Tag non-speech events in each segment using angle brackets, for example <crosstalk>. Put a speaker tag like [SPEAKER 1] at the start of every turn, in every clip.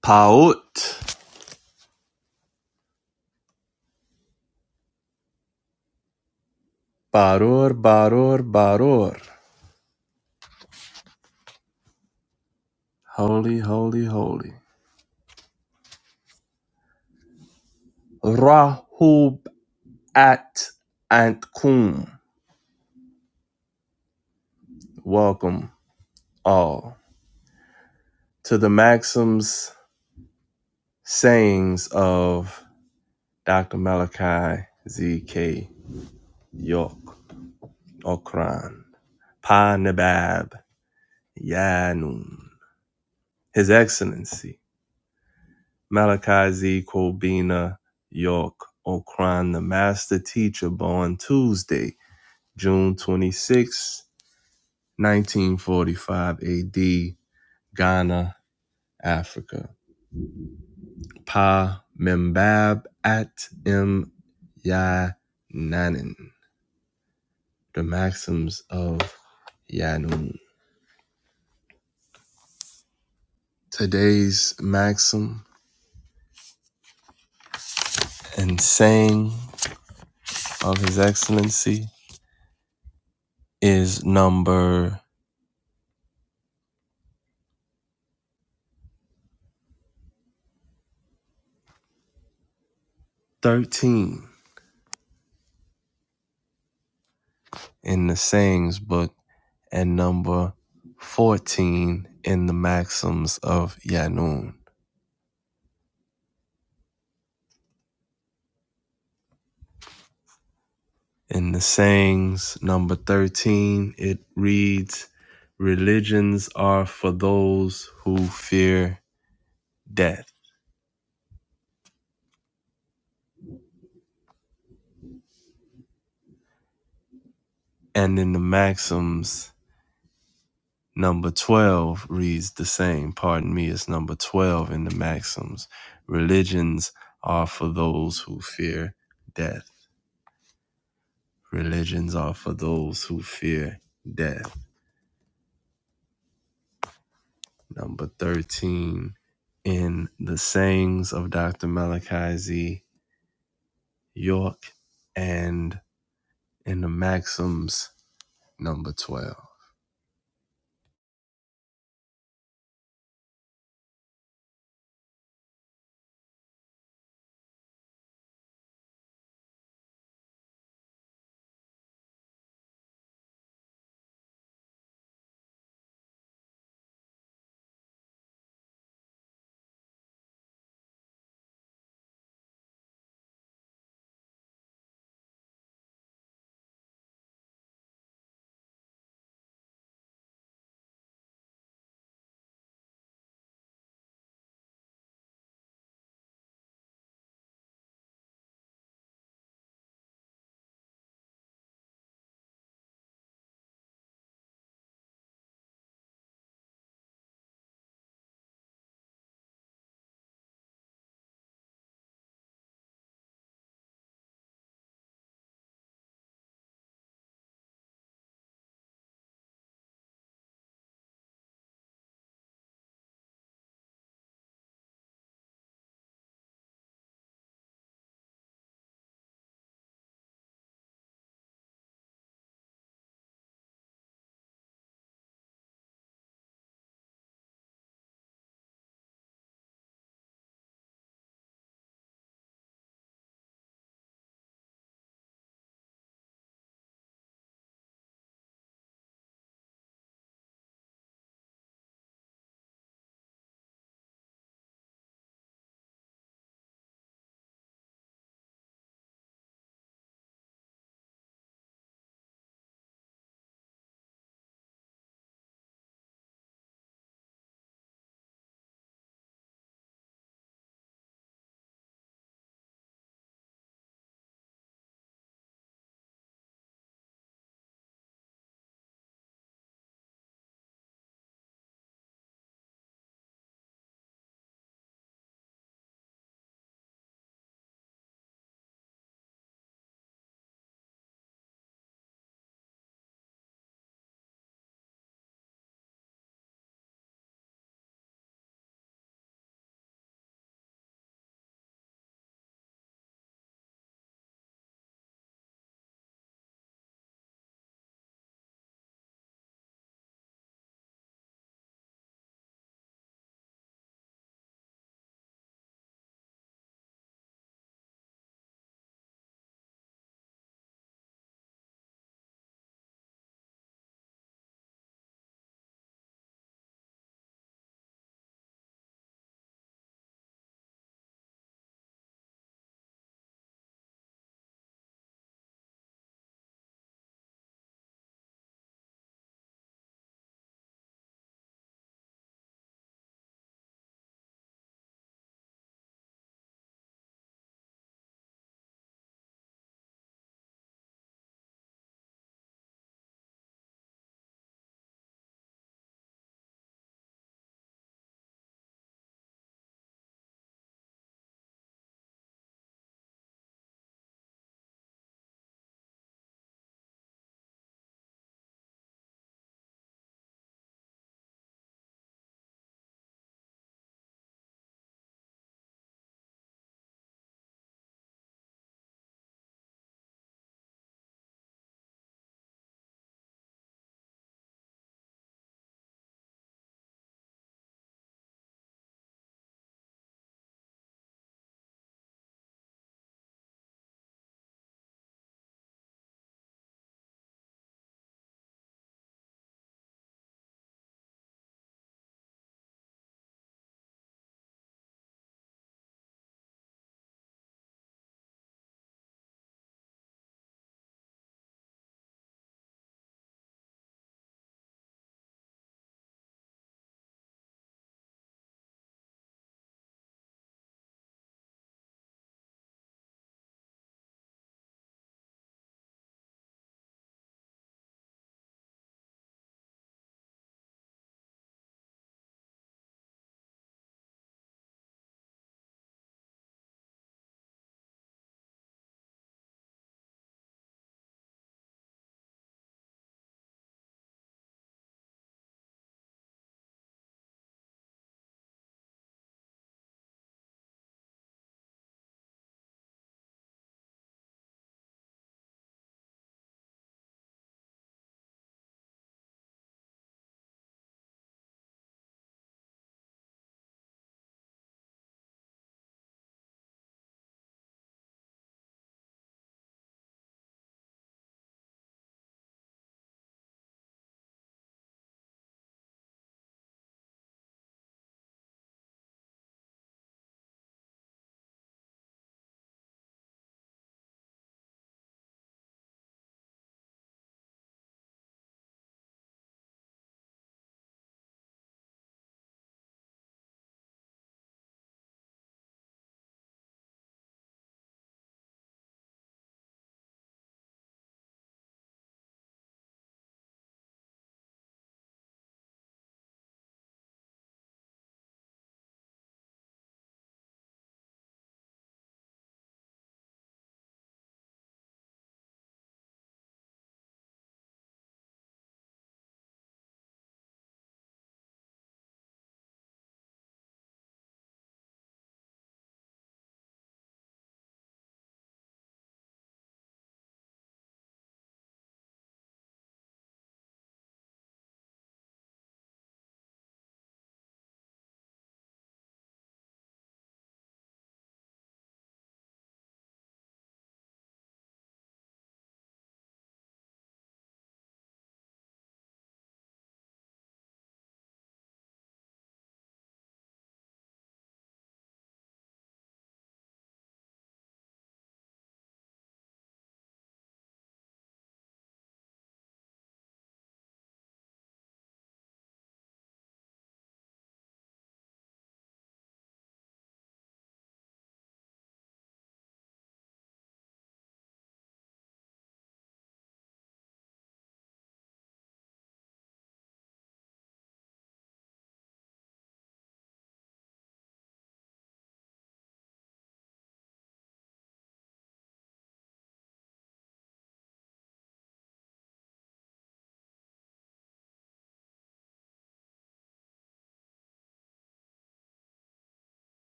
[SPEAKER 1] Paut. Barur, barur, barur. Holy, holy, holy. Rahub at Antkum. Welcome all to the maxims, sayings of Dr. Malachi Z.K. York, Okran, Pa Nabab, Yanun, His Excellency, Malachi Z. Kobina York, Okran, the Master Teacher, born Tuesday, June 26, 1945 AD, Ghana, Africa. Pa Membab at M. Yananin, the maxims of Yanun. Today's maxim and saying of His Excellency is number 13 in the sayings book and number 14 in the maxims of Yanun. In the sayings, number 13, it reads Religions are for those who fear death. And in the maxims, number 12 reads the same. Pardon me, it's number 12 in the maxims. Religions are for those who fear death. Religions are for those who fear death. Number 13 in the sayings of Dr. Malachi Z York, and in the Maxims, number 12.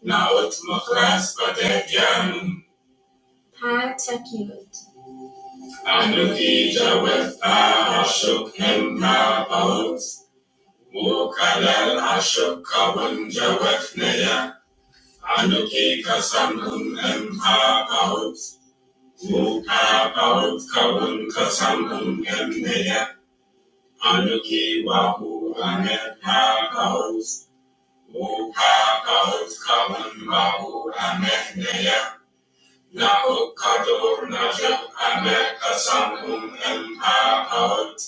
[SPEAKER 1] Naught mukras padek yamaut, mukalel ashuk kawun jawefneya, anuki kasamun empapaut, mukapaut kawun kasamun emneya, anuki wahu anepapaut, mukapaut kawun wahu amehneya, na ukado na je ameka samu em out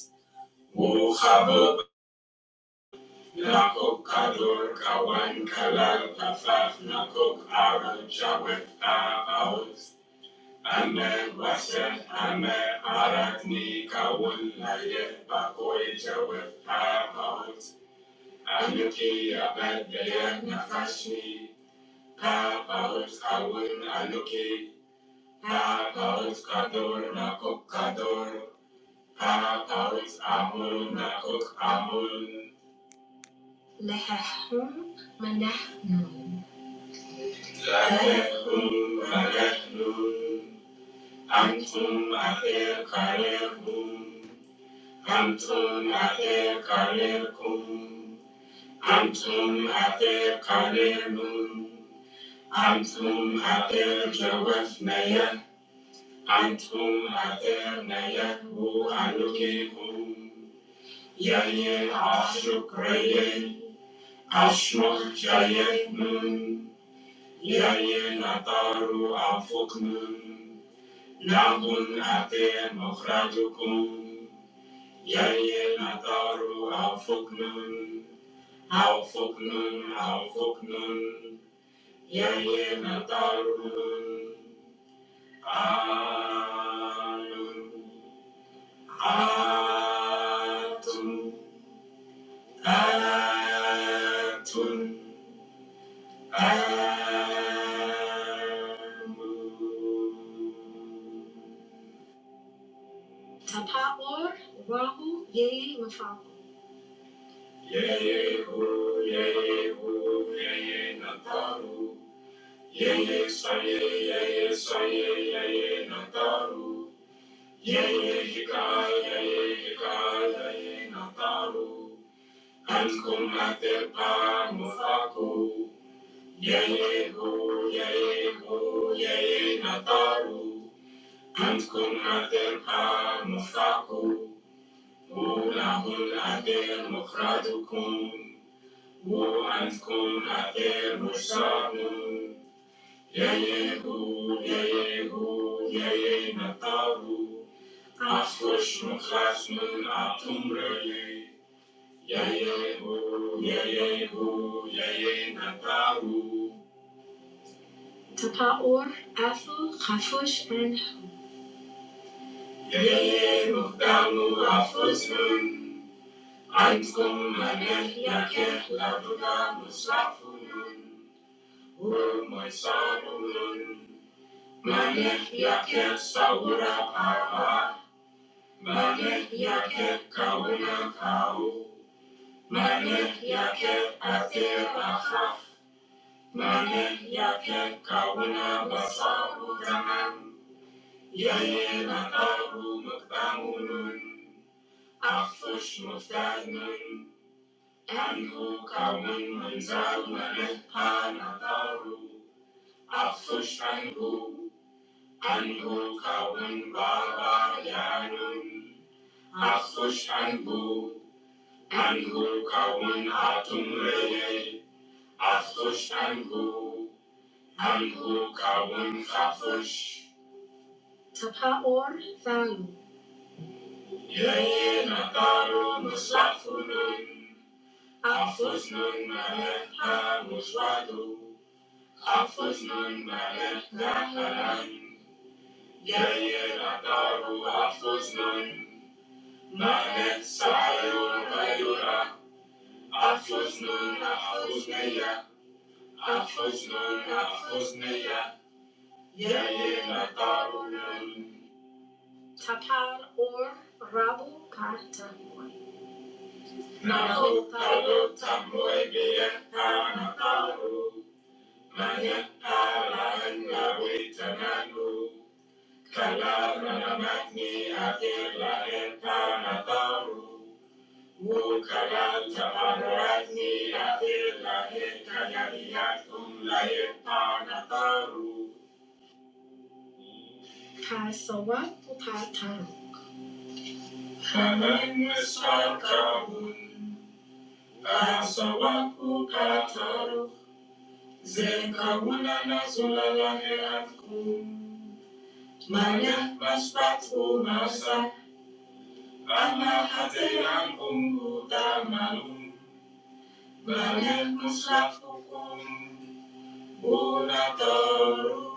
[SPEAKER 1] wuhabo na ukado kawan kalal kafaf na kuk ara jawe out ame wase ame arat ni kawun na ye bakoi jawe out anuki abadaya nafashni out kawun anuki out kador na kuk kador Ağut amun nakuk amun Lakekun agaknun Antum ate karekum Antum ate karekum Antum ate karenun Antum ate jawafnaya Antum ate kum Yayin ataru afuknun Nabun ate mafrajukum. Yaye nataru au fuknun. Au fuknun, au fuknun. Yaye nataru. Anun. Atun. Atun. Amun. Kum ate pamu faku. Aru. مفتاحه وله الأثير مخرجكم وأنتم أثير مشتاقون يين طاروا اسم أعطم رأيي ييهو ييهو يين طاروا يين ومشاقون أو ييهو مقدامون Thank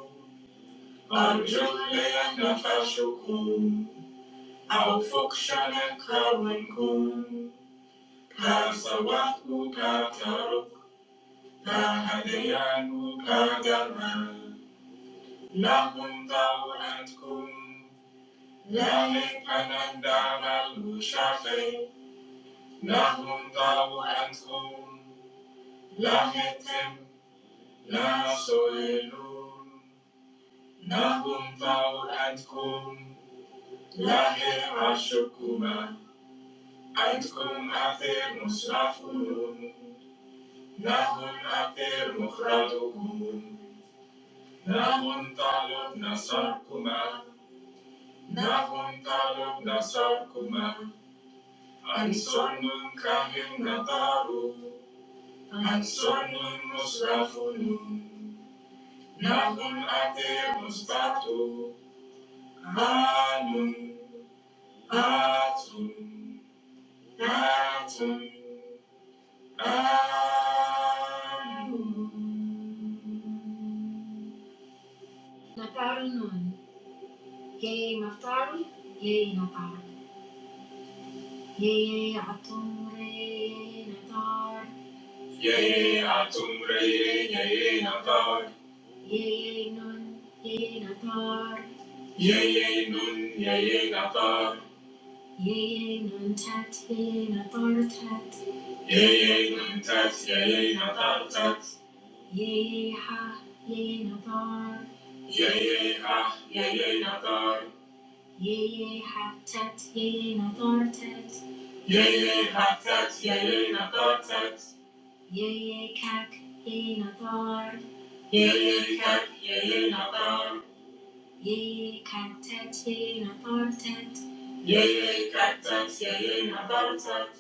[SPEAKER 1] you. kum nahum nahum dahu antum nahum dahu antum nahum dahu antum antum dahu nasakum kabaru anum atum Yeye nun, yeye nata, yar, yar, yesat,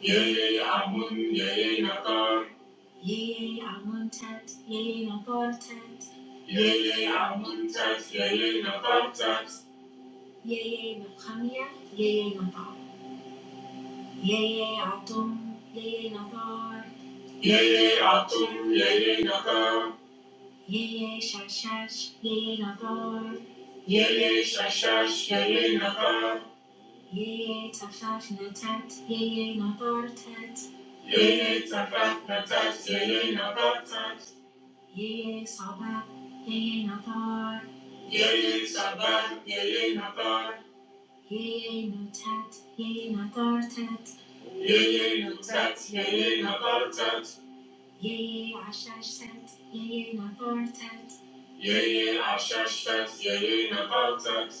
[SPEAKER 1] yeye amun, yeye nata, nata, yesat, tat, yeye ashashat, yeye nabatat,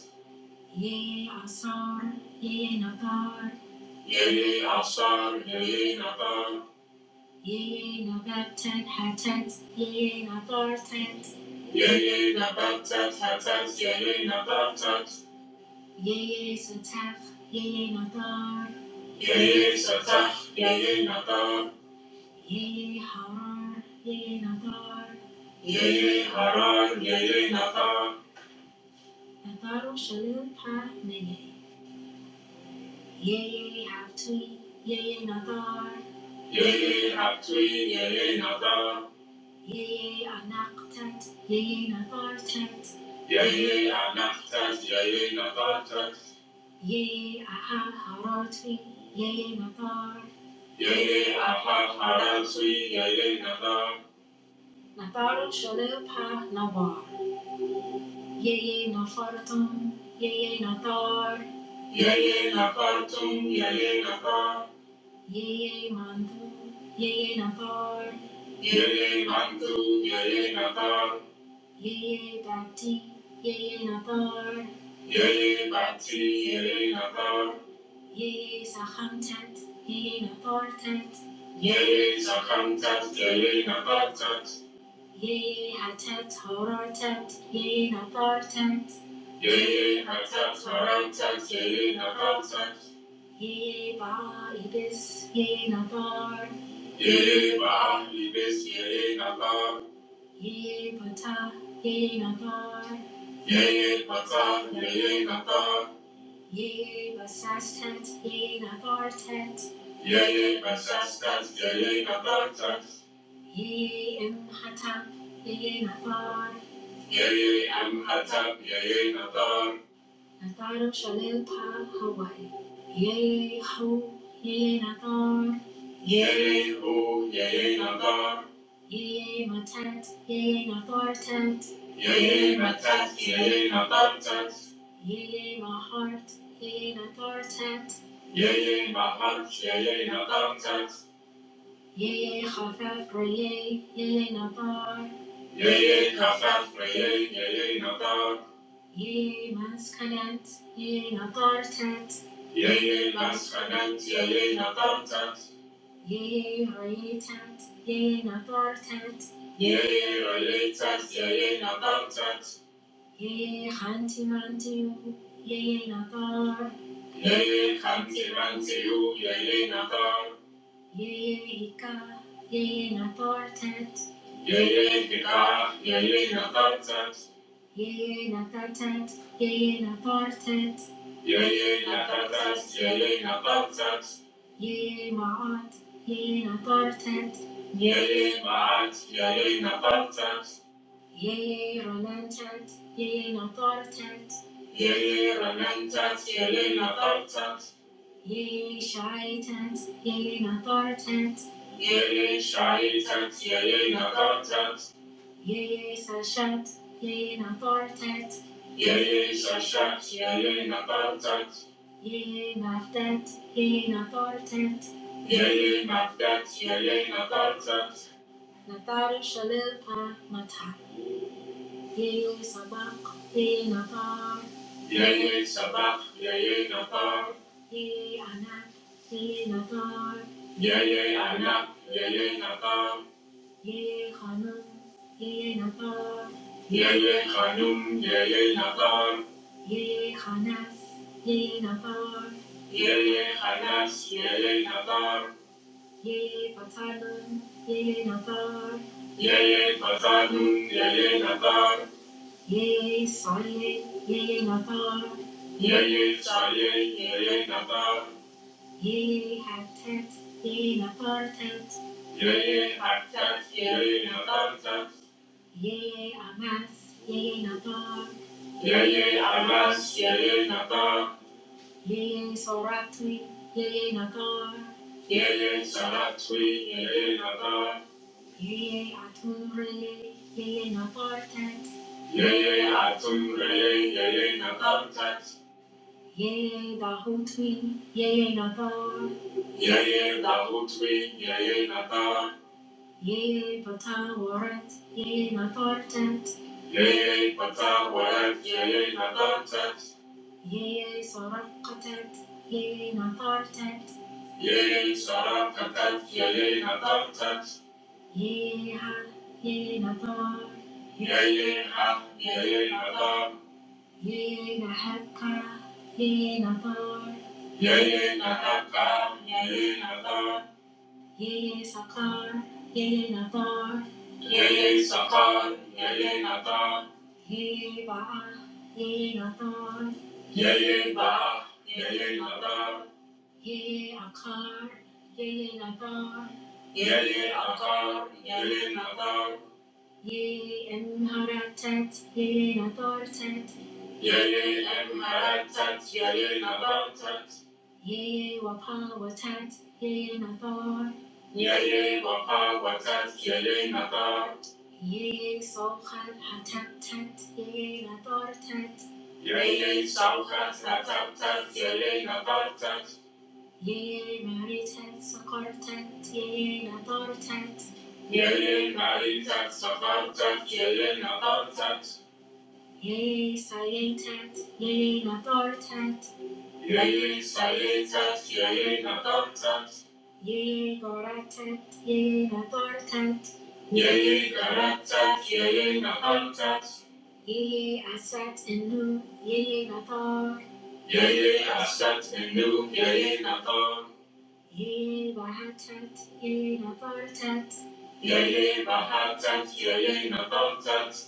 [SPEAKER 1] yeye ashar, yeye nabat, yeye nabatat, hatat, yeye nabatat, nata, Ya, ye anahtat, ya ye nadatat, nam, tat, Yeye anahitaji, ya inataka, yanataka, yanataka, ya bahari besi, yeye inataka, inataka, yeye ya yeye inataka, ya yeye inataka, yeye mahali, yeye inataka, ya yanataka, you, yanataka, yanataka, ya yeye inataka. Yes. Chat and call, chat,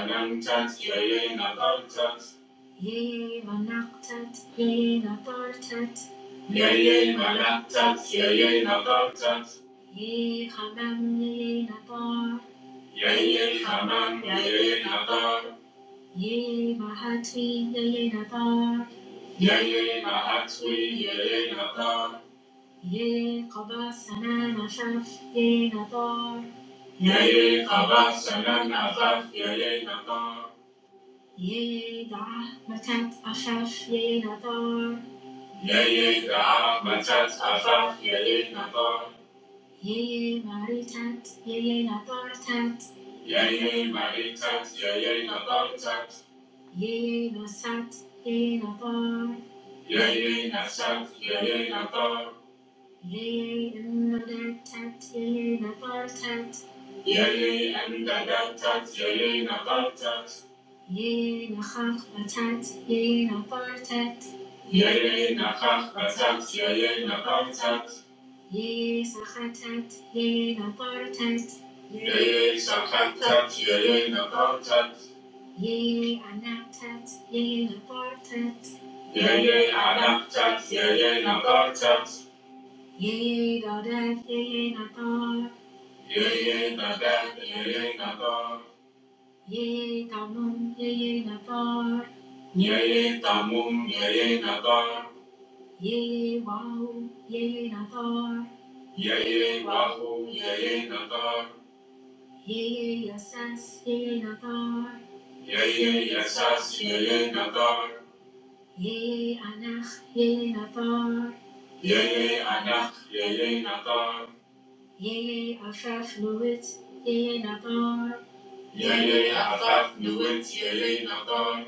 [SPEAKER 1] and chat, yeah, yeah, na call, chat, chat, yeah, call, na call, yeah, yeah, da, call, yeah, yeah, my chat, yeah, chat, chat, yeah, chat, yeah, chat, yeah, yeah, na call, da, mum, yeah, na call, yeah, yeah, ho, yeah, na call, yeah, na call, yeah, yeah, yeah, na call, Yeye atat nuwit yeye nakon.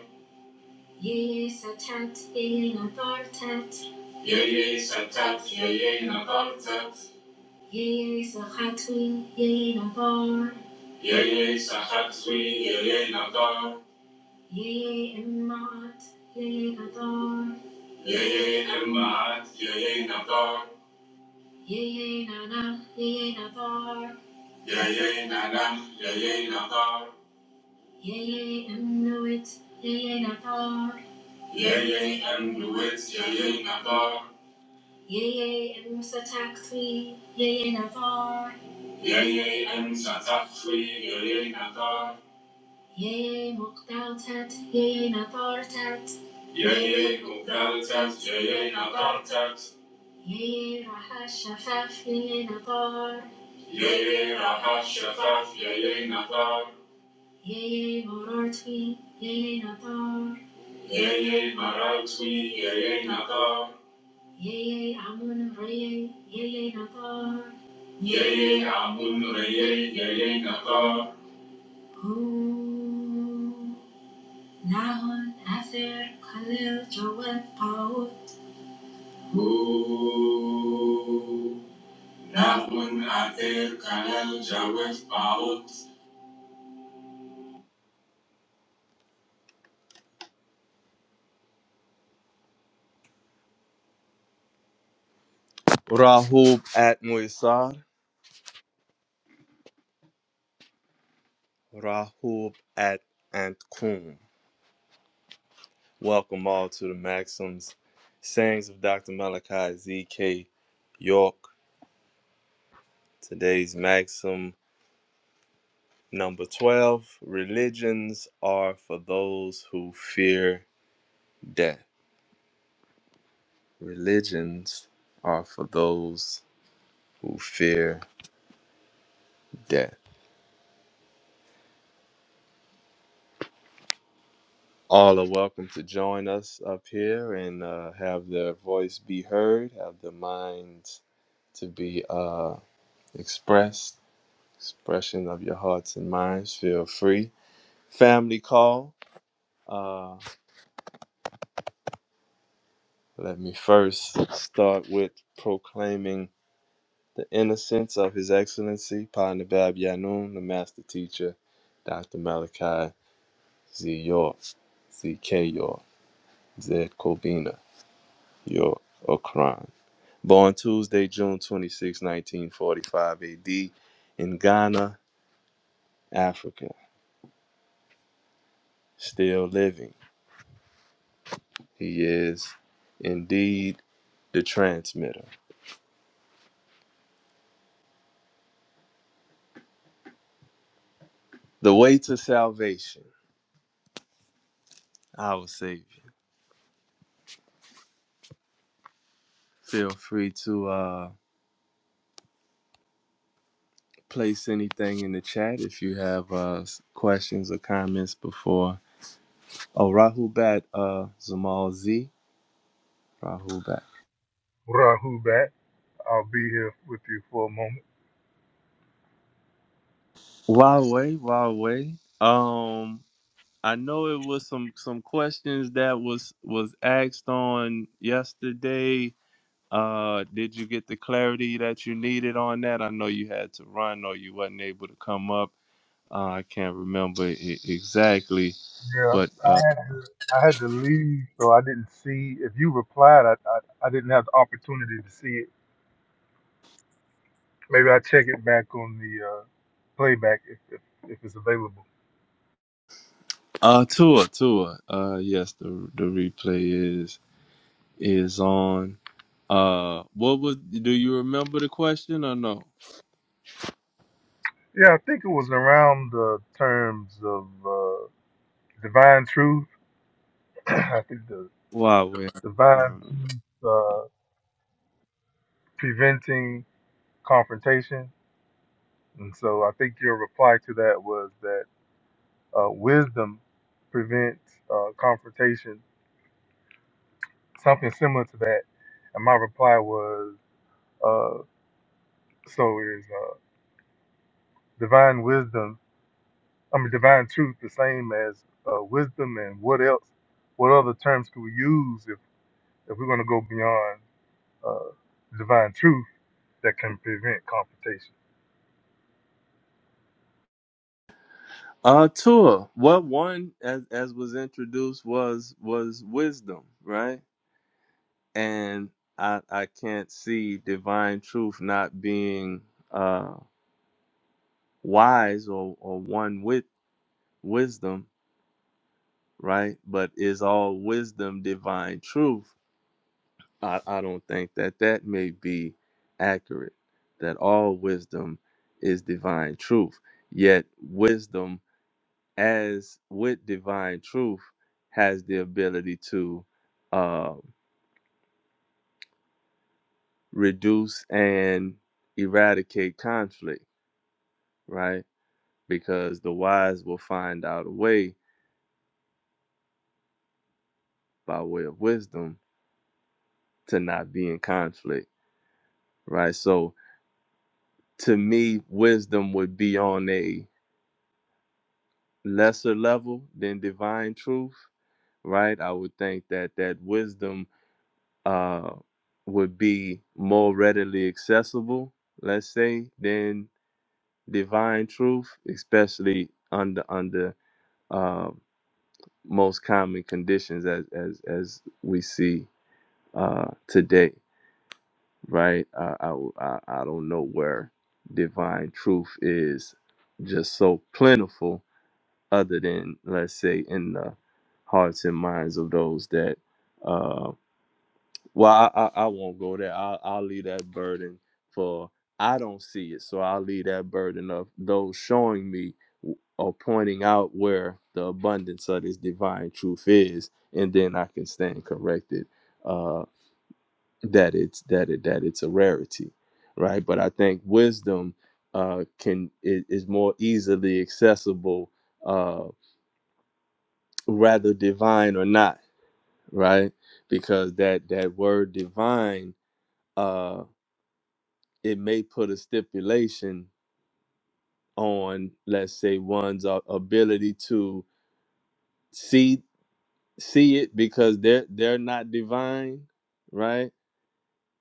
[SPEAKER 1] Yeye satat yeye nakontat. Yeye sahat zwi yeye nakon. Yeye emmaat yeye nakon. Yeye nanam yeye nakon. Yeye em nuwit yeye nakon. Tat yamun reye yeye nakon. Ooh. Mun ater kanal jawet paut. Rahub at Muisar, Rahub at Antkum. Welcome all to the Maxims, Sayings of Dr. Malachi Z.K. York. Today's Maxim number 12 Religions are for those who fear death. Religions are for those who fear death. All are welcome to join us up here and uh, have their voice be heard, have their minds to be uh, expressed, expression of your hearts and minds. Feel free. Family call. Uh, let me first start with proclaiming the innocence of His Excellency Panabab Yanun, the Master Teacher, Dr. Malachi Z. York, Z. K. York, Z. Kobina York, Okran. Born Tuesday, June 26, 1945 AD, in Ghana, Africa. Still living. He is indeed the transmitter. The way to salvation, our Savior. Feel free to uh, place anything in the chat if you have uh, questions or comments before. Oh, Rahubat, uh, Zamal Z. Rahubat.
[SPEAKER 2] Rahu back. I'll be here with you for a moment.
[SPEAKER 1] Huawei, Huawei, Um. I know it was some some questions that was was asked on yesterday. Uh, did you get the clarity that you needed on that? I know you had to run or you wasn't able to come up. Uh, I can't remember I- exactly,
[SPEAKER 2] Yeah,
[SPEAKER 1] but uh,
[SPEAKER 2] I had to, I had to leave, so I didn't see. If you replied, I, I, I didn't have the opportunity to see it. Maybe I check it back on the uh, playback if, if, if it's available.
[SPEAKER 1] uh, Tua, Tua. Uh, yes, the the replay is is on. Uh, what was? Do you remember the question or no?
[SPEAKER 2] Yeah, I think it was around the terms of uh, divine truth. <clears throat> I think the
[SPEAKER 1] Wow, wait.
[SPEAKER 2] divine truth uh, preventing confrontation, and so I think your reply to that was that. Uh, wisdom prevents uh, confrontation, something similar to that. And my reply was, uh, so is uh, divine wisdom, I mean, divine truth the same as uh, wisdom and what else, what other terms could we use if, if we're going to go beyond uh, divine truth that can prevent confrontation?
[SPEAKER 1] Uh, Tua. What one, as as was introduced, was was wisdom, right? And I I can't see divine truth not being uh wise or or one with wisdom, right? But is all wisdom divine truth? I I don't think that that may be accurate. That all wisdom is divine truth. Yet wisdom as with divine truth has the ability to uh, reduce and eradicate conflict right because the wise will find out a way by way of wisdom to not be in conflict right so to me wisdom would be on a lesser level than divine truth right i would think that that wisdom uh would be more readily accessible let's say, than divine truth, especially under under uh, most common conditions as as as we see uh, today, right? I, I I I don't know where divine truth is just so plentiful, other than let's say in the hearts and minds of those that uh, Well, I, I, I won't go there. I'll, I'll leave that burden for I don't see it, so I'll leave that burden of those showing me or pointing out where the abundance of this divine truth is, and then I can stand corrected uh, that it's that it that it's a rarity, right? But I think wisdom uh, can i- is more easily accessible, uh, rather divine or not, right? Because that that word divine. Uh, it may put a stipulation on let's say one's a- ability to see see it because they're they're not divine right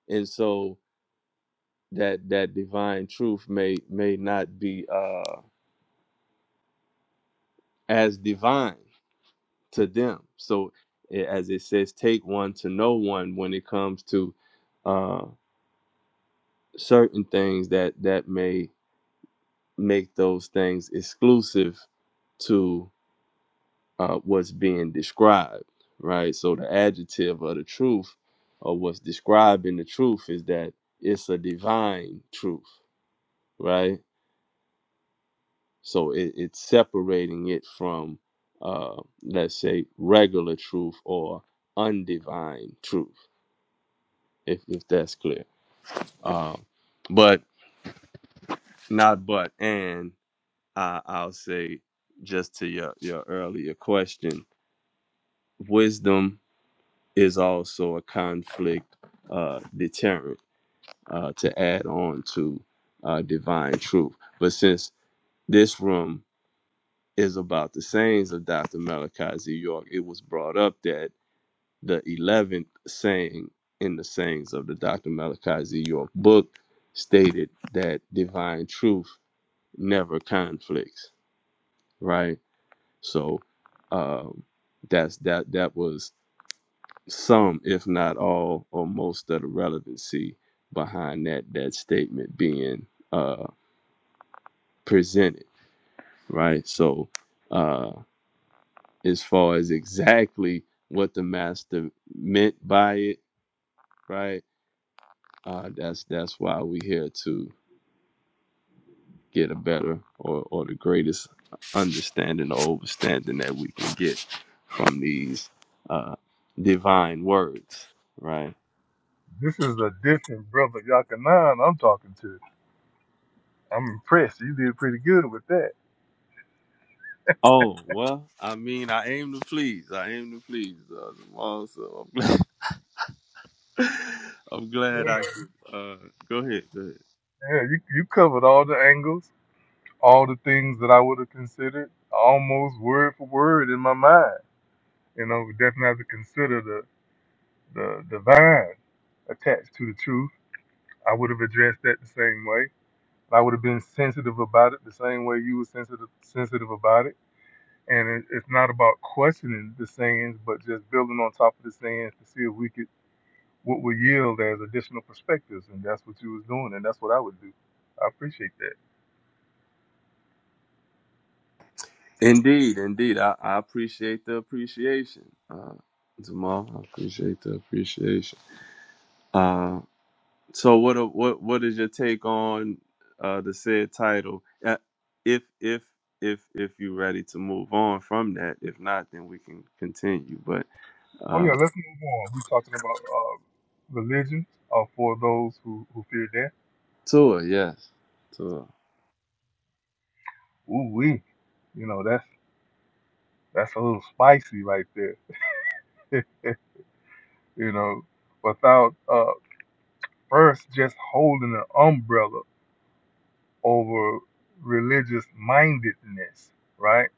[SPEAKER 1] and so that that divine truth may may not be uh as divine to them so i- as it says take one to know one when it comes to uh certain things that that may make those things exclusive uh, what's being described, right? So the adjective of the truth, or what's describing the truth, is that it's a divine truth, right? So it, it's separating it from, uh, let's say, regular truth or undivine truth, if, if that's clear. Um, but not but, and I, I'll say just to your, your earlier question, wisdom is also a conflict uh, deterrent uh, to add on to uh, divine truth. But since this room is about the sayings of Dr. Malachi Z. York, it was brought up that the 11th saying in the sayings of the Dr. Malachi Z. York book stated that divine truth never conflicts, right? So um, that's that that was some, if not all, or most of the relevancy behind that that statement being uh, presented, right? So, uh, as far as exactly what the master meant by it, right? Uh, that's that's why we here to get a better or, or the greatest understanding or overstanding that we can get from these uh, divine words, right?
[SPEAKER 2] This is a different brother Yakanan I'm talking to. I'm impressed. You did pretty good with that.
[SPEAKER 1] Oh well, I mean, I aim to please. I aim to please. Uh, Jamal, so I'm glad. <laughs> I'm
[SPEAKER 2] Yeah,
[SPEAKER 1] glad I could. Uh, go ahead. Go ahead.
[SPEAKER 2] yeah you, you covered all the angles. all the things that I would have considered almost word for word in my mind. You know, we definitely have to consider the, the divine attached to the truth. I would have addressed that the same way. I would have been sensitive about it the same way you were sensitive sensitive about it. And it, it's not about questioning the sayings, but just building on top of the sayings to see if we could what would yield as additional perspectives. And that's what you was doing, and that's what I would do. I appreciate that.
[SPEAKER 1] Indeed, indeed. I, I appreciate the appreciation, uh, Jamal. I appreciate the appreciation. Uh, so what? a- What? What is your take on uh, the said title? Uh, if if if if you're ready to move on from that, if not, then we can continue. But
[SPEAKER 2] Oh yeah,
[SPEAKER 1] uh,
[SPEAKER 2] let's move on. We're talking about uh, religion uh, for those who, who fear death.
[SPEAKER 1] Tua, yes, Tua.
[SPEAKER 2] Ooh wee, you know that's that's a little spicy right there. <laughs> you know, without uh, first just holding an umbrella over religious mindedness, right,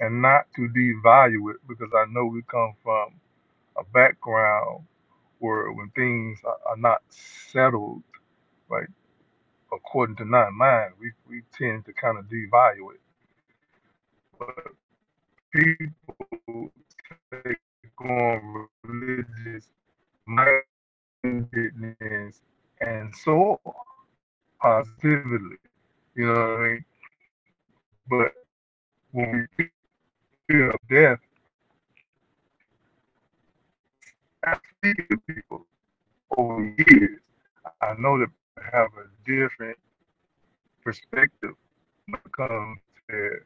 [SPEAKER 2] and not to devalue it because I know we come from a background where when things are, are not settled, right? according to nine mind, we, we tend to kind of devalue it. But people take on religious mindedness and so positively. You know what I mean? But when we fear of death, I speak to people over years. I know that they have a different perspective when it comes to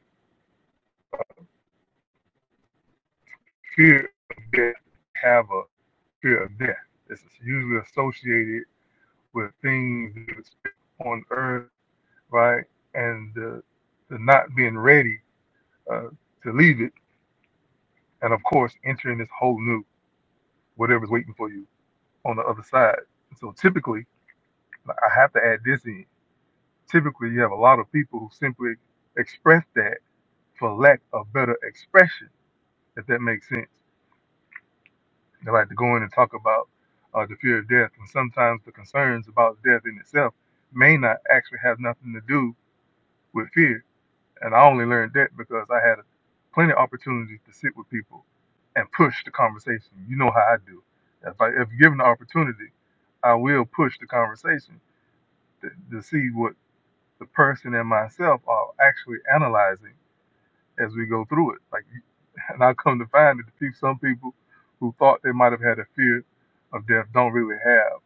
[SPEAKER 2] fear of death, have a fear of death. It's usually associated with things on earth, right? And the, the not being ready uh, to leave it. And of course, entering this whole new, whatever's waiting for you on the other side. So typically, I have to add this in. Typically, you have a lot of people who simply express that for lack of better expression, if that makes sense. They like to go in and talk about uh, the fear of death. And sometimes the concerns about death in itself may not actually have nothing to do with fear And I only learned that because I had plenty of opportunities to sit with people and push the conversation. You know how I do. If, I, if given the opportunity, I will push the conversation to, to see what the person and myself are actually analyzing as we go through it. Like, and I come to find that the people, some people who thought they might have had a fear of death don't really have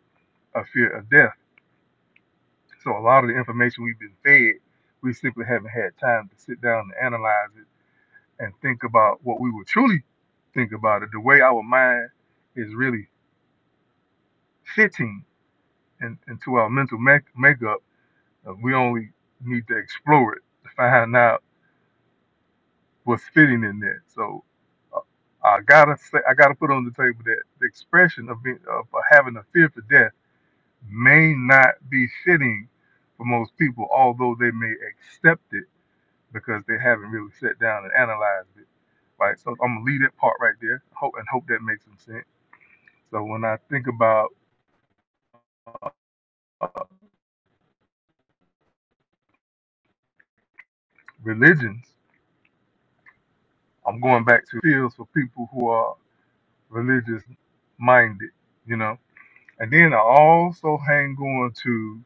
[SPEAKER 2] a fear of death. So a lot of the information we've been fed, we simply haven't had time to sit down and analyze it and think about what we would truly think about it, the way our mind is really fitting in, into our mental make, makeup, uh, we only need to explore it to find out what's fitting in there. So uh, I gotta say, I gotta put on the table that the expression of being of having a fear for death may not be fitting for most people, although they may accept it because they haven't really sat down and analyzed it. Right. So I'm gonna leave that part right there. Hope and hope that makes some sense. So when I think about uh, religions, I'm going back to fields for people who are religious minded, you know. And then I also hang on to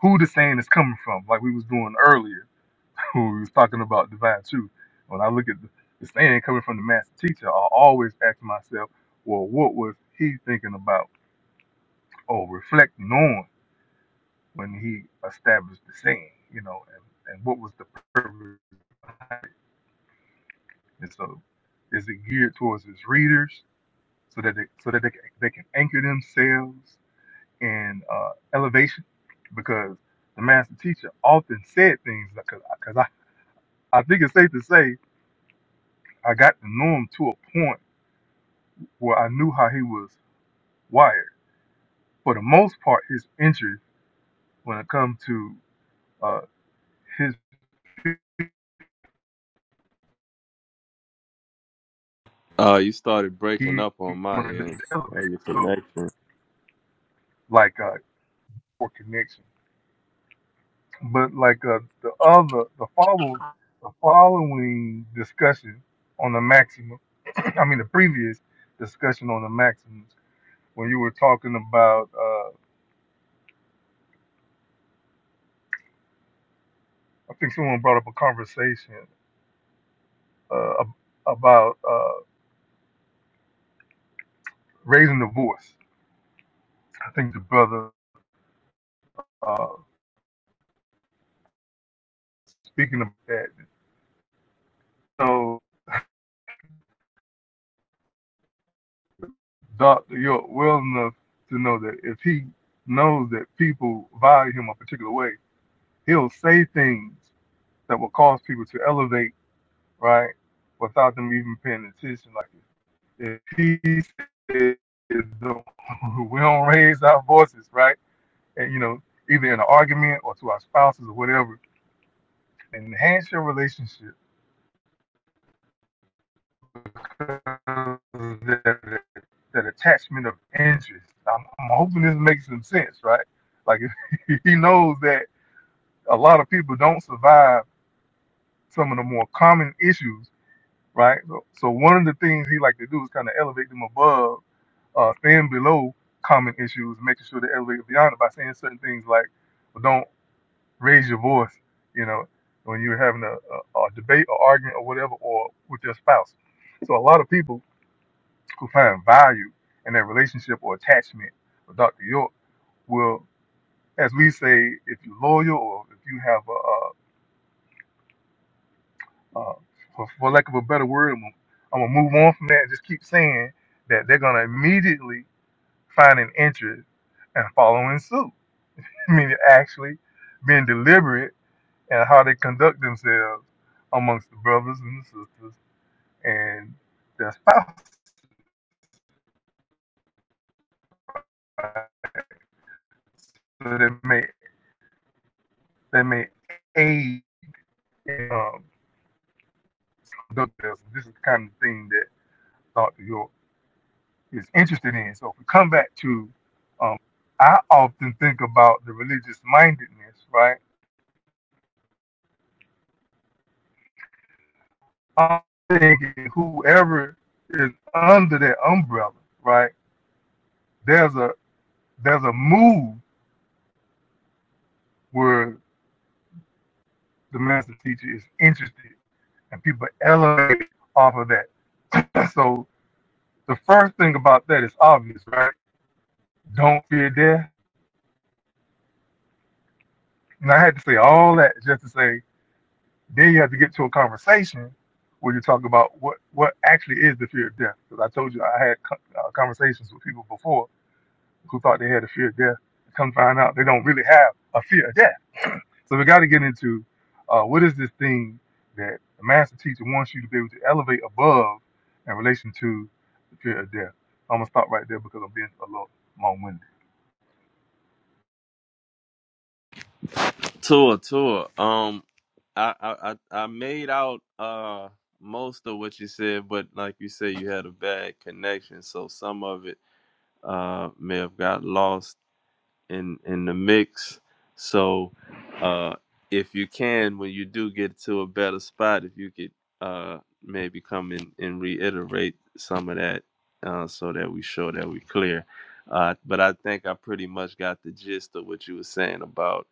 [SPEAKER 2] who the saying is coming from, like we was doing earlier, <laughs> who we was talking about divine truth. When I look at the, the saying coming from the master teacher, I always ask myself, well, what was he thinking about or reflecting on when he established the saying, you know, and, and what was the purpose And so, is it geared towards its readers so that they, so that they, can- they can anchor themselves in uh, elevation? Because the master teacher often said things because because I, I think it's safe to say I got to know him to a point where I knew how he was wired. For the most part, his interest when it comes to uh, his
[SPEAKER 1] Uh, you started breaking
[SPEAKER 2] he
[SPEAKER 1] up on my
[SPEAKER 2] wanted them
[SPEAKER 1] end,
[SPEAKER 2] to elevate.
[SPEAKER 1] or your
[SPEAKER 2] So
[SPEAKER 1] connection.
[SPEAKER 2] like uh, for connection. But like uh, the other, the follow, the following discussion on the maximum, <clears throat> I mean the previous discussion on the maximums, when you were talking about, uh, I think someone brought up a conversation uh, ab- about uh, raising the voice. I think the brother uh, speaking of that. So Doctor, York well enough to know that if he knows that people value him a particular way, he'll say things that will cause people to elevate right? Without them even paying attention. Like if he says <laughs> we don't raise our voices, right? And you know, either in an argument or to our spouses or whatever, enhance your relationship because of that, that attachment of interest. I'm, I'm hoping this makes some sense, right? Like <laughs> he knows that a lot of people don't survive some of the more common issues, right? So, so one of the things he like to do is kind of elevate them above uh, thin below common issues, making sure to elevate beyond it by saying certain things like, well, don't raise your voice, you know, when you're having a, a, a debate or argument or whatever, or with your spouse. So a lot of people who find value in that relationship or attachment with Dr. York will, as we say, if you're loyal or if you have a, a, a for, for lack of a better word, I'm gonna I'm gonna move on from that and just keep saying that they're gonna immediately find an interest and following suit I mean, actually being deliberate and how they conduct themselves amongst the brothers and the sisters and their spouse, So they may they may aid in um, conduct themselves. This is the kind of thing that Dr. York is interested in. So if we come back to, um, I often think about the religious mindedness, right? I'm thinking whoever is under that umbrella, right? There's a there's a move where the master teacher is interested and people elevate off of that. So the first thing about that is obvious, right? Don't fear death. And I had to say all that just to say then you have to get to a conversation where you talk about what what actually is the fear of death. Because I told you I had co- uh, conversations with people before who thought they had a fear of death. Come find out they don't really have a fear of death So we got to get into uh, what is this thing that the master teacher wants you to be able to elevate above in relation to the fear of death. I'm gonna stop right there because I'm being a little long-winded.
[SPEAKER 1] Tour, tour. Um, I, I, I I made out uh most of what you said, but like you said, you had a bad connection, so some of it uh may have got lost in in the mix. So uh, if you can, when you do get to a better spot, if you could uh, maybe come in and reiterate some of that, uh, so that we show that we clear. Uh, but I think I pretty much got the gist of what you were saying about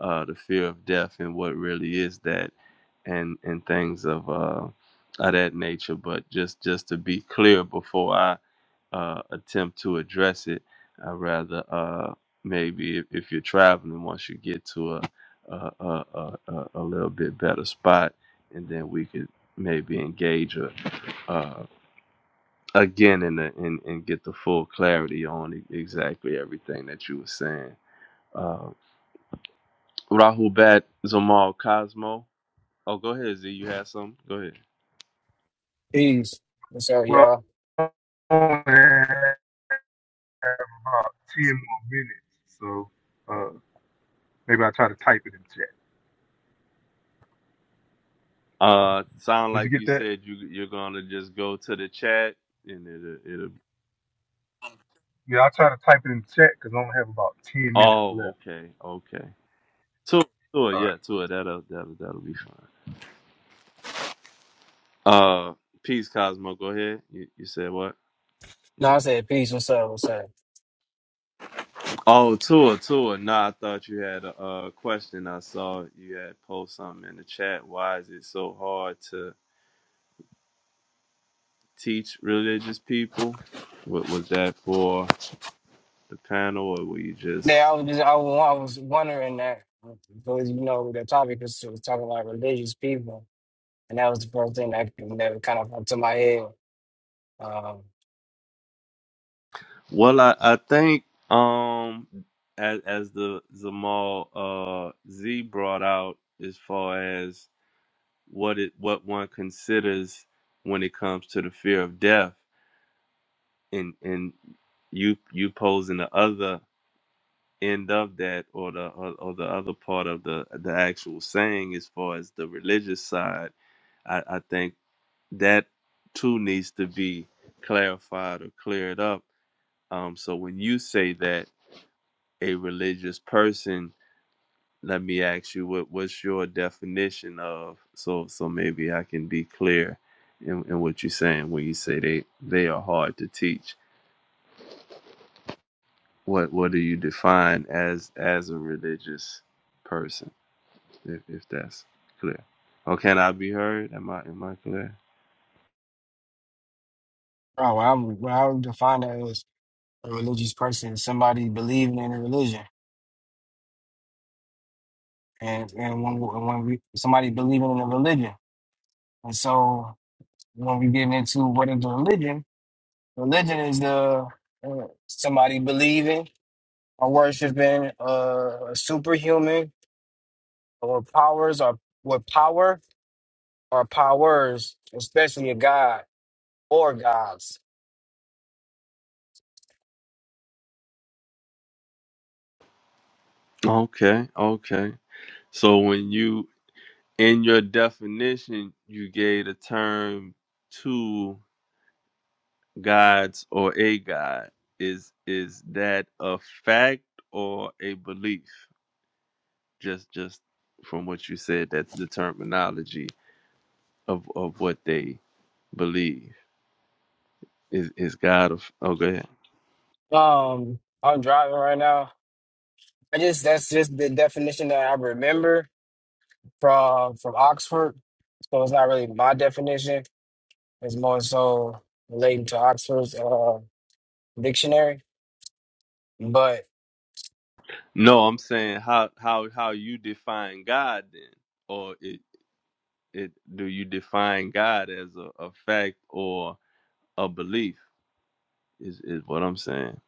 [SPEAKER 1] uh, the fear of death and what really is that, and and things of uh, of that nature. But just just to be clear before I uh, attempt to address it, I rather. uh, maybe if, if you're traveling once you get to a a, a, a a a little bit better spot and then we could maybe engage a, uh, again and, and and get the full clarity on e- exactly everything that you were saying uh, rahul bat zamal cosmo oh go ahead z you had some go ahead
[SPEAKER 3] Peace. What's up,
[SPEAKER 2] Well,
[SPEAKER 3] y'all?
[SPEAKER 2] I only have about ten more minutes, so uh, maybe I'll try to type it in chat.
[SPEAKER 1] uh sound
[SPEAKER 2] Did you
[SPEAKER 1] like
[SPEAKER 2] get
[SPEAKER 1] you
[SPEAKER 2] that?
[SPEAKER 1] said you you're gonna just go to the chat and it'll it'll
[SPEAKER 2] Yeah, I'll try to type it in chat because I only have about ten minutes
[SPEAKER 1] oh
[SPEAKER 2] left.
[SPEAKER 1] okay okay tour tour
[SPEAKER 2] All
[SPEAKER 1] yeah
[SPEAKER 2] right.
[SPEAKER 1] tour that'll that'll that'll be fine Uh, peace, Cosmo. Go ahead. You, you said what?
[SPEAKER 3] No, I said peace. What's up? What's up?
[SPEAKER 1] Oh, Tua, Tua. Nah, I thought you had a, uh question. I saw you had post something in the chat. Why is it so hard to teach religious people? What was that for the panel, or were you just?
[SPEAKER 3] Yeah, I was just, I, wa- I was wondering that because you know the topic was, was talking about religious people, and that was the first thing that that kind of popped to my head. Um, oh,
[SPEAKER 1] Well, I I think um as as the Zamal uh Z brought out as far as what it what one considers when it comes to the fear of death and and you you posing the other end of that or the or, or the other part of the the actual saying as far as the religious side i i think that too needs to be clarified or cleared up um so when you say that a religious person let me ask you what what's your definition of so so maybe i can be clear in, in what you're saying when you say they they are hard to teach what what do you define as as a religious person if, if that's clear or can i be heard am i am i clear
[SPEAKER 3] well, I'm, well, I would define that as a religious person, somebody believing in a religion, and and when we- when we somebody believing in a religion, and so when we get into what is religion, religion is the uh, somebody believing. are worshiping uh superhuman or powers or with power or powers, especially a god or gods.
[SPEAKER 1] okay okay so when you in your definition you gave a term two gods or a god is is that a fact or a belief just just from what you said that's the terminology of of what they believe is is god of okay
[SPEAKER 3] Um, I'm driving right now. I just that's just the definition that I remember from from Oxford. So it's not really my definition. It's more so relating to Oxford's uh, dictionary. But
[SPEAKER 1] No, I'm saying how how how you define God then, or it it do you define God as a, a fact or a belief is is what I'm saying.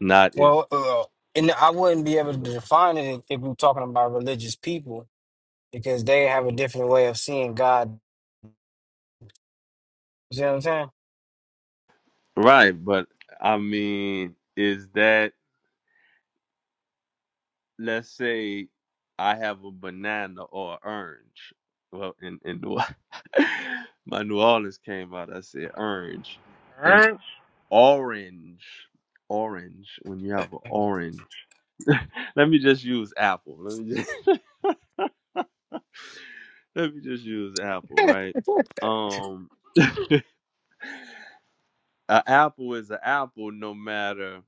[SPEAKER 1] Not if
[SPEAKER 3] well, uh, and I wouldn't be able to define it if we're talking about religious people because they have a different way of seeing God. You see what I'm saying?
[SPEAKER 1] right, but I mean, is that let's say I have a banana or an orange. Well, in in New, <laughs> my New Orleans came out. I said orange and
[SPEAKER 4] Ernst?
[SPEAKER 1] orange, orange. When you have an orange <laughs> let me just use Apple. Let me just <laughs> let me just use Apple, right?
[SPEAKER 3] <laughs>
[SPEAKER 1] Um, an apple is an apple, no matter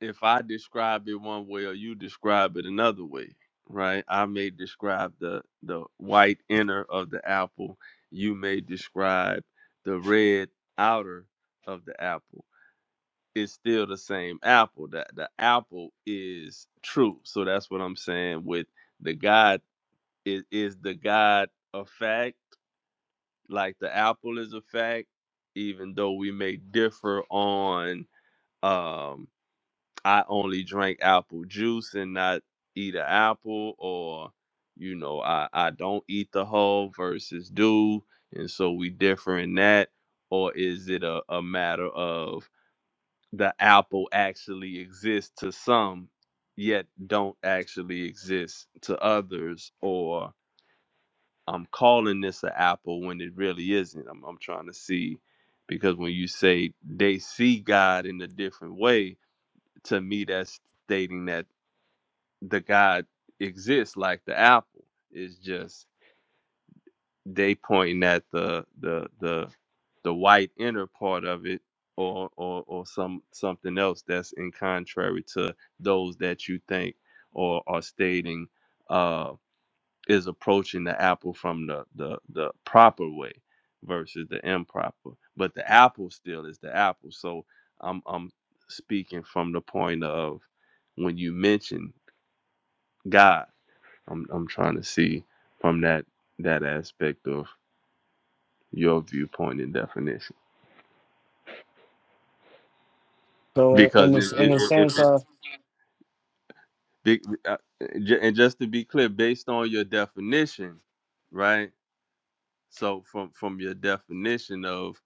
[SPEAKER 1] if I describe it one way or you describe it another way, right? I may describe the the white inner of the apple. You may describe the red outer of the apple. It's still the same apple. That the the apple is true. So that's what I'm saying with the God is is the God a fact like the apple is a fact even though we may differ on um i only drink apple juice and not eat an apple or you know i i don't eat the whole versus do and so we differ in that or is it a, a matter of the apple actually exists to some yet don't actually exist to others or I'm calling this an apple when it really isn't. I'm, I'm trying to see because when you say they see God in a different way, to me that's stating that the God exists like the apple. It's just they pointing at the the the the white inner part of it or or or some something else that's in contrary to those that you think or are stating uh is approaching the apple from the the the proper way versus the improper but the apple still is the apple so i'm i'm speaking from the point of when you mention god i'm i'm trying to see from that that aspect of your viewpoint and definition
[SPEAKER 3] So
[SPEAKER 1] because
[SPEAKER 3] in
[SPEAKER 1] if,
[SPEAKER 3] this in
[SPEAKER 1] if,
[SPEAKER 3] the
[SPEAKER 1] if,
[SPEAKER 3] sense
[SPEAKER 1] if
[SPEAKER 3] of
[SPEAKER 1] big- uh, ju- and just to be clear based on your definition right so from from your definition of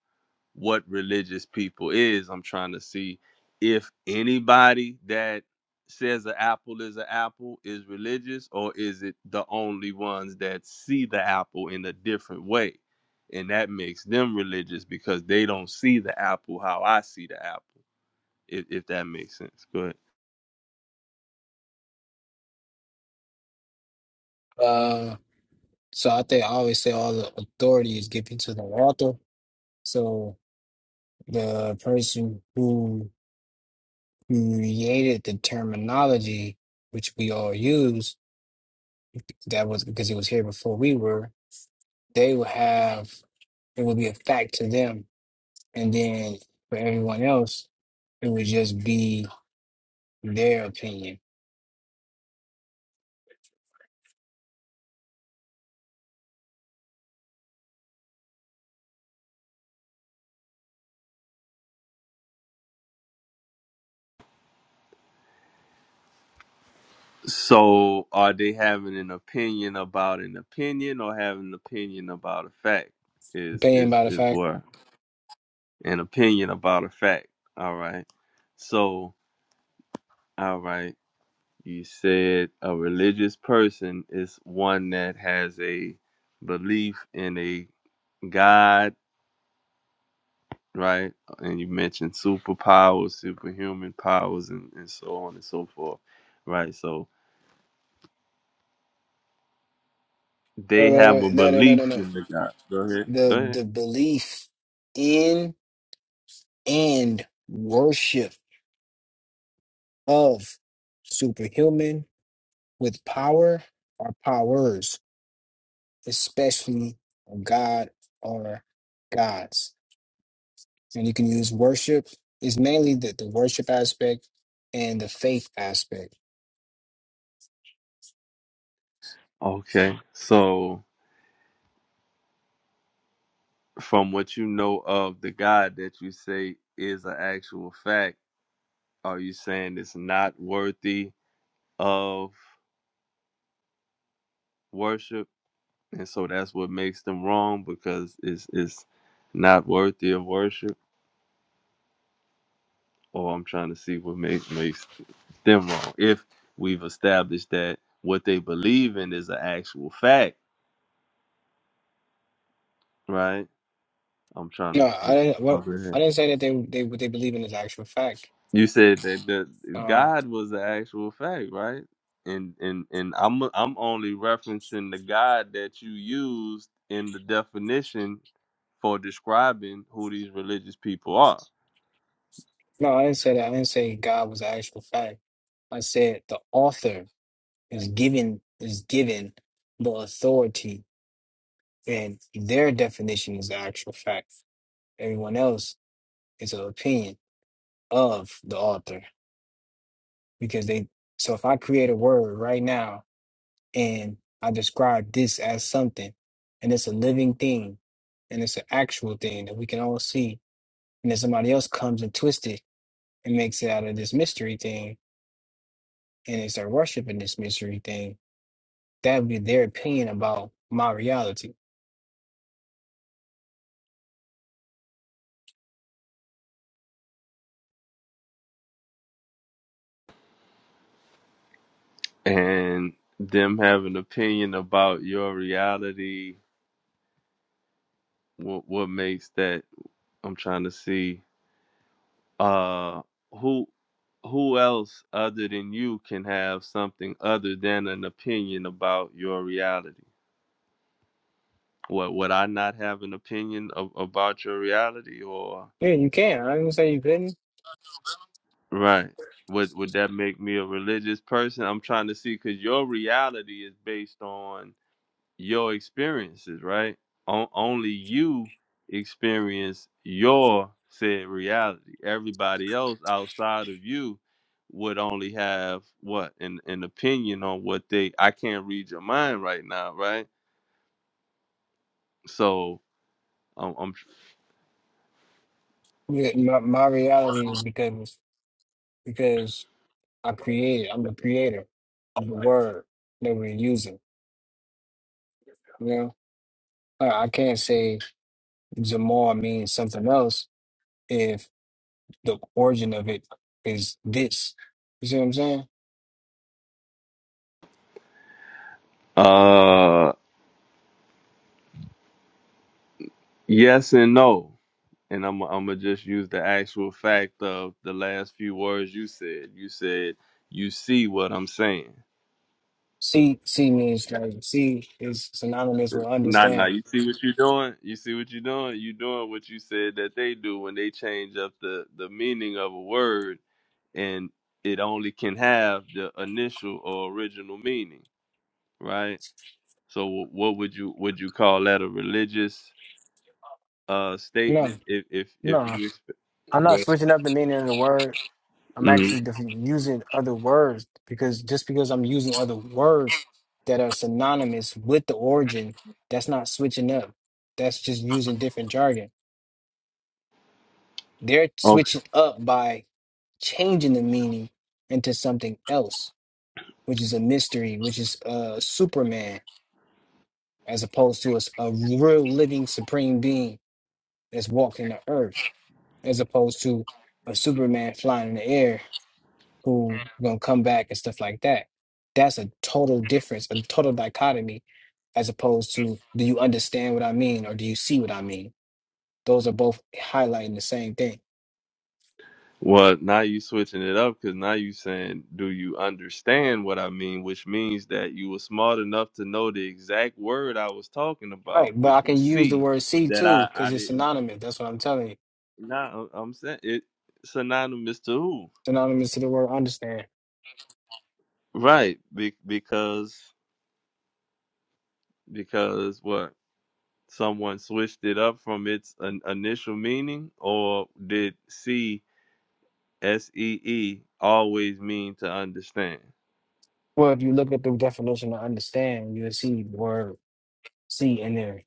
[SPEAKER 1] what religious people is. I'm trying to see if anybody that says an apple is an apple is religious, or is it the only ones that see the apple in a different way? And that makes them religious because they don't see the apple how I see the apple, if, if that makes sense. Go ahead.
[SPEAKER 3] uh so I think I always say all the authority is given to the author. So the person who created the terminology which we all use, that was because it was here before we were, they would have it would be a fact to them. And then for everyone else, it would just be their opinion.
[SPEAKER 1] So, are they having an opinion about an opinion or having an opinion about a fact? Is
[SPEAKER 3] Opinion
[SPEAKER 1] is
[SPEAKER 3] by the
[SPEAKER 1] is
[SPEAKER 3] fact.
[SPEAKER 1] where an opinion about a fact. All right. So, all right. You said a religious person is one that has a belief in a God, right? And you mentioned superpowers, superhuman powers, and, and so on and so forth, right? So
[SPEAKER 3] Wait,
[SPEAKER 1] they
[SPEAKER 3] wait,
[SPEAKER 1] have a
[SPEAKER 3] wait. No, no, no, no,
[SPEAKER 1] belief.
[SPEAKER 3] no.
[SPEAKER 1] In,
[SPEAKER 3] The
[SPEAKER 1] go ahead.
[SPEAKER 3] the belief in and worship of superhuman with power or powers, especially a god or gods. And you can use worship is mainly the, the worship aspect and the faith aspect.
[SPEAKER 1] Okay. So, from what you know of the God that you say is an actual fact, are you saying it's not worthy of worship, and so that's what makes them wrong because it's it's not worthy of worship. Or I'm trying to see what makes makes them wrong. If we've established that what they believe in is an actual fact, right? I'm trying to.
[SPEAKER 3] No,
[SPEAKER 1] see.
[SPEAKER 3] I didn't well,
[SPEAKER 1] Over
[SPEAKER 3] I
[SPEAKER 1] here.
[SPEAKER 3] didn't say that they they what they believe in is actual fact.
[SPEAKER 1] You said that the
[SPEAKER 3] Uh
[SPEAKER 1] God was the actual fact, right? And and and I'm I'm only referencing the God that you used in the definition for describing who these religious people are.
[SPEAKER 3] no, I didn't say that. I didn't say God was an actual fact. I said the author is given is given the authority and their definition is the actual fact everyone else is an opinion of the author because they so if i create a word right now and i describe this as something and it's a living thing and it's an actual thing that we can all see and then somebody else comes and twists it and makes it out of this mystery thing and they start worshiping this mystery thing that would be their opinion about my reality
[SPEAKER 1] and them have an opinion about your reality what what makes that i'm trying to see uh who who else other than you can have something other than an opinion about your reality what would i not have an opinion of, about your reality or
[SPEAKER 3] Yeah, you can. I didn't say you couldn't.
[SPEAKER 1] right would would that make me a religious person i'm trying to see because your reality is based on your experiences, right? On, only you experience your said reality. Everybody else outside of you would only have what an, an opinion on what they. I can't read your mind right now, right? So I'm, I'm
[SPEAKER 3] Yeah, my, my reality is because because I created. I'm the creator of the word that we're using. You know, I, I can't say Zamar means something else if the origin of it is this. You see what I'm saying?
[SPEAKER 1] uh yes and no, and I'm I'm gonna just use the actual fact of the last few words you said. You said you see what I'm saying.
[SPEAKER 3] See, see means like see is synonymous with
[SPEAKER 1] Nah, nah.
[SPEAKER 3] understand.
[SPEAKER 1] You see what you doing? You see what you doing? You doing what you said that they do when they change up the the meaning of a word, and it only can have the initial or original meaning, right? So, wh- what would you would you call that a religious uh
[SPEAKER 3] No,
[SPEAKER 1] statement? If if if
[SPEAKER 3] no,
[SPEAKER 1] you,
[SPEAKER 3] I'm not switching up the meaning of the word. I'm actually
[SPEAKER 1] Mhm.
[SPEAKER 3] def- using other words because just because I'm using other words that are synonymous with the origin, that's not switching up. That's just using different jargon. They're switching up by changing the meaning into something else, which is a mystery, which is uh, Superman, as opposed to a, s- a real living supreme being that's walking the earth, as opposed to a Superman flying in the air who gonna come back and stuff like that. That's a total difference, a total dichotomy, as opposed to do you understand what I mean or do you see what I mean? Those are both highlighting the same thing.
[SPEAKER 1] Well, now you switching it up because now you saying, "Do you understand what I mean?" Which means that you were smart enough to know the exact word I was talking about,
[SPEAKER 3] Right, but
[SPEAKER 1] which
[SPEAKER 3] I can
[SPEAKER 1] was
[SPEAKER 3] use the
[SPEAKER 1] "see."
[SPEAKER 3] word see
[SPEAKER 1] That
[SPEAKER 3] too,
[SPEAKER 1] I
[SPEAKER 3] because
[SPEAKER 1] I
[SPEAKER 3] it's
[SPEAKER 1] didn't.
[SPEAKER 3] synonymous. That's what I'm telling you.
[SPEAKER 1] Nah, I- I'm saying it synonymous to who?
[SPEAKER 3] Synonymous to the word understand.
[SPEAKER 1] Right, be, because because what? Someone switched it up from its an initial meaning, or did "see" S E E always mean to understand?
[SPEAKER 3] Well, if you look at the definition of understand, you'll see the word see in there.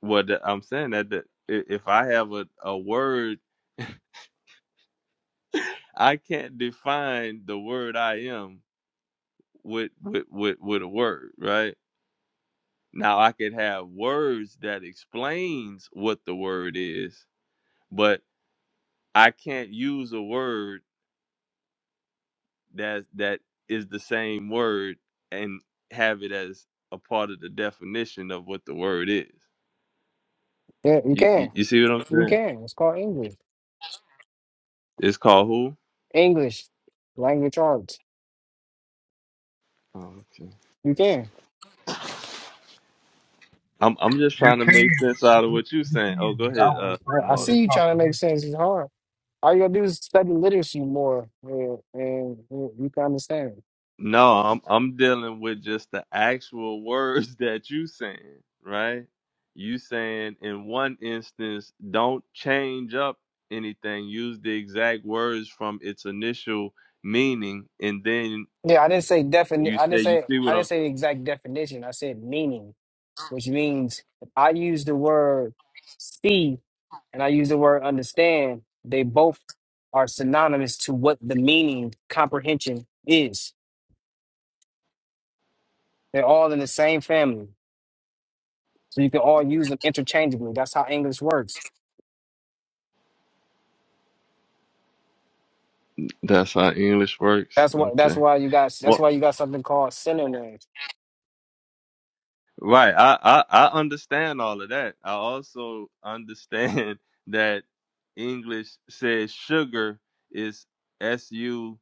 [SPEAKER 1] Well, th- I'm saying that the, i- if I have a, a word, I can't define the word I am with with with with a word, right? Now I could have words that explains what the word is, but I can't use a word that that is the same word and have it as a part of the definition of what the word is.
[SPEAKER 3] Yeah, you
[SPEAKER 1] You you,
[SPEAKER 3] can.
[SPEAKER 1] you see what I'm
[SPEAKER 3] You
[SPEAKER 1] saying?
[SPEAKER 3] can. It's called English.
[SPEAKER 1] It's called
[SPEAKER 3] English, language arts.
[SPEAKER 1] who?
[SPEAKER 3] You can.
[SPEAKER 1] I'm I'm just
[SPEAKER 2] You
[SPEAKER 1] trying to
[SPEAKER 2] can,
[SPEAKER 1] make sense out of what you're
[SPEAKER 2] you
[SPEAKER 1] saying. Oh,
[SPEAKER 2] can,
[SPEAKER 1] go
[SPEAKER 2] but I
[SPEAKER 3] I,
[SPEAKER 1] ahead,
[SPEAKER 2] would
[SPEAKER 1] uh,
[SPEAKER 2] refer
[SPEAKER 3] I I
[SPEAKER 2] to it
[SPEAKER 1] Mars.
[SPEAKER 3] see
[SPEAKER 2] as
[SPEAKER 3] you trying to make
[SPEAKER 2] comprehension.
[SPEAKER 3] sense. It's hard. All you gotta do is study literacy more, and, and you you can understand. it.
[SPEAKER 1] No, I'm I'm dealing with just the actual words <laughs> that you saying, right? You saying in one instance, don't change up anything. Use the exact words from its initial meaning, and then
[SPEAKER 3] Yeah, I didn't say defin.
[SPEAKER 1] you
[SPEAKER 3] I
[SPEAKER 1] say,
[SPEAKER 3] didn't
[SPEAKER 1] you
[SPEAKER 3] say
[SPEAKER 1] see what
[SPEAKER 3] I didn't
[SPEAKER 1] I'm.
[SPEAKER 3] say the exact definition. I said meaning, which means if I use the word see and I use the word understand. They both are synonymous to what the meaning comprehension is. They're all in the same family, so you can all use them interchangeably. That's how English works.
[SPEAKER 1] That's how English works.
[SPEAKER 3] That's what. That's
[SPEAKER 1] Okay.
[SPEAKER 3] why you got. That's why you got something called synonyms.
[SPEAKER 1] Right. I, I I understand all of that. I also understand <laughs> that English says sugar is S U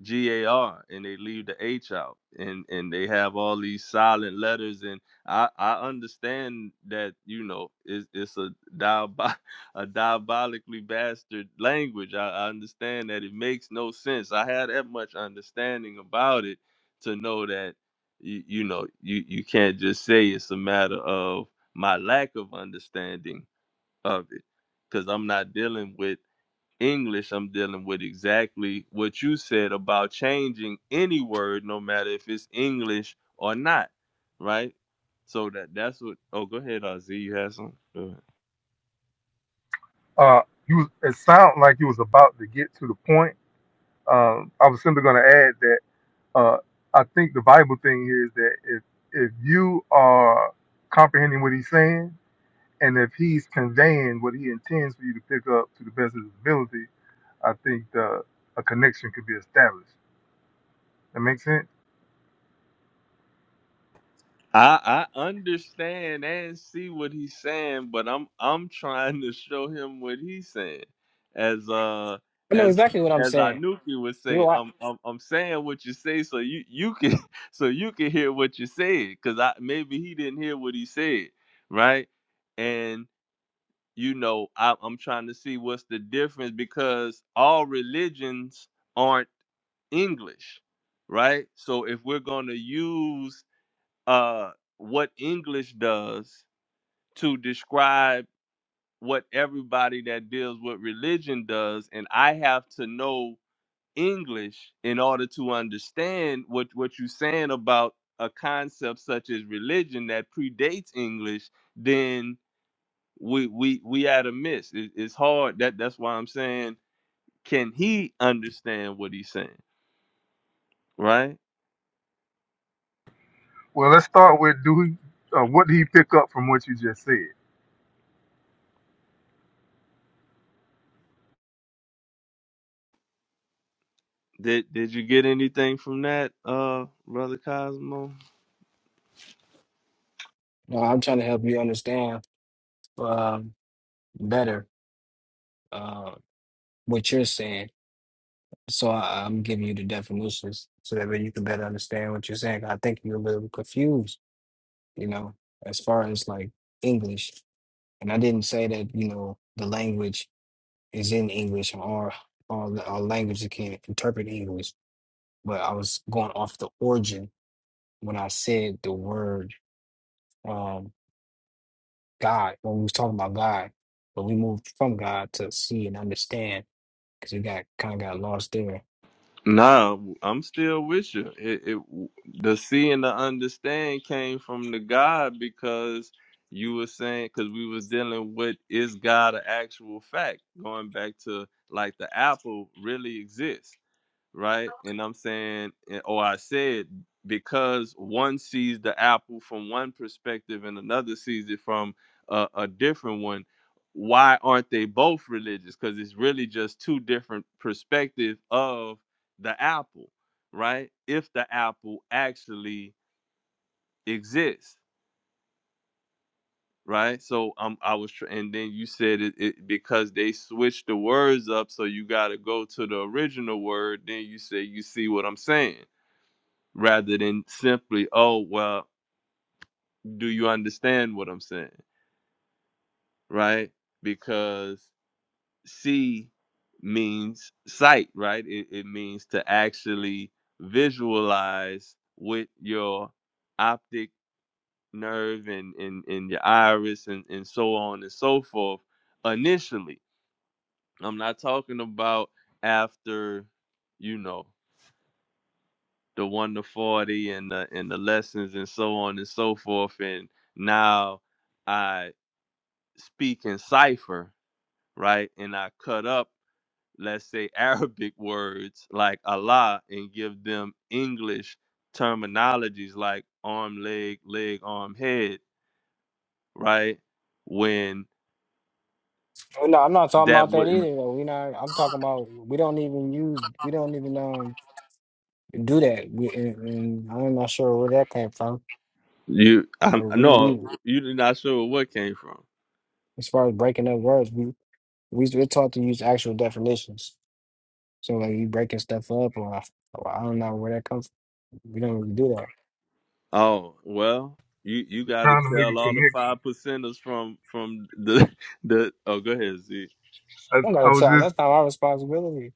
[SPEAKER 1] G A R and they leave the H out and and they have all these silent letters and I I understand that you know it's it's a diabo- <laughs> a diabolically bastard language. I, I understand that it makes no sense. I had that much understanding about it to know that you, you know you you can't just say it's a matter of my lack of understanding of it because i'm not dealing with english i'm dealing with exactly what you said about changing any word no matter if it's english or not right so that that's what oh go ahead Ozzy. you have some Go ahead.
[SPEAKER 2] Uh, you, it sounded like you was about to get to the point Um, I was simply going to add that uh, I think the Bible thing here is that if if you are comprehending what he's saying and if he's conveying what he intends for you to pick up to the best of his ability, I think uh a connection could be established. That makes sense.
[SPEAKER 1] I I understand and see what he's saying, but I'm I'm trying to show him what he's saying. As uh
[SPEAKER 3] I know
[SPEAKER 1] as
[SPEAKER 3] exactly what I'm
[SPEAKER 1] as
[SPEAKER 3] saying.
[SPEAKER 1] Anuki would
[SPEAKER 3] You,
[SPEAKER 1] say,
[SPEAKER 3] I,
[SPEAKER 1] I'm I'm I'm saying what you say so you you can <laughs> so you can hear what you said cuz I maybe he didn't hear what he said, right? And you know, I, I'm trying to see what's the difference because all religions aren't English, right? So if we're going to use uh what English does to describe what everybody that deals with religion does and I have to know English in order to understand what what you're saying about a concept such as religion that predates English then we we we at a miss it, it's hard that that's why I'm saying can he understand what he's saying right
[SPEAKER 2] Well, let's start with do he, uh, what did he pick up from what you just said?
[SPEAKER 1] did did you get anything from that uh brother Cosmo
[SPEAKER 3] No, I'm trying to help you understand um, better uh, what you're saying. So I, I'm giving you the definitions so that way you can better understand what you're saying. I think you're a little confused, you know, as far as like English. And I didn't say that, you know, the language is in English or all our, our language can interpret English. But I was going off the origin when I said the word um, God, when we was talking about God. But we moved from God to see and understand because we got kind of got lost there.
[SPEAKER 1] Nah, I'm still with you. It, it the see and the understand came from the God because you were saying because we was dealing with is God an actual fact? Going back to like the apple really exists right? And I'm saying, and- or I said, because one sees the apple from one perspective and another sees it from a, a different one, why aren't they both religious? Because it's really just two different perspectives of the apple, right? If the apple actually exists. Right, so um, I was, tr- and then you said it, it because they switched the words up, so you got to go to the original word. Then you say, you see what I'm saying? rather than simply, oh, well, do you understand what I'm saying? Right? Because see means sight, right? It, it means to actually visualize with your optic nerve and, and, and your iris and, and so on and so forth initially. I'm not talking about after, you know. the one to forty and the and the lessons and so on and so forth. And now I speak in cipher, right? And I cut up, let's say, <laughs> Arabic words like Allah and give them English terminologies like arm, leg, leg, arm, head, right? When
[SPEAKER 3] Oh, No, I'm not talking
[SPEAKER 1] that
[SPEAKER 3] about that
[SPEAKER 1] wouldn't
[SPEAKER 3] either. Though. We not. I'm talking about we don't even use. We don't even um do that. We, and, and I'm not sure where that came from.
[SPEAKER 1] you
[SPEAKER 3] But
[SPEAKER 1] I'm
[SPEAKER 3] we,
[SPEAKER 1] no,
[SPEAKER 3] we
[SPEAKER 1] you're not sure where what came from.
[SPEAKER 3] as far as breaking up words, we we we're taught to use actual definitions. So like you breaking stuff up, or I, or I don't know where that comes. from. We don't really do that.
[SPEAKER 1] Oh well, you you
[SPEAKER 2] You're
[SPEAKER 1] got to
[SPEAKER 2] trying to make
[SPEAKER 1] tell
[SPEAKER 2] a
[SPEAKER 1] all the
[SPEAKER 2] connection.
[SPEAKER 1] five percenters from from the <laughs> the. Oh, go ahead, Z.
[SPEAKER 3] I'm
[SPEAKER 2] I, I
[SPEAKER 3] gonna
[SPEAKER 2] was
[SPEAKER 3] tell.
[SPEAKER 2] just
[SPEAKER 3] That's not our responsibility.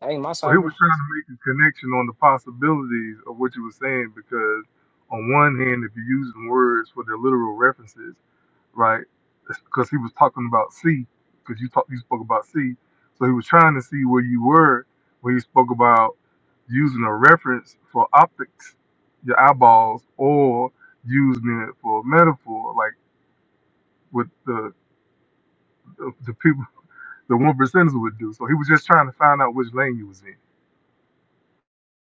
[SPEAKER 3] That ain't my
[SPEAKER 2] Well, he was
[SPEAKER 3] cipher.
[SPEAKER 2] trying to make a connection on the possibilities of what you were saying because, on one hand, if you are using words for their literal references, right? Because he was talking about C, because you talk, you spoke about C, so he was trying to see where you were when he spoke about using a reference for optics, your eyeballs, or using it for metaphor, like what the the, the people, the one percenters would do. So he was just trying to find out which lane you was in.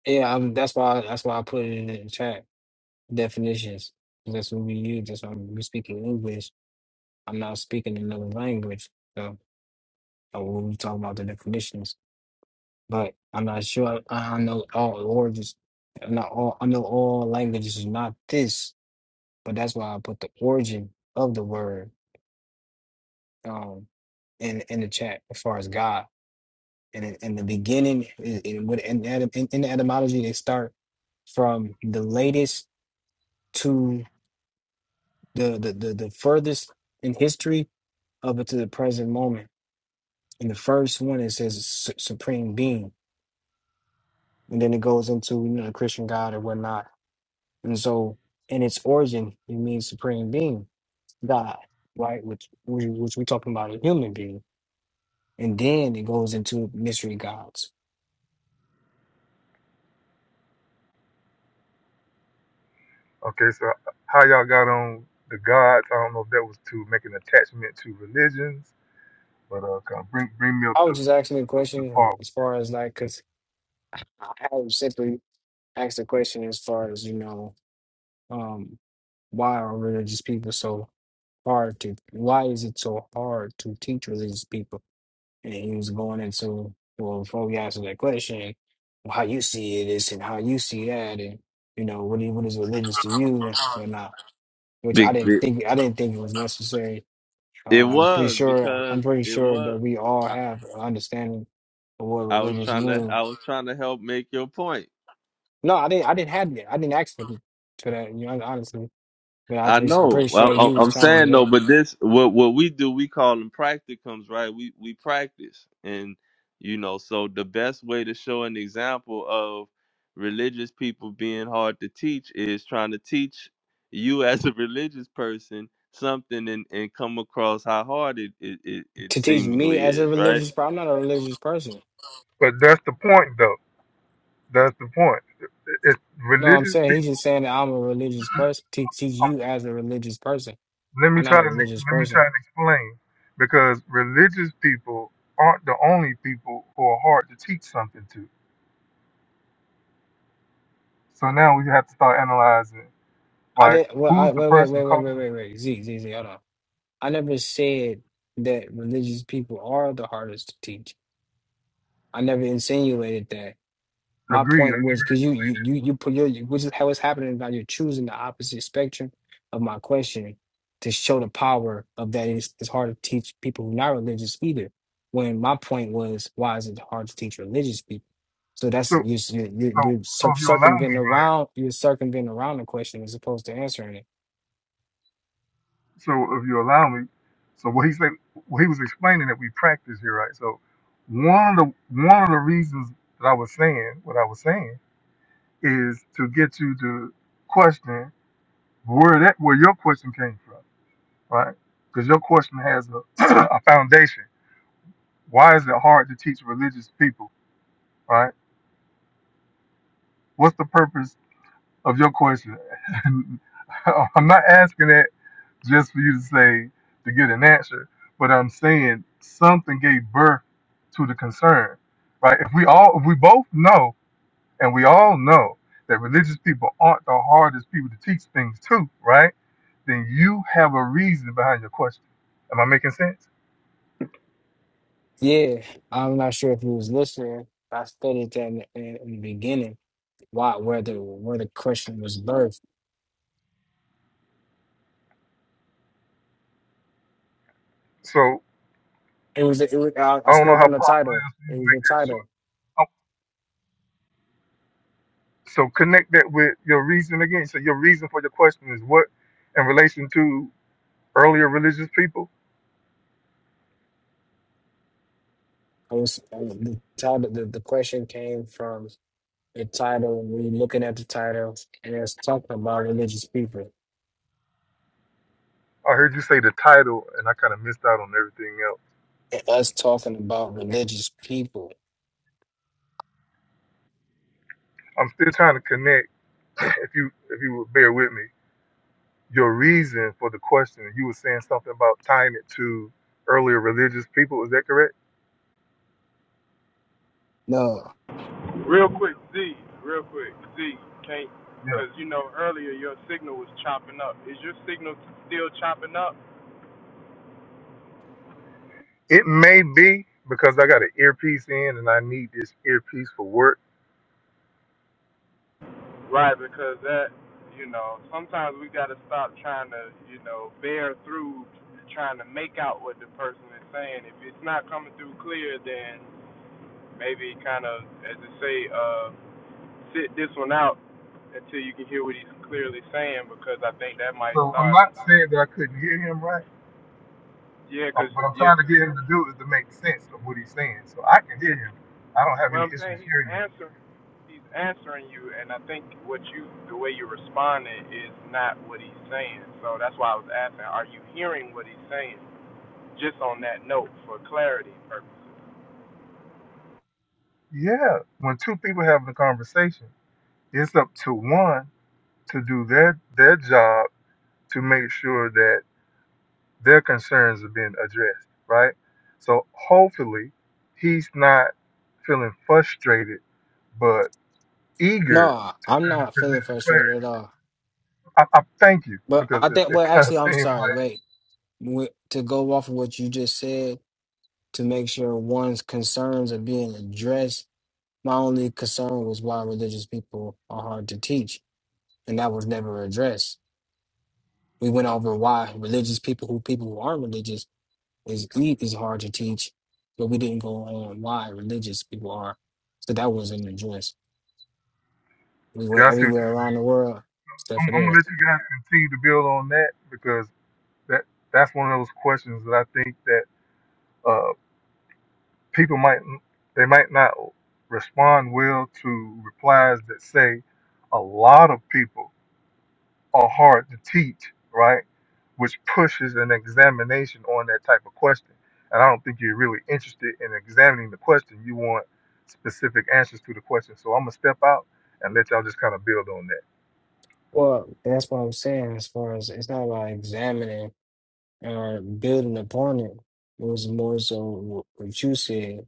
[SPEAKER 3] Yeah, um, that's why. That's why I put it in the chat definitions. That's what we use. That's why we speaking English I'm not speaking another language, so uh, when we talk about the definitions. But I'm not sure I, I know all origins. Not all I know all languages is not this, but that's why I put the origin of the word um in in the chat as far as God. And in, in the beginning, in, in, with- in, the etym- in, in the etymology, they start from the latest to the the, the, the furthest in history up to the present moment. And the first one it says su- supreme being and then it goes into you know the Christian God or whatnot. And so, in its origin, it means supreme being, God, right? Which which, which we're talking about a human being, and then it goes into mystery gods.
[SPEAKER 2] Okay, so how y'all got on the gods? I don't know if that was to make an attachment to religions, but uh, kind of bring bring me up
[SPEAKER 3] I was
[SPEAKER 2] to
[SPEAKER 3] just asking a
[SPEAKER 2] up the
[SPEAKER 3] question
[SPEAKER 2] part.
[SPEAKER 3] as far as like, because I was simply asked the question as far as you know, um, why are religious people so hard to? Why is it so hard to teach religious people? and he was going into well before we answer that question, "Well, how you see it is and how you see that and you know what is what is religious to you and whatnot, which I
[SPEAKER 1] Big,
[SPEAKER 3] didn't
[SPEAKER 1] big.
[SPEAKER 3] think I didn't think it was necessary.
[SPEAKER 1] It
[SPEAKER 3] Uh, I'm pretty
[SPEAKER 1] was
[SPEAKER 3] sure
[SPEAKER 1] because
[SPEAKER 3] I'm pretty
[SPEAKER 1] it
[SPEAKER 3] sure
[SPEAKER 1] was.
[SPEAKER 3] that we all
[SPEAKER 1] I,
[SPEAKER 3] have an understanding of what
[SPEAKER 1] I was
[SPEAKER 3] religious
[SPEAKER 1] trying to
[SPEAKER 3] means.
[SPEAKER 1] I was trying to help make your point.
[SPEAKER 3] No, I didn't I didn't have that. I didn't ask for for that. You know, honestly. But I'm
[SPEAKER 1] I
[SPEAKER 3] pretty,
[SPEAKER 1] know.
[SPEAKER 3] pretty
[SPEAKER 1] I,
[SPEAKER 3] sure you
[SPEAKER 1] I-
[SPEAKER 3] was
[SPEAKER 1] I'm
[SPEAKER 3] trying to
[SPEAKER 1] saying
[SPEAKER 3] do
[SPEAKER 1] though,
[SPEAKER 3] that
[SPEAKER 1] but this what what we do. We call them practicums, right? We we practice, and you know, so the best way to show an example of religious people being hard to teach is trying to teach you <laughs> as a religious person something and, and come across how hard it, it, it, it
[SPEAKER 3] to teach
[SPEAKER 1] seemingly
[SPEAKER 3] me as a
[SPEAKER 1] is, right?
[SPEAKER 3] religious. But I'm not a religious person.
[SPEAKER 2] But that's the point, though. That's the point. It's
[SPEAKER 3] No, I'm
[SPEAKER 2] religious
[SPEAKER 3] saying he's
[SPEAKER 2] people.
[SPEAKER 3] just saying that I'm a religious person. Teach, teach you as a religious person.
[SPEAKER 2] Let me
[SPEAKER 3] I'm not
[SPEAKER 2] try
[SPEAKER 3] a
[SPEAKER 2] to let
[SPEAKER 3] religious
[SPEAKER 2] me try
[SPEAKER 3] person.
[SPEAKER 2] and explain, because religious people aren't the only people who are hard to teach something to. So now we have to start analyzing,
[SPEAKER 3] I
[SPEAKER 2] like
[SPEAKER 3] didn't. Well,
[SPEAKER 2] who's
[SPEAKER 3] I
[SPEAKER 2] the
[SPEAKER 3] wait, wait,
[SPEAKER 2] person
[SPEAKER 3] wait, wait, wait,
[SPEAKER 2] calling?
[SPEAKER 3] wait, wait. Z, Z, Z. Hold on. I never said that religious people are the hardest to teach. I never insinuated that. My
[SPEAKER 2] Agreed.
[SPEAKER 3] point was because you you you you put your you- which is how it's happening now. You're choosing the opposite spectrum of my question to show the power of that. It's, it's hard to teach people who not religious either. When my point was, why is it hard to teach religious people? So
[SPEAKER 2] So
[SPEAKER 3] that's
[SPEAKER 2] so
[SPEAKER 3] you you you you're
[SPEAKER 2] so
[SPEAKER 3] cir-
[SPEAKER 2] if you allow me,
[SPEAKER 3] circumventing
[SPEAKER 2] right?
[SPEAKER 3] around you're circumventing around the question as opposed to answering it.
[SPEAKER 2] So if you allow me, so what he said, what he was explaining that we practice here, right? So one of the one of the reasons that I was saying what I was saying is to get you to question where that where your question came from, right? Because your question has a, <clears throat> a foundation. Why is it hard to teach religious people, right? What's the purpose of your question? <laughs> I'm not asking that just for you to say to get an answer. But I'm saying something gave birth to the concern, right? If we all, if we both know, and we all know that religious people aren't the hardest people to teach things to, right? Then you have a reason behind your question. Am I making sense?
[SPEAKER 3] Yeah, I'm not sure if you was listening. I stated that in, in, in the beginning. Why where the where the question was birthed
[SPEAKER 2] So
[SPEAKER 3] It was, it was I, I
[SPEAKER 2] I don't know
[SPEAKER 3] spoke
[SPEAKER 2] how
[SPEAKER 3] on
[SPEAKER 2] powerful
[SPEAKER 3] the title.
[SPEAKER 2] it is for you
[SPEAKER 3] It
[SPEAKER 2] to
[SPEAKER 3] was
[SPEAKER 2] make
[SPEAKER 3] the title.
[SPEAKER 2] that short. Oh, So connect that with your reason again. So your reason for your question is what in relation to earlier religious people?
[SPEAKER 3] I was I was- the title. The, the question came from the title. We looking at the title and it's talking about religious people.
[SPEAKER 2] I heard you say the title, and I kind of missed out on everything else.
[SPEAKER 3] And us talking about religious people.
[SPEAKER 2] I'm still trying to connect. <clears throat> If you if you would bear with me, your reason for the question, you were saying something about tying it to earlier religious people. Is that correct?
[SPEAKER 3] No,
[SPEAKER 4] Real quick, Z, real quick, Z, can't,
[SPEAKER 2] Yeah.
[SPEAKER 4] because you know earlier your signal was chopping up. Is your signal still chopping up?
[SPEAKER 2] It may be because I got an earpiece in, and I need this earpiece for work.
[SPEAKER 4] Right, because that, you know, sometimes we got to stop trying to, you know, bear through trying to make out what the person is saying. If it's not coming through clear, then maybe kind of, as they say, uh, sit this one out until you can hear what he's clearly saying, because I think that might
[SPEAKER 2] So I'm
[SPEAKER 4] start a,
[SPEAKER 2] not saying that I couldn't hear him right,
[SPEAKER 4] yeah,
[SPEAKER 2] um,
[SPEAKER 4] because,
[SPEAKER 2] but I'm
[SPEAKER 4] yeah,
[SPEAKER 2] trying to
[SPEAKER 4] because
[SPEAKER 2] get him to do is to make sense of what he's saying, so I can hear him. I don't have
[SPEAKER 4] Well,
[SPEAKER 2] any
[SPEAKER 4] I'm
[SPEAKER 2] issues
[SPEAKER 4] saying he's
[SPEAKER 2] hearing him.
[SPEAKER 4] answering. He's answering you, and I think what you, the way you're responding, is not what he's saying. So that's why I was asking, are you hearing what he's saying? Just on that note, for clarity purposes.
[SPEAKER 2] Yeah, when two people having a conversation, it's up to one to do their their job to make sure that their concerns are being addressed, right? So hopefully he's not feeling frustrated but eager
[SPEAKER 3] no, I'm
[SPEAKER 2] to
[SPEAKER 3] not feeling
[SPEAKER 2] present
[SPEAKER 3] frustrated at
[SPEAKER 2] some
[SPEAKER 3] all.
[SPEAKER 2] clarity. I, I thank you
[SPEAKER 3] But
[SPEAKER 2] because
[SPEAKER 3] I think.
[SPEAKER 2] it, it
[SPEAKER 3] Well,
[SPEAKER 2] kind of <laughs>
[SPEAKER 3] actually, I'm
[SPEAKER 2] seemed
[SPEAKER 3] sorry.
[SPEAKER 2] like
[SPEAKER 3] Wait, Wait, to go off of what you just said to make sure one's concerns are being addressed. My only concern was why religious people are hard to teach, and that was never addressed. We went over why religious people who people who aren't religious is eat is hard to teach, but we didn't go on why religious people are. So that was an address. We went
[SPEAKER 2] yeah, I see what you.
[SPEAKER 3] everywhere around the world, except
[SPEAKER 2] I'm,
[SPEAKER 3] for
[SPEAKER 2] I'm gonna
[SPEAKER 3] there.
[SPEAKER 2] let you guys continue to build on that because that that's one of those questions that I think that uh, people might they might not respond well to replies that say a lot of people are hard to teach, right? Which pushes an examination on that type of question. And I don't think you're really interested in examining the question. You want specific answers to the question. So I'm gonna step out and let y'all just kind of build on that.
[SPEAKER 3] Well, that's what I'm saying. As far as it's not about examining or building upon it. It was more so wh- what you said,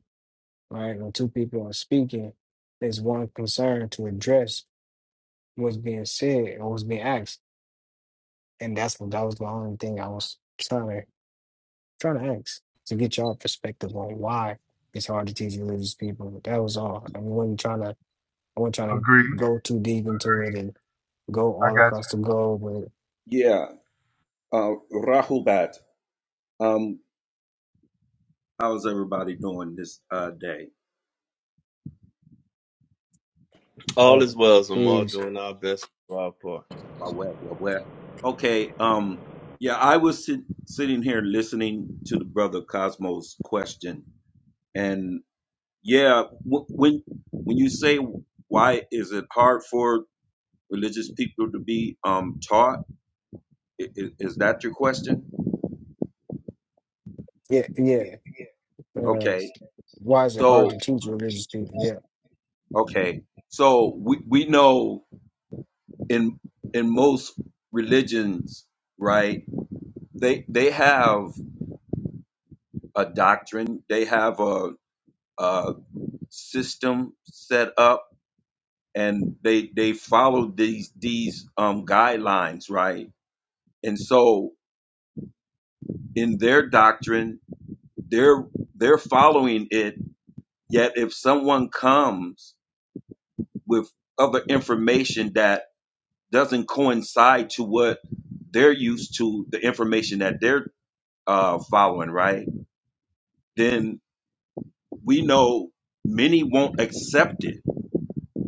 [SPEAKER 3] right? When two people are speaking, there's one concern to address what's being said or what's being asked, and that's what that was the only thing I was trying to Trying to ask to get y'all perspective on why it's hard to teach religious people. That was all. I wasn't trying to. I wasn't trying to
[SPEAKER 2] Agreed.
[SPEAKER 3] go too deep into it and go
[SPEAKER 2] I
[SPEAKER 3] all
[SPEAKER 2] got you.
[SPEAKER 3] across the globe. But
[SPEAKER 5] Yeah, uh, Rahul Bat. Um, how's everybody doing this uh, day?
[SPEAKER 1] All
[SPEAKER 3] uh,
[SPEAKER 1] is well, so I'm all
[SPEAKER 3] is
[SPEAKER 1] doing our best for our part.
[SPEAKER 5] Wah, wah, wah, wah. Okay. Um, yeah, I was sit- sitting here listening to the brother Cosmo's question, and yeah, w- when when you say why is it hard for religious people to be um, taught, I- i- is that your question?
[SPEAKER 3] yeah, yeah. Uh,
[SPEAKER 5] Okay.
[SPEAKER 3] why is it hard
[SPEAKER 5] So
[SPEAKER 3] to teach religious people? Yeah,
[SPEAKER 5] okay, so we we know in in most religions, right? they they have a doctrine they have a, a system set up and they they follow these these um guidelines right and so in their doctrine they're they're following it yet if someone comes with other information that doesn't coincide to what they're used to the information that they're uh, following right then we know many won't accept it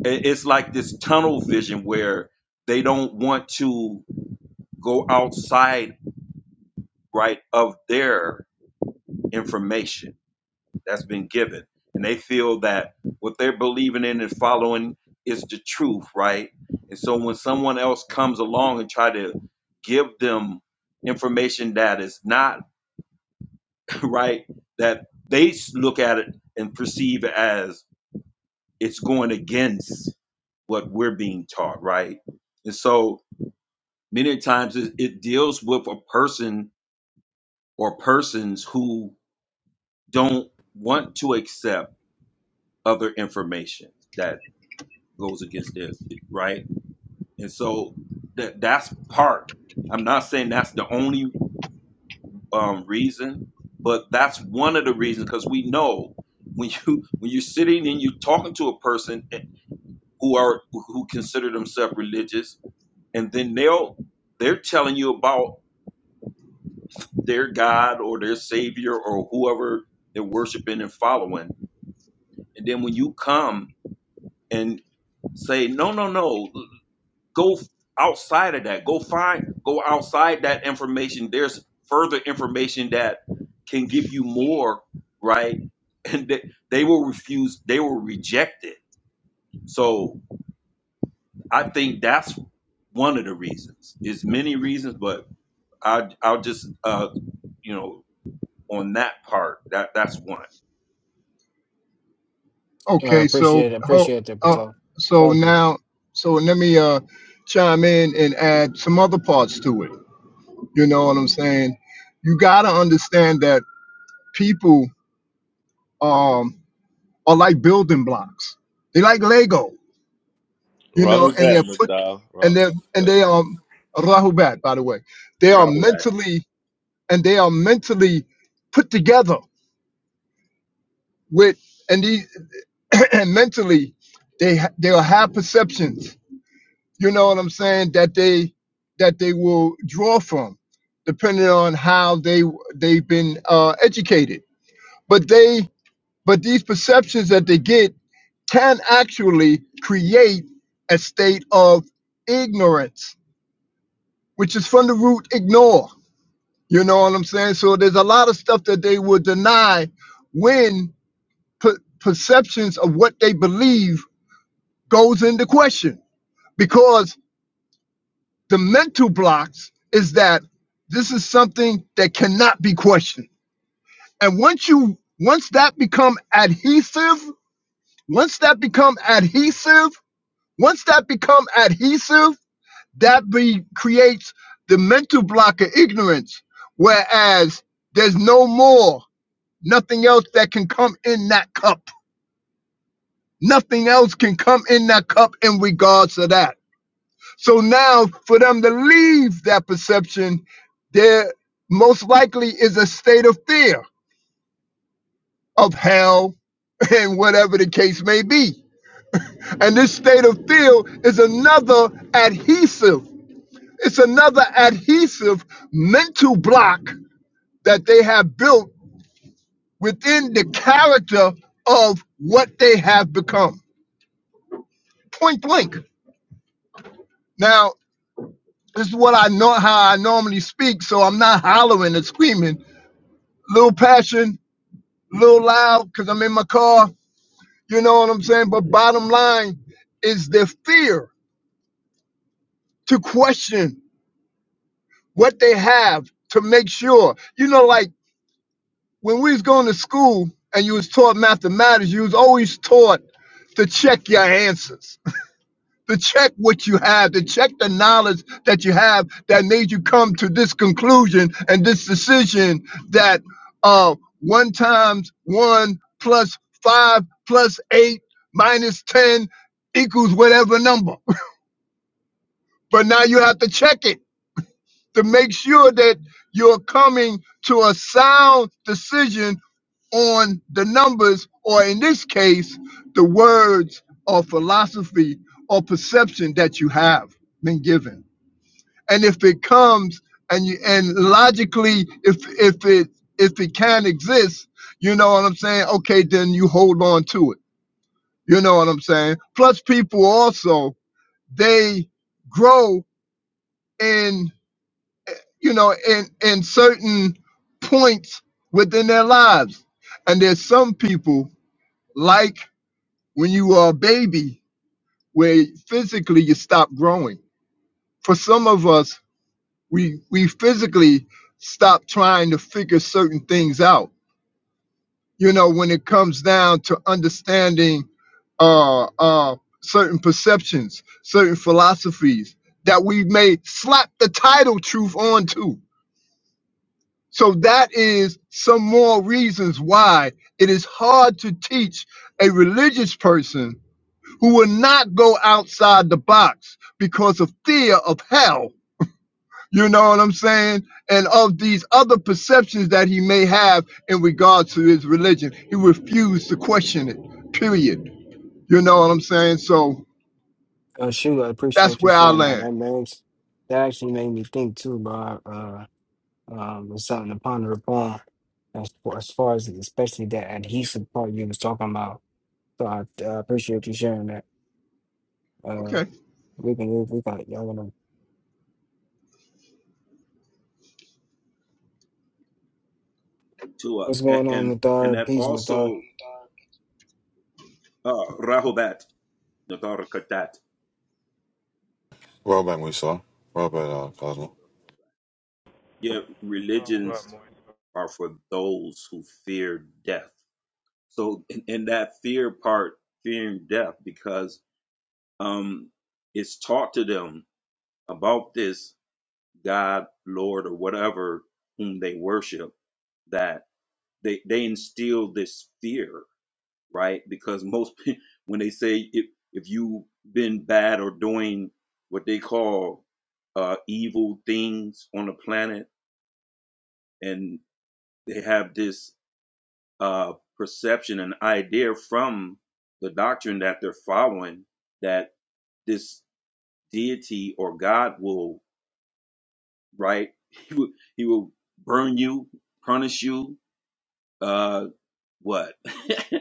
[SPEAKER 5] it- it's like this tunnel vision where they don't want to go outside right of their information that's been given and they feel that what they're believing in and following is the truth right and so when someone else comes along and try to give them information that is not <laughs> right that they s- look at it and perceive as it's going against what we're being taught right and so Many times it, it deals with a person or persons who don't want to accept other information that goes against theirs, right? And so that that's part. I'm not saying that's the only um, reason, but that's one of the reasons because we know when you when you're sitting and you're talking to a person eh, who are who consider themselves religious, and then they'll they're telling you about their God or their Savior or whoever they're worshiping and following. And then when you come and say, no, no, no, go outside of that, go find, go outside that information. There's further information that can give you more, right? <laughs> And they, they will refuse, they will reject it. So I think that's one of the reasons. There's many reasons, but I, I'll just, uh, you know, on that part, that that's one.
[SPEAKER 3] uh,
[SPEAKER 6] Okay, so
[SPEAKER 3] appreciate it.
[SPEAKER 6] ho-
[SPEAKER 3] Appreciate that,
[SPEAKER 6] uh,
[SPEAKER 3] Patel.
[SPEAKER 6] so
[SPEAKER 3] Thank you.
[SPEAKER 6] now, so let me uh, chime in and add some other parts to it. You know what I'm saying? You gotta understand that people um, are like building blocks. They like Lego, you know,
[SPEAKER 1] Robert
[SPEAKER 6] and
[SPEAKER 1] back,
[SPEAKER 6] they're
[SPEAKER 1] Mr.
[SPEAKER 6] put
[SPEAKER 1] Al.
[SPEAKER 6] and
[SPEAKER 1] Ro- Robert
[SPEAKER 6] they are and
[SPEAKER 1] back.
[SPEAKER 6] they um Rahubat, by the way, they are mentally and they are mentally put together with and these <clears throat> and mentally they ha- they'll have perceptions you know what I'm saying, that they that they will draw from, depending on how they they've been uh, educated. But they but these perceptions that they get can actually create a state of ignorance, which is from the root ignore. You know what I'm saying? So there's a lot of stuff that they will deny when per- perceptions of what they believe goes into question because The mental blocks is that this is something that cannot be questioned. And once you once that become adhesive, once that become adhesive, once that become adhesive, that be creates the mental block of ignorance. Whereas there's no more, nothing else that can come in that cup. Nothing else can come in that cup in regards to that. So now, for them to leave that perception, there most likely is a state of fear of hell and whatever the case may be. And this state of fear is another adhesive, it's another adhesive mental block that they have built within the character of what they have become. Point blank. Now, this is what I know how I normally speak, so I'm not hollering and screaming. Little passion, a little loud because I'm in my car. You know what I'm saying? But bottom line is the fear to question what they have to make sure. You know, like when we was going to school and you was taught mathematics, you was always taught to check your answers to check what you have, to check the knowledge that you have that made you come to this conclusion and this decision that uh, one times one plus five plus eight minus 10 equals whatever number. <laughs> But now you have to check it to make sure that you're coming to a sound decision on the numbers, or in this case, the words or philosophy or perception that you have been given. And if it comes and you, and logically, if if it if it can exist, you know what I'm saying? Okay, then you hold on to it. You know what I'm saying? Plus, people also they grow in you know, in in certain points within their lives. And there's some people like when you are a baby, where physically you stop growing. For some of us, we we physically stop trying to figure certain things out. You know, when it comes down to understanding uh, uh, certain perceptions, certain philosophies that we may slap the title truth onto So that is some more reasons why it is hard to teach a religious person who will not go outside the box because of fear of hell. You know what I'm saying? And of these other perceptions that he may have in regards to his religion, he refused to question it, period. You know what I'm saying? So
[SPEAKER 3] Uh, shoot, I
[SPEAKER 6] that's
[SPEAKER 3] appreciate you
[SPEAKER 6] where I
[SPEAKER 3] sharing that.
[SPEAKER 6] land.
[SPEAKER 3] That makes that actually made me think too, bro. Uh, um, it's something to ponder upon as far, as far as especially that adhesive part you was talking about So I uh, appreciate you sharing that. Uh,
[SPEAKER 6] Okay.
[SPEAKER 3] we can move. We got y'all wanna.
[SPEAKER 5] Tua,
[SPEAKER 3] What's
[SPEAKER 5] and
[SPEAKER 3] going on,
[SPEAKER 5] and,
[SPEAKER 3] Madar?
[SPEAKER 5] and that
[SPEAKER 3] Peace, Madar.
[SPEAKER 5] also uh, Rahobat, Nadarakadat.
[SPEAKER 7] Roll back, Musa. Roll back, uh, Cosmo.
[SPEAKER 5] Yet
[SPEAKER 4] Oh, right,
[SPEAKER 5] religions
[SPEAKER 4] Moise.
[SPEAKER 5] are for those who fear death. So, in, in that fear part, fearing death, because um, it's taught to them about this God, Lord, or whatever whom they worship, that they, they instill this fear right? Because most <laughs> pe- when they say if if you've been bad or doing what they call uh, evil things on the planet, and they have this uh, perception and idea from the doctrine that they're following that this deity or God will right <laughs> he will, he will burn you, punish you, uh, what? <laughs>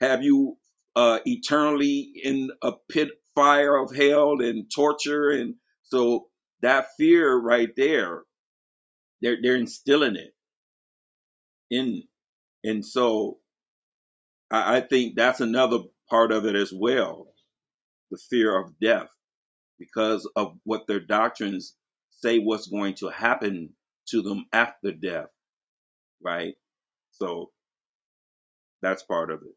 [SPEAKER 5] Have you uh, eternally in a pit fire of hell and torture? And so that fear right there, they're, they're instilling it in. And so I, I think that's another part of it as well the fear of death because of what their doctrines say what's going to happen to them after death, right? So that's part of it.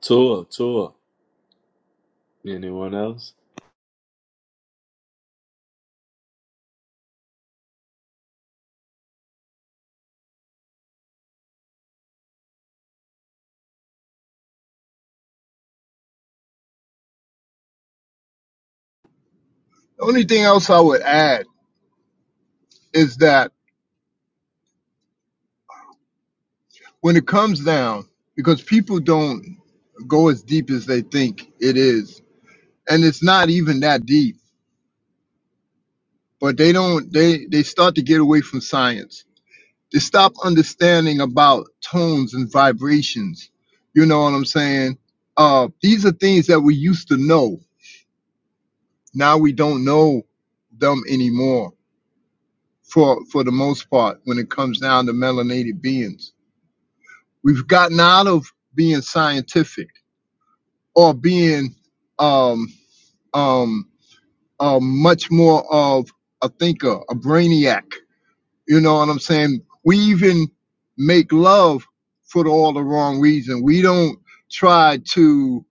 [SPEAKER 1] Tour, tour. Anyone else?
[SPEAKER 6] The only thing else I would add is that when it comes down because people don't go as deep as they think it is and it's not even that deep but they don't they they start to get away from science they stop understanding about tones and vibrations you know what i'm saying uh these are things that we used to know now we don't know them anymore for for the most part when it comes down to melanated beings we've gotten out of being scientific or being um um, uh, much more of a thinker, a brainiac. You know what I'm saying? We even make love for all the wrong reason. We don't try to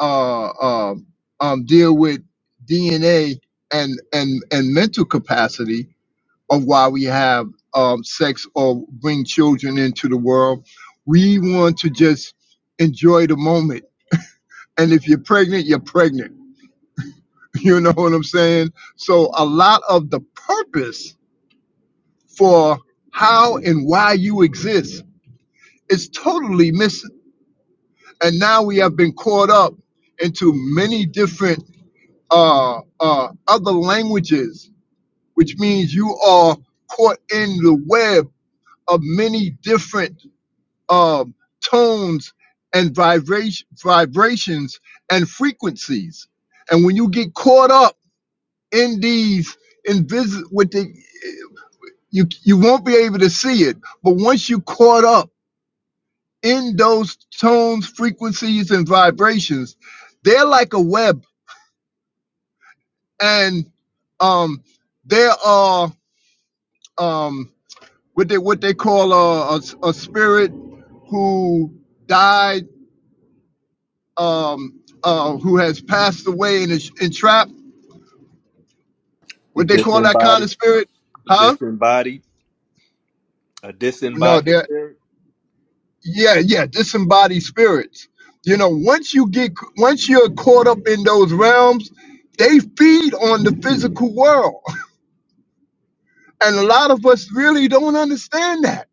[SPEAKER 6] uh, uh, um, deal with DNA and and and mental capacity of why we have um, sex or bring children into the world. We want to just enjoy the moment. And if you're pregnant, you're pregnant <laughs> You know what I'm saying? So a lot of the purpose for how and why you exist is totally missing. And now we have been caught up into many different uh, uh, other languages, which means you are caught in the web of many different um, tones and vibration, vibrations and frequencies. And when you get caught up in these invisible you you won't be able to see it but once you caught up in those tones frequencies and vibrations they're like a web and um there are um what they what they call a, a, a spirit who died um uh who has passed away and is entrapped what they call that kind
[SPEAKER 1] Disembodied
[SPEAKER 6] of spirit huh
[SPEAKER 1] Disembodied, a
[SPEAKER 6] no
[SPEAKER 1] disembodied
[SPEAKER 6] they're.
[SPEAKER 1] spirit.
[SPEAKER 6] yeah yeah disembodied spirits you know once you get once you're caught up in those realms they feed on the physical world <laughs> and a lot of us really don't understand that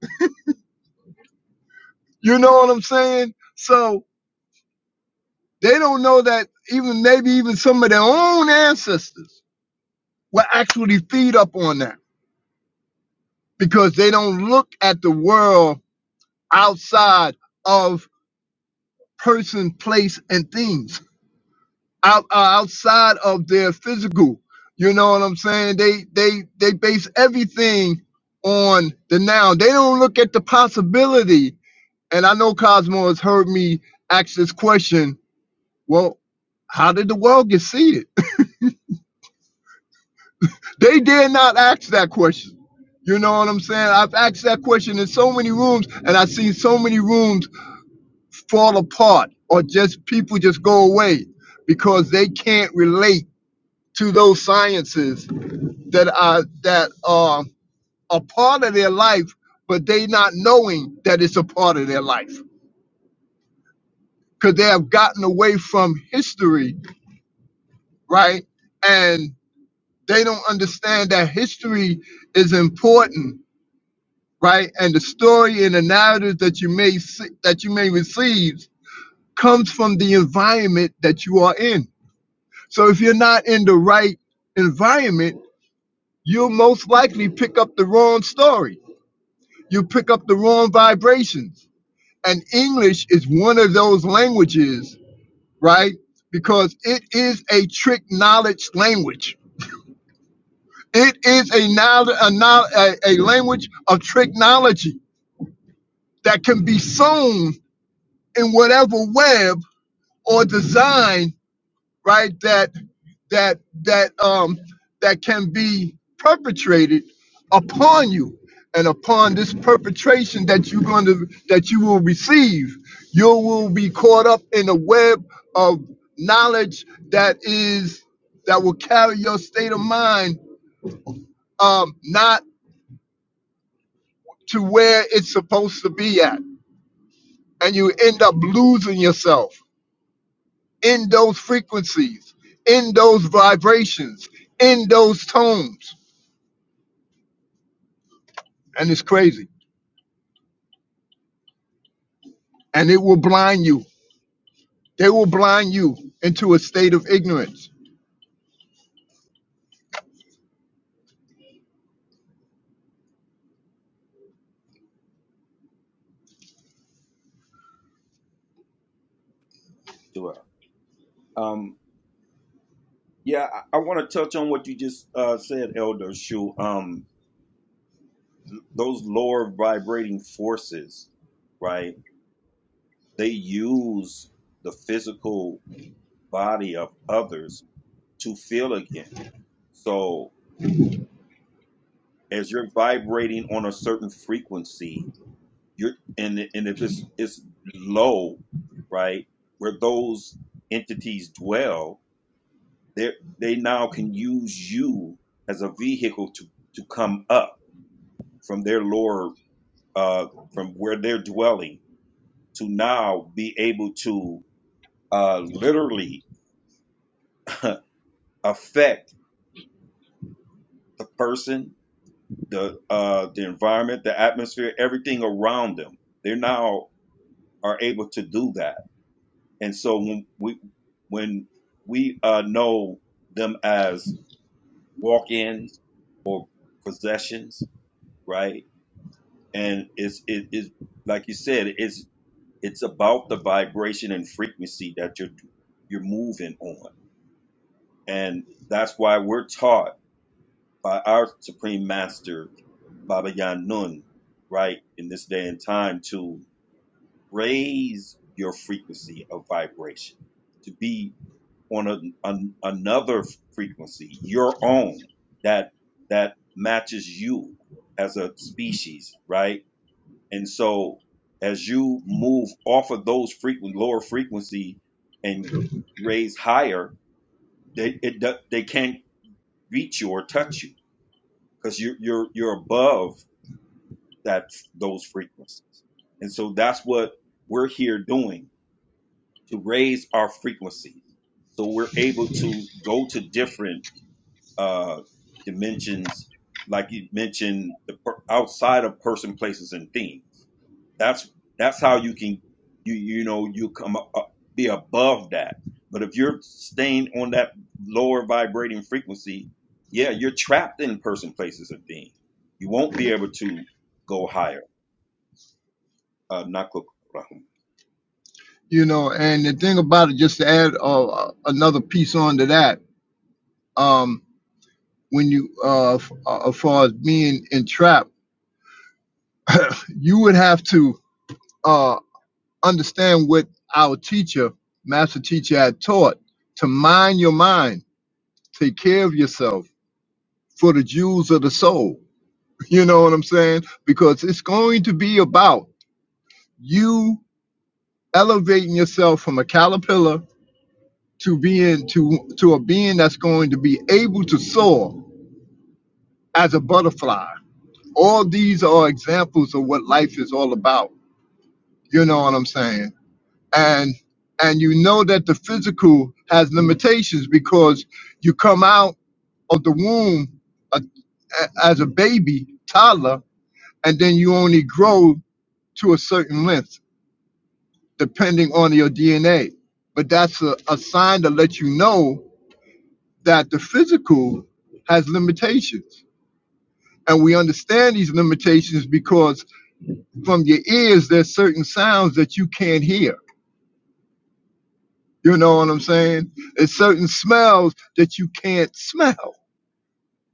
[SPEAKER 6] you know what i'm saying so they don't know that even maybe even some of their own ancestors will actually feed up on that because they don't look at the world outside of person place and things out, uh, outside of their physical. You know what I'm saying? They they they base everything on the noun. They don't look at the possibility. And I know Cosmo has heard me ask this question. Well, how did the world get seeded? They dare not ask that question. You know what I'm saying? I've asked that question in so many rooms, and I've seen so many rooms fall apart or just people just go away because they can't relate to those sciences that are that are a part of their life, but they not knowing that it's a part of their life because they have gotten away from history, right? And they don't understand that history is important, right? And the story and the narrative that you may see, that you may receive comes from the environment that you are in. So if you're not in the right environment, you'll most likely pick up the wrong story. You pick up the wrong vibrations And English is one of those languages, right? Because it is a trick knowledge language. It is a, knowl- a, knowl- a, a language of technology that can be sewn in whatever web or design right? That that that um that can be perpetrated upon you and upon this perpetration that you're going to that you will receive you will be caught up in a web of knowledge that is that will carry your state of mind um not to where it's supposed to be at and you end up losing yourself in those frequencies in those vibrations in those tones and it's crazy. And it will blind you. They will blind you into a state of ignorance.
[SPEAKER 5] too. Um, yeah, I, I want to touch on what you just uh, said, Elder Shu. Um, those lower vibrating forces, right? They use the physical body of others to feel again. So as you're vibrating on a certain frequency, you're and and if it's it's low, right, where those entities dwell, they they now can use you as a vehicle to to come up from their lower uh from where they're dwelling to now be able to uh, literally <laughs> affect the person, the uh, the environment, the atmosphere, everything around them. They now are able to do that, and so when we when we uh, know them as walk-ins or possessions, right? And it's it is like you said, it's it's about the vibration and frequency that you're you're moving on, and that's why we're taught by our supreme master Baba Yanun, right, in this day and time to raise your frequency of vibration, to be on a, an, another frequency, your own, that that matches you as a species, right? And so as you move off of those frequent lower frequency and raise higher, they it, do- they can't reach you or touch you because you're you're you're above that those frequencies. And so that's what we're here doing to raise our frequencies. So we're able to go to different uh, dimensions, like you mentioned, the per- outside of person, places, and things. That's that's how you can you you know you come up, up- be above that. But if you're staying on that lower vibrating frequency, yeah, you're trapped in person, places, and things. You won't be able to go higher uh, Nakuk Rahum?
[SPEAKER 6] You know, and the thing about it, just to add uh, uh, another piece onto that, um, when you, uh, f- uh, as far as being entrapped, you would have to uh, understand what our teacher, master teacher, had taught to mind your mind, take care of yourself for the jewels of the soul. <laughs> You know what I'm saying? Because it's going to be about you elevating yourself from a caterpillar to being to to a being that's going to be able to soar as a butterfly. All these are examples of what life is all about. You know what I'm saying? And and you know that the physical has limitations because you come out of the womb a, a- as a baby, toddler, and then you only grow to a certain length depending on your DNA. But that's a, a sign to let you know that the physical has limitations. And we understand these limitations because from your ears, there's certain sounds that you can't hear. You know what I'm saying? There's certain smells that you can't smell.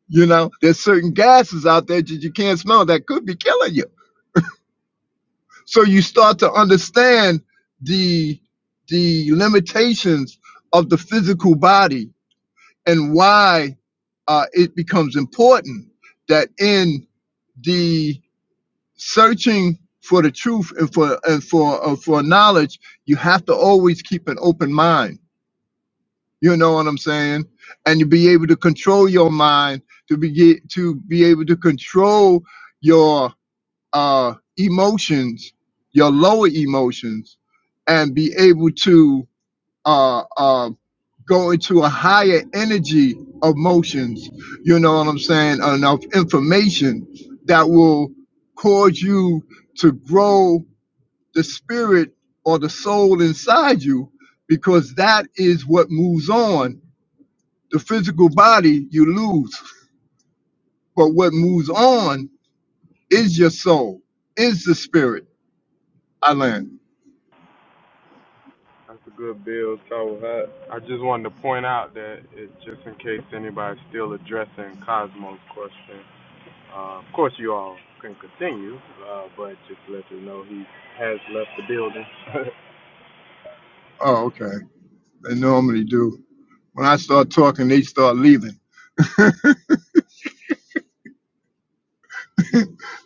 [SPEAKER 6] You know, there's certain gases out there that you can't smell that could be killing you. So you start to understand the the limitations of the physical body and why uh, it becomes important that in the searching for the truth and for and for uh, for knowledge you have to always keep an open mind you know what i'm saying and to be able to control your mind to be ge- to be able to control your uh emotions your lower emotions and be able to uh uh go into a higher energy of motions you know what i'm saying enough information that will cause you to grow the spirit or the soul inside you because that is what moves on. The physical body you lose, but what moves on is your soul, is the spirit. I land.
[SPEAKER 4] That's a good build, so hot. I just wanted to point out that it, just in case anybody's still addressing Cosmo's question, uh, of course you all can continue, uh, but just to let you know he has left the building. <laughs>
[SPEAKER 6] Oh, okay. They normally do. When I start talking, they start leaving. <laughs>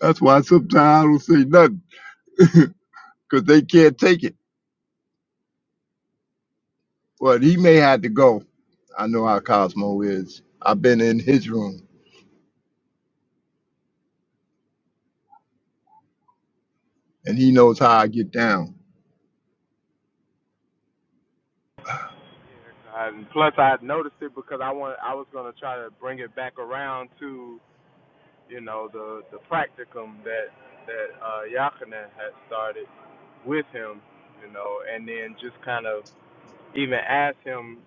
[SPEAKER 6] That's why sometimes I don't say nothing because they can't take it. But he may have to go. I know how Cosmo is. I've been in his room and he knows how I get down.
[SPEAKER 4] And plus, I had noticed it because I want I was gonna try to bring it back around to you know the the practicum that that uh, Yakinen had started with him, you know, and then just kind of even ask him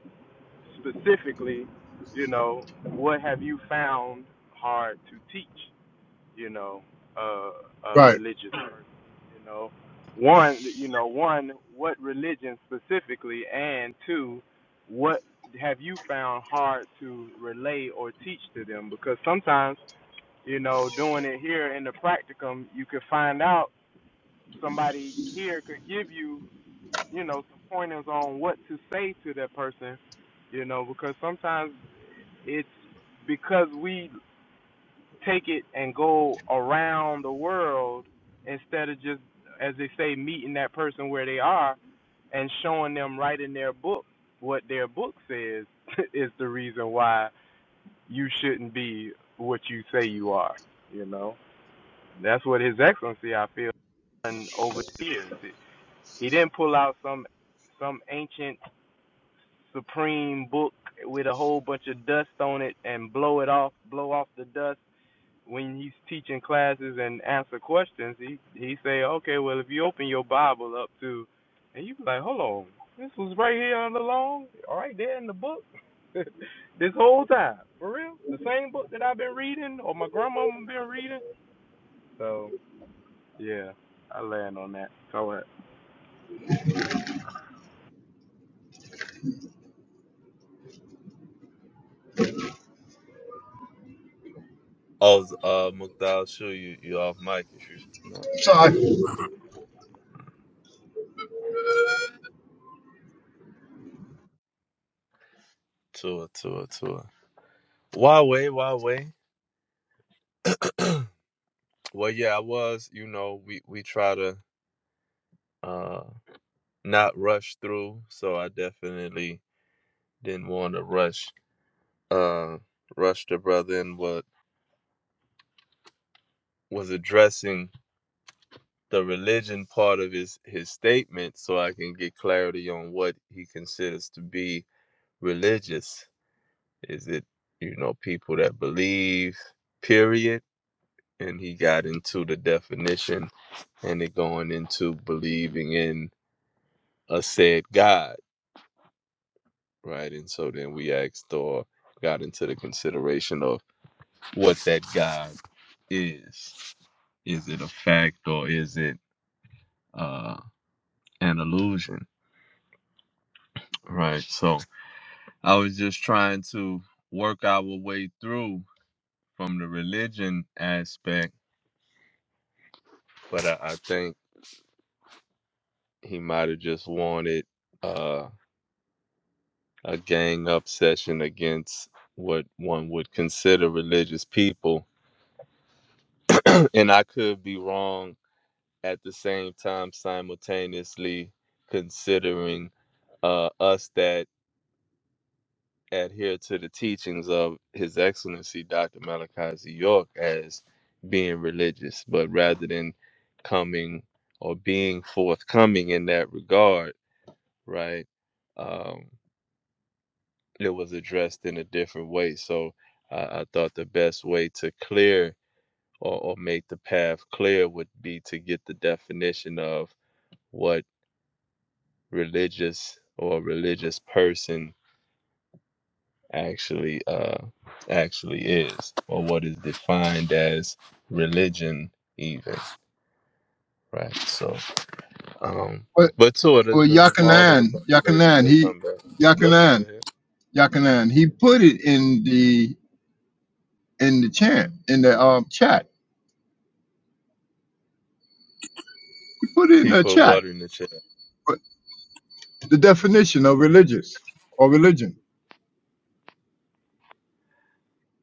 [SPEAKER 4] specifically, you know, what have you found hard to teach? you know, uh, a
[SPEAKER 6] Right.
[SPEAKER 4] religious person, you know. One, you know, one, what religion specifically, and two, what have you found hard to relay or teach to them? Because sometimes, you know, doing it here in the practicum, you could find out somebody here could give you, you know, some pointers on what to say to that person, you know, because sometimes it's because we take it and go around the world instead of just, as they say, meeting that person where they are and showing them right in their book what their book says <laughs> is the reason why you shouldn't be what you say you are. You know, that's what His Excellency I feel done over the years. He didn't pull out some some ancient supreme book with a whole bunch of dust on it and blow it off, blow off the dust when he's teaching classes and answer questions, he he say, okay, well if you open your Bible up to, and you be like, hold on, this was right here on the long, right there in the book, <laughs> this whole time, for real, the same book that I've been reading or my grandmama been reading. So yeah, I land on that. So uh,
[SPEAKER 1] I uh Mukdal, sure you you off mic if you no.
[SPEAKER 6] So I'm
[SPEAKER 1] Tour, tour, tour. Why way, why way? <clears throat> well yeah, I was, you know, we we try to uh not rush through, so I definitely didn't want to rush uh rush the brother in what was addressing the religion part of his his statement so I can get clarity on what he considers to be religious Is it, you know, people that believe, period? And he got into the definition and it going into believing in a said God, right? And so then we asked or got into the consideration of what that God is. Is it a fact or is it uh, an illusion, right? So I was just trying to work our way through from the religion aspect, but I, I think he might have just wanted uh, a gang obsession against what one would consider religious people. <clears throat> and I could be wrong at the same time, simultaneously considering uh, us that adhere to the teachings of His Excellency Dr. Malachi Z. York as being religious, but rather than coming or being forthcoming in that regard, right? um. it was addressed in a different way. So I I thought the best way to clear or, or make the path clear would be to get the definition of what religious or religious person actually uh, actually is, or what is defined as religion, even right. So, um, but to it,
[SPEAKER 6] Well,
[SPEAKER 1] does the mall or the
[SPEAKER 6] Yakanan,
[SPEAKER 1] brother
[SPEAKER 6] Yakanan,
[SPEAKER 1] they,
[SPEAKER 6] he
[SPEAKER 1] come back? Go go
[SPEAKER 6] Yakanan,
[SPEAKER 1] ahead.
[SPEAKER 6] Yakanan, he put it in the in the chant, in the um chat. He put it in
[SPEAKER 1] He
[SPEAKER 6] the
[SPEAKER 1] put
[SPEAKER 6] chat.
[SPEAKER 1] water in the chat.
[SPEAKER 6] But the definition of religious or religion.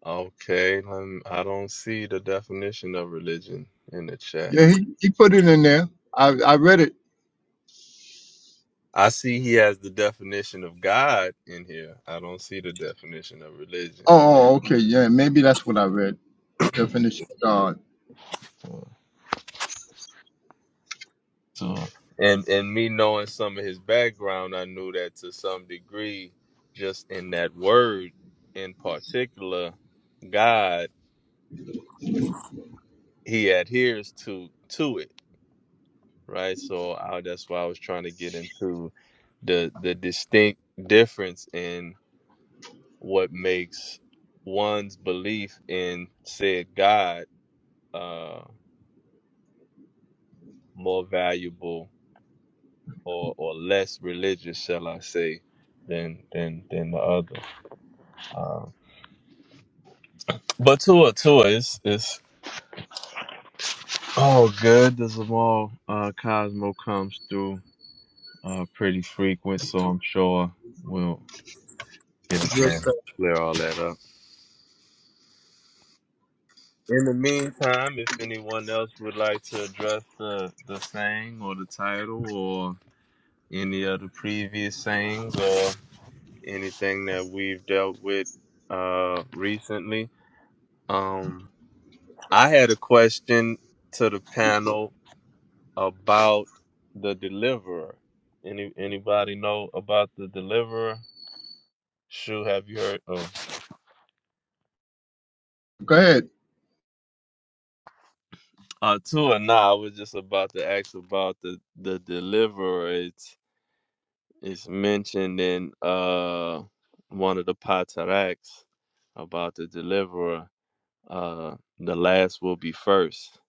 [SPEAKER 1] Okay, um, I don't see the definition of religion in the chat.
[SPEAKER 6] Yeah, he, he put it in there. I I read it.
[SPEAKER 1] I see he has the definition of God in here. I don't see the definition of religion.
[SPEAKER 6] Oh, oh, oh, okay, yeah, maybe that's what I read. Definition of God.
[SPEAKER 1] So, and and me knowing some of his background, I knew that to some degree, just in that word in particular, God, he adheres to to it, right? So I, that's why I was trying to get into the the distinct difference in. what makes one's belief in said God uh, more valuable or, or less religious, shall I say, than than than the other. Um, but Tua, Tua, it's it's all good. The Zamal uh, Cosmo comes through uh, pretty frequent, so I'm sure we'll get a
[SPEAKER 6] Address
[SPEAKER 1] chance
[SPEAKER 6] that.
[SPEAKER 1] to clear all that up. In the meantime, if anyone else would like to address the the thing or the title any of the previous sayings or anything that we've dealt with uh recently. Um I had a question to the panel about the deliverer. Any anybody know about the deliverer? Shu, have you heard oh
[SPEAKER 6] Go ahead.
[SPEAKER 1] uh two or nah, I was just about to ask about the the deliverer. It's it's mentioned in uh one of the pataraks about the deliverer Uh, the last will be first.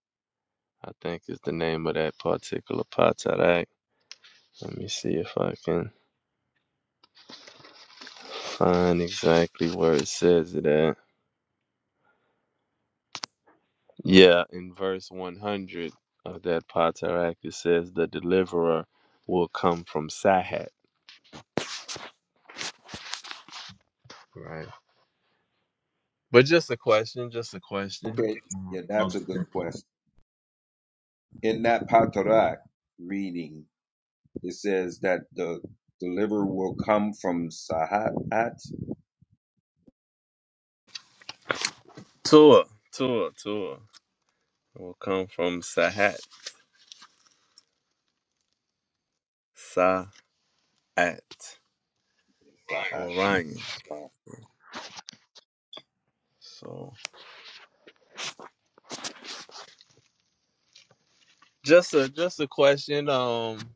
[SPEAKER 1] I think is the name of that particular Patarak. Let me see if I can find exactly where it says it at. Yeah, in verse 100 of that Patarak, it says the deliverer will come from Sahat. Right. But just a question, just a question.
[SPEAKER 5] Okay, yeah, that's a good question. In that Patarak reading, it says that the deliverer will come from Sahat.
[SPEAKER 1] Tua, Tua, Tua will come from Sahat, Saat,
[SPEAKER 5] Sahat.
[SPEAKER 1] Orion.
[SPEAKER 5] Wow.
[SPEAKER 1] So just a just a question. Um,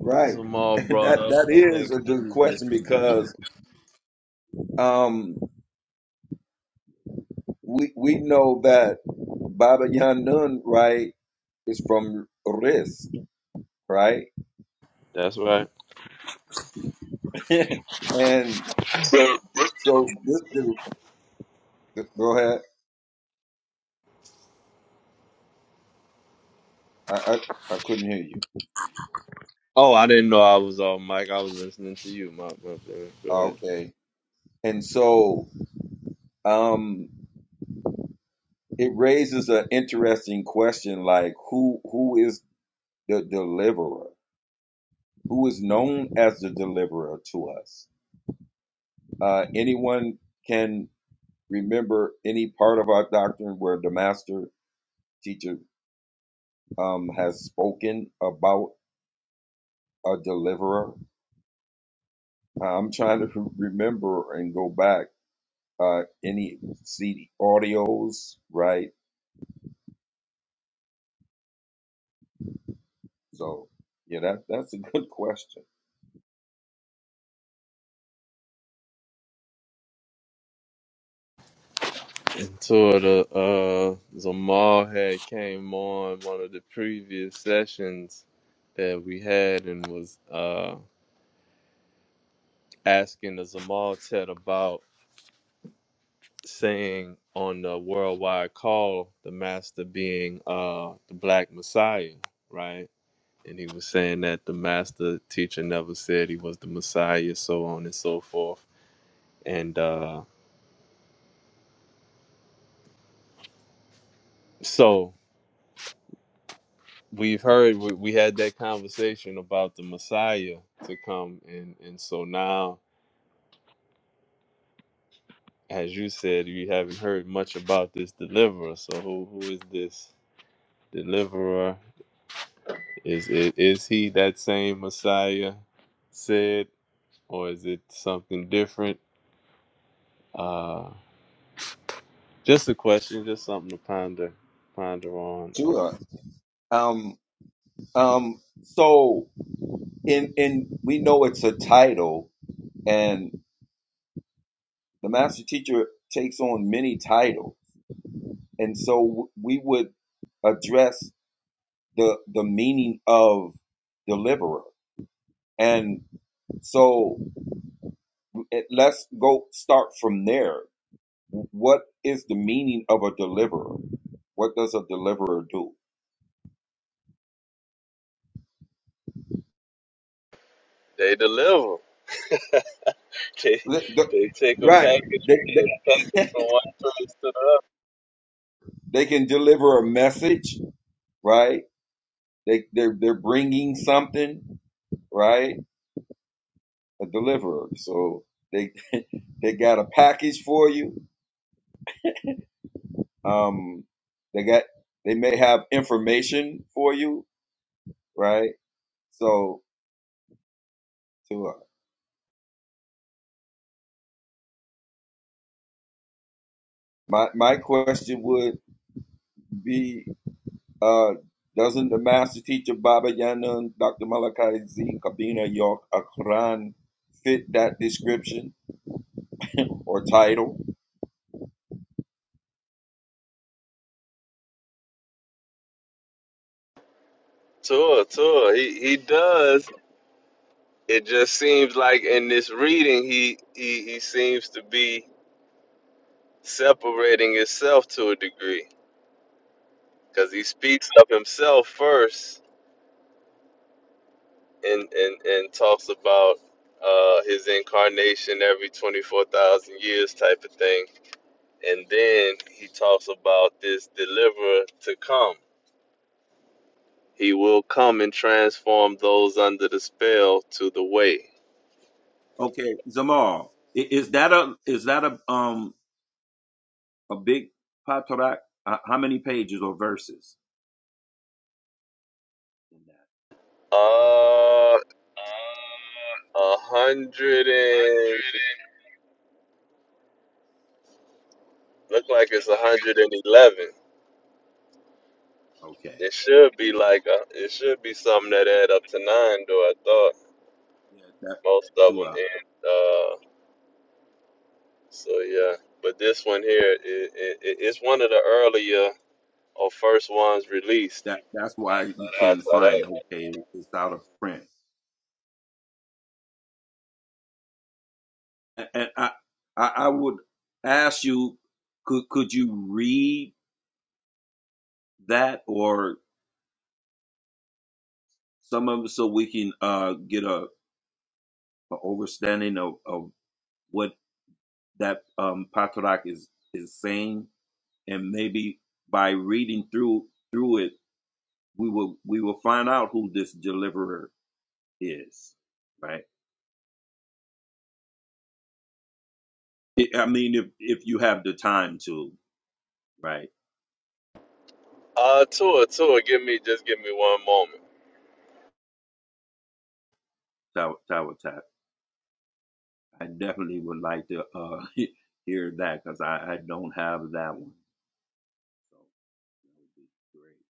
[SPEAKER 5] Right. <laughs>
[SPEAKER 1] Zamal
[SPEAKER 5] that
[SPEAKER 1] brought up,
[SPEAKER 5] that
[SPEAKER 1] I
[SPEAKER 5] is
[SPEAKER 1] think.
[SPEAKER 5] a good question because um we we know that Baba Yanun, right, is from Risk, right?
[SPEAKER 1] That's right.
[SPEAKER 5] <laughs> and
[SPEAKER 1] <coughs>
[SPEAKER 5] so this go ahead. I, I I couldn't hear you.
[SPEAKER 1] Oh, I didn't know I was on mic. I was listening to you, my my bad. Go ahead.
[SPEAKER 5] Okay. And so um it raises an interesting question like who who is the deliverer who is known as the deliverer to us uh anyone can remember any part of our doctrine where the master teacher um has spoken about a deliverer Uh, i'm trying to re- remember and go back uh any cd audios right so yeah that that's a good <laughs> question
[SPEAKER 1] Two of the uh, Zamal had came on one of the previous sessions that we had and was uh asking the Zamal Ted about saying on the worldwide call the master being uh the Black Messiah, right? and he was saying that the master teacher never said he was the messiah so on and so forth and uh so we've heard we, we had that conversation about the messiah to come and and so now as you said you haven't heard much about this deliverer so who who is this deliverer is it is he that same messiah said or is it something different uh just a question just something to ponder ponder on uh,
[SPEAKER 5] sure um um so and and we know it's a title and the master teacher takes on many titles and so we would address the the meaning of deliverer and so it, let's go start from there what is the meaning of a deliverer what does a deliverer do
[SPEAKER 1] They deliver. <laughs> They,
[SPEAKER 5] The- the-
[SPEAKER 1] they take a
[SPEAKER 5] right
[SPEAKER 1] package,
[SPEAKER 5] they,
[SPEAKER 1] a
[SPEAKER 5] they,
[SPEAKER 1] package from one place to the other.
[SPEAKER 5] they can deliver a message right they they're, they're bringing something right a deliverer. So they they got a package for you. Um, they got they may have information for you, right? So to uh, my my question would be, uh, doesn't the master teacher Baba Yanun, Dr. Malachi Z, Kabina York Akran fit that description or title?
[SPEAKER 1] Tour, tour. He he does. It just seems like in this reading, he he he seems to be separating himself to a degree because he speaks of himself first and and and talks about uh his incarnation every twenty four thousand years type of thing, and then he talks about this deliverer to come He will come and transform those under the spell to the way.
[SPEAKER 5] Okay, Zamal, i- is that a is that a um a big patarak? Uh, how many pages or verses in that?
[SPEAKER 1] Uh, a hundred and look like it's a hundred and eleven.
[SPEAKER 5] Okay.
[SPEAKER 1] It should be like a, it should be something that add up to nine, though. I thought
[SPEAKER 5] Yeah, that
[SPEAKER 1] most of
[SPEAKER 5] to
[SPEAKER 1] them
[SPEAKER 5] uh,
[SPEAKER 1] end. Uh, so yeah, but this one here, it, it, it- it's one of the earlier or first ones released.
[SPEAKER 5] that that's why you
[SPEAKER 1] I
[SPEAKER 5] can
[SPEAKER 1] thought that.
[SPEAKER 5] find okay, it's out of print. And, and I, I I would ask you, could could you read that or some of it so we can uh get a, a understanding of, of what that um Patrak is is saying, and maybe by reading through through it, we will we will find out who this deliverer is, right? I I mean, if if you have the time to. Right.
[SPEAKER 1] Uh, tour, tour. Give me just give me one moment.
[SPEAKER 5] Tower, tower tap. I definitely would like to uh, <laughs> hear that because I, I don't have that one. So that would be great.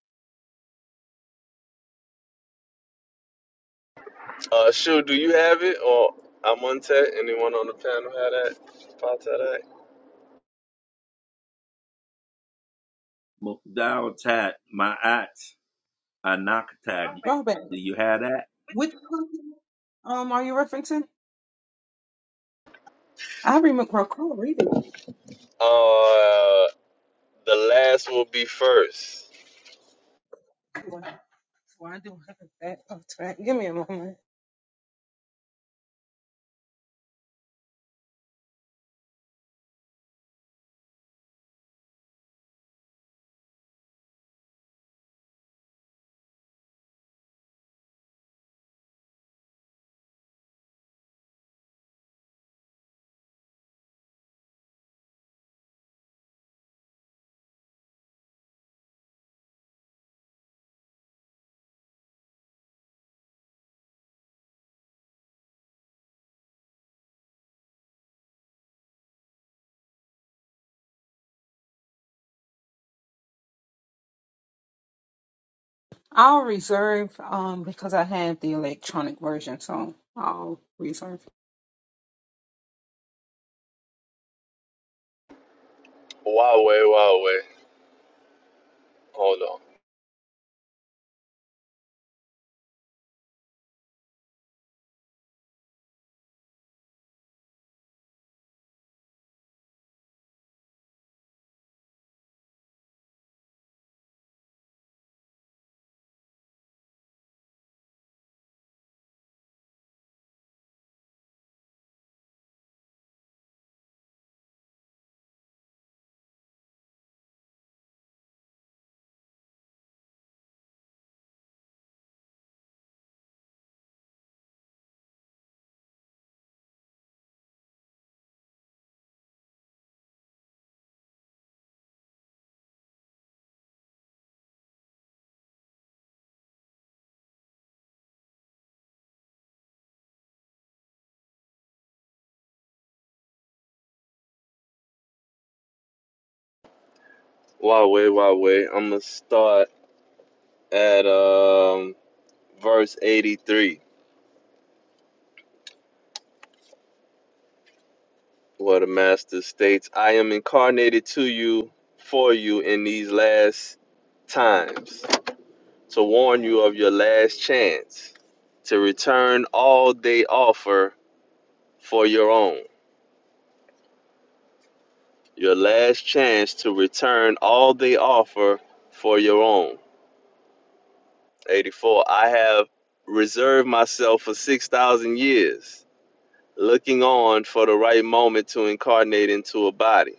[SPEAKER 1] Uh, Shu, do you have it or Amonte? Anyone on the panel have that? Ponte that?
[SPEAKER 5] Mo- Tower tat, my at, anakatat.
[SPEAKER 8] Robin,
[SPEAKER 5] Do you have that?
[SPEAKER 8] which person um are you referencing? I remember recall reading
[SPEAKER 1] Uh, the last will be first.
[SPEAKER 8] it. Well, well, I do have that off track. Give me a moment. I'll reserve um because I have the electronic version, so I'll reserve.
[SPEAKER 1] Huawei, Huawei. Hold on. Huawei, Huawei. I'm gonna start at um verse 83, where the master states, "I am incarnated to you, for you in these last times, to warn you of your last chance, to return all they offer for your own." Your last chance to return all they offer for your own. 84. I have reserved myself for 6,000 years, looking on for the right moment to incarnate into a body.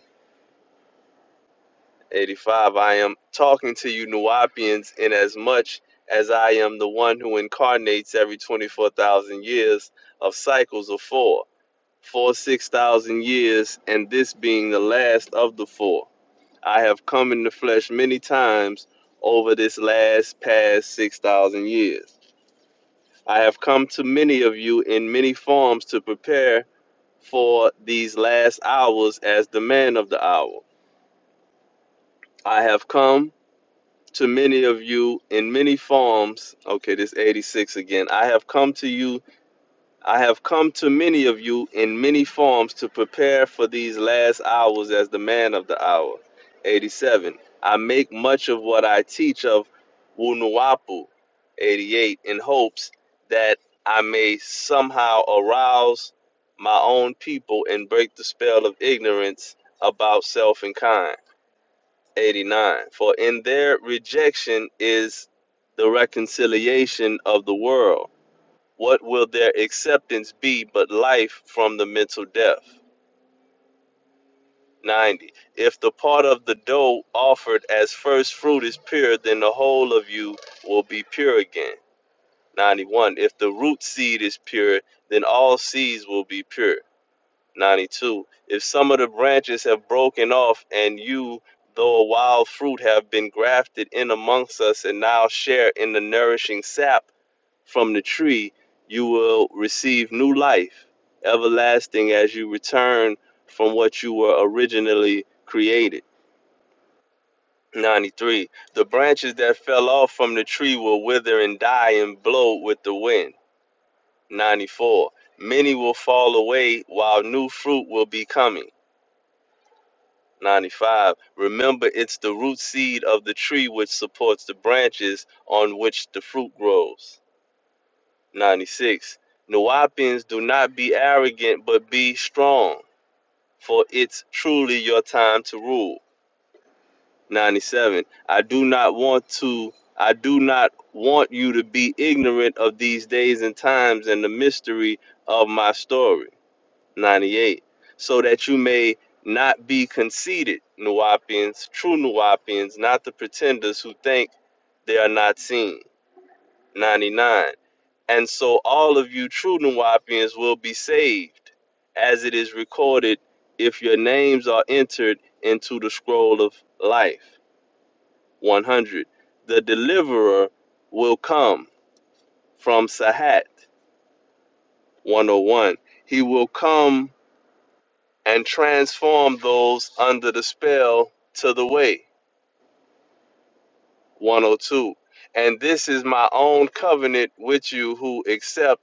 [SPEAKER 1] 85. I am talking to you, Nuwapians, in as much as I am the one who incarnates every 24,000 years of cycles of four. Four, 6,000 years, and this being the last of the four. I have come in the flesh many times over this last past 6,000 years. I have come to many of you in many forms to prepare for these last hours as the man of the hour. I have come to many of you in many forms. Okay, this 86 again. I have come to you I have come to many of you in many forms to prepare for these last hours as the man of the hour. 87. I make much of what I teach of Wunuwapu. 88. In hopes that I may somehow arouse my own people and break the spell of ignorance about self and kind. 89. For in their rejection is the reconciliation of the world. What will their acceptance be but life from the mental death? 90. If the part of the dough offered as first fruit is pure, then the whole of you will be pure again. 91. If the root seed is pure, then all seeds will be pure. 92. If some of the branches have broken off, and you, though a wild fruit, have been grafted in amongst us and now share in the nourishing sap from the tree, you will receive new life, everlasting as you return from what you were originally created. 93. The branches that fell off from the tree will wither and die and blow with the wind. 94. Many will fall away while new fruit will be coming. 95. Remember, it's the root seed of the tree which supports the branches on which the fruit grows. 96. Nuwapians, do not be arrogant, but be strong, for it's truly your time to rule. 97. I do not want to, I do not want you to be ignorant of these days and times and the mystery of my story. 98. So that you may not be conceited, Nuwapians, true Nuwapians, not the pretenders who think they are not seen. 99. And so all of you true Nuwapians will be saved, as it is recorded, if your names are entered into the scroll of life. 100. The deliverer will come from Sahat. 101. He will come and transform those under the spell to the way. 102. And this is my own covenant with you who accept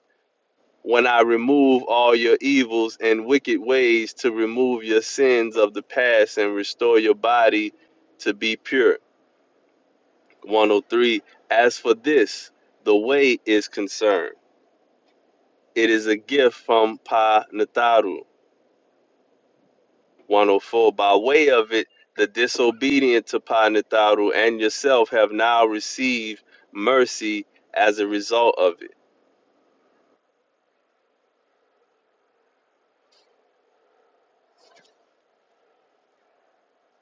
[SPEAKER 1] when I remove all your evils and wicked ways to remove your sins of the past and restore your body to be pure. 103. As for this, the way is concerned. It is a gift from Pa Nataru. 104. By way of it, the disobedient to Pa Nataru and yourself have now received mercy as a result of it.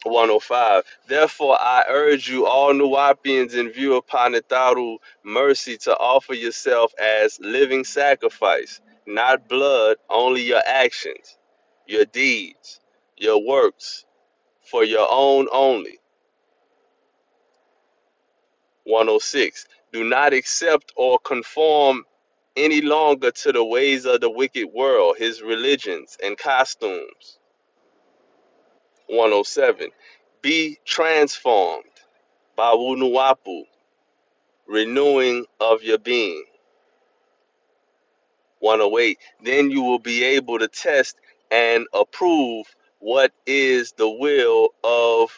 [SPEAKER 1] 105. Therefore, I urge you, all Nuwapians, in view of Panataru mercy, to offer yourself as living sacrifice, not blood, only your actions, your deeds, your works, for your own only. 106. Do not accept or conform any longer to the ways of the wicked world, his religions and costumes. 107. Be transformed by Wunuwapu renewing of your being. 108. Then you will be able to test and approve what is the will of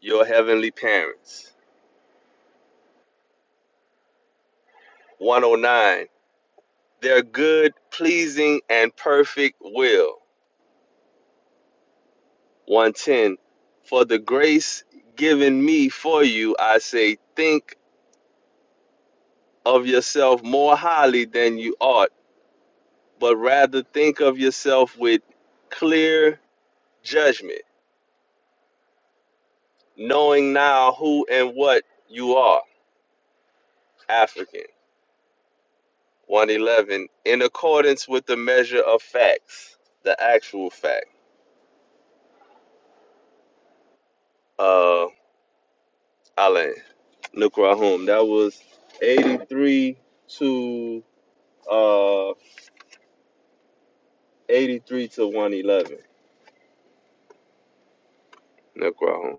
[SPEAKER 1] your heavenly parents. 109. Their good, pleasing, and perfect will. 110. For the grace given me for you, I say, think of yourself more highly than you ought, but rather think of yourself with clear judgment knowing now who and what you are, African. 111, in accordance with the measure of facts, the actual fact. Uh, Alan Nukrahum, that was 83 to uh 83 to 111. Nukrahum.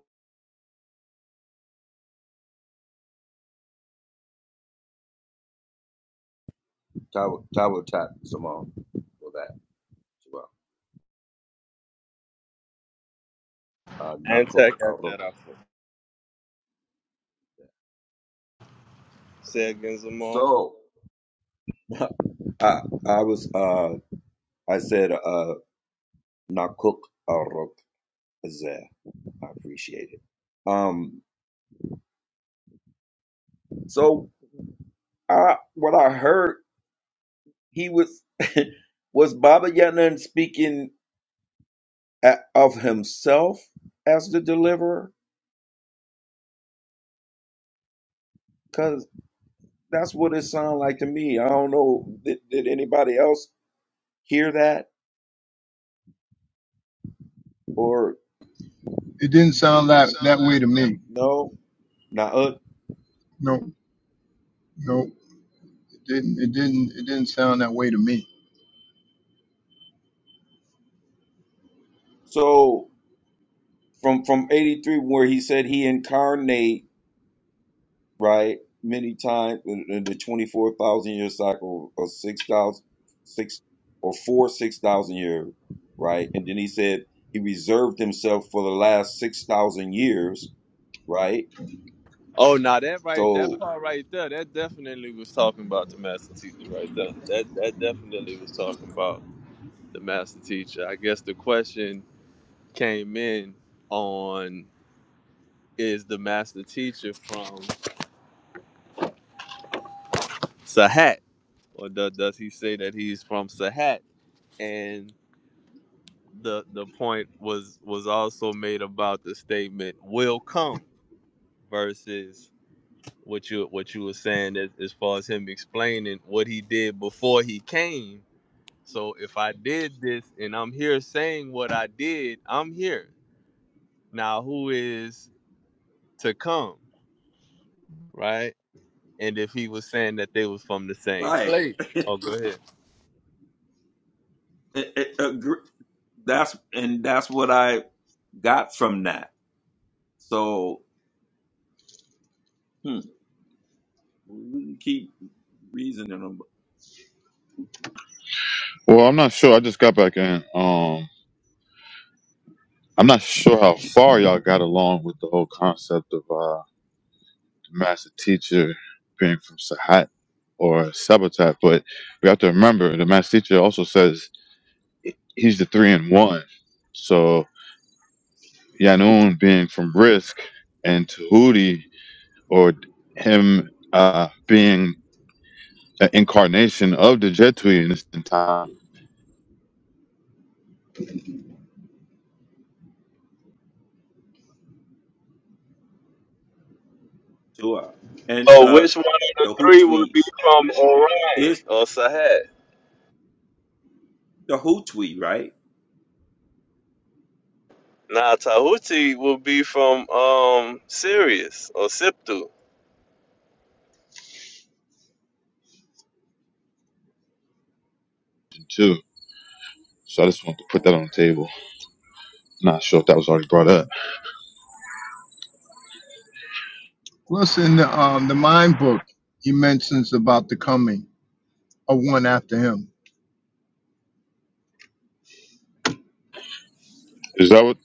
[SPEAKER 5] Tower tower Tat Simone for that as well. Uh
[SPEAKER 1] And
[SPEAKER 5] Nakuk
[SPEAKER 1] Tech got
[SPEAKER 5] Aruk.
[SPEAKER 1] that out for. Say again, Zamal.
[SPEAKER 5] So <laughs> I I was uh I said uh Nakuk Aruk Azeh. I appreciate it. Um so I what I heard He was <laughs> was Baba Yaga speaking a- of himself as the deliverer? Because that's what it sounded like to me. I don't know. Did, did anybody else hear that or
[SPEAKER 6] It didn't sound that that way to me.
[SPEAKER 5] no? Nah.
[SPEAKER 6] No, no, it didn't. It didn't. It didn't sound that way to me.
[SPEAKER 5] So from from eighty three, where he said he incarnate. right? Many times in in the 24,000 year cycle or six thousand, six or four, 6,000 year, right? And then he said he reserved himself for the last 6,000 years, right?
[SPEAKER 1] Oh, now that right, that
[SPEAKER 5] So,
[SPEAKER 1] part right there, that definitely was talking about the master teacher right there. That that definitely was talking about. the master teacher. I guess the question came in on is the master teacher from Sahat or do, does he say that he's from Sahat? And the the point was was also made about the statement will come versus what you what you were saying as, as far as him explaining what he did before he came. So if I did this and I'm here saying what I did, I'm here. Now who is to come? right? and if he was saying that they was from the same.
[SPEAKER 5] Right.
[SPEAKER 1] place, Oh, go ahead.
[SPEAKER 5] It, it, agree. That's and that's what I got from that. So hmm, we can keep reasoning them
[SPEAKER 7] Well, I'm not sure. I just got back in. Um, I'm not sure how far y'all got along with the whole concept of uh, the master teacher being from Sahat or Sabotat, but we have to remember the master teacher also says he's the three in one. So Yanun being from Risk and Tahuti, or him uh, being an incarnation of the Jetui in this time
[SPEAKER 5] to her. And
[SPEAKER 1] So
[SPEAKER 5] uh,
[SPEAKER 1] which one of the
[SPEAKER 5] the who
[SPEAKER 1] three would
[SPEAKER 5] tweet
[SPEAKER 1] be from Orion
[SPEAKER 5] is
[SPEAKER 1] or Sahat?
[SPEAKER 5] the who tweet, right?
[SPEAKER 1] Nah, Tahuti would be from um Sirius or Siptu.
[SPEAKER 7] too. So I just want to put that on the table. Not sure if that was already brought up.
[SPEAKER 6] Plus, in the um the mind book, he mentions about the coming of one after him.
[SPEAKER 7] Is that what?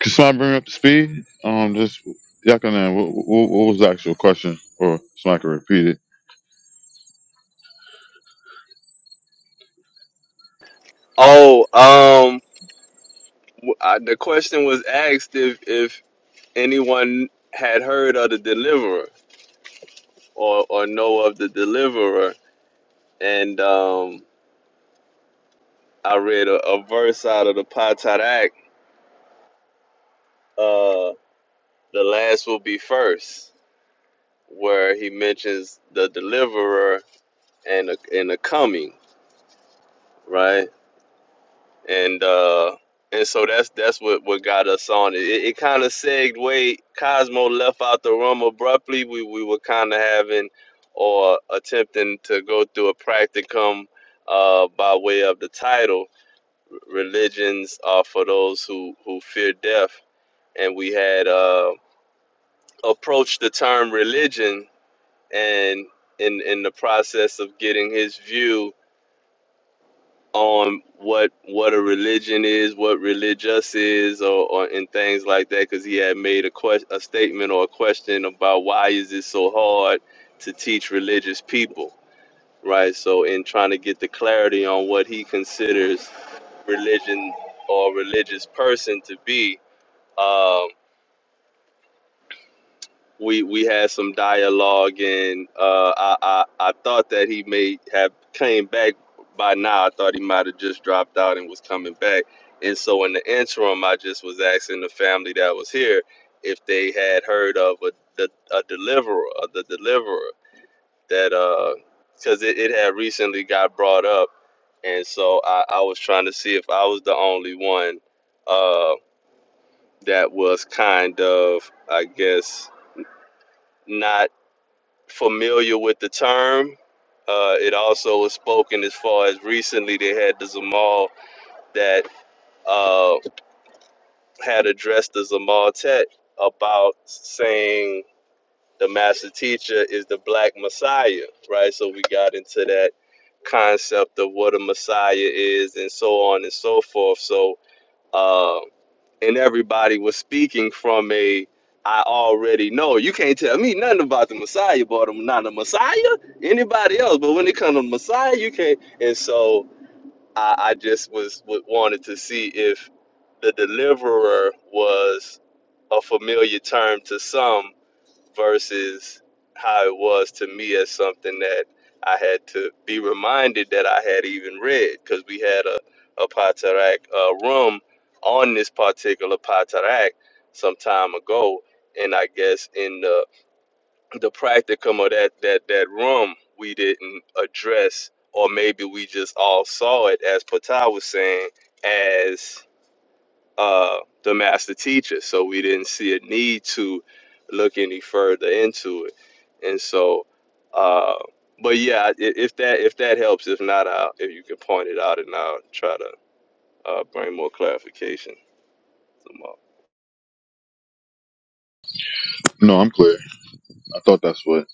[SPEAKER 7] Can somebody bring up the speed? Um, just Yakanan, what, what, what was the actual question? Or somebody can repeat it.
[SPEAKER 1] Oh, um, w- I, the question was asked if if anyone had heard of the deliverer or or know of the deliverer, and um, I read a, a verse out of the Patarak. Uh, the last will be first. where he mentions the deliverer and the, and the coming, right? And uh, and so that's that's what, what got us on it. It, it kind of segued. Cosmo left out the room abruptly. We we were kind of having or attempting to go through a practicum uh, by way of the title. Religions are for those who who fear death, and we had uh, approached the term religion and in in the process of getting his view on what what a religion is, what religious is, or, or and things like that, because he had made a quest a statement or a question about why is it so hard to teach religious people, right? So in trying to get the clarity on what he considers religion or religious person to be. um, we we had some dialogue and uh I, I I thought that he may have came back by now. I thought he might have just dropped out and was coming back. And so in the interim I just was asking the family that was here if they had heard of a the a deliverer of the deliverer that uh because it, it had recently got brought up and so I, I was trying to see if I was the only one uh that was kind of I guess not familiar with the term. Uh, it also was spoken as far as recently they had the Zamal that uh, had addressed the Zamal Tet about saying the master teacher is the black messiah, right? So we got into that concept of what a messiah is and so on and so forth. So uh, and everybody was speaking from a I already know. You can't tell me nothing about the Messiah, but I'm not a Messiah, anybody else. But when it comes to Messiah, you can't. And so I, I just was wa- wanted to see if the deliverer was a familiar term to some versus how it was to me as something that I had to be reminded that I had even read because we had a, a Patarak uh, room on this particular Patarak some time ago. And I guess in the, the practicum of that, that, that room, we didn't address, or maybe we just all saw it, as Patah was saying, as uh, the master teacher. So we didn't see a need to look any further into it. And so, uh, but yeah, if that if that helps, if not, I'll, if you can point it out, and I'll try to uh, bring more clarification tomorrow.
[SPEAKER 7] No, I'm clear. I thought that's what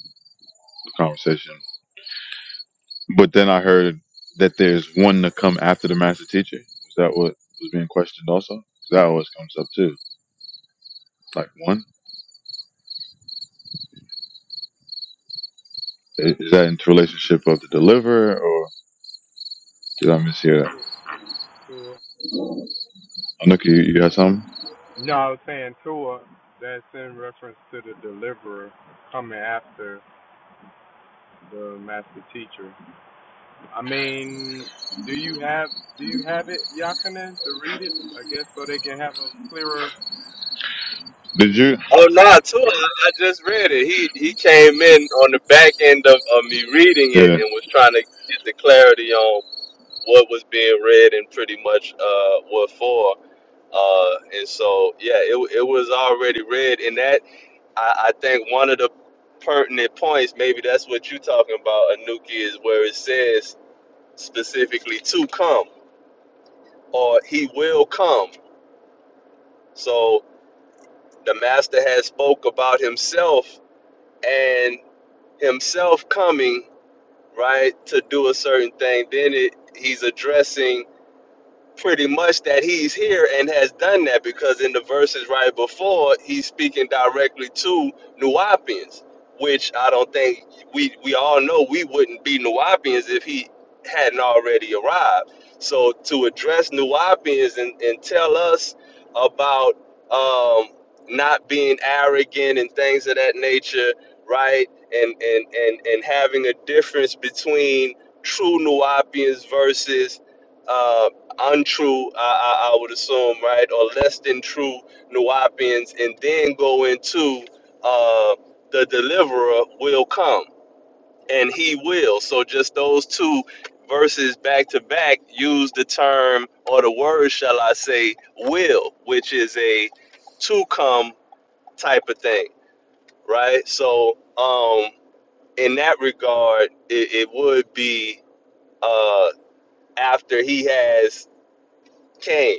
[SPEAKER 7] the conversation. But then I heard that there's one to come after the master teacher. Is that what was being questioned also? 'Cause That always comes up too. Like one, I- is that into relationship of the deliverer, or did I mishear that? Anuki, you, you got something?
[SPEAKER 4] no, I was saying Tua, that's in reference to the deliverer coming after the master teacher. I mean, do you have do you have it, Yakinen, to read it? I guess so they can have a clearer.
[SPEAKER 7] Did you?
[SPEAKER 1] Oh no, too. I, I just read it. He he came in on the back end of, of me reading it
[SPEAKER 7] Yeah.
[SPEAKER 1] and was trying to get the clarity on what was being read and pretty much uh, what for. Uh, and so, yeah, it, it was already read. And that, I, I think, one of the pertinent points, maybe that's what you're talking about, Anuki, is where it says specifically to come or he will come. So the master has spoke about himself and himself coming, right, to do a certain thing. Then it, he's addressing pretty much that he's here and has done that because in the verses right before he's speaking directly to Nuapians, which I don't think we we all know we wouldn't be Nuapians if he hadn't already arrived. So to address Nuapians and, and tell us about um, not being arrogant and things of that nature, right? And and and and having a difference between true Nuapians versus uh, untrue, I, I, I would assume, right, or less than true Nuwapians, and then go into uh, the deliverer will come and he will. So just those two verses back to back use the term or the word, shall I say, will, which is a to come type of thing, right? So, um, in that regard, it, it would be uh, after he has came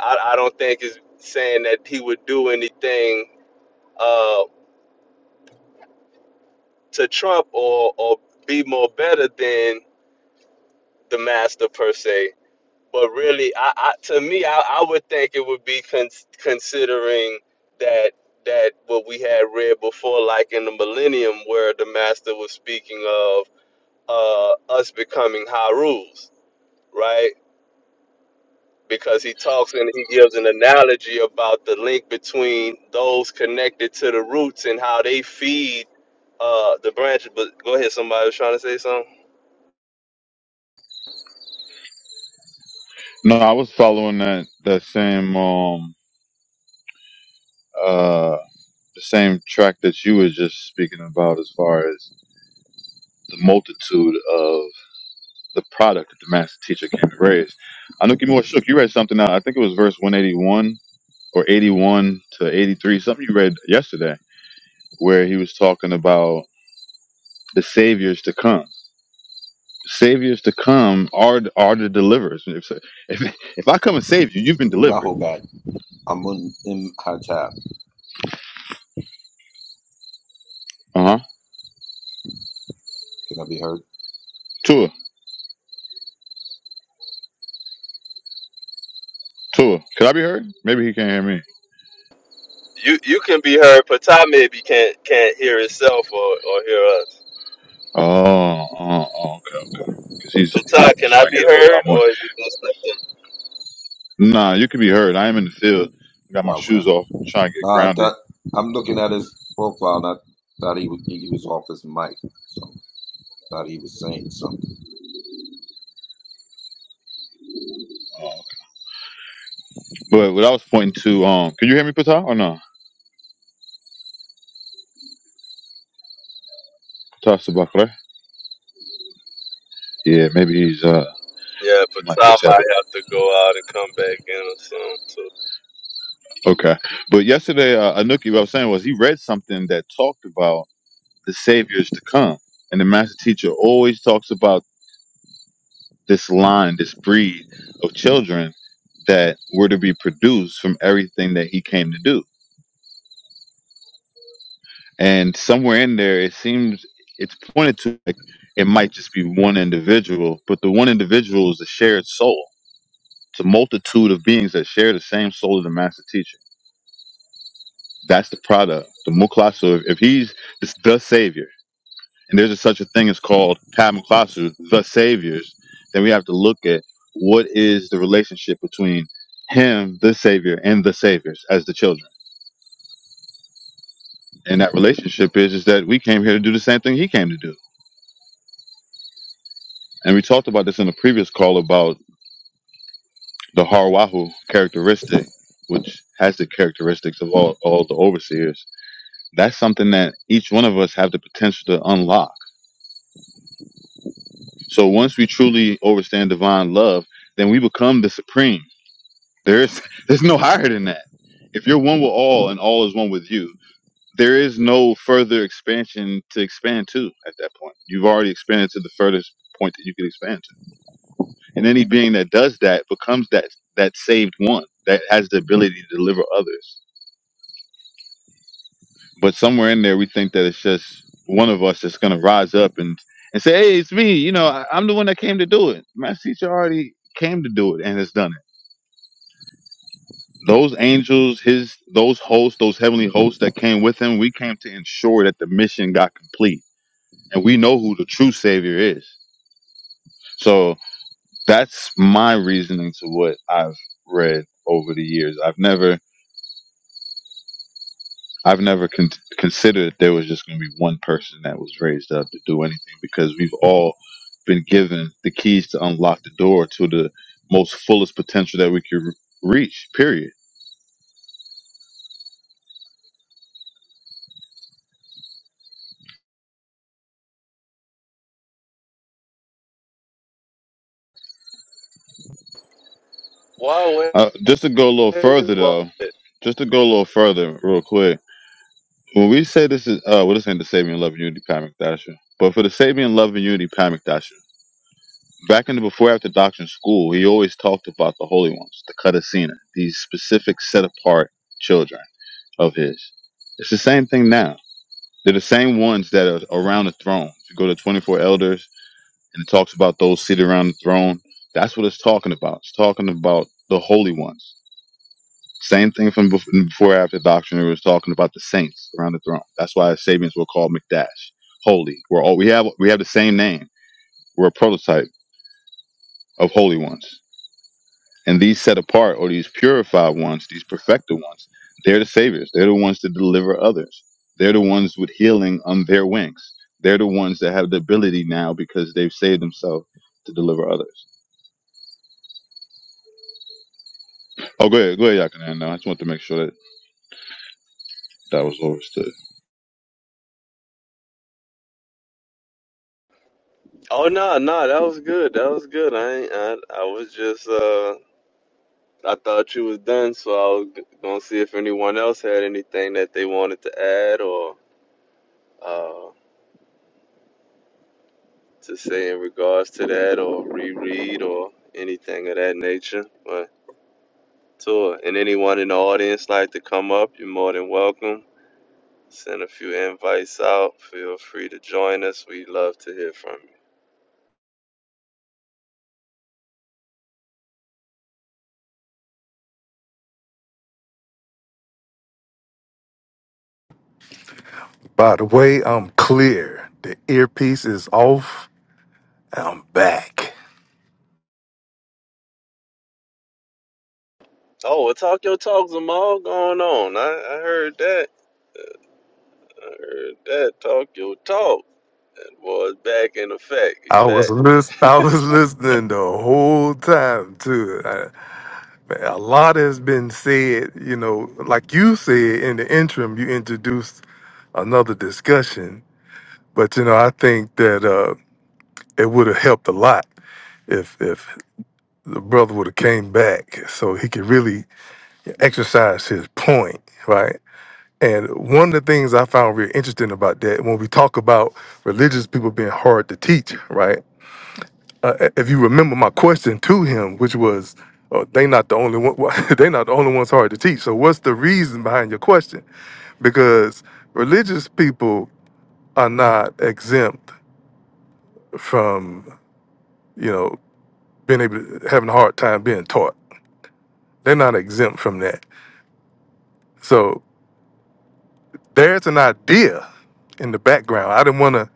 [SPEAKER 1] I, I don't think is saying that he would do anything uh, to Trump or or be more better than the master per se. But really, I, I to me, I, I would think it would be con- considering that that what we had read before, like in the millennium, where the master was speaking of uh, us becoming Harus, right? because he talks and he gives an analogy about the link between those connected to the roots and how they feed uh the branches. But go ahead, somebody was trying to say something.
[SPEAKER 7] No, I was following that that same um uh the same track that you were just speaking about as far as the multitude of the product that the master teacher came to raise. I know more Shook, you read something out, I think it was verse one eighty one or eighty one to eighty three, something you read yesterday, where he was talking about the saviors to come. Saviors to come are are the deliverers. If if, if I come and save you, you've been delivered.
[SPEAKER 5] Rahobat, Amun Im Hatab.
[SPEAKER 7] Uh
[SPEAKER 5] Can I be heard?
[SPEAKER 7] huh. Tua, could I be heard? Maybe he can't hear me.
[SPEAKER 1] You you can be heard, Patah maybe can't can't hear itself or, or hear us.
[SPEAKER 7] Oh, oh, oh okay, okay. Because he's, he's
[SPEAKER 1] Patah,
[SPEAKER 7] he's
[SPEAKER 1] can I
[SPEAKER 7] trying to
[SPEAKER 1] be
[SPEAKER 7] get a hold of
[SPEAKER 1] heard
[SPEAKER 7] Amon.
[SPEAKER 1] or is it just like
[SPEAKER 7] Nah, you could be heard. I am in the field. I got my
[SPEAKER 5] Wow, wow.
[SPEAKER 7] shoes off, trying to get
[SPEAKER 5] No, I
[SPEAKER 7] grounded.
[SPEAKER 5] thought I'm looking at his profile. And I thought he was he was off his mic, so thought he was saying something.
[SPEAKER 7] Oh, okay. But what I was pointing to, um, can you hear me, Pata, or no? Pata Sabakra? Yeah, maybe he's uh
[SPEAKER 1] Yeah,
[SPEAKER 7] he might be a
[SPEAKER 1] Patah might
[SPEAKER 7] tablet.
[SPEAKER 1] have to go out and come back in or something too.
[SPEAKER 7] Okay, but yesterday, uh, Anuki, what I was saying was he read something that talked about the saviors to come, and the master teacher always talks about this line, this breed of children that were to be produced from everything that he came to do. And somewhere in there, it seems it's pointed to like it might just be one individual, but the one individual is a shared soul. It's a multitude of beings that share the same soul as the master teacher. That's the product, the Muklasu. If if he's the, the savior, and there's a, such a thing as called Tamaklasu, the saviors, then we have to look at what is the relationship between him, the savior, and the saviors as the children. And that relationship is is that we came here to do the same thing he came to do. And we talked about this in a previous call about the Harwahu characteristic, which has the characteristics of all, all the overseers. That's something that each one of us have the potential to unlock. So once we truly understand divine love, then we become the supreme There is <laughs> there's no higher than that. If you're one with all and all is one with you, there is no further expansion to expand to at that point. You've already expanded to the furthest point that you can expand to. And any being that does that becomes that that saved one that has the ability to deliver others. But somewhere in there we think that it's just one of us that's gonna rise up and, and say, Hey, it's me, you know, I, I'm the one that came to do it. Master teacher already came to do it and has done it those angels, his those hosts, those heavenly hosts that came with him, we came to ensure that the mission got complete. And we know who the true savior is. So that's my reasoning to what I've read over the years. I've never I've never con- considered that there was just going to be one person that was raised up to do anything because we've all been given the keys to unlock the door to the most fullest potential that we could re- reach. Period
[SPEAKER 1] Wow,
[SPEAKER 7] Uh, just to go a little
[SPEAKER 1] wait,
[SPEAKER 7] further, though,
[SPEAKER 1] wait.
[SPEAKER 7] just to go a little further, real quick. When we say this is, uh, well, this ain't the saving love and unity Pat McDasher, but for the saving love and unity Pat McDasher, back in the before after doctrine school, he always talked about the holy ones, the Cutasina, these specific set apart children of his. It's the same thing now. They're the same ones that are around the throne. If you go to 24 elders and it talks about those seated around the throne, that's what it's talking about. It's talking about the holy ones Same thing from before, before after doctrine. It was talking about the saints around the throne. That's why Sabians were called McDash, holy. We're all we have. We have the same name. We're a prototype of holy ones. And these set apart or these purified ones, these perfected ones, they're the saviors. They're the ones that deliver others. They're the ones with healing on their wings. They're the ones that have the ability now because they've saved themselves to deliver others. Oh, go ahead, go ahead, Yakinan. I just want to make sure that that was overstood.
[SPEAKER 1] Oh no, no, that was good. That was good. I ain't, I I was just uh I thought you was done, so I was g- gonna see if anyone else had anything that they wanted to add or uh, to say in regards to that, or reread, or anything of that nature. But tour and anyone in the audience like to come up, you're more than welcome. Send a few invites out. Feel free to join us. We love to hear from you.
[SPEAKER 2] By the way, I'm clear. The earpiece is off. I'm back.
[SPEAKER 1] Oh, well, talk your talk, Zamal. Going on. I, I heard that. I heard that. Talk your talk. That boy's back in effect. He
[SPEAKER 2] I was
[SPEAKER 1] back.
[SPEAKER 2] listen, I was listening the whole time to it. I- man, a lot has been said, you know, like you said in the interim, you introduced another discussion. But you know, I think that uh, it would have helped a lot if if the brother would have came back, so he could really exercise his point, right? And one of the things I found really interesting about that, when we talk about religious people being hard to teach, right? Uh, if you remember my question to him, which was, oh, "They not the only one. <laughs> they not the only ones hard to teach. So what's the reason behind your question? Because religious people are not exempt from you know, being able to, having a hard time being taught. They're not exempt from that. So there's an idea in the background. I didn't want to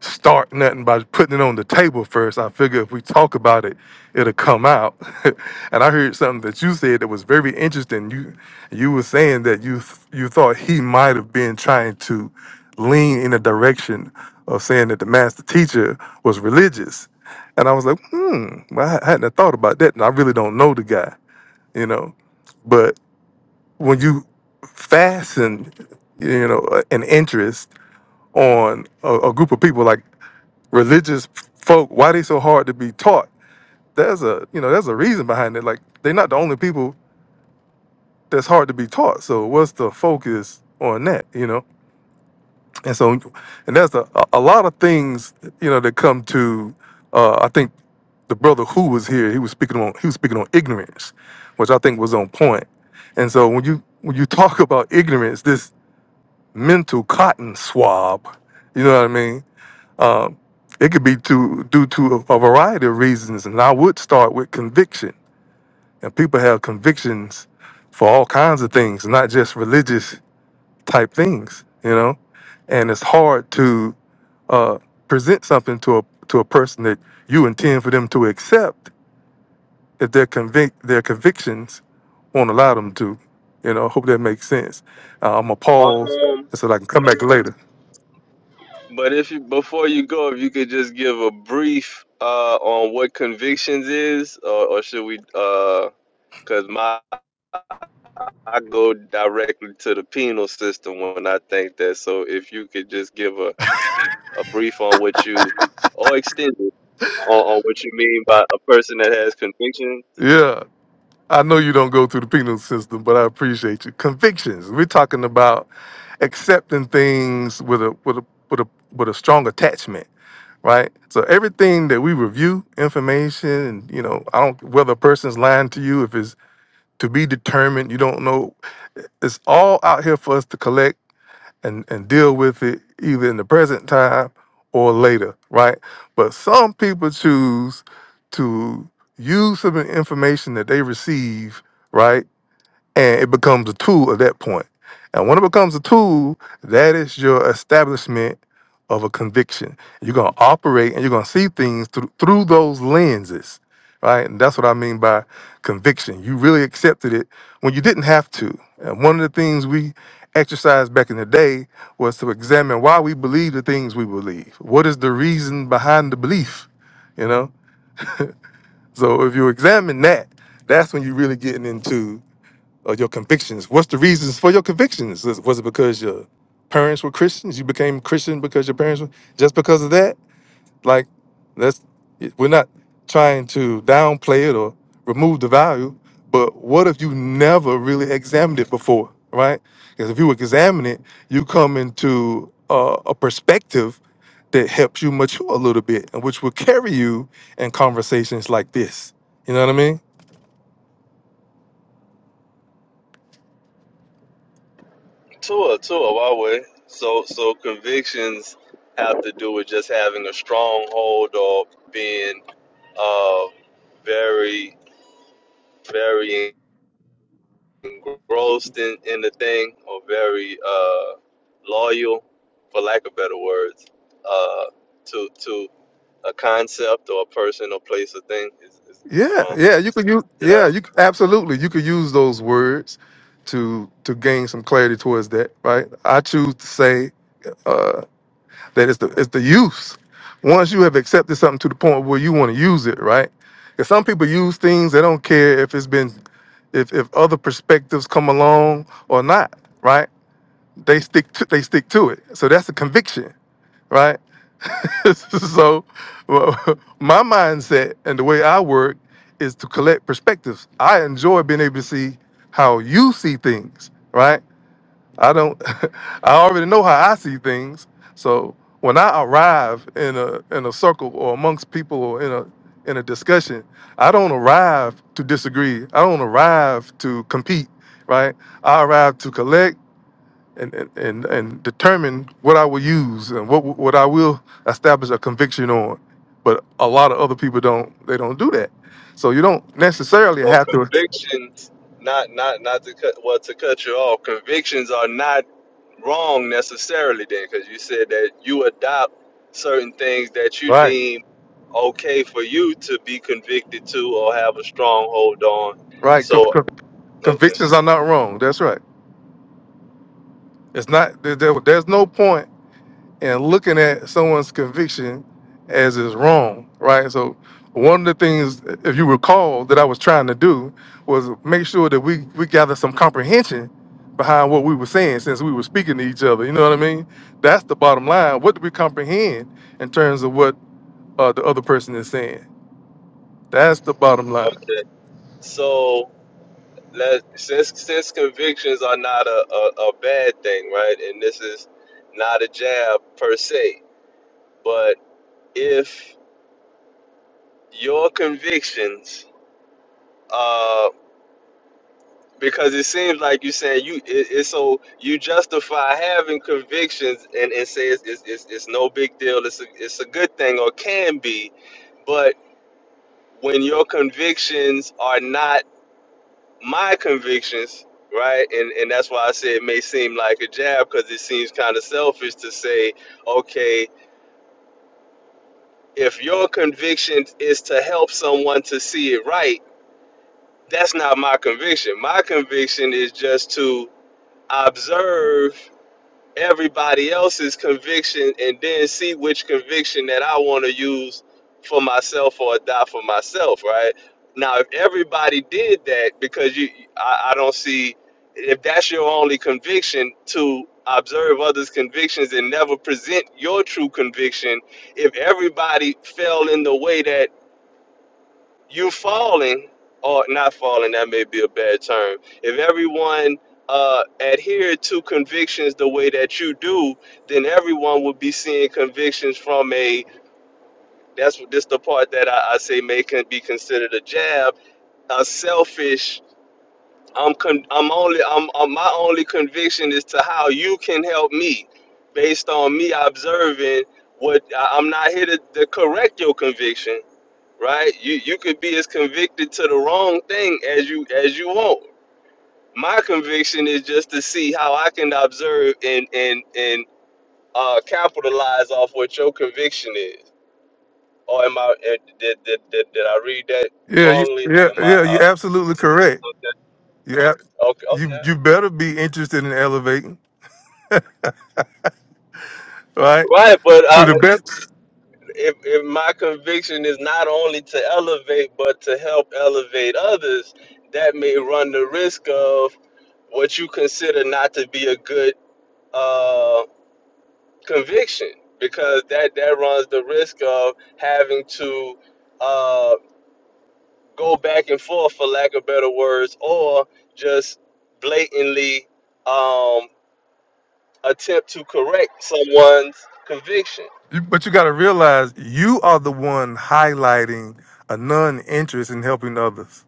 [SPEAKER 2] start nothing by putting it on the table first. I figure if we talk about it, it'll come out. <laughs> and I heard something that you said that was very interesting. You you were saying that you you thought he might have been trying to lean in the direction of saying that the master teacher was religious. And I was like, hmm, well, I hadn't thought about that. And I really don't know the guy. you know. But when you fasten, you know, a- an interest on a, a group of people like religious folk, why they so hard to be taught? There's a, you know, there's a reason behind it. Like they're not the only people that's hard to be taught. So what's the focus on that, you know? And so, and that's a, a lot of things, you know, that come to. Uh, I think the brother who was here, he was speaking on, he was speaking on ignorance, which I think was on point. And so when you when you talk <laughs> about ignorance, this mental cotton swab. You know what I mean? Um, it could be to, due to a, a variety of reasons, and I would start with conviction. And people have convictions for all kinds of things, not just religious type things. You know, and it's hard to uh, present something to a to a person that you intend for them to accept if their convic- their convictions won't allow them to. You know, I hope that makes sense. Uh, I'm gonna pause so that I can come back later.
[SPEAKER 1] But if you before you go, if you could just give a brief uh on what convictions is, or, or should we? Because my I go directly to the penal system when I think that. So if you could just give a a brief on what you, or extend it on, on what you mean by a person that has conviction.
[SPEAKER 2] Yeah. I know you don't go through the penal system, but I appreciate you. Convictions. We're talking about accepting things with a with a with a with a strong attachment, right? So everything that we review, information, and you know, I don't whether a person's lying to you, if it's to be determined, you don't know. It's all out here for us to collect and and deal with it either in the present time or later, right? But some people choose to use some information that they receive, right? and it becomes a tool at that point. And when it becomes a tool, that is your establishment of a conviction. You're gonna operate and you're gonna see things through, through those lenses, right? And that's what I mean by conviction. You really accepted it when you didn't have to. And one of the things we exercised back in the day was to examine why we believe the things we believe. What is the reason behind the belief? You know? So if you examine that, that's when you're really getting into or your convictions. What's the reasons for your convictions? Is- Was it because your parents were Christians? You became Christian because your parents were just because of that? Like, that's we're not trying to downplay it or remove the value, but what if you never really examined it before, right? Because if you examine it, you come into uh, a perspective that helps you mature a little bit, and which will carry you in conversations like this. You know what I mean?
[SPEAKER 1] Tua, Tua, why way? So so convictions have to do with just having a stronghold or being uh very very engrossed in, in the thing or very uh, loyal, for lack of better words, uh, to to a concept or a person or place or thing. Is, is, am
[SPEAKER 2] Yeah,
[SPEAKER 1] I?
[SPEAKER 2] yeah, you could use
[SPEAKER 1] Did I?
[SPEAKER 2] yeah, you c- absolutely you could use those words to to gain some clarity towards that, right? I choose to say uh, that it's the it's the use. Once you have accepted something to the point where you want to use it, right? If some people use things, they don't care if it's been if if other perspectives come along or not, right? They stick to they stick to it. So that's a conviction, right? <laughs> so well, my mindset and the way I work is to collect perspectives. I enjoy being able to see how you see things, right? I don't <laughs> I already know how I see things. So when I arrive in a in a circle or amongst people or in a in a discussion, I don't arrive to disagree. I don't arrive to compete, right? I arrive to collect and and and, and determine what I will use and what what I will establish a conviction on. But a lot of other people don't. They don't do that. So you don't necessarily
[SPEAKER 1] So
[SPEAKER 2] have to.
[SPEAKER 1] convictions, not not not to cut well to cut you off. Convictions are not wrong necessarily, then, because you said that you adopt certain things that you
[SPEAKER 2] Right.
[SPEAKER 1] deem okay for you to be convicted to or have a strong hold on.
[SPEAKER 2] Right. Con-
[SPEAKER 1] So
[SPEAKER 2] con-
[SPEAKER 1] okay.
[SPEAKER 2] convictions are not wrong. That's right. It's not. There, there- there's no point and looking at someone's conviction as is wrong, right? So one of the things, if you recall, that I was trying to do was make sure that we we gather some comprehension behind what we were saying since we were speaking to each other. You know what I mean? That's the bottom line. What do we comprehend in terms of what uh, the other person is saying? That's the bottom line.
[SPEAKER 1] Okay. So let since since convictions are not a, a, a bad thing, right? And this is not a jab per se, but if your convictions uh because it seems like you're saying you it, it's so you justify having convictions and, and say it's, it's, it's, it's no big deal it's a, it's a good thing or can be but when your convictions are not my convictions, right? And and that's why I say it may seem like a jab because it seems kind of selfish to say, okay, if your conviction is to help someone to see it right, that's not my conviction. My conviction is just to observe everybody else's conviction and then see which conviction that I want to use for myself or adopt for myself, right? Now, if everybody did that, because you, I, I don't see if that's your only conviction to observe others' convictions and never present your true conviction. If everybody fell in the way that you falling or not falling that may be a bad term if everyone uh adhered to convictions the way that you do then everyone would be seeing convictions from a that's what this the part that i, I say may can be considered a jab a selfish i'm con, i'm only I'm, i am my only conviction is to how you can help me based on me observing what I- i'm not here to, to correct your conviction right? You you could be as convicted to the wrong thing as you as you want. My conviction is just to see how I can observe and and and uh, capitalize off what your conviction is. Or am I eh, did, did, did, did I read that
[SPEAKER 2] Yeah, you,
[SPEAKER 1] wrongly?
[SPEAKER 2] yeah,
[SPEAKER 1] Am I
[SPEAKER 2] yeah.
[SPEAKER 1] uh,
[SPEAKER 2] You're absolutely correct.
[SPEAKER 1] okay?
[SPEAKER 2] Yeah,
[SPEAKER 1] Okay,
[SPEAKER 2] you
[SPEAKER 1] okay.
[SPEAKER 2] you better be interested in elevating, right?
[SPEAKER 1] Right, but
[SPEAKER 2] To
[SPEAKER 1] uh,
[SPEAKER 2] the best
[SPEAKER 1] if if my conviction is not only to elevate but to help elevate others, that may run the risk of what you consider not to be a good. uh, conviction because that that runs the risk of having to uh, go back and forth for lack of better words or just blatantly um, attempt to correct someone's conviction
[SPEAKER 2] You, but you got to realize you are the one highlighting a non-interest in helping others.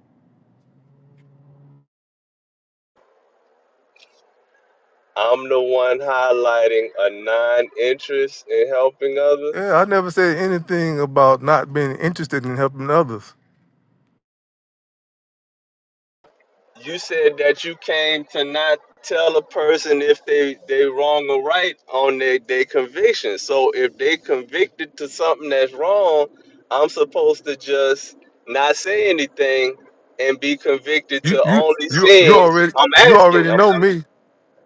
[SPEAKER 1] i'm the one highlighting a non-interest in helping
[SPEAKER 2] Yeah,
[SPEAKER 1] others
[SPEAKER 2] I never said anything about not being interested in helping others.
[SPEAKER 1] You said that you came to not tell a person if they they wrong or right on their their conviction. So if they convicted to something that's wrong, I'm supposed to just not say anything and be convicted
[SPEAKER 2] You
[SPEAKER 1] to
[SPEAKER 2] you
[SPEAKER 1] only
[SPEAKER 2] you you
[SPEAKER 1] seeing.
[SPEAKER 2] already
[SPEAKER 1] I'm
[SPEAKER 2] you already know
[SPEAKER 1] asking.
[SPEAKER 2] me.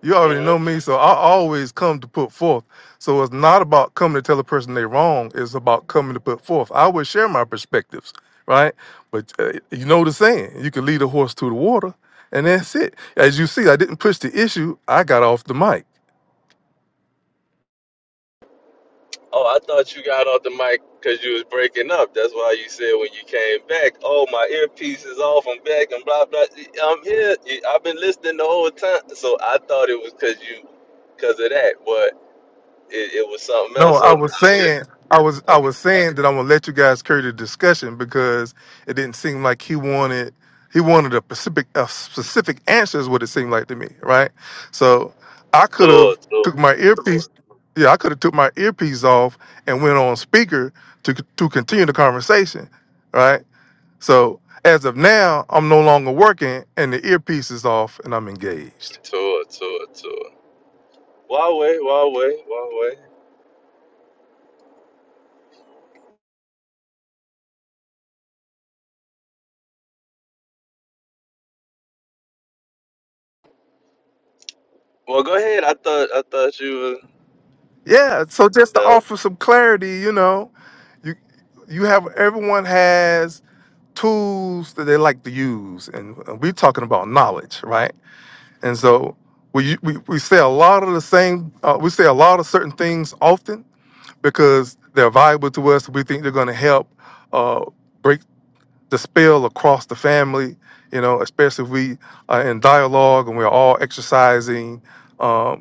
[SPEAKER 2] You already know me, so I always come to put forth. So it's not about coming to tell a person they're wrong. It's about coming to put forth. I would share my perspectives, right? But uh, you know the saying: you can lead a horse to the water, and that's it. As you see, I didn't push the issue. I got off the mic.
[SPEAKER 1] Oh, I thought you got off the mic because you was breaking up. That's why you said when you came back, "Oh, my earpiece is off. I'm back." And blah blah. I'm here. I've been listening the whole time, so I thought it was because you, because of that. But it, it was something
[SPEAKER 2] No,
[SPEAKER 1] else. So
[SPEAKER 2] I
[SPEAKER 1] now
[SPEAKER 2] was
[SPEAKER 1] I'm getting
[SPEAKER 2] saying, I was, I
[SPEAKER 1] okay.
[SPEAKER 2] was saying that I'm gonna let you guys carry the discussion because it didn't seem like he wanted, he wanted a specific, a specific answer is what it seemed like to me, right? So I could
[SPEAKER 1] Tour,
[SPEAKER 2] have
[SPEAKER 1] tour,
[SPEAKER 2] took my earpiece, yeah, I could have took my earpiece off and went on speaker to to continue the conversation, right? So as of now, I'm no longer working and the earpiece is off and I'm engaged.
[SPEAKER 1] tour, tour, tour. Huawei, Huawei, Huawei. Well, go ahead. I thought I thought you
[SPEAKER 2] Yeah, so just to
[SPEAKER 1] were.
[SPEAKER 2] offer some clarity, you know, you you have everyone has tools that they like to use, and we're talking about knowledge, right? And so we we, we say a lot of the same, uh, we say a lot of certain things often because they're valuable to us. We think they're going to help uh, break the spell across the family, you know, especially if we are in dialogue and we're all exercising. um,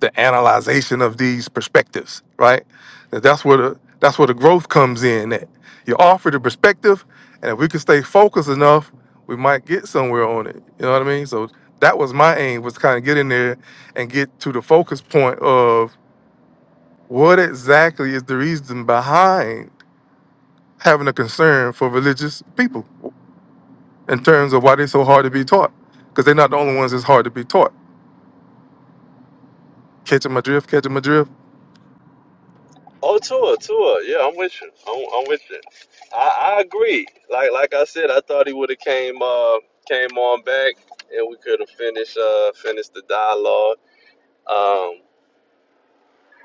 [SPEAKER 2] the analyzation of these perspectives, right? That- That's where the that's where the growth comes in. That you offer the perspective, and if we can stay focused enough, we might get somewhere on it. You know what I mean? So that was my aim was to kind of get in there and get to the focus point of what exactly is the reason behind having a concern for religious people in terms of why they're so hard to be taught because they're not the only ones that's hard to be taught. Catching my drift, catching my drift.
[SPEAKER 1] Oh, Tua, Tua, yeah, I'm with you. I'm, I'm with you. I, I agree. Like like I said, I thought he would have came uh came on back and we could have finished uh finished the dialogue. Um,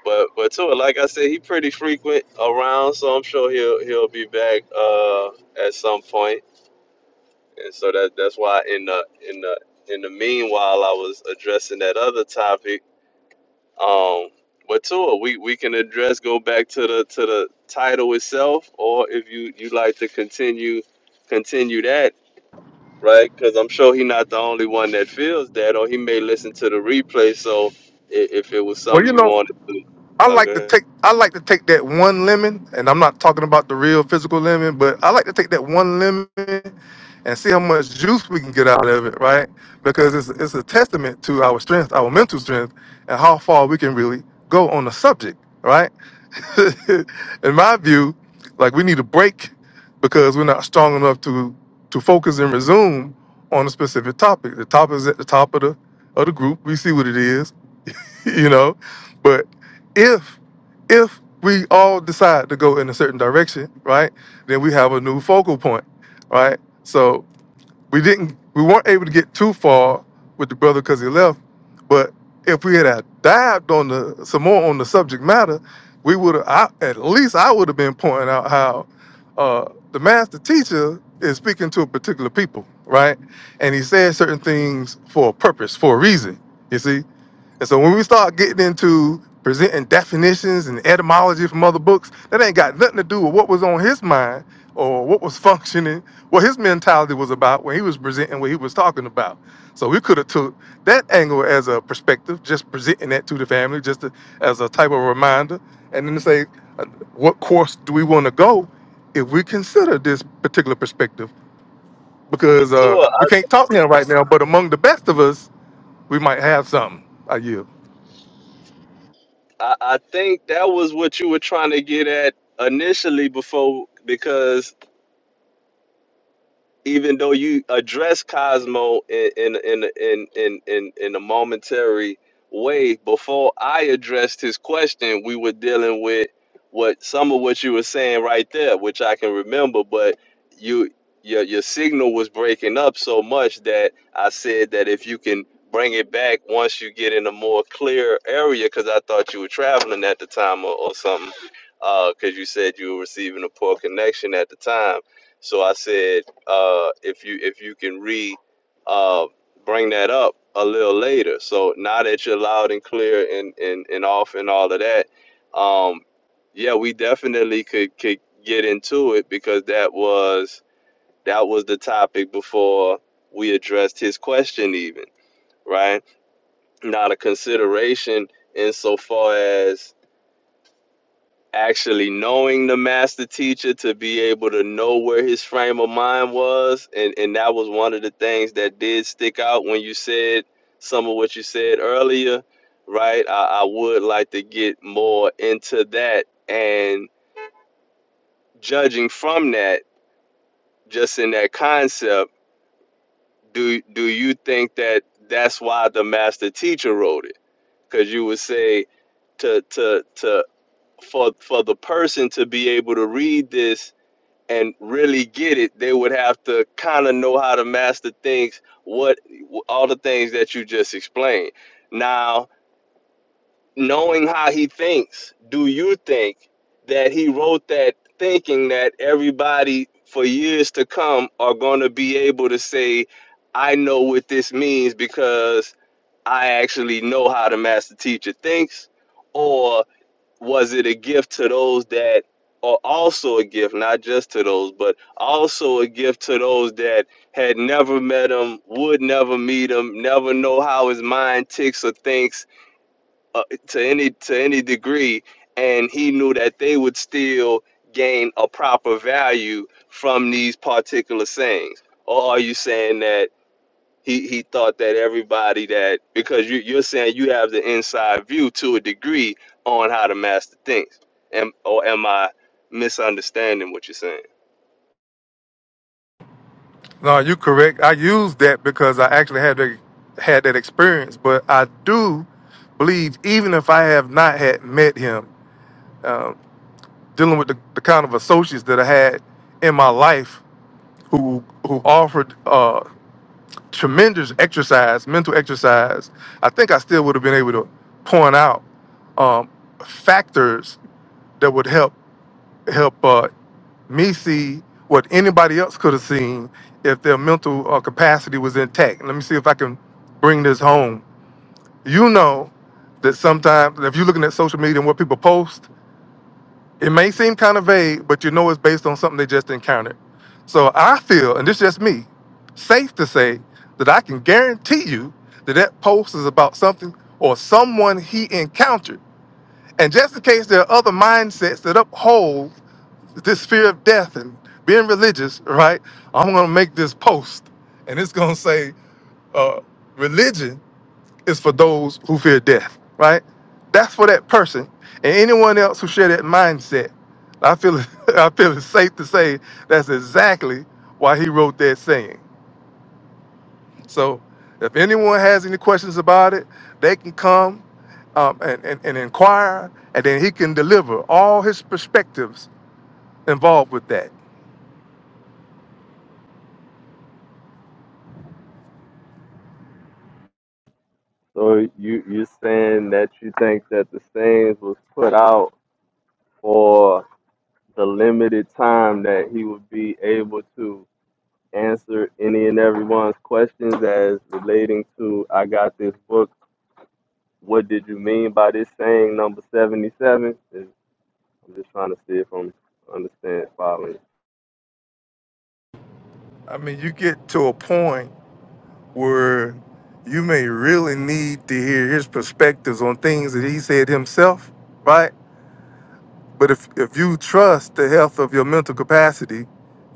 [SPEAKER 1] but but Tua, like I said, he pretty frequent around, so I'm sure he'll he'll be back uh at some point. And so that that's why in the in the in the meanwhile, I was addressing that other topic Um, but Tua, we we can address go back to the to the title itself, or if you you like to continue continue that, right? Because I'm sure he's not the only one that feels that, or he may listen to the replay. So if, if it was
[SPEAKER 2] Well,
[SPEAKER 1] something
[SPEAKER 2] you
[SPEAKER 1] you
[SPEAKER 2] know
[SPEAKER 1] wanted to,
[SPEAKER 2] I like to
[SPEAKER 1] okay.
[SPEAKER 2] take I like to take that one lemon, and I'm not talking about the real physical lemon, but I like to take that one lemon and see how much juice we can get out of it, right? Because it's it's a testament to our strength, our mental strength, and how far we can really go on the subject, right? <laughs> In my view, like we need a break because we're not strong enough to to focus and resume on a specific topic. The topic is at the top of the of the group. We see what it is <laughs> you know but if if we all decide to go in a certain direction right then we have a new focal point right so we didn't we weren't able to get too far with the brother because he left but if we had have dived on the some more on the subject matter we would have at least i would have been pointing out how uh the master teacher is speaking to a particular people right and he says certain things for a purpose for a reason you see and so when we start getting into presenting definitions and etymology from other books, that ain't got nothing to do with what was on his mind or what was <laughs> functioning, what his mentality was about when he was presenting what he was talking about. So we could have took that angle as a perspective, just presenting that to the family, just to, as a type of reminder, and then to say, uh, what course do we want to go if we consider this particular perspective?
[SPEAKER 1] Well,
[SPEAKER 2] Because uh,
[SPEAKER 1] Tua, I,
[SPEAKER 2] we can't talk to him right now, but among the best of us, we might have something. I yield.
[SPEAKER 1] I I think that was what you were trying to get at initially before because even though you address Cosmo in in in in in in, in a momentary way before I addressed his question, we were dealing with what some of what you were saying right there, which I can remember, but you your your signal was breaking up so much that I said that if you can bring it back once you get in a more clear area, because I thought you were traveling at the time or, or something, because you said you were receiving a poor connection at the time. So I said uh, if you if you can re uh, bring that up a little later. So now that you're loud and clear and and, and off and all of that, um, yeah, we definitely could could get into it because that was that was the topic before we addressed his question even right now the consideration insofar as actually knowing the master teacher to be able to know where his frame of mind was and and that was one of the things that did stick out when you said some of what you said earlier right i, I would like to get more into that and judging from that just in that concept do do you think that that's why the master teacher wrote it because you would say to to to for for the person to be able to read this and really get it, they would have to kind of know how to master things, what all the things that you just explained. Now, knowing how he thinks, do you think that he wrote that thinking that everybody for years to come are going to be able to say, I know what this means because I actually know how the master teacher thinks? or? was it a gift to those that are also a gift, not just to those, but also a gift to those that had never met him, would never meet him, never know how his mind ticks or thinks uh, to any to any degree, and he knew that they would still gain a proper value from these particular sayings. Or are you saying that? he he thought that everybody that because you you're saying you have the inside view to a degree on how the master thinks. Am or am I misunderstanding what you're saying?
[SPEAKER 2] No, you correct. I used that because I actually had that, had that experience. But I do believe, even if I have not had met him, uh, dealing with the, the kind of associates that I had in my life who who offered uh, tremendous exercise, mental exercise, I think I still would have been able to point out um, factors that would help help. uh, me see what anybody else could have seen if their mental uh, capacity was intact. Let me see if I can bring this home. You know that sometimes, if you're looking at social media and what people post, it may seem kind of vague, but you know it's based on something they just encountered. So I feel, and this is just me, safe to say that I can guarantee you that that post is about something or someone he encountered. And just in case there are other mindsets that uphold this fear of death and being religious, right? I'm gonna make this post, and it's gonna say, uh, religion is for those who fear death, right? That's for that person and anyone else who share that mindset. I feel <laughs> I feel it's safe to say that's exactly why he wrote that saying. So, if anyone has any questions about it, they can come um, and, and, and inquire, and then he can deliver all his perspectives involved with that.
[SPEAKER 1] So you you saying that you think that the Saints was put out for the limited time that he would be able to answer any and everyone's questions as relating to I got this book. What did you mean by this saying number seventy seven? I'm just trying to see if I'm understand following.
[SPEAKER 2] I mean, you get to a point where you may really need to hear his perspectives on things that he said himself, right? But if, if you trust the health of your mental capacity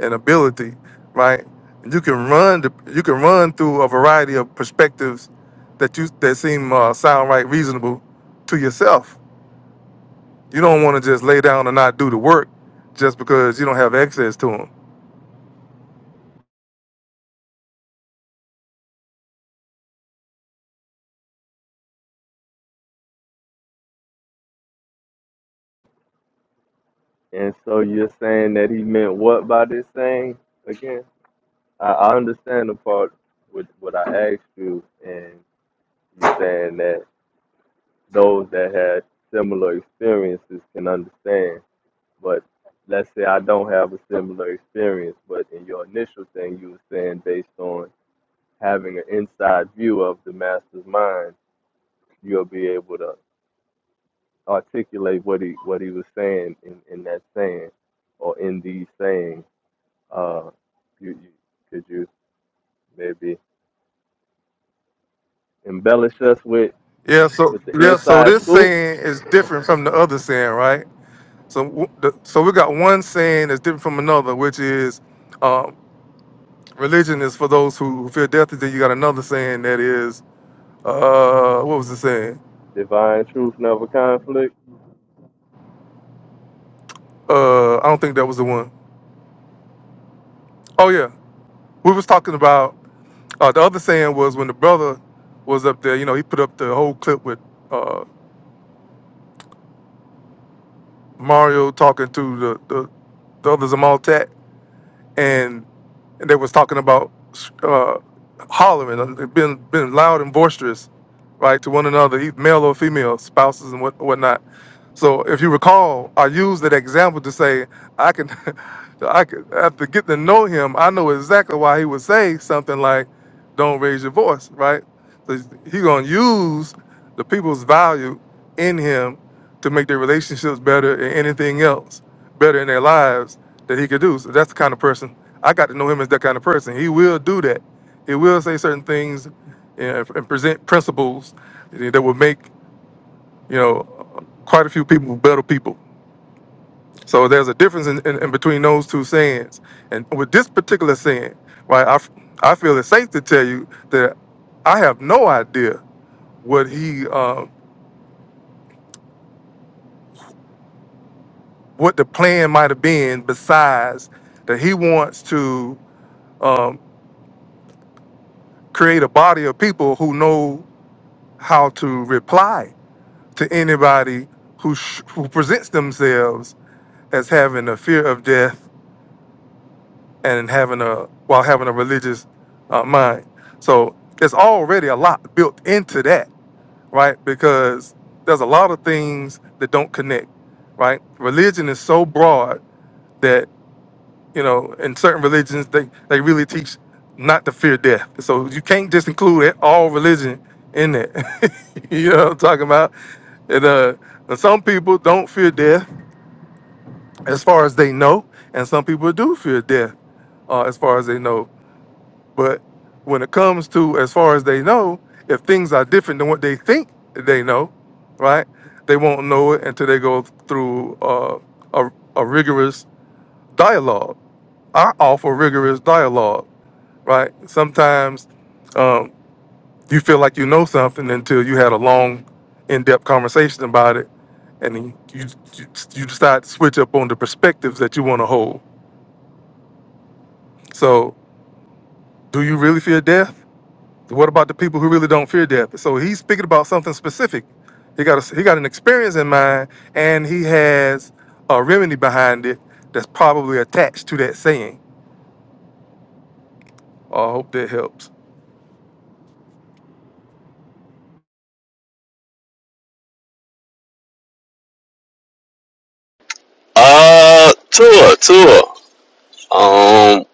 [SPEAKER 2] and ability, right, you can run the, you can run through a variety of perspectives that you that seem uh, sound right reasonable to yourself. You don't want to just lay down and not do the work just because you don't have access to them.
[SPEAKER 1] And so you're saying that he meant what by this saying again? I, I understand the part with what I asked you, and you are saying that those that had similar experiences can understand. But let's say I don't have a similar experience, but in your initial thing, you were saying based on having an inside view of the master's mind, you'll be able to articulate what he what he was saying in, in that saying or in these sayings. Uh, you, you, could you maybe embellish us with
[SPEAKER 2] Yeah, so
[SPEAKER 1] with the
[SPEAKER 2] yeah, so
[SPEAKER 1] inside
[SPEAKER 2] this
[SPEAKER 1] scoop?
[SPEAKER 2] saying is different from the other saying, right? So, w- the- so we got one saying that's different from another, which is uh, religion is for those who fear death. And then you got another saying that is, uh, what was the saying? Uh, I don't think that was the one. Oh yeah, we was talking about uh, the other saying was when the brother was up there. You know, he put up the whole clip with uh, Mario talking to the the, the other Zamaltat, and they was talking about uh, hollering, uh, being being loud and boisterous, right, to one another, e- male or female, spouses and what whatnot. So if you recall, I used that example to say I can, <laughs> I can after getting to know him, I know exactly why he would say something like, "Don't raise your voice," right? So he gonna use the people's value in him to make their relationships better and anything else better in their lives that he could do. So that's the kind of person I got to know him as that kind of person. He will do that. He will say certain things and, and present principles that will make you know quite a few people better people. So there's a difference in, in, in between those two sayings. And with this particular saying, right, I, f- I feel it's safe to tell you that I have no idea what he uh, what the plan might have been besides that he wants to um, create a body of people who know how to reply to anybody who sh- who presents themselves as having a fear of death and having a while having a religious uh, mind. So there's already a lot built into that, right? Because there's a lot of things that don't connect, right? Religion is so broad that you know in certain religions they they really teach not to fear death. So you can't just include it, all religion in it. <laughs> you know what I'm talking about? And uh, some people don't fear death as far as they know, and some people do fear death uh, as far as they know. But when it comes to as far as they know, if things are different than what they think they know, right? They won't know it until they go through uh, a, a rigorous dialogue. I offer rigorous dialogue, right? Sometimes um, you feel like you know something until you had a long, in-depth conversation about it, and then you you, you decide to switch up on the perspectives that you want to hold. So Do you really fear death? What about the people who really don't fear death? So he's speaking about something specific. He got a, he got an experience in mind, and he has a remedy behind it that's probably attached to that saying. I hope that helps.
[SPEAKER 1] Uh, tour, tour. Um,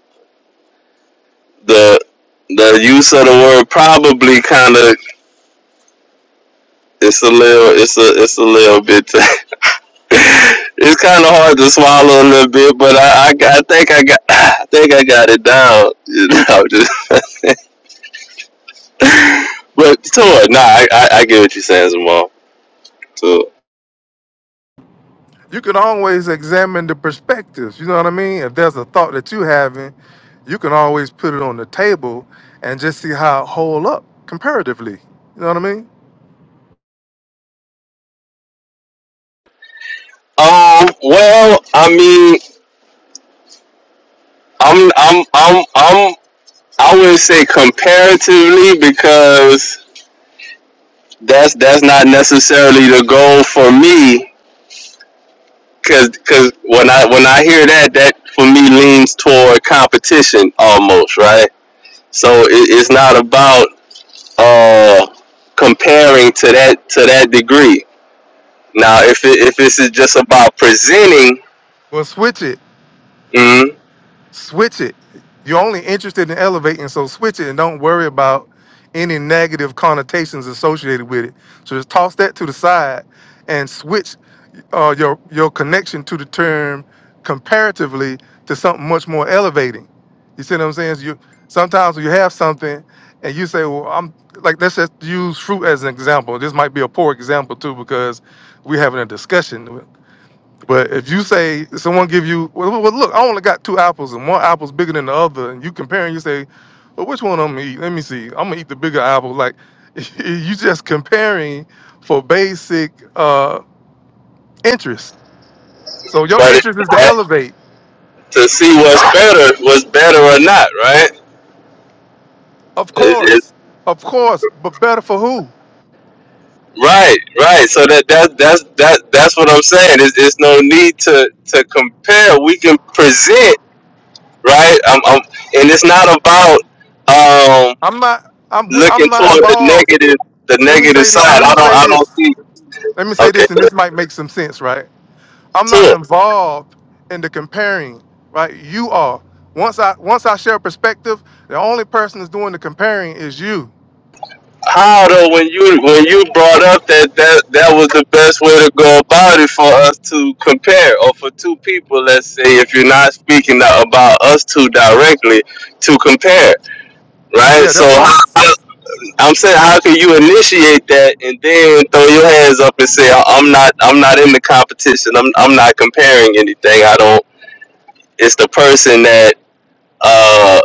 [SPEAKER 1] the the use of the word probably kind of it's a little, it's a, it's a little bit. <laughs> it's kind of hard to swallow a little bit, but I, I, I think I got, <sighs> I think I got it down. <laughs> You know, just. But so what? Nah, I, I, I get what you're saying, Zamal. So,
[SPEAKER 2] You can always examine the perspectives. You know what I mean? If there's a thought that you're having, you can always put it on the table and just see how it hold up comparatively. You know what I mean?
[SPEAKER 1] um, well, I mean, I'm, I'm, I'm, I'm, I would say comparatively because that's that's not necessarily the goal for me. Cause, cause when I when I hear that, that for me leans toward competition almost, right? So it, it's not about uh comparing to that to that degree. Now, if it, if this is just about presenting,
[SPEAKER 2] Well, switch it
[SPEAKER 1] mhm.
[SPEAKER 2] switch it. You're only interested in elevating, so switch it and don't worry about any negative connotations associated with it. So just toss that to the side and switch uh, your your connection to the term comparatively to something much more elevating. You see what I'm saying? So you sometimes when you have something and you say, "Well, I'm like let's just use fruit as an example." This might be a poor example too because we're having a discussion. But if you say someone give you, well, well, look, I only got two apples, and one apple's bigger than the other, and you compare and you say, well, which one I'm gonna eat? Let me see. I'm gonna eat the bigger apple. Like <laughs> you just comparing for basic uh, interest. So your
[SPEAKER 1] but it,
[SPEAKER 2] interest is to
[SPEAKER 1] eh,
[SPEAKER 2] elevate,
[SPEAKER 1] to see what's better, what's better or not, right?
[SPEAKER 2] of
[SPEAKER 1] It, it,
[SPEAKER 2] course, of course, but better for who?
[SPEAKER 1] right, right. So that that that's that that's what I'm saying. It's, it's no need to to compare. We can present, right? I'm I'm, and it's not about um
[SPEAKER 2] I'm not. I'm.
[SPEAKER 1] looking
[SPEAKER 2] I'm not
[SPEAKER 1] toward the
[SPEAKER 2] involved.
[SPEAKER 1] negative the
[SPEAKER 2] Let me
[SPEAKER 1] negative
[SPEAKER 2] say this.
[SPEAKER 1] side.
[SPEAKER 2] Let me
[SPEAKER 1] I don't
[SPEAKER 2] say
[SPEAKER 1] I don't
[SPEAKER 2] this.
[SPEAKER 1] see.
[SPEAKER 2] Let me say
[SPEAKER 1] Okay,
[SPEAKER 2] this, and this might make some sense, right? I'm
[SPEAKER 1] that's
[SPEAKER 2] not
[SPEAKER 1] two.
[SPEAKER 2] involved in the comparing, right? You are. Once I once I share perspective, the only person that's doing the comparing is you.
[SPEAKER 1] How though when you when you brought up that that that was the best way to go about it for us to compare or for two people let's say if you're not speaking about us two directly to compare right
[SPEAKER 2] Yeah,
[SPEAKER 1] so
[SPEAKER 2] that's what I'm.
[SPEAKER 1] how, I'm saying how can you initiate that and then throw your hands up and say I'm not I'm not in the competition I'm I'm not comparing anything I don't it's the person that uh.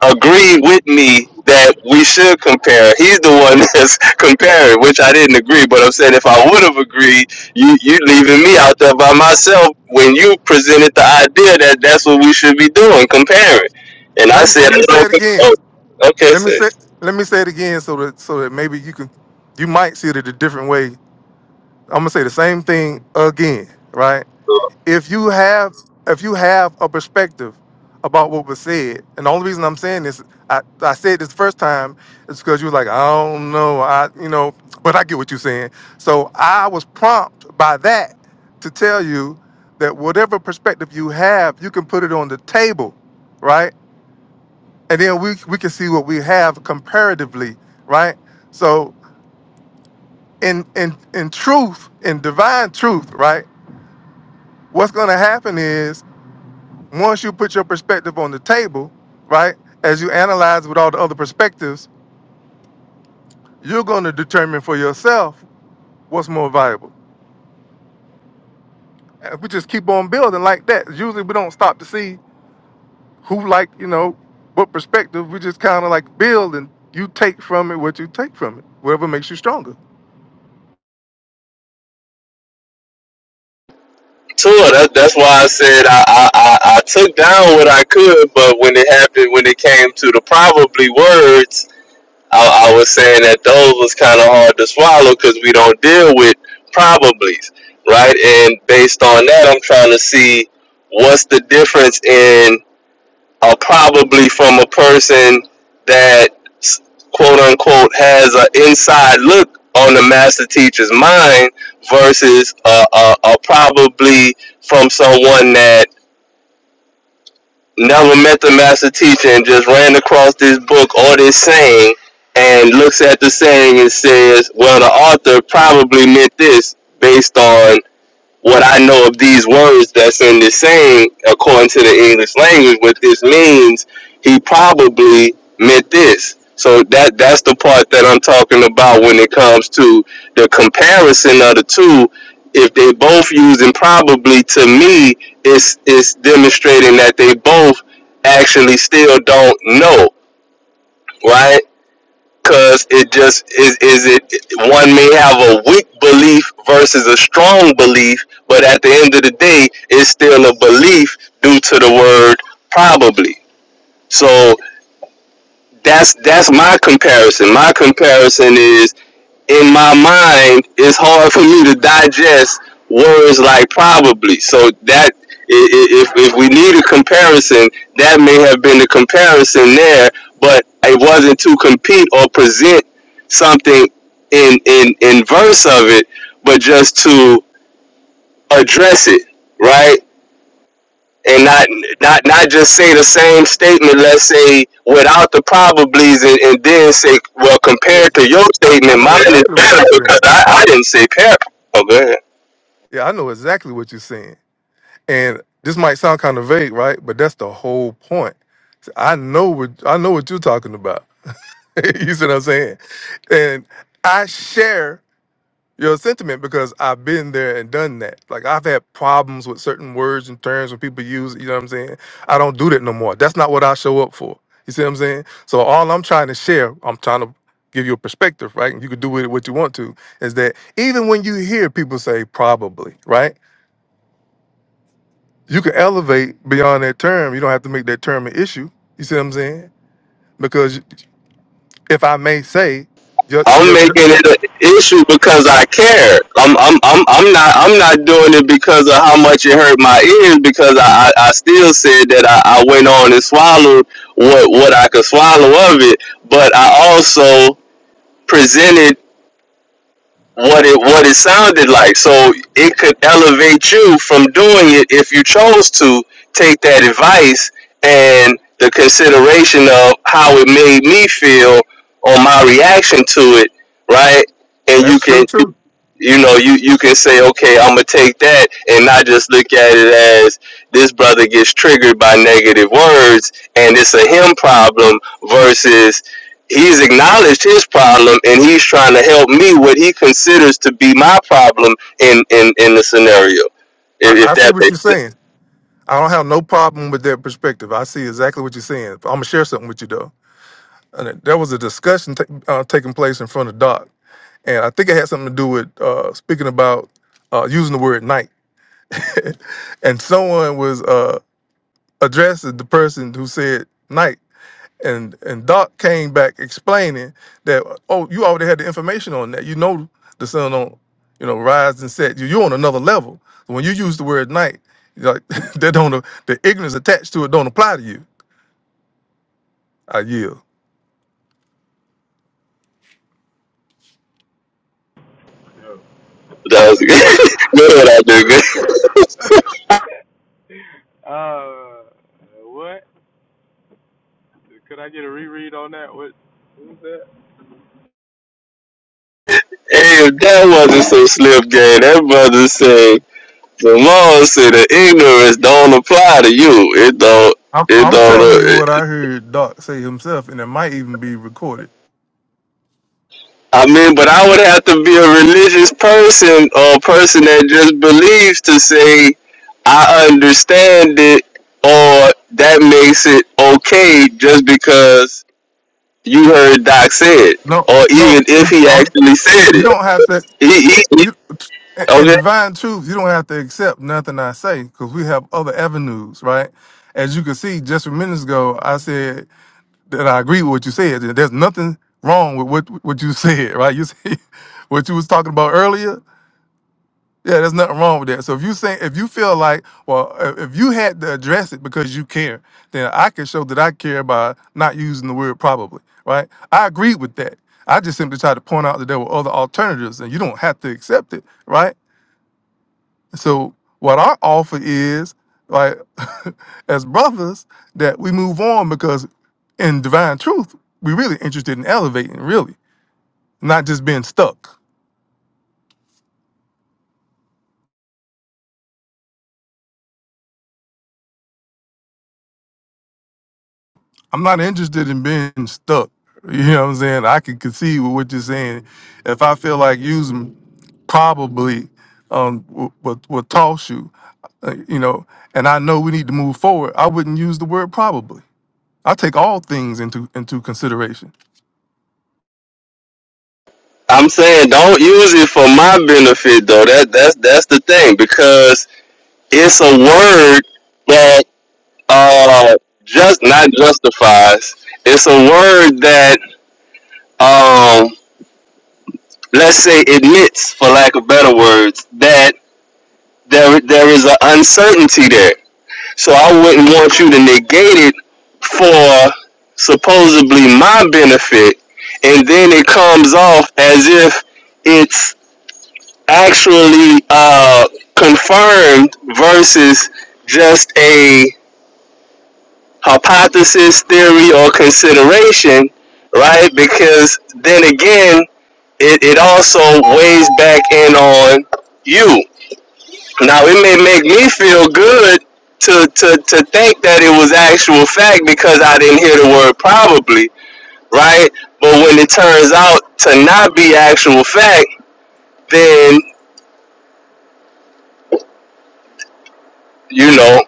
[SPEAKER 1] agreed with me that we should compare. He's the one <laughs> that's comparing, which I didn't agree. But I'm saying if I would have agreed, you you leaving me out there by myself when you presented the idea that that's what we should be doing, comparing. And I
[SPEAKER 2] Let me
[SPEAKER 1] said,
[SPEAKER 2] let
[SPEAKER 1] I
[SPEAKER 2] me say
[SPEAKER 1] don't-
[SPEAKER 2] it again.
[SPEAKER 1] oh, okay,
[SPEAKER 2] Let me
[SPEAKER 1] so
[SPEAKER 2] say let me say it again so that so that maybe you can you might see it a different way. I'm gonna say the same thing again, right? if you have if you have a perspective about what was said, and the only reason I'm saying this, I, I said this first time, is because you were like, I don't know, I you know, but I get what you're saying. So I was prompted by that to tell you that whatever perspective you have, you can put it on the table, right? And then we we can see what we have comparatively, right? So in in in truth, in divine truth, right? What's gonna happen is once you put your perspective on the table, right, as you analyze with all the other perspectives, you're going to determine for yourself what's more valuable. And we just keep on building like that. Usually we don't stop to see who, like, you know, what perspective. We just kind of like build and you take from it what you take from it, whatever makes you stronger.
[SPEAKER 1] tour. That, that's why I said I, I, I, I took down what I could, but when it happened, when it came to the probably words, I, I was saying that those was kind of hard to swallow because we don't deal with probablys, right? And based on that, I'm trying to see what's the difference in a probably from a person that quote unquote has an inside look on the master teacher's mind versus a, a, a probably from someone that never met the master teacher and just ran across this book or this saying and looks at the saying and says, well, the author probably meant this based on what I know of these words that's in the saying, according to the English language, what this means, he probably meant this. So that that's the part that I'm talking about when it comes to the comparison of the two. If they both using probably to me, it's it's demonstrating that they both actually still don't know, right? because it just is is it one may have a weak belief versus a strong belief but at the end of the day it's still a belief due to the word probably so that's that's my comparison my comparison is in my mind, it's hard for me to digest words like probably. So that if if we need a comparison, that may have been the comparison there, but it wasn't to compete or present something in in in verse of it, but just to address it, right? and not not not just say the same statement. Let's say without the probablys, and, and then say, well,
[SPEAKER 2] Yeah,
[SPEAKER 1] compared to your
[SPEAKER 2] I, I
[SPEAKER 1] statement,
[SPEAKER 2] know
[SPEAKER 1] mine is
[SPEAKER 2] exactly what you're
[SPEAKER 1] better because
[SPEAKER 2] saying.
[SPEAKER 1] I, I didn't say parable. Oh, go ahead.
[SPEAKER 2] Yeah, I know exactly what you're saying. And this might sound kind of vague, right? But that's the whole point. I know what I know what you're talking about <laughs> you see what I'm saying? And I share your sentiment because I've been there and done that. Like I've had problems with certain words and terms when people use, you know what I'm saying? I don't do that no more. That's not what I show up for. You see what I'm saying? So all I'm trying to share, I'm trying to give you a perspective, right? And you can do with it what you want to, is that even when you hear people say probably, right? You can elevate beyond that term. You don't have to make that term an issue. You see what I'm saying? Because if I may say, your,
[SPEAKER 1] I'm
[SPEAKER 2] your,
[SPEAKER 1] making it an issue because I care.
[SPEAKER 4] <coughs>
[SPEAKER 1] I'm I'm I'm I'm not I'm not doing it because of how much it hurt my ears because I I, I still said that I, I went on and swallowed what what I could swallow of it, but I also presented. what it what it sounded like. So it could elevate you from doing it if you chose to take that advice and the consideration of how it made me feel on my reaction to it, right? And you
[SPEAKER 2] that's true
[SPEAKER 1] can
[SPEAKER 2] too.
[SPEAKER 1] you know, you you can say, okay, I'm gonna take that, and not just look at it as this brother gets triggered by negative words, and it's a him problem versus he's acknowledged his problem, and he's trying to help me what he considers to be my problem in in in the scenario.
[SPEAKER 2] I,
[SPEAKER 1] If,
[SPEAKER 2] I
[SPEAKER 1] if
[SPEAKER 2] see
[SPEAKER 1] that
[SPEAKER 2] what
[SPEAKER 1] makes
[SPEAKER 2] you're
[SPEAKER 1] sense.
[SPEAKER 2] saying. I don't have no problem with that perspective. I see exactly what you're saying. I'm gonna share something with you though. And it- there was a discussion ta- uh, taking place in front of Doc, and I think it had something to do with uh, speaking about uh, using the word night. <laughs> and someone was uh, addressing the person who said night And and Doc came back explaining that oh, you already had the information on that. You know the sun don't you know rise and set. You you're on another level. So when you use the word night, you're like <laughs> that don't the ignorance attached to it don't apply to you. I yield.
[SPEAKER 4] No.
[SPEAKER 1] That was good. <laughs> good. I did good.
[SPEAKER 4] <laughs> uh, what? Could I get a reread on that? What? Who's that?
[SPEAKER 1] Hey, if that wasn't so slim, gang, that brother said. Simone said the ignorance don't apply to you. It don't.
[SPEAKER 2] I'm
[SPEAKER 1] It
[SPEAKER 2] I'm
[SPEAKER 1] don't.
[SPEAKER 2] telling you
[SPEAKER 1] uh,
[SPEAKER 2] what I heard Doc say himself, and it might even be recorded.
[SPEAKER 1] I mean, but I would have to be a religious person or a person that just believes to say I understand it or that makes it okay just because you heard Doc say it
[SPEAKER 2] No,
[SPEAKER 1] or
[SPEAKER 2] no,
[SPEAKER 1] even if
[SPEAKER 2] it's
[SPEAKER 1] he
[SPEAKER 2] I'm.
[SPEAKER 1] actually said
[SPEAKER 2] You
[SPEAKER 1] it.
[SPEAKER 2] don't have to.
[SPEAKER 1] He, he, he-
[SPEAKER 2] you and
[SPEAKER 1] okay.
[SPEAKER 2] divine truth, you don't have to accept nothing I say because we have other avenues, right? As you can see, just a minute ago, I said that I agree with what you said. that There's nothing wrong with what what you <laughs> said, right? You see <laughs> what you was talking about earlier. Yeah, there's nothing wrong with that. So if you say if you feel like, well, i- if you had to address it because you care, then I can show that I care by not using the word probably, right? I agree with that. I just simply try to point out that there were other alternatives, and you don't have to accept it, right? So what our offer is, like <laughs> as brothers, that we move on because in divine truth, we're really interested in elevating, really, not just being stuck. I'm not interested in being stuck. <laughs> You know what I'm saying? I can concede with what you're saying. If I feel like using probably um will, will, will toss you, uh, you know, and I know we need to move forward, I wouldn't use the word probably. I take all things into into consideration
[SPEAKER 1] I'm saying don't use it for my benefit though. That that's that's the thing because it's a word that uh just not justifies it's a word that um let's say admits for lack of better words that there there is an uncertainty there so i wouldn't want you to negate it for supposedly my benefit and then it comes off as if it's actually uh confirmed versus just a. hypothesis, theory, or consideration, right? Because then again, it, it also weighs back in on you. Now, it may make me feel good to, to, to think that it was actual fact because I didn't hear the word probably, right? But when it turns out to not be actual fact, then, you know,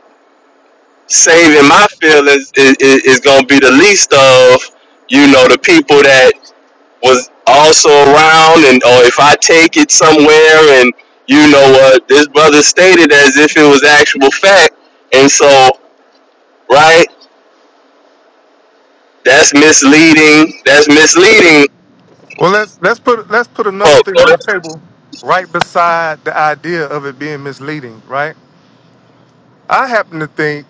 [SPEAKER 1] saving my feelings is, is, is going to be the least of, you know, the people that was also around and or if I take it somewhere and you know what uh, this brother stated as if it was actual fact and so right that's misleading that's misleading
[SPEAKER 2] Well, let's let's put let's put another
[SPEAKER 1] folks
[SPEAKER 2] thing on the table, right beside the idea of it being misleading. Right, I happen to think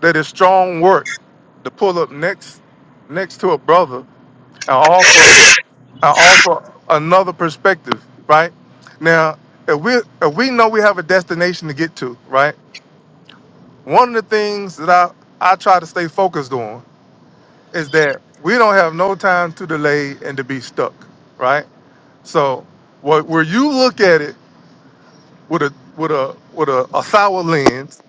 [SPEAKER 2] that it's strong work to pull up next next to a brother and offer and offer another perspective. Right now, if we if we know we have a destination to get to, right, one of the things that I I try to stay focused on is that we don't have no time to delay and to be stuck. Right, so what where you look at it with a with a with a, a sour lens.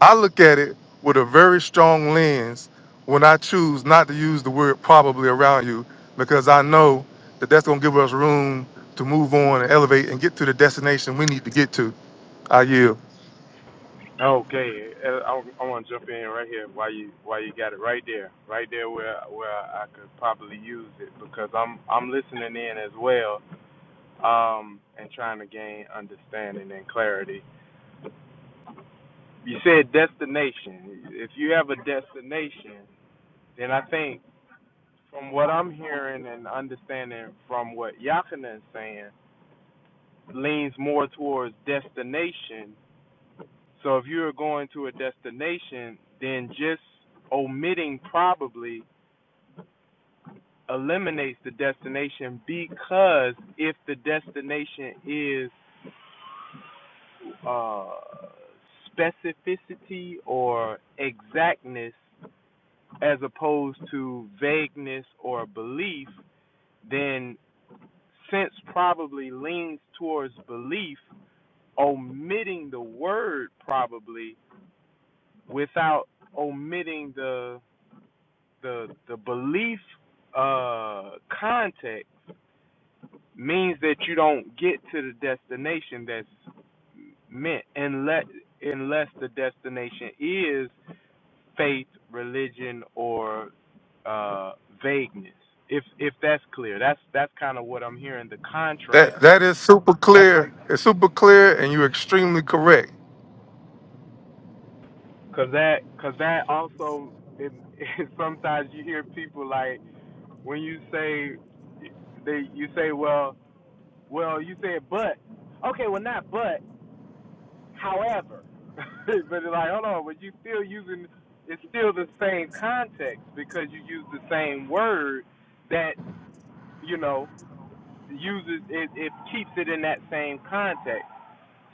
[SPEAKER 2] I look at it with a very strong lens when I choose not to use the word probably around you because I know that that's going to give us room to move on and elevate and get to the destination we need to get to. I yield.
[SPEAKER 4] Okay, uh, I, I want to jump in right here. Why you Why you got it right there, right there where where I could probably use it because I'm I'm listening in as well, um, and trying to gain understanding and clarity. You said destination. If you have a destination, then I think from what I'm hearing and understanding from what Yakina is saying, leans more towards destination. So if you're going to a destination, then just omitting probably eliminates the destination because if the destination is uh, specificity or exactness as opposed to vagueness or belief, then Sense probably leans towards belief, omitting the word probably without omitting the the the belief uh context means that you don't get to the destination that's meant unless unless the destination is faith, religion or uh vagueness. If if that's clear. That's that's kind of what I'm hearing the
[SPEAKER 2] That
[SPEAKER 4] contrast.
[SPEAKER 2] that is super
[SPEAKER 4] that's like.
[SPEAKER 2] clear. It's super clear, and you're extremely correct.
[SPEAKER 4] Cause that, cause that also, it, <laughs> it, sometimes you hear people like when you say, they you say, well, well, you said but, okay, well not but, however, <laughs> but like hold on, but you still using it's still the same context because you use the same word that you know uses it, it keeps it in that same context.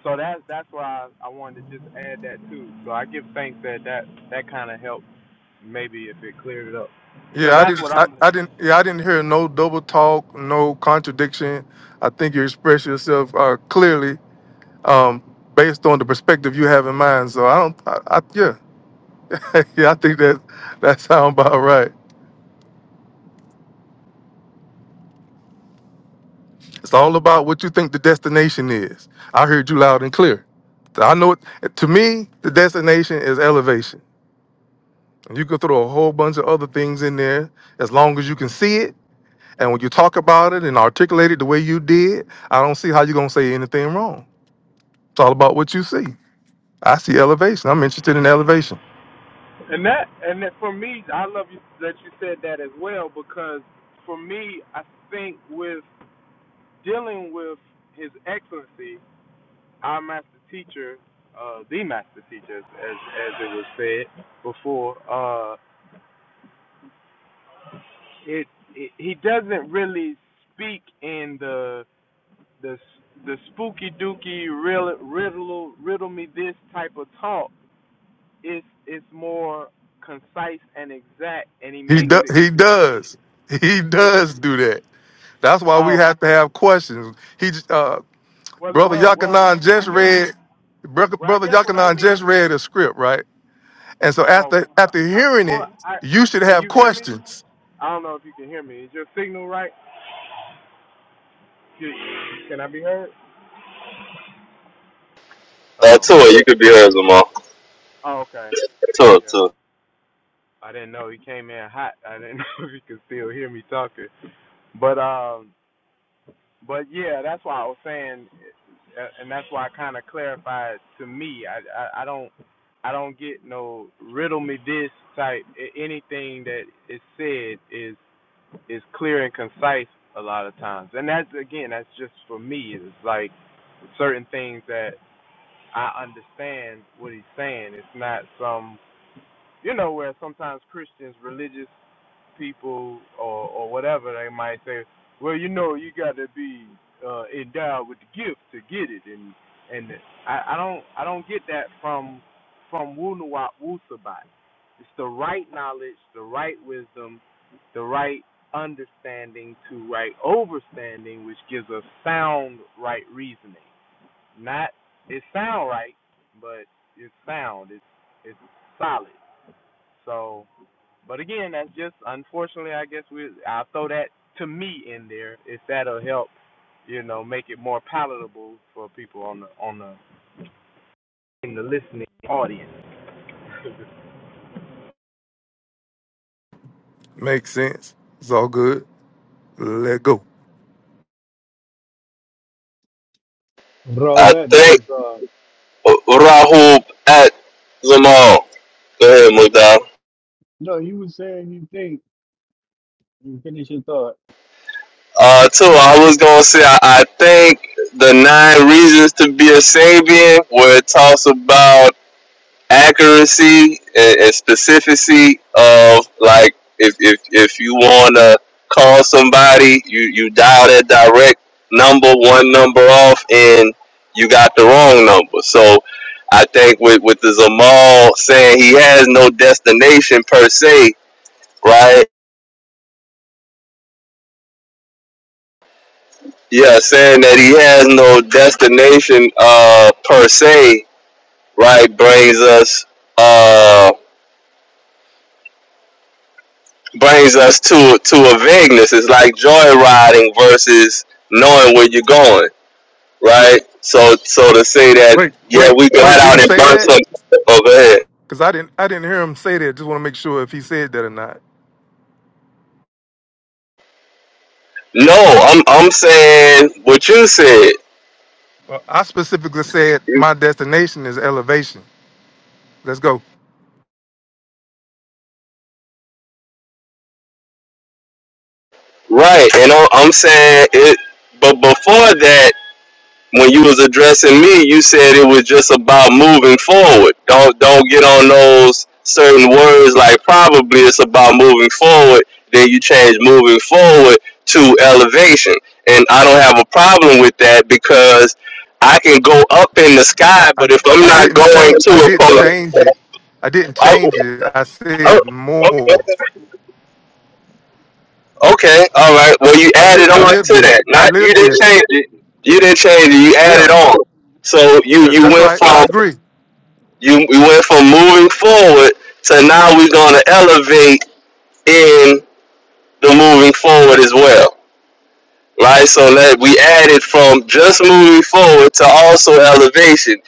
[SPEAKER 4] So that's that's why I, I wanted to just add that too. So I give thanks that that that kind of helped Maybe if it cleared it up, because
[SPEAKER 2] Yeah, I
[SPEAKER 4] that's
[SPEAKER 2] didn't.
[SPEAKER 4] what
[SPEAKER 2] I,
[SPEAKER 4] I'm listening.
[SPEAKER 2] I didn't.
[SPEAKER 4] to.
[SPEAKER 2] Yeah, I didn't hear no double talk, no contradiction. I think you express yourself uh, clearly um, based on the perspective you have in mind. So I don't, I, I, yeah, <laughs> yeah, I think that that sounds about right. It's all about what you think the destination is. I heard you loud and clear. I know it. To me, the destination is elevation. And you can throw a whole bunch of other things in there as long as you can see it. And when you talk about it and articulate it the way you did, I don't see how you're gonna say anything wrong. It's all about what you see. I see elevation. I'm interested in elevation.
[SPEAKER 4] And that and that for me, I love you that you said that as well, because for me, I think with dealing with His Excellency, our Master Teacher, uh, the Master Teacher, as as it was said before, uh, it, it he doesn't really speak in the the the spooky dooky riddle riddle riddle me this type of talk it's it's more concise and exact, and he
[SPEAKER 2] He
[SPEAKER 4] makes
[SPEAKER 2] does.
[SPEAKER 4] it
[SPEAKER 2] He
[SPEAKER 4] clear.
[SPEAKER 2] does. He
[SPEAKER 4] It
[SPEAKER 2] does do that. That's why we
[SPEAKER 4] oh
[SPEAKER 2] have to have questions. He, uh,
[SPEAKER 4] well
[SPEAKER 2] brother
[SPEAKER 4] well
[SPEAKER 2] Yakanan
[SPEAKER 4] well I
[SPEAKER 2] just read,
[SPEAKER 4] guess
[SPEAKER 2] bro-
[SPEAKER 4] well I
[SPEAKER 2] brother
[SPEAKER 4] guess what I
[SPEAKER 2] Yakanan
[SPEAKER 4] mean
[SPEAKER 2] just read a script, right? And so
[SPEAKER 4] oh
[SPEAKER 2] after
[SPEAKER 4] well
[SPEAKER 2] after
[SPEAKER 4] hold,
[SPEAKER 2] hearing
[SPEAKER 4] hold
[SPEAKER 2] it,
[SPEAKER 4] on I
[SPEAKER 2] you should
[SPEAKER 4] can
[SPEAKER 2] have
[SPEAKER 4] you hear me?
[SPEAKER 2] questions.
[SPEAKER 4] I don't know if you can hear me. Is your signal right? Can, can I be heard?
[SPEAKER 1] uh,
[SPEAKER 4] Oh
[SPEAKER 1] Tua you could be her Zamal
[SPEAKER 4] oh okay
[SPEAKER 1] Tua
[SPEAKER 4] yeah
[SPEAKER 1] Tua
[SPEAKER 4] I didn't know he came in hot. I didn't <laughs> know if you could still hear me talking, but um But yeah, that's why I was saying, uh, and that's why I kind of clarified to me. I, I I don't I don't get no riddle me this type. Anything that is said is is clear and concise a lot of times, and that's again that's just for me. It's like certain things that I understand what he's saying. It's not some you know where sometimes Christians religious people or or whatever they might say well you know you got to be uh endowed with the gift to get it and and i i don't i don't get that from from wunawat wusabat it's the right knowledge the right wisdom the right understanding to right overstanding which gives us sound right reasoning not it sound right but it's sound it's it's solid so but again, that's just unfortunately. I guess we I'll throw that to me in there if that'll help, you know, make it more palatable for people on the on the in the listening audience. <laughs>
[SPEAKER 2] Makes sense. It's all good. Let go.
[SPEAKER 9] Bro,
[SPEAKER 1] I
[SPEAKER 9] Robert
[SPEAKER 1] think
[SPEAKER 9] Boys, uh,
[SPEAKER 1] uh, Rahul at Zamal go ahead Mudal
[SPEAKER 9] no, you were saying you think you finish your thought.
[SPEAKER 1] uh Tua I was gonna say I, I think the nine reasons to be a Sabian where it talks about accuracy and, and specificity of like if if if you wanna call somebody, you you dial that direct number one number off, and you got the wrong number. So I think with with the Zamal saying he has no destination per se, right? Yeah, saying that he has no destination uh per se, right, brings us uh brings us to to a vagueness. It's like joyriding versus knowing where you're going, right? So so to say that
[SPEAKER 2] Wait,
[SPEAKER 1] yeah,
[SPEAKER 2] wait,
[SPEAKER 1] we got
[SPEAKER 2] wait. Did he
[SPEAKER 1] out and
[SPEAKER 2] say
[SPEAKER 1] burnt
[SPEAKER 2] that?
[SPEAKER 1] some. Oh, go ahead.
[SPEAKER 2] Because I didn't, I didn't hear him say that. Just want to make sure if he said that or not.
[SPEAKER 1] No, I'm I'm saying what you said,
[SPEAKER 2] Well, I specifically said my destination is elevation. Let's go.
[SPEAKER 1] right? And I'm I'm saying it. But before that. when you was addressing me, you said it was just about moving forward. Don't don't get on those certain words like probably it's about moving forward. Then you change moving forward to elevation, and I don't have a problem with that because I can go up in the
[SPEAKER 2] I,
[SPEAKER 1] sky,
[SPEAKER 2] I,
[SPEAKER 1] but if I'm
[SPEAKER 2] I
[SPEAKER 1] not
[SPEAKER 2] didn't
[SPEAKER 1] going
[SPEAKER 2] change.
[SPEAKER 1] to
[SPEAKER 2] I
[SPEAKER 1] a
[SPEAKER 2] didn't
[SPEAKER 1] point,
[SPEAKER 2] change it. I didn't
[SPEAKER 1] I,
[SPEAKER 2] change it. I
[SPEAKER 1] I,
[SPEAKER 2] said
[SPEAKER 1] okay,
[SPEAKER 2] more.
[SPEAKER 1] okay, all right. Well, you
[SPEAKER 2] I live.
[SPEAKER 1] added
[SPEAKER 2] I
[SPEAKER 1] on
[SPEAKER 2] live
[SPEAKER 1] to
[SPEAKER 2] this.
[SPEAKER 1] that.
[SPEAKER 2] I
[SPEAKER 1] Not you
[SPEAKER 2] live
[SPEAKER 1] didn't
[SPEAKER 2] this.
[SPEAKER 1] change it. You didn't change it. You added
[SPEAKER 2] Yeah,
[SPEAKER 1] on. So you
[SPEAKER 2] uh,
[SPEAKER 1] you
[SPEAKER 2] that's
[SPEAKER 1] went
[SPEAKER 2] right. I
[SPEAKER 1] from
[SPEAKER 2] agree.
[SPEAKER 1] You we went from moving forward to now we're gonna elevate in the moving forward as well. Right? So that we added from just moving forward to also elevation.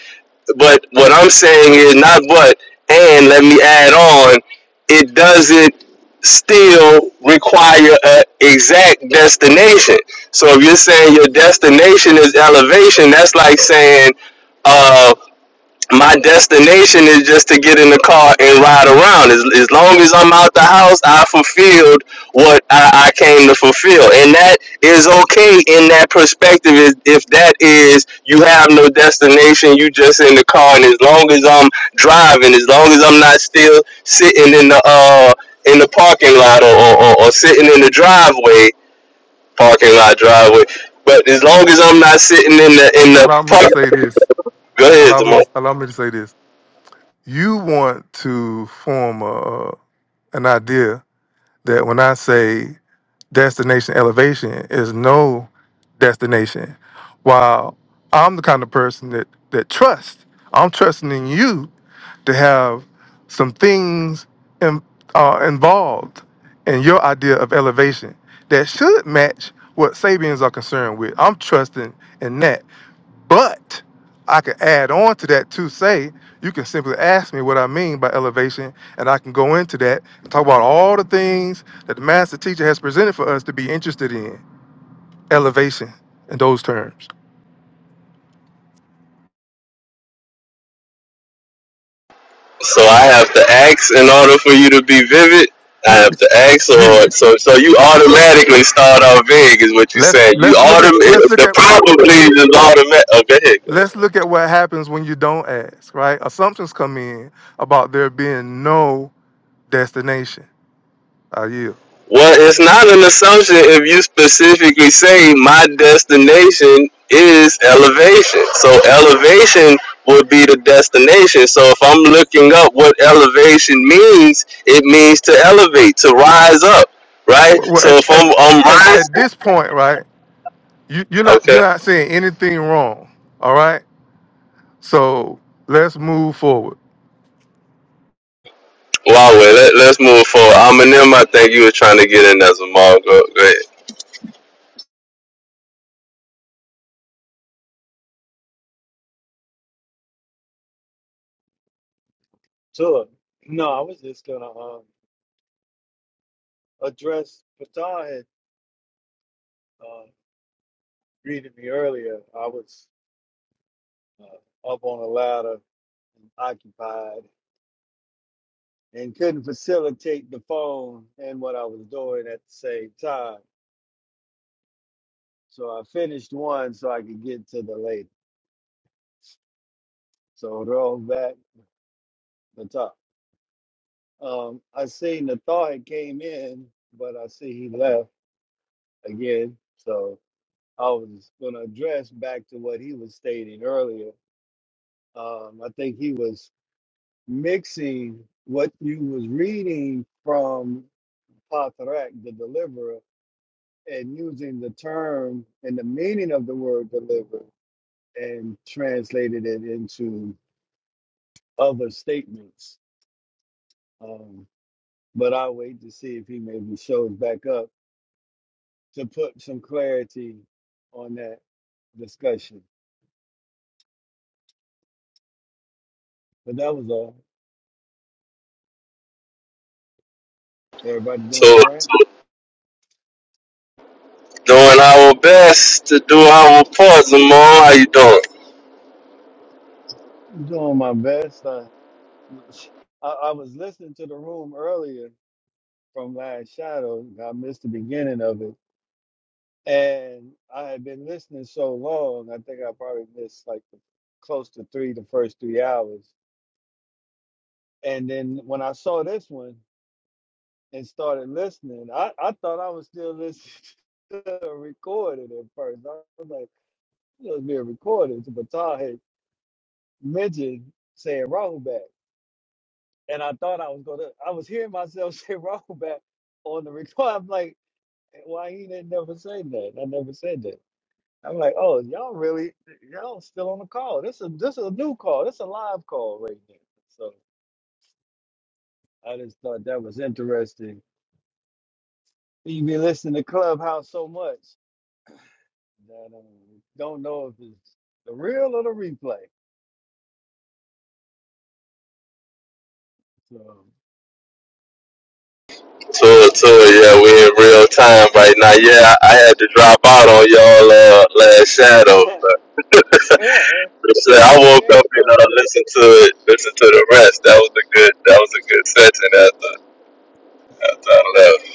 [SPEAKER 1] But what I'm saying is not but and let me add on, it doesn't still require an exact destination. So if you're saying your destination is elevation, that's like saying, uh, my destination is just to get in the car and ride around. As, as long as I'm out the house, I fulfilled what I, I came to fulfill. And that is okay in that perspective. If, if that is, you have no destination, you just in the car. And as long as I'm driving, as long as I'm not still sitting in the, uh, in the parking lot or, or, or, sitting in the driveway, parking lot driveway. But as long as I'm not sitting in the,
[SPEAKER 2] A-
[SPEAKER 1] in the
[SPEAKER 2] Allow me to
[SPEAKER 1] park,
[SPEAKER 2] say this.
[SPEAKER 1] go ahead,
[SPEAKER 2] Allow me.
[SPEAKER 1] Jamal.
[SPEAKER 2] To, allow me to say this. You want to form a, an idea that when I say destination elevation is no destination, while I'm the kind of person that that trusts. I'm trusting in you to have some things in, uh, involved in your idea of elevation that should match what Sabians are concerned with. I'm trusting in that. But I could add on to that to say, you can simply ask me what I mean by elevation, and I can go into that and talk about all the things that the master teacher has presented for us to be interested in. Elevation in those terms.
[SPEAKER 1] So I have to ask in order for you to be vivid. I have to ask,
[SPEAKER 2] You-
[SPEAKER 1] or so so you automatically start off vague is what you
[SPEAKER 2] Let's
[SPEAKER 1] said. You
[SPEAKER 2] let's look
[SPEAKER 1] autom
[SPEAKER 2] at let's look
[SPEAKER 1] the
[SPEAKER 2] at
[SPEAKER 1] probably is automatic. Oh, go ahead, go ahead.
[SPEAKER 2] Let's look at what happens when you don't ask, right? Assumptions come in about there being no destination. Are you?
[SPEAKER 1] Well, it's not an assumption if you specifically say my destination is elevation. So elevation would be the destination. So if I'm looking up what elevation means, it means to elevate, to rise up, right?
[SPEAKER 2] Well, well,
[SPEAKER 1] So
[SPEAKER 2] at,
[SPEAKER 1] if
[SPEAKER 2] at,
[SPEAKER 1] I'm I'm
[SPEAKER 2] at, at
[SPEAKER 1] rising,
[SPEAKER 2] this point, right? You, you're not
[SPEAKER 1] okay.
[SPEAKER 2] you're not saying anything wrong. All right. So let's move forward.
[SPEAKER 1] Wow, wait, let, let's move forward. Eminem, I think you were trying to get in as a mall. go ahead.
[SPEAKER 9] Sure. No, I was just gonna um, address Patan had uh, greeted me earlier. I was uh, up on a ladder, and occupied, and couldn't facilitate the phone and what I was doing at the same time. So I finished one so I could get to the lady. So roll back the top. Um, I seen the thought had came in, but I see he left again. So. I was going to address back to what he was stating earlier. Um, I think he was mixing what you was reading from Patrak, the deliverer, and using the term and the meaning of the word deliver and translated it into other statements. Um, but I'll wait to see if he maybe shows back up to put some clarity on that discussion. But that was all. Everybody doing all
[SPEAKER 1] So,
[SPEAKER 9] right?
[SPEAKER 1] doing our best to do our part, Zamal. How you doing?
[SPEAKER 9] Doing my best. Uh, I, I was listening to the room earlier from Last Shadow. I missed the beginning of it. And I had been listening so long, I think I probably missed like the, close to three, the first three hours. And then when I saw this one and started listening, I, I thought I was still listening <laughs> to the recording at first. I was like, it was being recorded. But Todd had mentioned saying Rahubat. and I thought I was gonna. I was hearing myself <laughs> say Razorback on the record. I'm like, why he didn't never say that? I never said that. I'm like, oh, y'all really, y'all still on the call? This is this is a new call. This is a live call right now. So I just thought that was interesting. You be listening to Clubhouse so much that um, don't know if it's the real or the replay. So
[SPEAKER 1] So, so yeah, we in real time right now. Yeah, I, I had to drop out on y'all uh, last shadow.
[SPEAKER 9] <laughs> yeah, eh,
[SPEAKER 1] So
[SPEAKER 9] I
[SPEAKER 1] I
[SPEAKER 9] think
[SPEAKER 1] woke up and uh,
[SPEAKER 9] everybody.
[SPEAKER 1] listened to it, listened to the rest. That was a good, that was a good session after, after I left.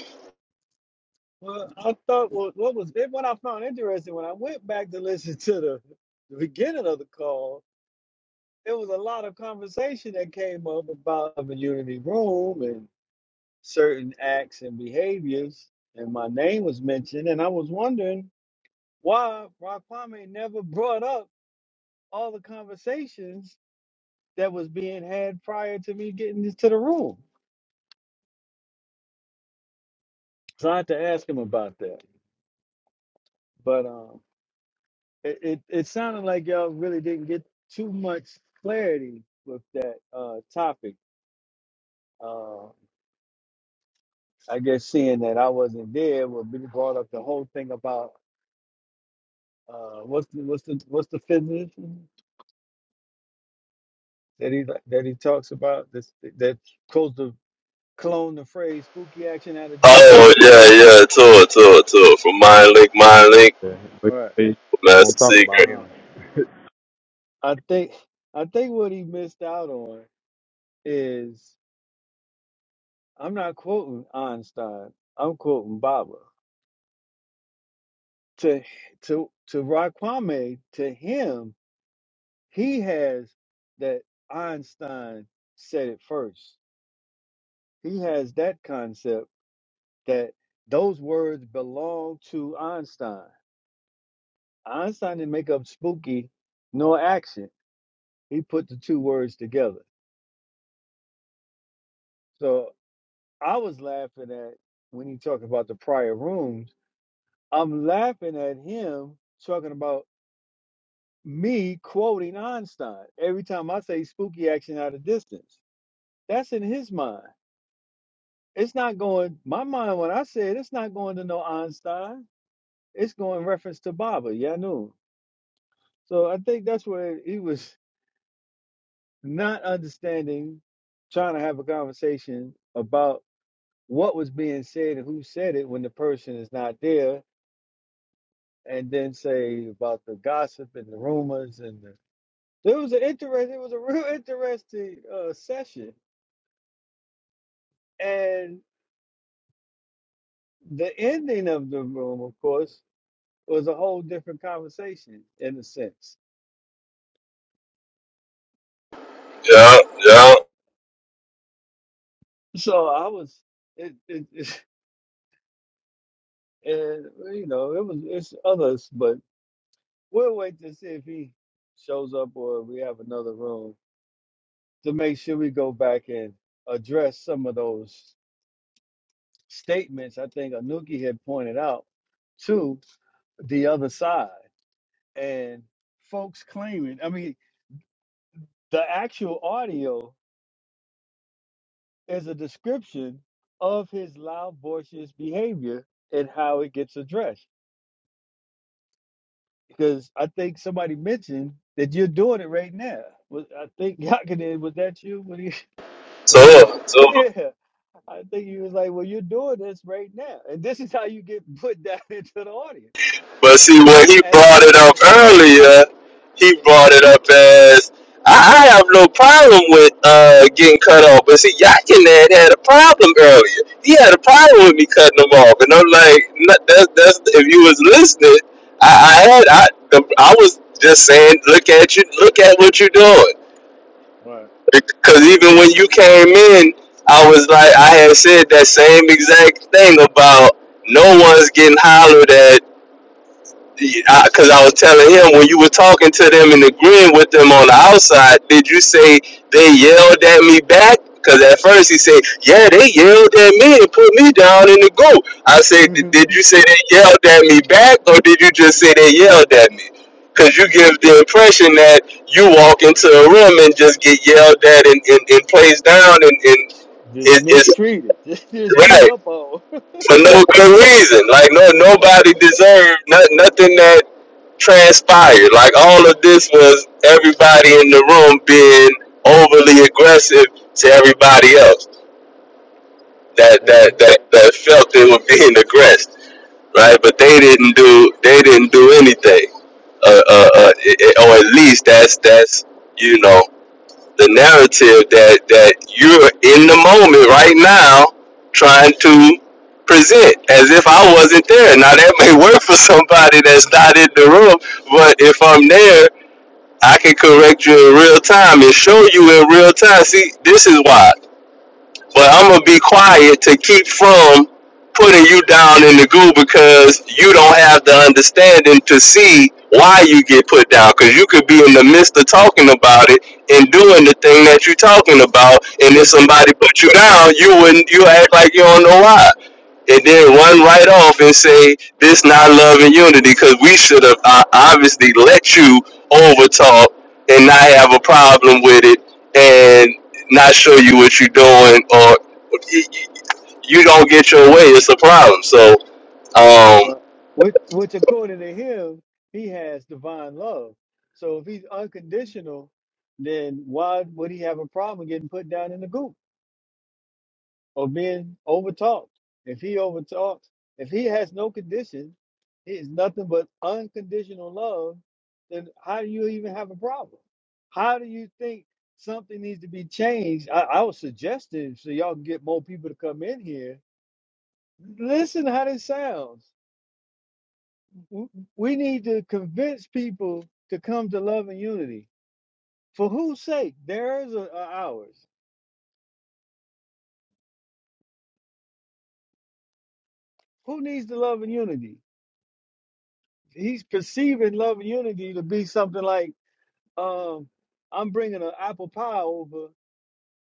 [SPEAKER 9] Well, I thought what, what was it, what I found interesting when I went back to listen to the, the beginning of the call, there was a lot of conversation that came up about the unity room and certain acts and behaviors, and my name was mentioned, and I was wondering why Rock Kwame never brought up all the conversations that was being had prior to me getting into the room. Tried to ask him about that, but um. it, it, it sounded like y'all really didn't get too much clarity with that uh, topic. Uh, I guess seeing that I wasn't there, well, we brought up the whole thing about uh, what's the, what's the what's the physician that he that he talks about this that goes to clone the phrase "spooky action at a
[SPEAKER 1] Oh
[SPEAKER 9] distance."
[SPEAKER 1] yeah, yeah, tour, tour, tour. From Mind Link, Mind Link,
[SPEAKER 4] Yeah, but
[SPEAKER 9] All right,
[SPEAKER 4] you won't
[SPEAKER 1] Master
[SPEAKER 4] talk about
[SPEAKER 1] Secret.
[SPEAKER 4] him.
[SPEAKER 9] uh,
[SPEAKER 4] <laughs>
[SPEAKER 9] I think I think what he missed out on is I'm not quoting Einstein. I'm quoting Baba. to to to Rod Kwame, to him, he has that Einstein said it first. He has that concept that those words belong to Einstein. Einstein didn't make up spooky nor action. He put the two words together. So I was laughing at when he talked about the prior rooms. I'm laughing at him talking about me quoting Einstein every time I say spooky action out of distance That's in his mind. It's not going my mind when I said it's not going to no Einstein. It's going reference to Baba, Yanun. So I think that's where he was not understanding, trying to have a conversation about what was being said and who said it when the person is not there, and then say about the gossip and the rumors and the it was an interest it was a real interesting uh, session. And the ending of the room, of course, was a whole different conversation in a sense.
[SPEAKER 1] Yeah, yeah.
[SPEAKER 9] So I was, it, it, <laughs> it and you know, it was it's others, but we'll wait to see if he shows up or we have another room to make sure we go back and address some of those statements. I think Anuki had pointed out to the other side and folks claiming. I mean, the actual audio. is a description of his loud, boisterous behavior and how it gets addressed. Because I think somebody mentioned that you're doing it right now. Was I think <laughs> Yakinen, was that you when he when he was
[SPEAKER 1] Tour,
[SPEAKER 9] <laughs>
[SPEAKER 1] tour.
[SPEAKER 9] yeah. I think he was like, Well, you're doing this right now. And this is how you get put down <laughs> into the audience.
[SPEAKER 1] But see, when he
[SPEAKER 9] As
[SPEAKER 1] brought
[SPEAKER 9] if
[SPEAKER 1] it up earlier, he brought it up as I, I have no problem with uh, getting cut off. But see, Yakinet had a problem earlier. He had a problem with me cutting him off, and I'm like, no, that's that's if you was listening, I, I had I the, I was just saying, look at you, look at what you're doing.
[SPEAKER 9] Right.
[SPEAKER 1] Because even when you came in, I was like, I had said that same exact thing about no one's getting hollered at because I, I was telling him when you were talking to them and agreeing with them on the outside, did you say they yelled at me back? Because at first he said, "Yeah, they yelled at me and put me down in the group." I said, "Did
[SPEAKER 9] <laughs>
[SPEAKER 1] did you say they yelled at me back, or did you just say they yelled at me?" Because you give the impression that you walk into a room and just get yelled at and, and, and placed down, and, and
[SPEAKER 9] just
[SPEAKER 1] it, it's
[SPEAKER 9] mistreated, <laughs> just, just beat
[SPEAKER 1] right
[SPEAKER 9] up on.
[SPEAKER 1] for no good reason. Like no, nobody deserved not, nothing that transpired. Like all of this was everybody in the room being overly aggressive to everybody else that
[SPEAKER 9] And
[SPEAKER 1] that that, that felt they were being aggressed, right? But they didn't do they didn't do anything, uh, uh, uh, i- or at least that's that's you know the narrative that that you're in the moment right now trying to present as if I wasn't there. Now that may work for somebody that's not in the room, but if I'm there I can correct you in real time and show you in real time. See, this is why. But I'm gonna be quiet to keep from putting you down in the goo because you don't have the understanding to see why you get put down. Because you could be in the midst of talking about it and doing the thing that you're talking about, and if somebody put you down, you wouldn't. You act like you don't know why and then one right
[SPEAKER 9] <laughs>
[SPEAKER 1] off and say this not love and unity because we should have uh, obviously let you over talk and not have a problem with it and not show you what you're doing or you don't get your way it's a problem so um
[SPEAKER 9] Right. Which, which according to him, he has divine love. So if he's unconditional, then why would he have a problem getting put down in the goop or being overtalked? If he overtalks, if he has no condition, he is nothing but unconditional love, then how do you even have a problem? How do you think something needs to be changed? I, I was suggesting so y'all can get more people to come in here. Listen how this sounds. w- we need to convince people to come to love and unity. For whose sake? Theirs or, or ours? Who needs the love and unity? He's perceiving love and unity to be something like, um, I'm bringing an apple pie over.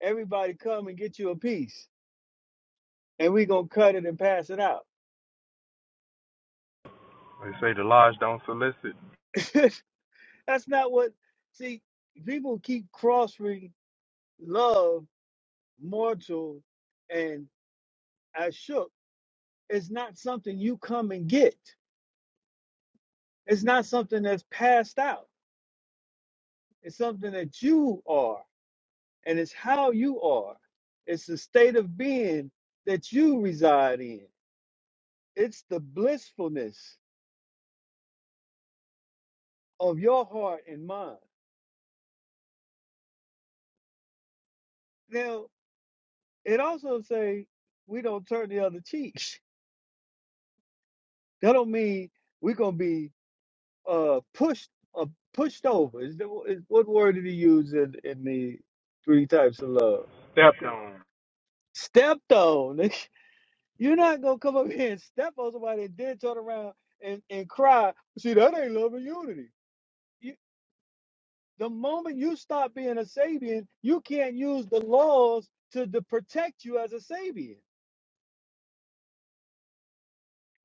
[SPEAKER 9] Everybody come and get you a piece, and we gonna cut it and pass it out.
[SPEAKER 4] They say the lodge don't solicit.
[SPEAKER 9] <laughs> That's not what. See, people keep crossing love, mortal, and ashuk. It's not something you come and get. It's not something that's passed out. It's something that you are, and it's how you are. It's the state of being that you reside in. It's the blissfulness of your heart and mind. Now, it also say we don't turn the other cheek. <laughs> That don't mean we're gonna be uh pushed uh, pushed over. Is, the, is what word did he use in, in the three types of love?
[SPEAKER 4] Step on.
[SPEAKER 9] Stepped on. <laughs> You're not gonna come up <laughs> here and step on somebody and then turn around and, and cry. See, that ain't love and unity. You, the moment you stop being a Sabian, you can't use the laws to, to protect you as a Sabian.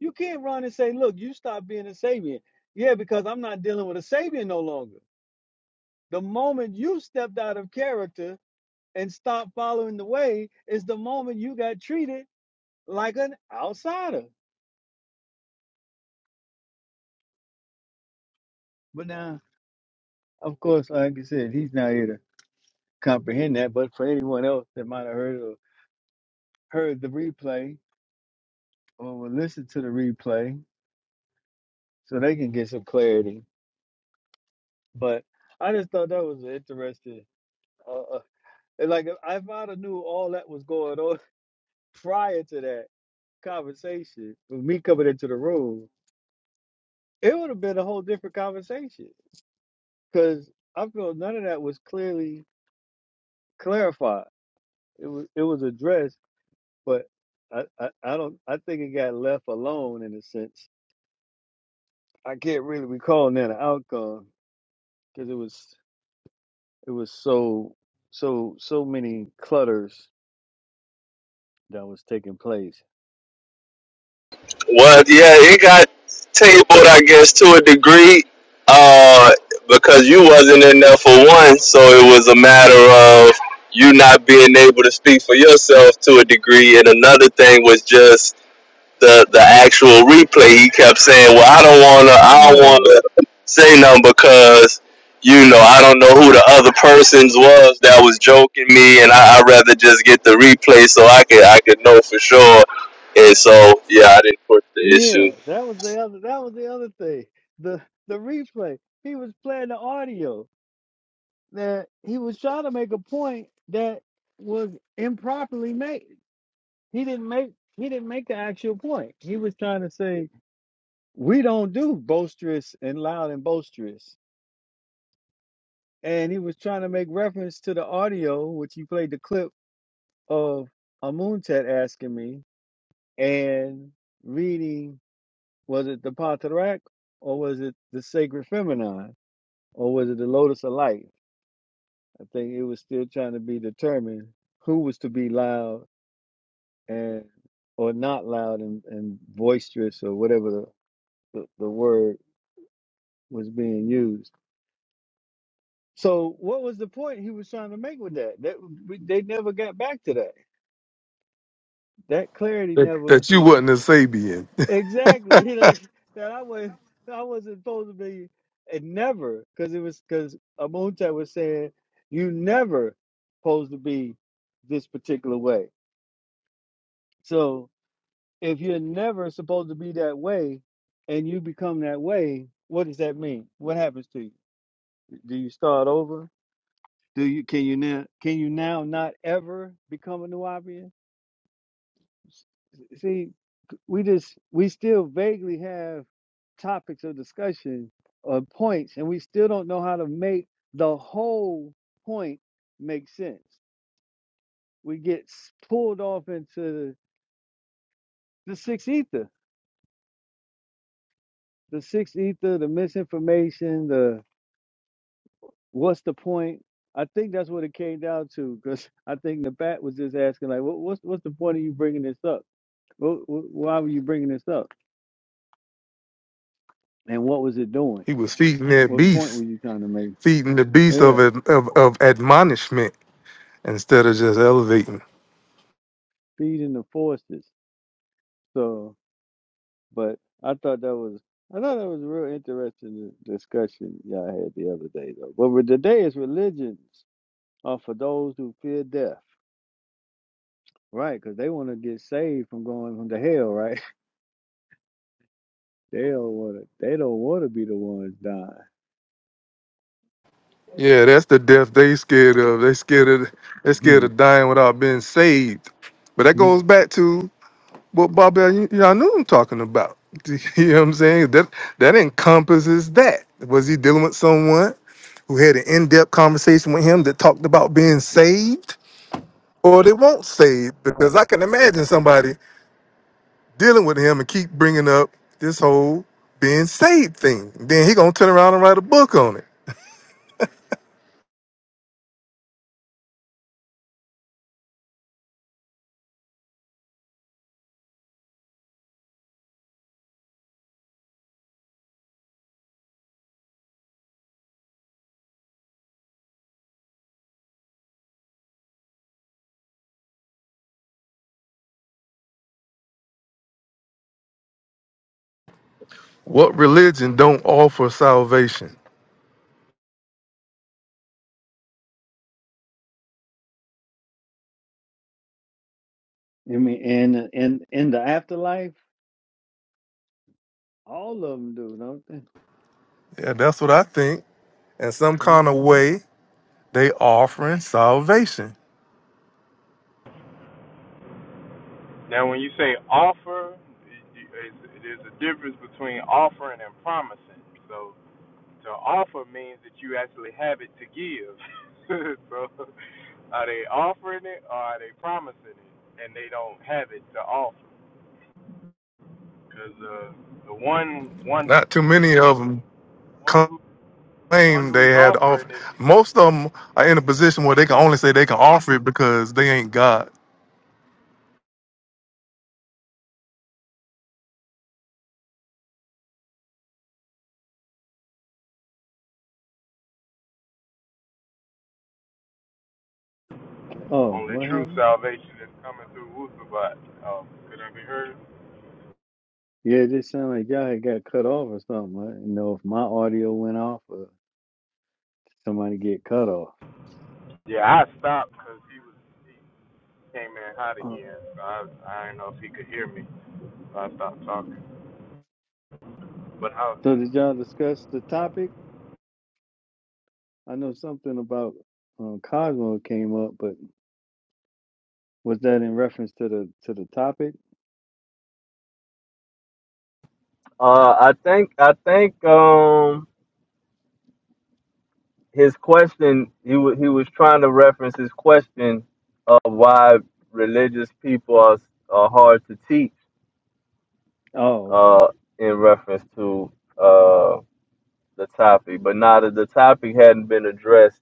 [SPEAKER 9] You can't run and say, look, you stop being a Sabian. Yeah, because I'm not dealing with a Sabian no longer. The moment you stepped out of character and stopped following the way is the moment you got treated like an outsider. But now, of course, like you said, he's not here to comprehend that. But for anyone else that might have heard or heard the replay or will listen to the replay, so they can get some clarity. But I just thought that was an interesting. Uh, uh, and like if I'd have knew all that was going on <laughs> prior to that conversation with me coming into the room, it would have been a whole different conversation because I feel none of that was clearly clarified. It was it was addressed, but I, I, I don't I think it got left alone in a sense I can't really recall now the outcome because it was it was so so so many clutters that was taking place.
[SPEAKER 1] Well,
[SPEAKER 4] What's
[SPEAKER 1] yeah,
[SPEAKER 4] that?
[SPEAKER 1] it got tabled, I guess, to a degree, uh, because you wasn't in there for one, so it was a matter of you not being able to speak for yourself to a degree, and another thing was just the the actual replay, he kept saying, "Well, I don't wanna, I don't
[SPEAKER 9] Oh
[SPEAKER 1] wanna say nothing because you know I don't know who the other persons was that was joking me, and I, I'd rather just get the replay so I could I could know for sure." And so, yeah, I didn't put the
[SPEAKER 9] yeah,
[SPEAKER 1] issue.
[SPEAKER 9] that was the other that was the other thing. The the replay. He was playing the audio that he was trying to make a point that was improperly made. He didn't make he didn't make the actual point. He was trying to say we don't do boisterous and loud and boisterous and he was trying to make reference to the audio, which he played the clip of Amuntet asking me and reading. Was it the Patarak or was it the Sacred Feminine or was it the Lotus of Light? I think it was still trying to be determined who was to be loud and or not loud and, and boisterous or whatever the, the, the word was being used. So what was the point he was trying to make with that? That we, they never got back to that that clarity
[SPEAKER 2] That,
[SPEAKER 9] never
[SPEAKER 2] that you wasn't a Sabian. <laughs>
[SPEAKER 9] Exactly. <laughs> Like that I was I wasn't supposed to be and never because it was because Amuntat was saying you never supposed to be this particular way. So if you're never supposed to be that way and you become that way, what does that mean? What happens to you? Do you start over? Do you can you now can you now not ever become a new see, we just we still vaguely have topics of discussion or points, and we still don't know how to make the whole point make sense. We get pulled off into the sixth ether, the sixth ether, the misinformation, the what's the point. I think that's what it came down to, because <laughs> I think the bat was just asking, like, what, what's what's the point of you bringing this up? Wh- wh- Why were you bringing this up? And what was it doing?
[SPEAKER 2] He was feeding that
[SPEAKER 9] What point were
[SPEAKER 2] beast,
[SPEAKER 9] you trying to make?
[SPEAKER 2] feeding the beast
[SPEAKER 9] Yeah,
[SPEAKER 2] of ad- of, of admonishment instead of just elevating.
[SPEAKER 9] feeding the forces. So, but I thought that was I thought that was a real interesting discussion y'all had the other day though. But with today is religions are for those who fear death, right? Because they want to get saved from going from the hell, right? <laughs> They don't want to. They don't want to be the ones dying.
[SPEAKER 2] Yeah, that's the death they scared of. They scared of they scared of dying without being saved. But that
[SPEAKER 9] Mhm.
[SPEAKER 2] goes back to what Bobby Yanun talking about. <laughs> You know what I'm saying? That that encompasses that. Was he dealing with someone who had an in-depth conversation with him that talked about being saved, or they won't save? Because I can imagine somebody dealing with him and keep bringing up this whole being saved thing. Then he gonna turn around and write a book on it. What religion don't offer salvation?
[SPEAKER 9] I mean, and and in the afterlife, all of them do, don't they?
[SPEAKER 2] Yeah, that's what I think. In some kind of
[SPEAKER 9] hmm
[SPEAKER 2] way, they offering salvation.
[SPEAKER 4] Now, when you say offer, there's a difference between offering and promising. So. to offer means that you actually have it to give. <laughs> so, are they offering it or are they promising it, and they don't have it to offer? Because uh, the one, one,
[SPEAKER 2] Not too many of them
[SPEAKER 4] one who, one
[SPEAKER 2] claim they
[SPEAKER 4] who's
[SPEAKER 2] had
[SPEAKER 4] offering
[SPEAKER 2] offered.
[SPEAKER 4] it,
[SPEAKER 2] Most of them are in a position where they can only say they can offer it because they ain't God.
[SPEAKER 9] Oh,
[SPEAKER 4] only
[SPEAKER 9] what
[SPEAKER 4] true
[SPEAKER 9] happened?
[SPEAKER 4] salvation is coming through Wusabat. Um, could I be heard?
[SPEAKER 9] Yeah, it just sounded like y'all had got cut off or something. I didn't know if my audio went off or somebody get cut off.
[SPEAKER 4] Yeah, I stopped because he was he came in hot
[SPEAKER 9] Uh,
[SPEAKER 4] again, so I, I didn't know if he could hear me, so I stopped talking. But how?
[SPEAKER 9] So did y'all discuss the topic? I know something about um, Cosmo came up, but was that in reference to the to the topic?
[SPEAKER 1] Uh, I think I think um his question he was he was trying to reference his question of why religious people are, are hard to teach
[SPEAKER 9] Oh, okay.
[SPEAKER 1] uh in reference to uh the topic, but now that the topic hadn't been addressed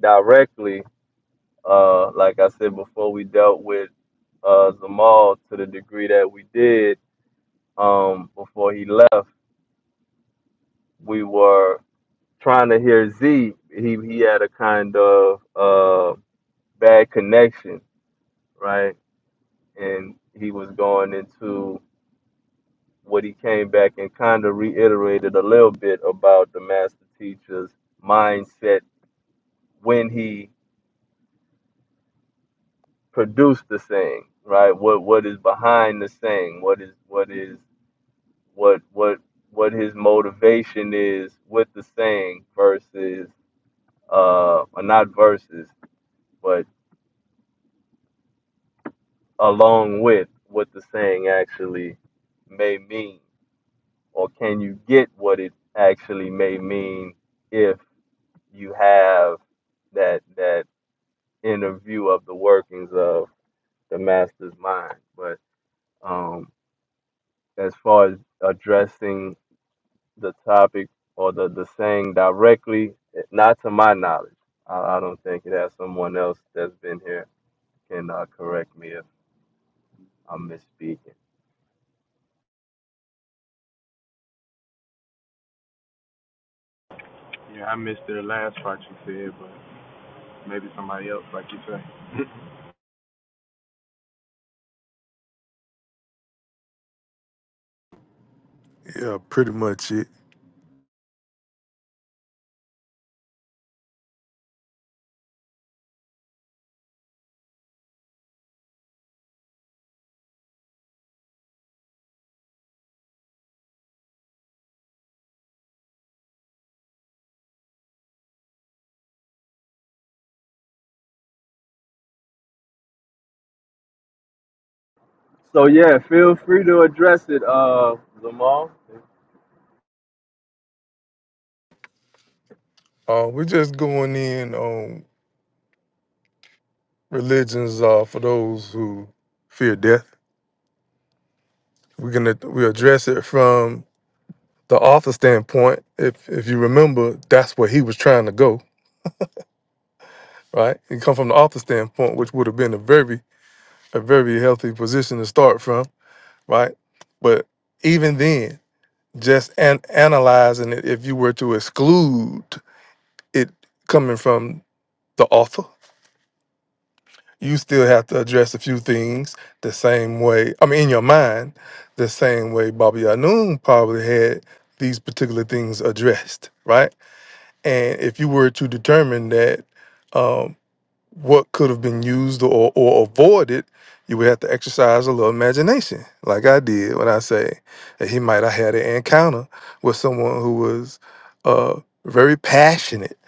[SPEAKER 1] directly, uh, like I said before, we dealt with uh, Zamal to the degree that we did um, before he left. We were trying to hear Z. He he had a kind of uh, bad connection, right? And he was going into what he came back and kind of reiterated a little bit about the master teacher's mindset when he produce the saying, right? What what is behind the saying? What is what is what what what his motivation is with the saying versus uh or not versus, but along with what the saying actually may mean, or can you get what it actually may mean if you have that that inner view of the workings of the master's mind? But um, as far as addressing the topic or the, the saying directly, not to my knowledge. I, I don't think it has someone else that's been here can uh, correct me if I'm misspeaking.
[SPEAKER 4] Yeah, I missed the last part you said, but maybe somebody else, like you say.
[SPEAKER 2] Yeah, pretty much it.
[SPEAKER 1] So yeah, feel free to address it, uh, Zamal.
[SPEAKER 2] Uh, we're just going in on religions uh, for those who fear death. We're gonna we address it from the author standpoint. If if you remember, that's where he was trying to go right? It come from the author standpoint, which would have been a very a very healthy position to start from, right? But even then, just an- analyzing it, if you were to exclude it coming from the author, you still have to address a few things the same way. I mean, in your mind, the same way Bobby Anoon probably had these particular things addressed, right? And if you were to determine that um, what could have been used or, or avoided, you would have to exercise a little imagination, like I did when I say that he might have had an encounter with someone who was uh, very passionate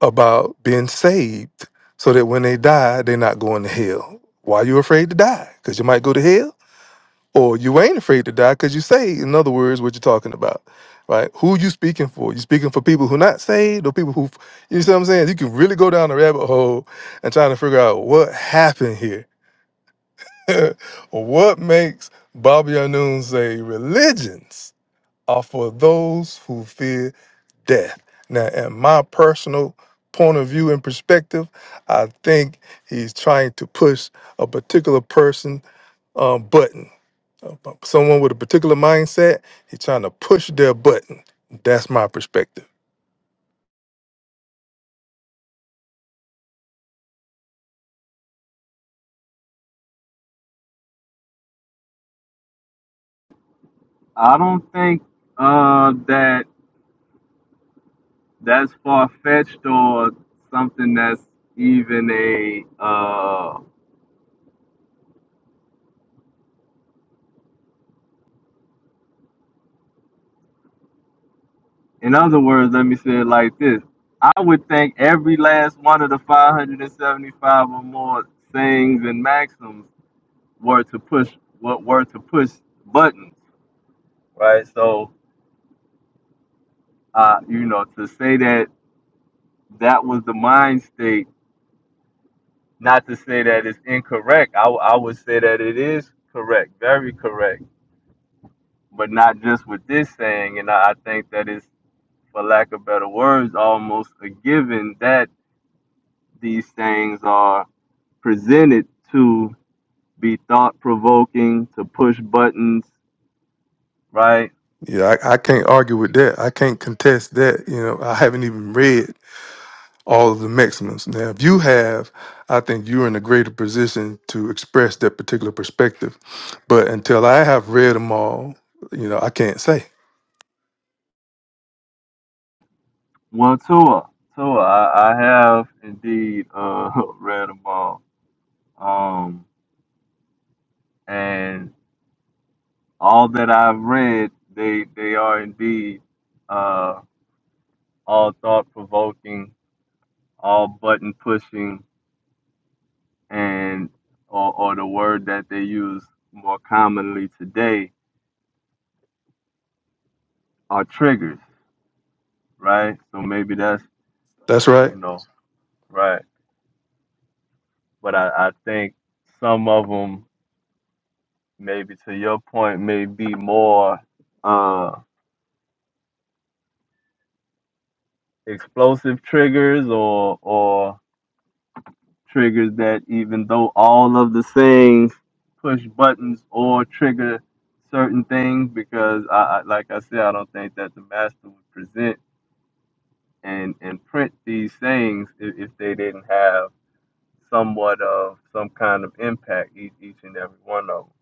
[SPEAKER 2] about being saved so that when they die, they're not going to hell. Why are you afraid to die? Because you might go to hell? or you ain't afraid to die because you saved. In other words, what you're talking about, right? Who you speaking for? You speaking for people who not saved or people who, you see what I'm saying? You can really go down the rabbit hole and trying to figure out what happened here, <laughs> or what makes Bobby Anoon say religions are for those who fear death. Now, in my personal point of view and perspective, I think he's trying to push a particular person um, buttons Someone with a particular mindset, he's trying to push their button. That's my perspective.
[SPEAKER 1] I don't think uh, that that's far fetched or something that's even a. Uh, in other words, let me say it like this: I would think every last one of the 575 or more sayings and maxims were to push what were to push buttons, right? So, uh, you know, to say that that was the mind state, not to say that it's incorrect. I, w- I would say that it is correct, very correct, but not just with this saying. And I, I think that it's, for lack of better words, almost a given that these things are presented to be thought provoking, to push buttons, right?
[SPEAKER 2] Yeah, I, I can't argue with that. I can't contest that. You know, I haven't even read all of the maximums. Now, if you have, I think you're in a greater position to express that particular perspective. But until I have read them all, you know, I can't say.
[SPEAKER 1] Well, Tua, Tua, I, I have indeed uh, <laughs> read them all, um, and all that I've read, they they are indeed uh, all thought provoking, all button pushing, and or, or the word that they use more commonly today are triggers, right? So maybe that's
[SPEAKER 2] That's right.
[SPEAKER 1] you know right, but I, I think some of them maybe to your point may be more. Uh, explosive triggers or or triggers that even though all of the things push buttons or trigger certain things because I, I like I said I don't think that the master would present and and print these things if, if they didn't have somewhat of some kind of impact each, each and every one of them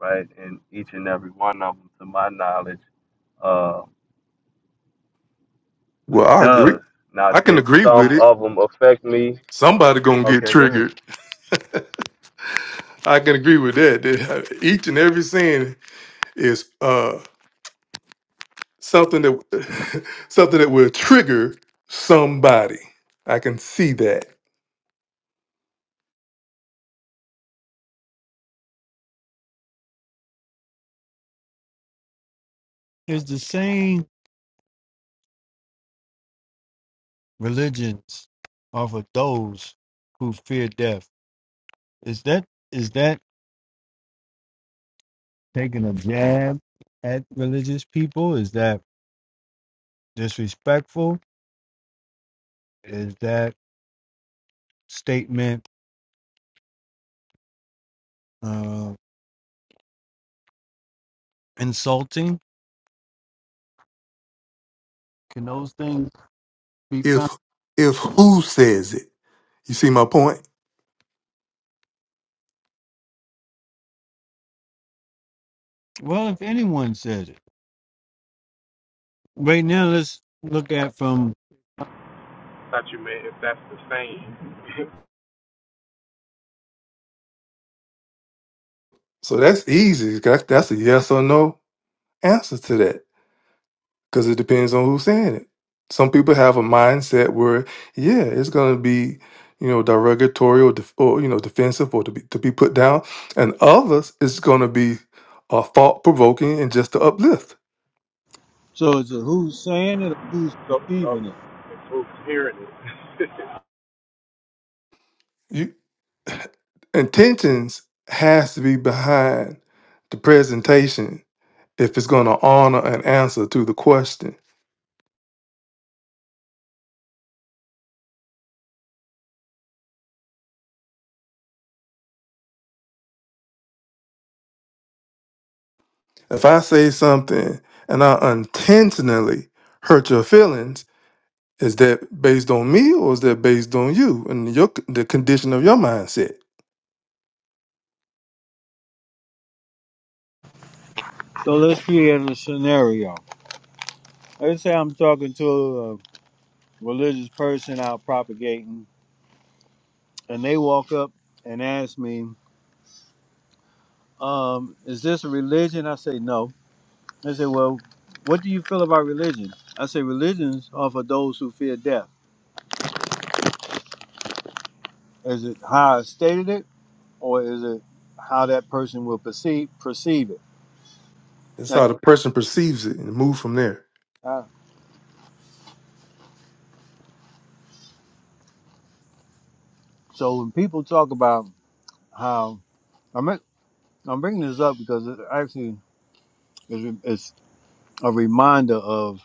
[SPEAKER 1] right and each and every one of them to my knowledge uh
[SPEAKER 2] Well, I agree.
[SPEAKER 1] does now
[SPEAKER 2] I can
[SPEAKER 1] did
[SPEAKER 2] agree with
[SPEAKER 1] some
[SPEAKER 2] it.
[SPEAKER 1] of them affect me
[SPEAKER 2] Somebody gonna get
[SPEAKER 1] okay go ahead
[SPEAKER 2] triggered. I can agree with that. That uh, Each and every sin is uh something that <laughs> something that will trigger somebody. I can see that.
[SPEAKER 9] Is the same religions are for those who fear death. Is that is that taking a jab at religious people? Is that disrespectful? Is that statement? uh, insulting. Can those things be
[SPEAKER 2] If
[SPEAKER 9] found?
[SPEAKER 2] if who says it, you see my point.
[SPEAKER 9] Well, if anyone says it. Right now, let's look at from.
[SPEAKER 4] <laughs> Thought you meant if that's the same.
[SPEAKER 2] So that's easy. That's that's a yes or no answer to that because it depends on who's saying it. Some people have a mindset where yeah, it's going to be you know derogatory or, def- or you know defensive or to be to be put down, and others it's going to be uh, thought provoking and just to uplift.
[SPEAKER 9] So it's a who's saying it or who's
[SPEAKER 4] <laughs> so, uh,
[SPEAKER 9] perceiving it?
[SPEAKER 4] if folks hearing it.
[SPEAKER 2] Intentions has to be behind the presentation if it's going to honor an answer to the question. If I say something and I intentionally hurt your feelings, is that based on me or is that based on you and your the condition of your mindset?
[SPEAKER 9] So let's create a scenario. Let's say I'm talking to a religious person out propagating, and they walk up and ask me, um, "Is this a religion?" I say no. They say, "Well, what do you feel about religion?" I say, "Religions are for those who fear death." Is it how I stated it? or is it how that person will perceive perceive it?
[SPEAKER 2] That's
[SPEAKER 9] Like,
[SPEAKER 2] how the person perceives it and move from there.
[SPEAKER 9] uh, so when people talk about how I'm I'm bringing this up because it actually is it's a reminder of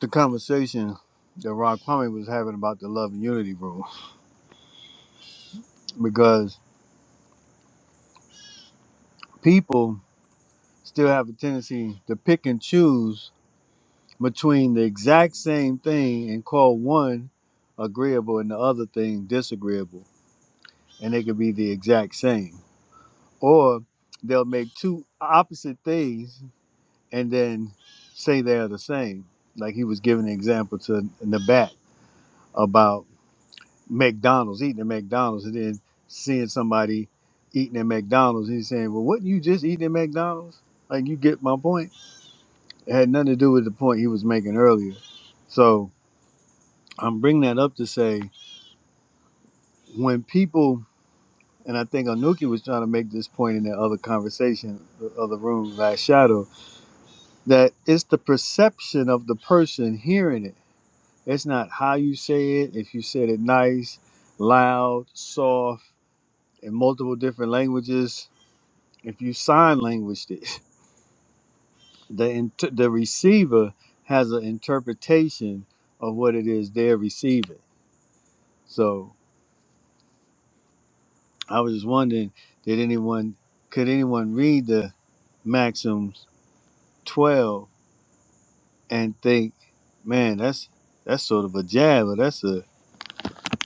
[SPEAKER 9] the conversation that Ron Kwame was having about the love and unity rule because people still have a tendency to pick and choose between the exact same thing and call one agreeable and the other thing disagreeable and they could be the exact same or they'll make two opposite things and then say they're the same. Like he was giving an example to Nabat about McDonald's, eating at McDonald's, and then seeing somebody eating at McDonald's. He's saying, Well, what you just eating at McDonald's? Like, you get my point. It had nothing to do with the point he was making earlier. So I'm bringing that up to say when people, and I think Anuki was trying to make this point in the other conversation, the other room, last shadow that it's the perception of the person hearing it. It's not how you say it. If you said it nice, loud, soft, in multiple different languages, if you sign languaged it, <laughs> the int- the receiver has an interpretation of what it is they're receiving. So I was just wondering, did anyone could anyone read the Maxims twelve and think, man, that's that's sort of a jab, or that's a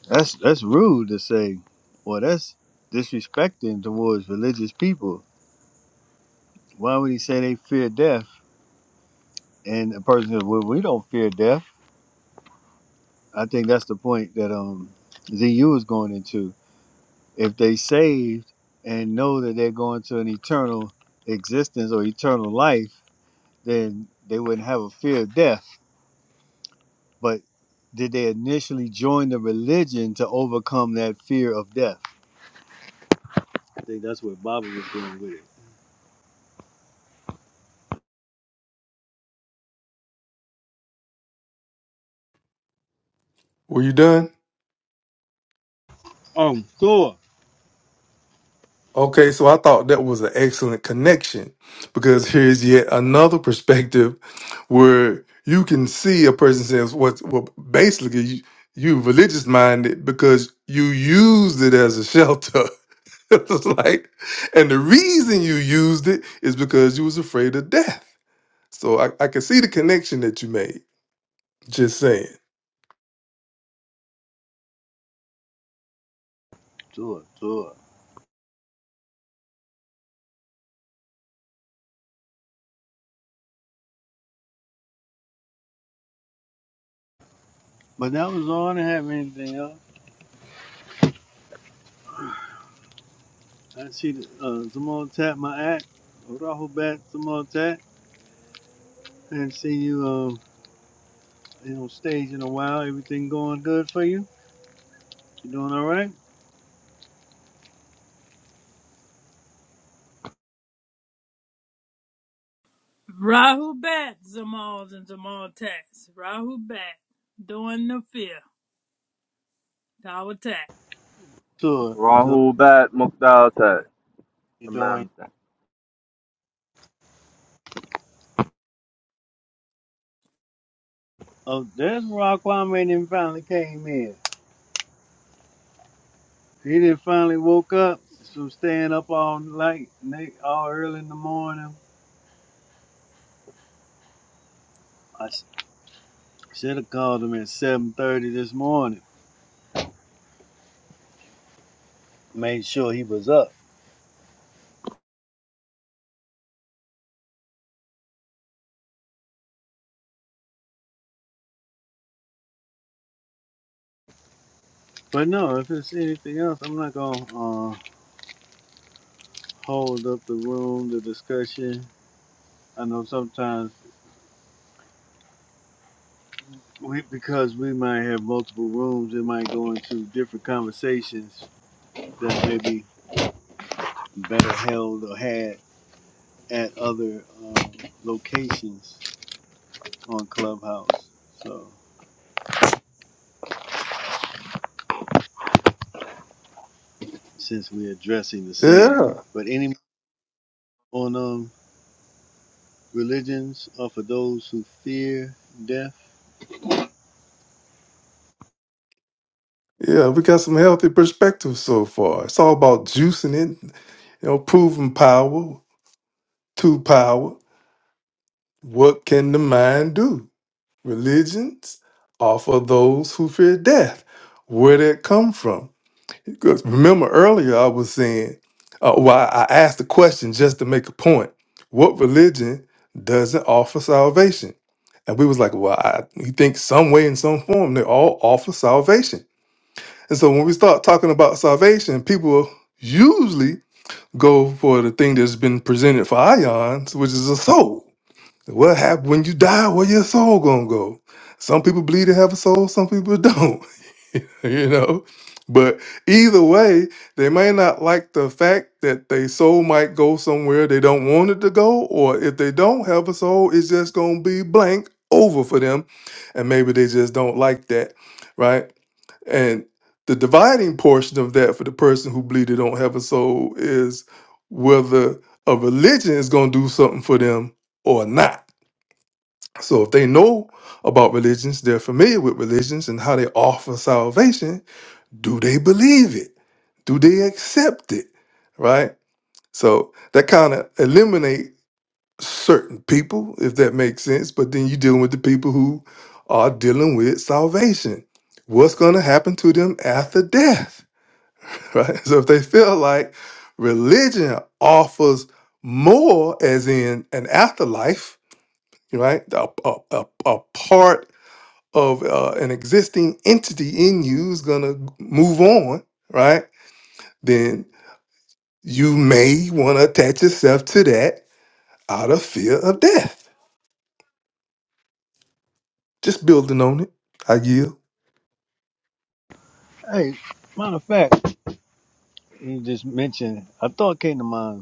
[SPEAKER 9] That's that's rude to say. Well, that's disrespecting towards religious people. Why would he say they fear death? And a person says, "Well, we don't fear death." I think that's the point that um ZU is going into. If they saved and know that they're going to an eternal existence or eternal life, then they wouldn't have a fear of death. But did they initially join the religion to overcome that fear of death? I think that's where Baba was going with it.
[SPEAKER 2] Were you done?
[SPEAKER 9] Um, sure.
[SPEAKER 2] Okay, so I thought that was an excellent connection because here's yet another perspective where you can see a person says what well basically you, you religious minded because you used it as a shelter. <laughs> it's like and the reason you used it is because you was afraid of death. So I, I can see the connection that you made. Just saying.
[SPEAKER 9] tour, tour. But that was all. I didn't have anything else. I see the, uh, Simone Tat, my act, Rahubat Simone Tat. I haven't seen you um, you know, stage in a while. Everything going good for you? You doing all right?
[SPEAKER 10] Rahu bat Zamals and Zamal tats. Rahu bat doing the fear. Tower Tat.
[SPEAKER 9] Tour, tour.
[SPEAKER 1] Rahul Bat Mukhtar Tat.
[SPEAKER 9] You doing?
[SPEAKER 1] Tamam Tat.
[SPEAKER 9] Oh, there's Raquaman and finally came in. He did finally woke up So staying up all night, all early in the morning. I should have called him at 7.30 this morning. Made sure he was up. But no, if it's anything else, I'm not gonna uh, hold up the room, the discussion. I know sometimes we, because we might have multiple rooms, it might go into different conversations that may be better held or had at other um, locations on Clubhouse. So since we're addressing the saying,
[SPEAKER 2] Yeah.
[SPEAKER 9] but any on um religions are for those who fear death.
[SPEAKER 2] Yeah, we got some healthy perspectives so far. It's all about juicing it, you know, proving power. to power, what can the mind do? Religions offer those who fear death. Where did it come from? Because remember earlier I was saying, uh, why I asked the question just to make a point. What religion doesn't offer salvation? And we was like, well, I, you think some way in some form they all offer salvation. And so when we start talking about salvation, people usually go for the thing that's been presented for ions, which is a soul what happened when you die? Where your soul gonna go? Some people believe they have a soul, some people don't. <laughs> You know, but either way, they may not like the fact that their soul might go somewhere they don't want it to go, or if they don't have a soul, it's just gonna be blank over for them, and maybe they just don't like that, right? And the dividing portion of that for the person who believe they don't have a soul is whether a religion is gonna do something for them or not so if they know about religions, they're familiar with religions and how they offer salvation, do they believe it? Do they accept it? Right? So that kind of eliminate certain people, if that makes sense. But then you're dealing with the people who are dealing with salvation. What's going to happen to them after death? <laughs> Right? So if they feel like religion offers more, as in an afterlife, right? A, a, a, a part of uh, an existing entity in you is going to move on, right? Then you may want to attach yourself to that out of fear of death. Just building on it. I yield.
[SPEAKER 9] Hey, matter of fact, you just mentioned. I thought came to mind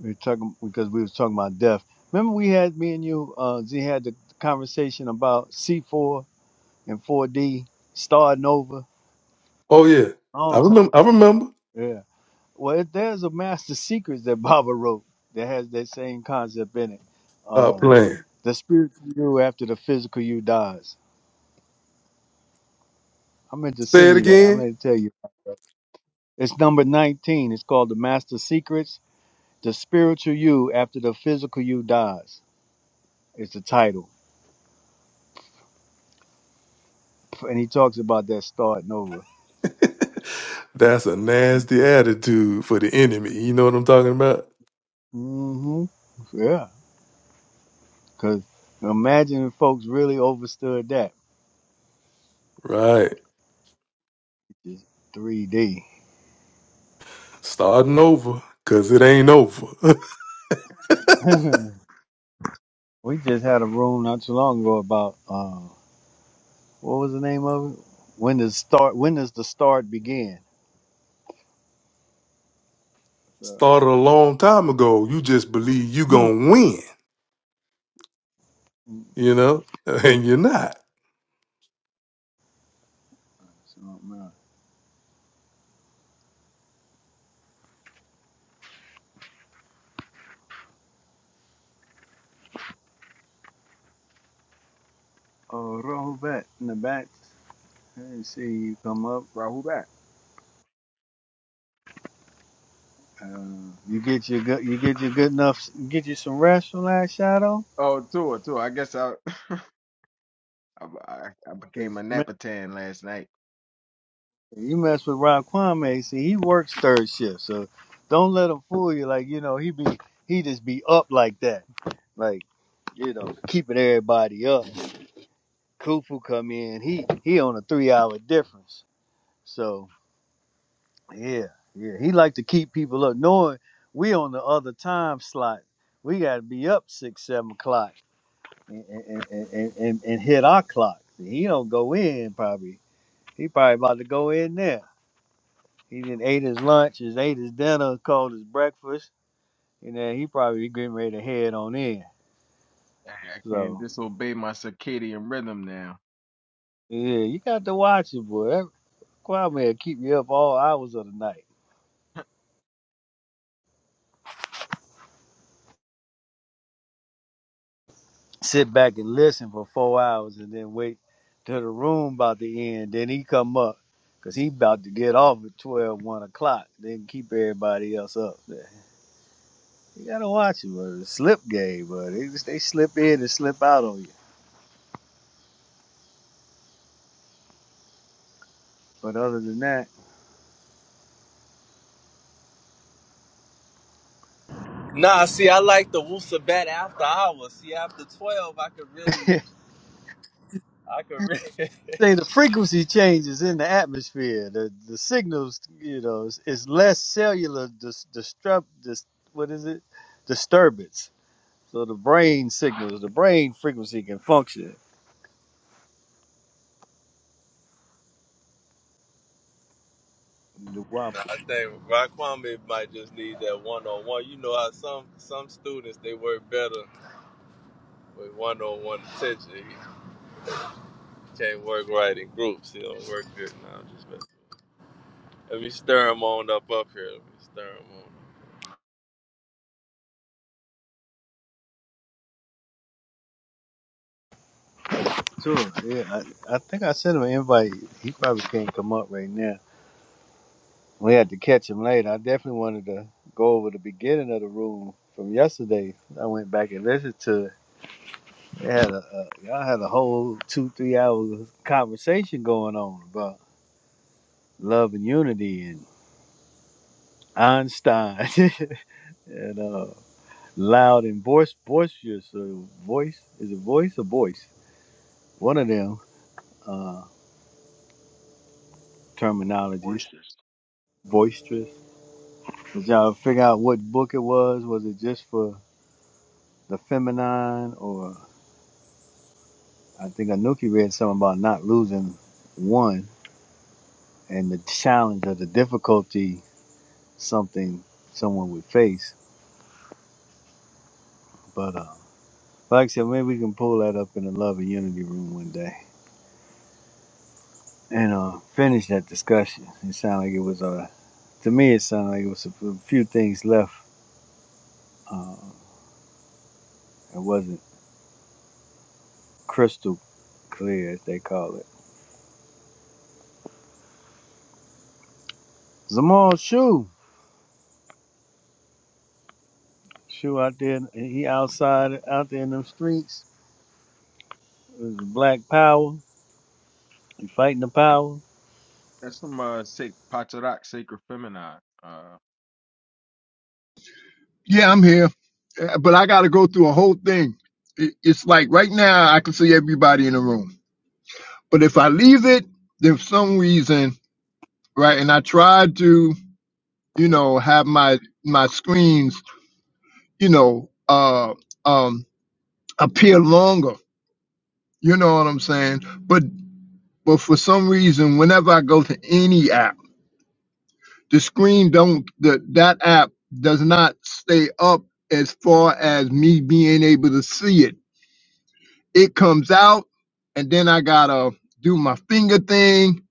[SPEAKER 9] We were talking because we was talking about death. Remember we had me and you, uh Z had the conversation about C four and four D starting over.
[SPEAKER 2] Oh yeah, I
[SPEAKER 9] Long time.
[SPEAKER 2] remember. I remember.
[SPEAKER 9] Yeah. Well it, there's a master secrets that Baba wrote that has that same concept in it.
[SPEAKER 2] Stop
[SPEAKER 9] Uh
[SPEAKER 2] playing.
[SPEAKER 9] the spiritual you after the physical you dies. I meant to
[SPEAKER 2] Say
[SPEAKER 9] send
[SPEAKER 2] it
[SPEAKER 9] you that. I
[SPEAKER 2] again.
[SPEAKER 9] meant to tell you. It's number nineteen. It's called The Master Secrets. The spiritual you after the physical you dies. It's the title. And he talks about that starting over.
[SPEAKER 2] <laughs> That's a nasty attitude for the enemy. You know what I'm talking about,
[SPEAKER 9] hmm Yeah, because imagine if folks really overstood that,
[SPEAKER 2] right?
[SPEAKER 9] which is 3D.
[SPEAKER 2] Starting over, cause it ain't over. <laughs>
[SPEAKER 9] <laughs> we just had a room not too long ago about uh, what was the name of it? When does start? When does the start begin? So,
[SPEAKER 2] Started a long time ago. You just believe you
[SPEAKER 9] hmm.
[SPEAKER 2] gonna win, you know, <laughs> and you're not.
[SPEAKER 9] Something else. Oh, Rohbat in the back. I didn't see you come up.
[SPEAKER 11] Bro, who back?
[SPEAKER 9] Uh, you get your good. You get your good enough. Get you some rest from last shadow.
[SPEAKER 11] Oh, Tua, Tua. I guess I <laughs> I, I I became a Napatan last night.
[SPEAKER 9] You mess with Ron Kwame, see, he works third shift, so don't let him fool you. Like you know, he be he just be up like that, like you know, keeping everybody up.
[SPEAKER 11] I
[SPEAKER 9] Kufu come in, he he on a three hour difference, so yeah, yeah, he like to keep people up, knowing we on the other time slot. We got to be up six seven o'clock and and, and, and, and and hit our clock. He don't go in probably. He probably about to go in there. He did ate his lunch, his ate his dinner, called his breakfast, and then he probably getting ready to head on in.
[SPEAKER 11] I can't
[SPEAKER 9] So
[SPEAKER 11] disobey my circadian rhythm now.
[SPEAKER 9] yeah, you got to watch it, boy. That choir man keep you up all hours of the night. Sit back and listen for four hours, and then wait till the room about to end. Then he come up, cause he about to get off at twelve one o'clock. Then keep everybody else up. There. You gotta watch it, bro. It's slip game, bro. They, they slip in and slip out on you. But other than that.
[SPEAKER 1] Nah,
[SPEAKER 9] saying the frequency changes in the atmosphere. The the signals, you know, is, is less cellular dis, disrupt. Dis, what is it? Disturbance. So the brain signals, the brain frequency can function. The WAP
[SPEAKER 1] I might just need that one on one. You know how some some students they work better with one on one attention. You can't work right in groups. You don't work good. Nah, I'm just messing. Let me stir them on up up here. Let me stir them on.
[SPEAKER 9] too. Yeah, I, I think I sent him an invite. He probably can't come up right now. We had to catch him later. I definitely wanted to go over the beginning of the room from yesterday. I went back and listened to it. They had a, a y'all had a whole two three hour conversation going on about Love and Unity and Einstein <laughs> and uh, Loud and Voice Boisterous or Voice is it Voice or Voice? One of them uh, terminologies.
[SPEAKER 11] Voices.
[SPEAKER 9] Boisterous. Did y'all figure out what book it was? Was it just for the feminine or I think Anuki read something about not losing one and the challenge or the difficulty something someone would face. But uh, like I said, maybe we can pull that up in the Love and Unity room one day. and uh, finish that discussion. It sounded like it was uh, to me. It sounded like it was a few things left. Uh, it wasn't crystal clear, as they call it. Zamal Shoe, Shoe out there. He outside, out there in them streets. It was Black Power. He fighting the power.
[SPEAKER 11] That's from uh Sac- Patarak Sacred Feminine. Uh
[SPEAKER 6] Yeah, I'm here, Uh, but I got to go through a whole thing. It- It's like right now I can see everybody in the room, but if I leave it, then for some reason, right? And I tried to, you know, have my my screens, you know, uh um appear longer. You know what I'm saying? But but for some reason, whenever I go to any app. the screen don't the, that app does not stay up as far as me being able to see it it comes out and then i gotta do my finger thing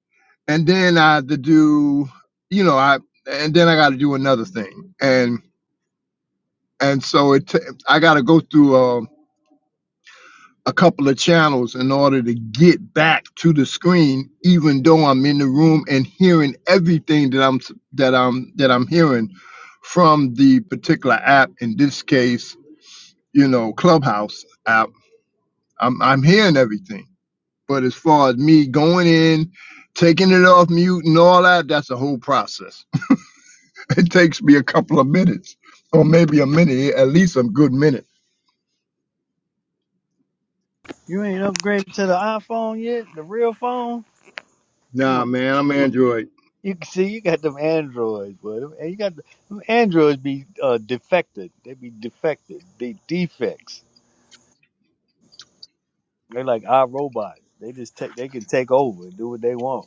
[SPEAKER 6] and then i have to do you know i and then i gotta do another thing and and so it ta- i gotta go through a a couple of channels in order to get back to the screen even though I'm in the room and hearing everything that I'm that I'm that I'm hearing from the particular app in this case you know Clubhouse app I'm I'm hearing everything but as far as me going in taking it off mute and all that that's a whole process <laughs> it takes me a couple of minutes or maybe a minute at least a good minute
[SPEAKER 9] You ain't upgraded to the iPhone yet, the real phone. You
[SPEAKER 6] nah
[SPEAKER 9] must.
[SPEAKER 6] man I'm Android
[SPEAKER 9] You can see you got them androids, boy. Them- you got the, them androids be uh, defected. They be defected. They defects. They like our robots. They just take they can take over and do what they want.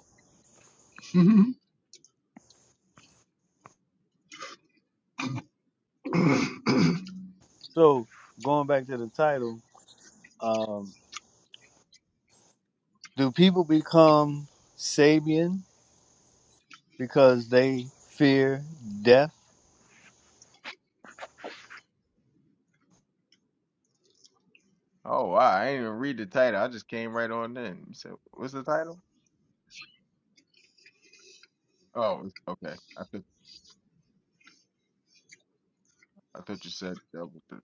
[SPEAKER 6] <laughs>
[SPEAKER 9] So going back to the title, um, do people become Sabian because they fear death?
[SPEAKER 11] oh wow, I didn't even read the title. I just came right on in. You said what's the title? Oh, it's- okay. I thought I thought you said that was the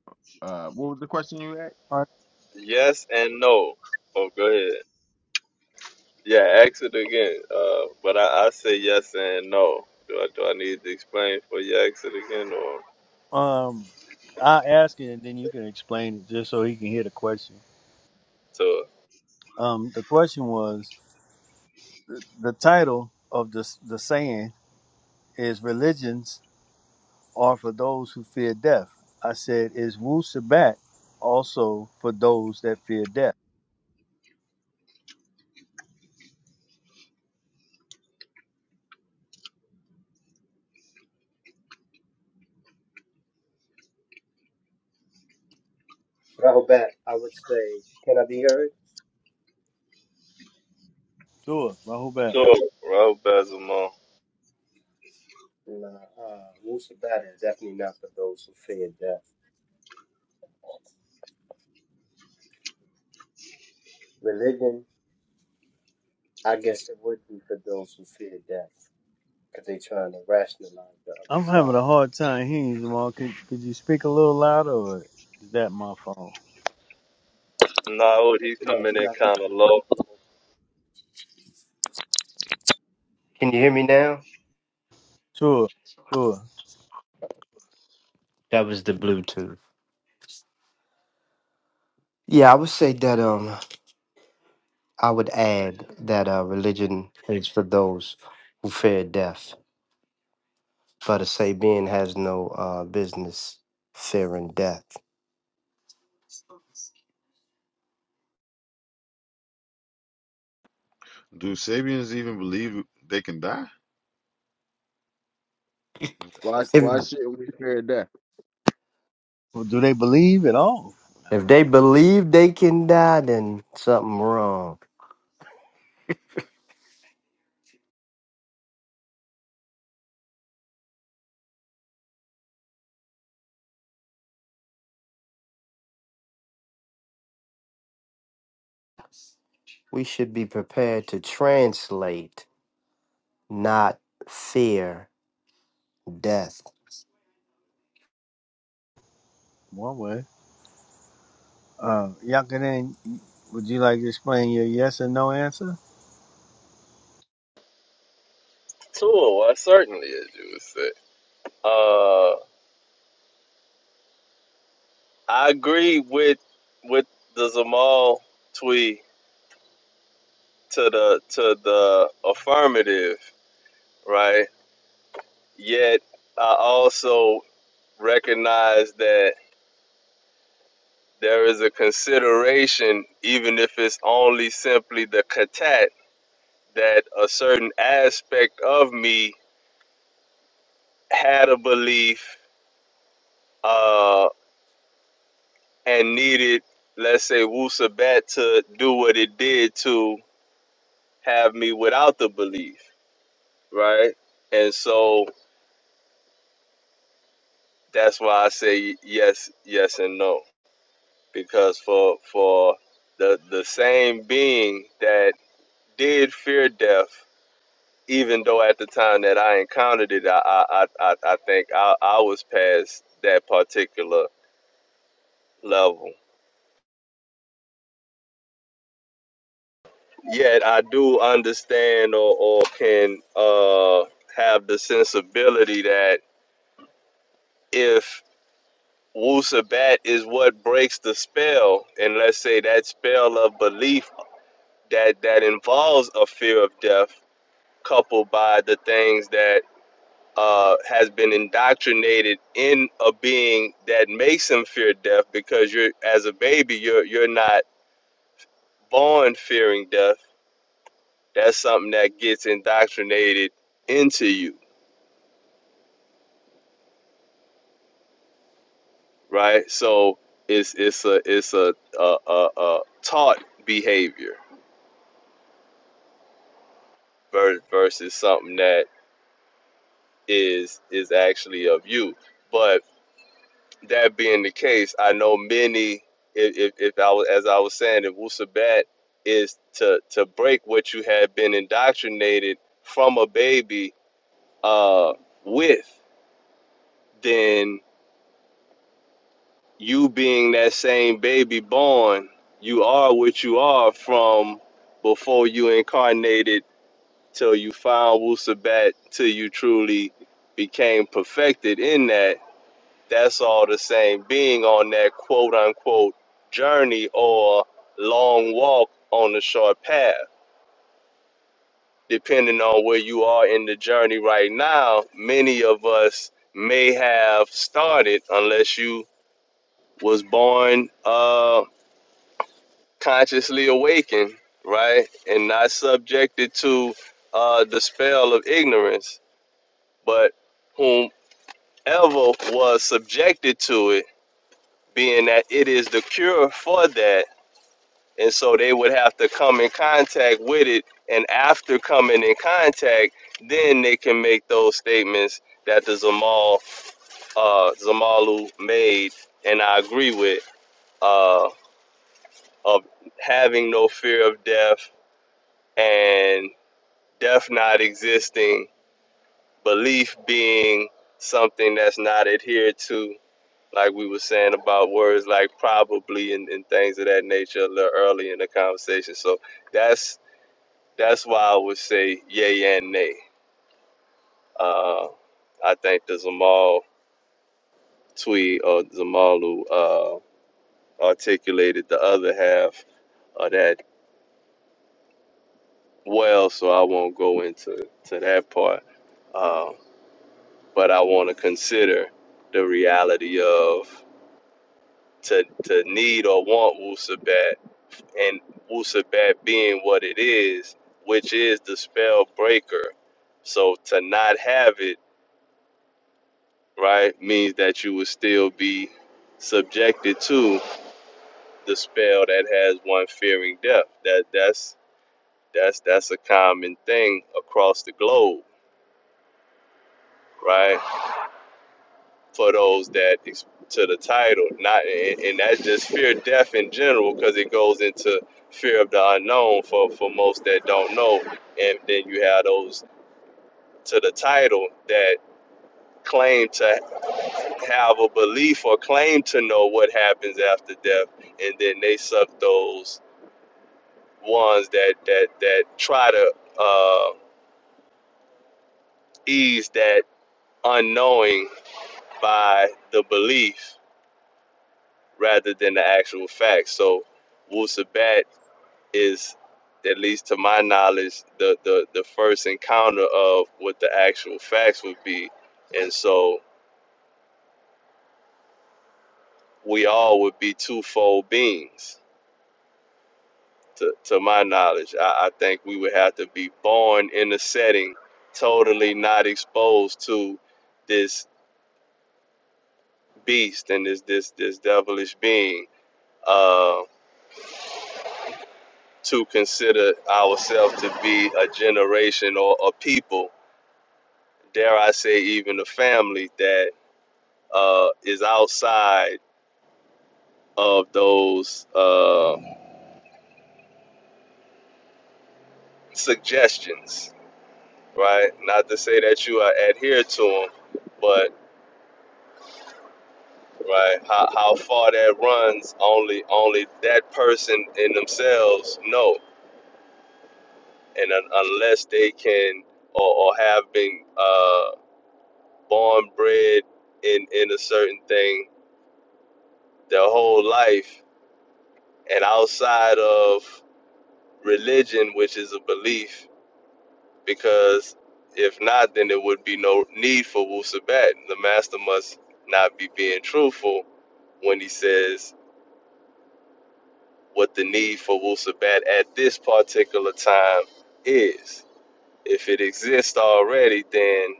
[SPEAKER 11] uh what was the question you asked?
[SPEAKER 1] Yes and no. Oh, go ahead. Yeah, ask it again. Uh, but I, I say yes and no. Do I do I need to explain for you ask it again or
[SPEAKER 9] Uh, Um, I ask it and then you can explain it just so he can hear the question.
[SPEAKER 1] so
[SPEAKER 9] Um, the question was the, the title of the the saying is religions are for those who fear death. I said is Wu Sabat also for those that fear death. Sure, my whole back.
[SPEAKER 1] to Raul Bezamon?
[SPEAKER 9] I'm having a hard time hearing you, Jamal. Could, could you speak a little louder, or is that my phone?
[SPEAKER 1] No, he's coming in kind of low.
[SPEAKER 12] Can you hear me now?
[SPEAKER 9] Sure, sure.
[SPEAKER 12] That was. Yeah, I would say that um, I would add.
[SPEAKER 7] Do Sabians even believe they can die?
[SPEAKER 11] Why why shouldn't we fear death?
[SPEAKER 9] Well, do they believe at all? One way. Uh, Yakanin, would you like to explain your yes and no answer?
[SPEAKER 1] Sure, I certainly as you would say. Uh, I agree with with the Zamal tweet to the to the affirmative, right? Yet I also recognize that there is a consideration, even if it's only simply the katat, that a certain aspect of me had a belief uh, and needed, let's say, wusabat to do what it did to have me without the belief, right? And so that's why I say yes, yes, and no, because for for the the same being that did fear death, even though at the time that I encountered it, I I I, I think I, I was past that particular level. Yet I do understand or, or can uh, have the sensibility that if Wusabat is what breaks the spell, and let's say that spell of belief that that involves a fear of death, coupled by the things that uh, has been indoctrinated in a being that makes him fear death, because you're as a baby, you're you're not born fearing death. That's something that gets indoctrinated into you, right? So it's it's a it's a a, a, a taught behavior versus something that is is actually of you. But that being the case, I know many. If, if, if I was, as I was saying, if Wusabat is to to break what you had been indoctrinated from a baby uh, with, then you being that same baby born, you are what you are from before you incarnated till you found Wusabat till you truly became perfected in that that's all the same being on that quote unquote journey or long walk on the short path. Depending on where you are in the journey right now, many of us may have started unless you was born uh consciously awakened, right? And not subjected to uh the spell of ignorance. But whomever was subjected to it, being that it is the cure for that and so they would have to come in contact with it and after coming in contact then they can make those statements that the zamal uh, zamalu made and i agree with uh, of having no fear of death and death not existing belief being something that's not adhered to like we were saying about words like probably and, and things of that nature a little early in the conversation so that's That's why I would say yay and nay. Uh, I think the Zamal tweet or Zamalu uh, articulated the other half of that well, so I won't go into to that part. Um, but I want to consider the reality of to, to need or want Wusabat and Wusabat being what it is, which is the spell breaker. So to not have it right? Means that you will still be subjected to the spell that has one fearing death. That that's that's that's a common thing across the globe, right? For those that ex- to the title, not and, and that's just fear death in general because it goes into fear of the unknown for for most that don't know, and then you have those to the title that claim to have a belief or claim to know what happens after death, and then they suck those ones that that that try to uh, ease that unknowing by the belief rather than the actual facts. So, Wusabat is, at least to my knowledge, the the the first encounter of what the actual facts would be, and so we all would be twofold beings to, to my knowledge. I, I think we would have to be born in the setting, totally not exposed to this beast and this this this devilish being, uh, to consider ourselves to be a generation or a people, dare I say even a family that uh, is outside of those uh, suggestions, right? Not to say that you are adhere to them, but right? How, how far that runs, only only that person in themselves know, and un- unless they can or, or have been uh, born bred in in a certain thing their whole life, and outside of religion, which is a belief, because if not, then there would be no need for Wu Sabat. The master must not be being truthful when he says what the need for Wusabat at this particular time is. If it exists already, then,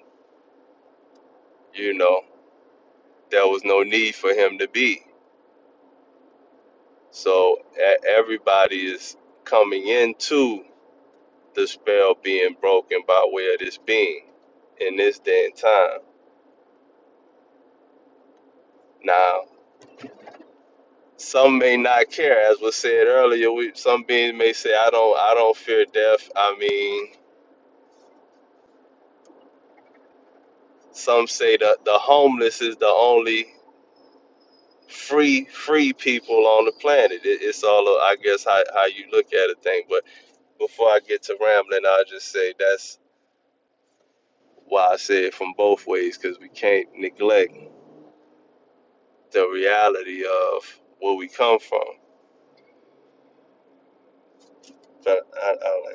[SPEAKER 1] you know, there was no need for him to be. So e- everybody is coming into the spell being broken by way of this being in this day and time. Now, some may not care, as was said earlier. We, some beings may say, "I don't, I don't fear death." I mean, some say that the homeless is the only free free people on the planet. It, it's all a- I guess how, how you look at a thing. But before I get to rambling, I'll just say that's why I say it from both ways because we can't neglect the reality of where we come from. But I, I,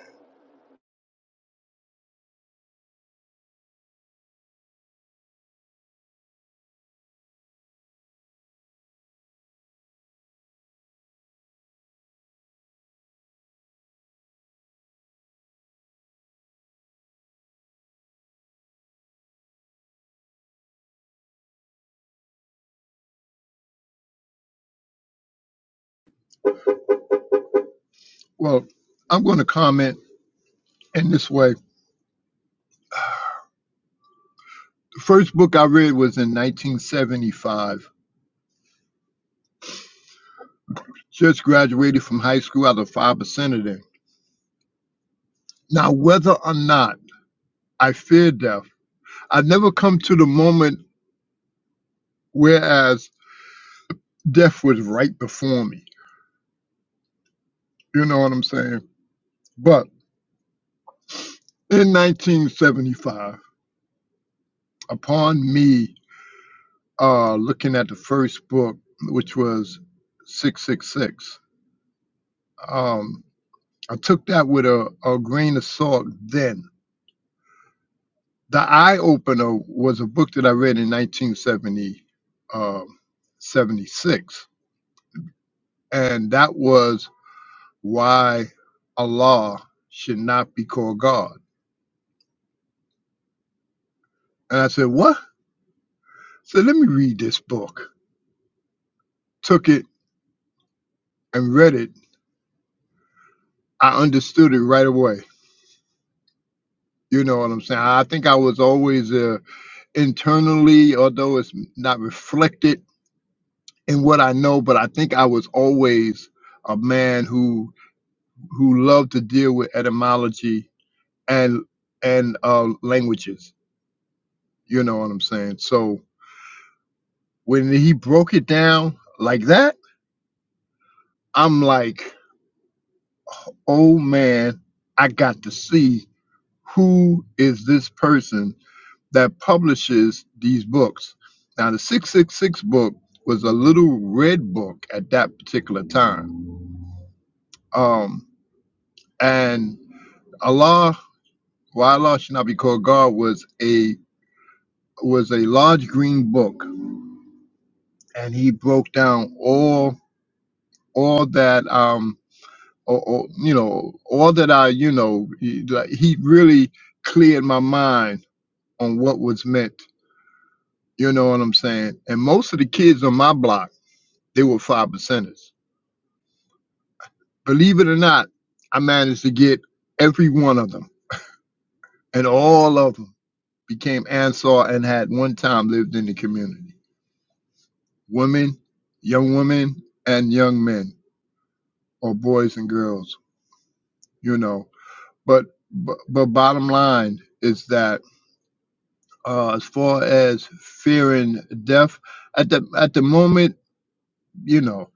[SPEAKER 6] Well, I'm going to comment in this way. The first book I read was in 1975. Just graduated from high school out of 5% of them. Now, whether or not I fear death, I never come to the moment whereas death was right before me. You know what I'm saying? But in 1975, upon me uh, looking at the first book, which was 666, um, I took that with a, a grain of salt then The Eye Opener was a book that I read in 1970, um, 76, and that was why Allah should not be called God. And I said, What? So let me read this book. Took it and read it. I understood it right away. You know what I'm saying? I think I was always uh, internally, although it's not reflected in what I know, but I think I was always a man who who loved to deal with etymology and and uh, languages. You know what I'm saying? So when he broke it down like that, I'm like, oh man, I got to see who is this person that publishes these books. Now the 666 book was a little red book at that particular time. Um, and Allah, why Allah should not be called God was a was a large green book, and he broke down all all that um or, or you know all that i you know he, like, he really cleared my mind on what was meant you know what i'm saying and most of the kids on my block they were five percenters believe it or not i managed to get every one of them and all of them became ansar and had one time lived in the community women young women and young men or boys and girls you know but but, but bottom line is that uh, as far as fearing death at the at the moment you know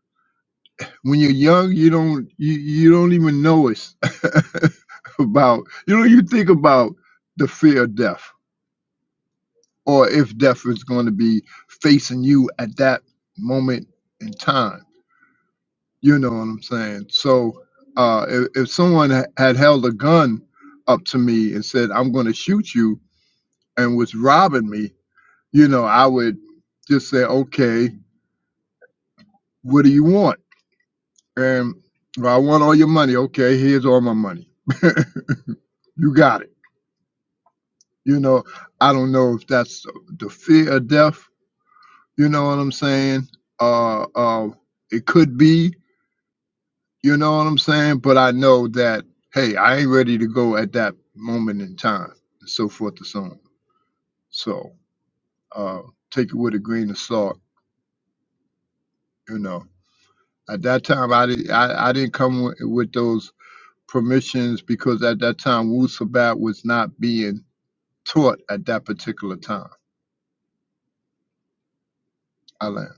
[SPEAKER 6] when you're young you don't you, you don't even know it's <laughs> about you don't even think about the fear of death or if death is going to be facing you at that moment in time you know what i'm saying so uh if, if someone ha- had held a gun up to me and said i'm going to shoot you and was robbing me you know i would just say okay What do you want? And well, I want all your money. Okay, here's all my money. <laughs> you got it. You know, I don't know if that's the fear of death. You know what I'm saying? Uh, uh, it could be. You know what I'm saying? But I know that hey, I ain't ready to go at that moment in time, and so forth and so on. So uh, take it with a grain of salt. You know, at that time, I did. I, I didn't come with, with those permissions because at that time Wu Sabat was not being taught at that particular time. Alan.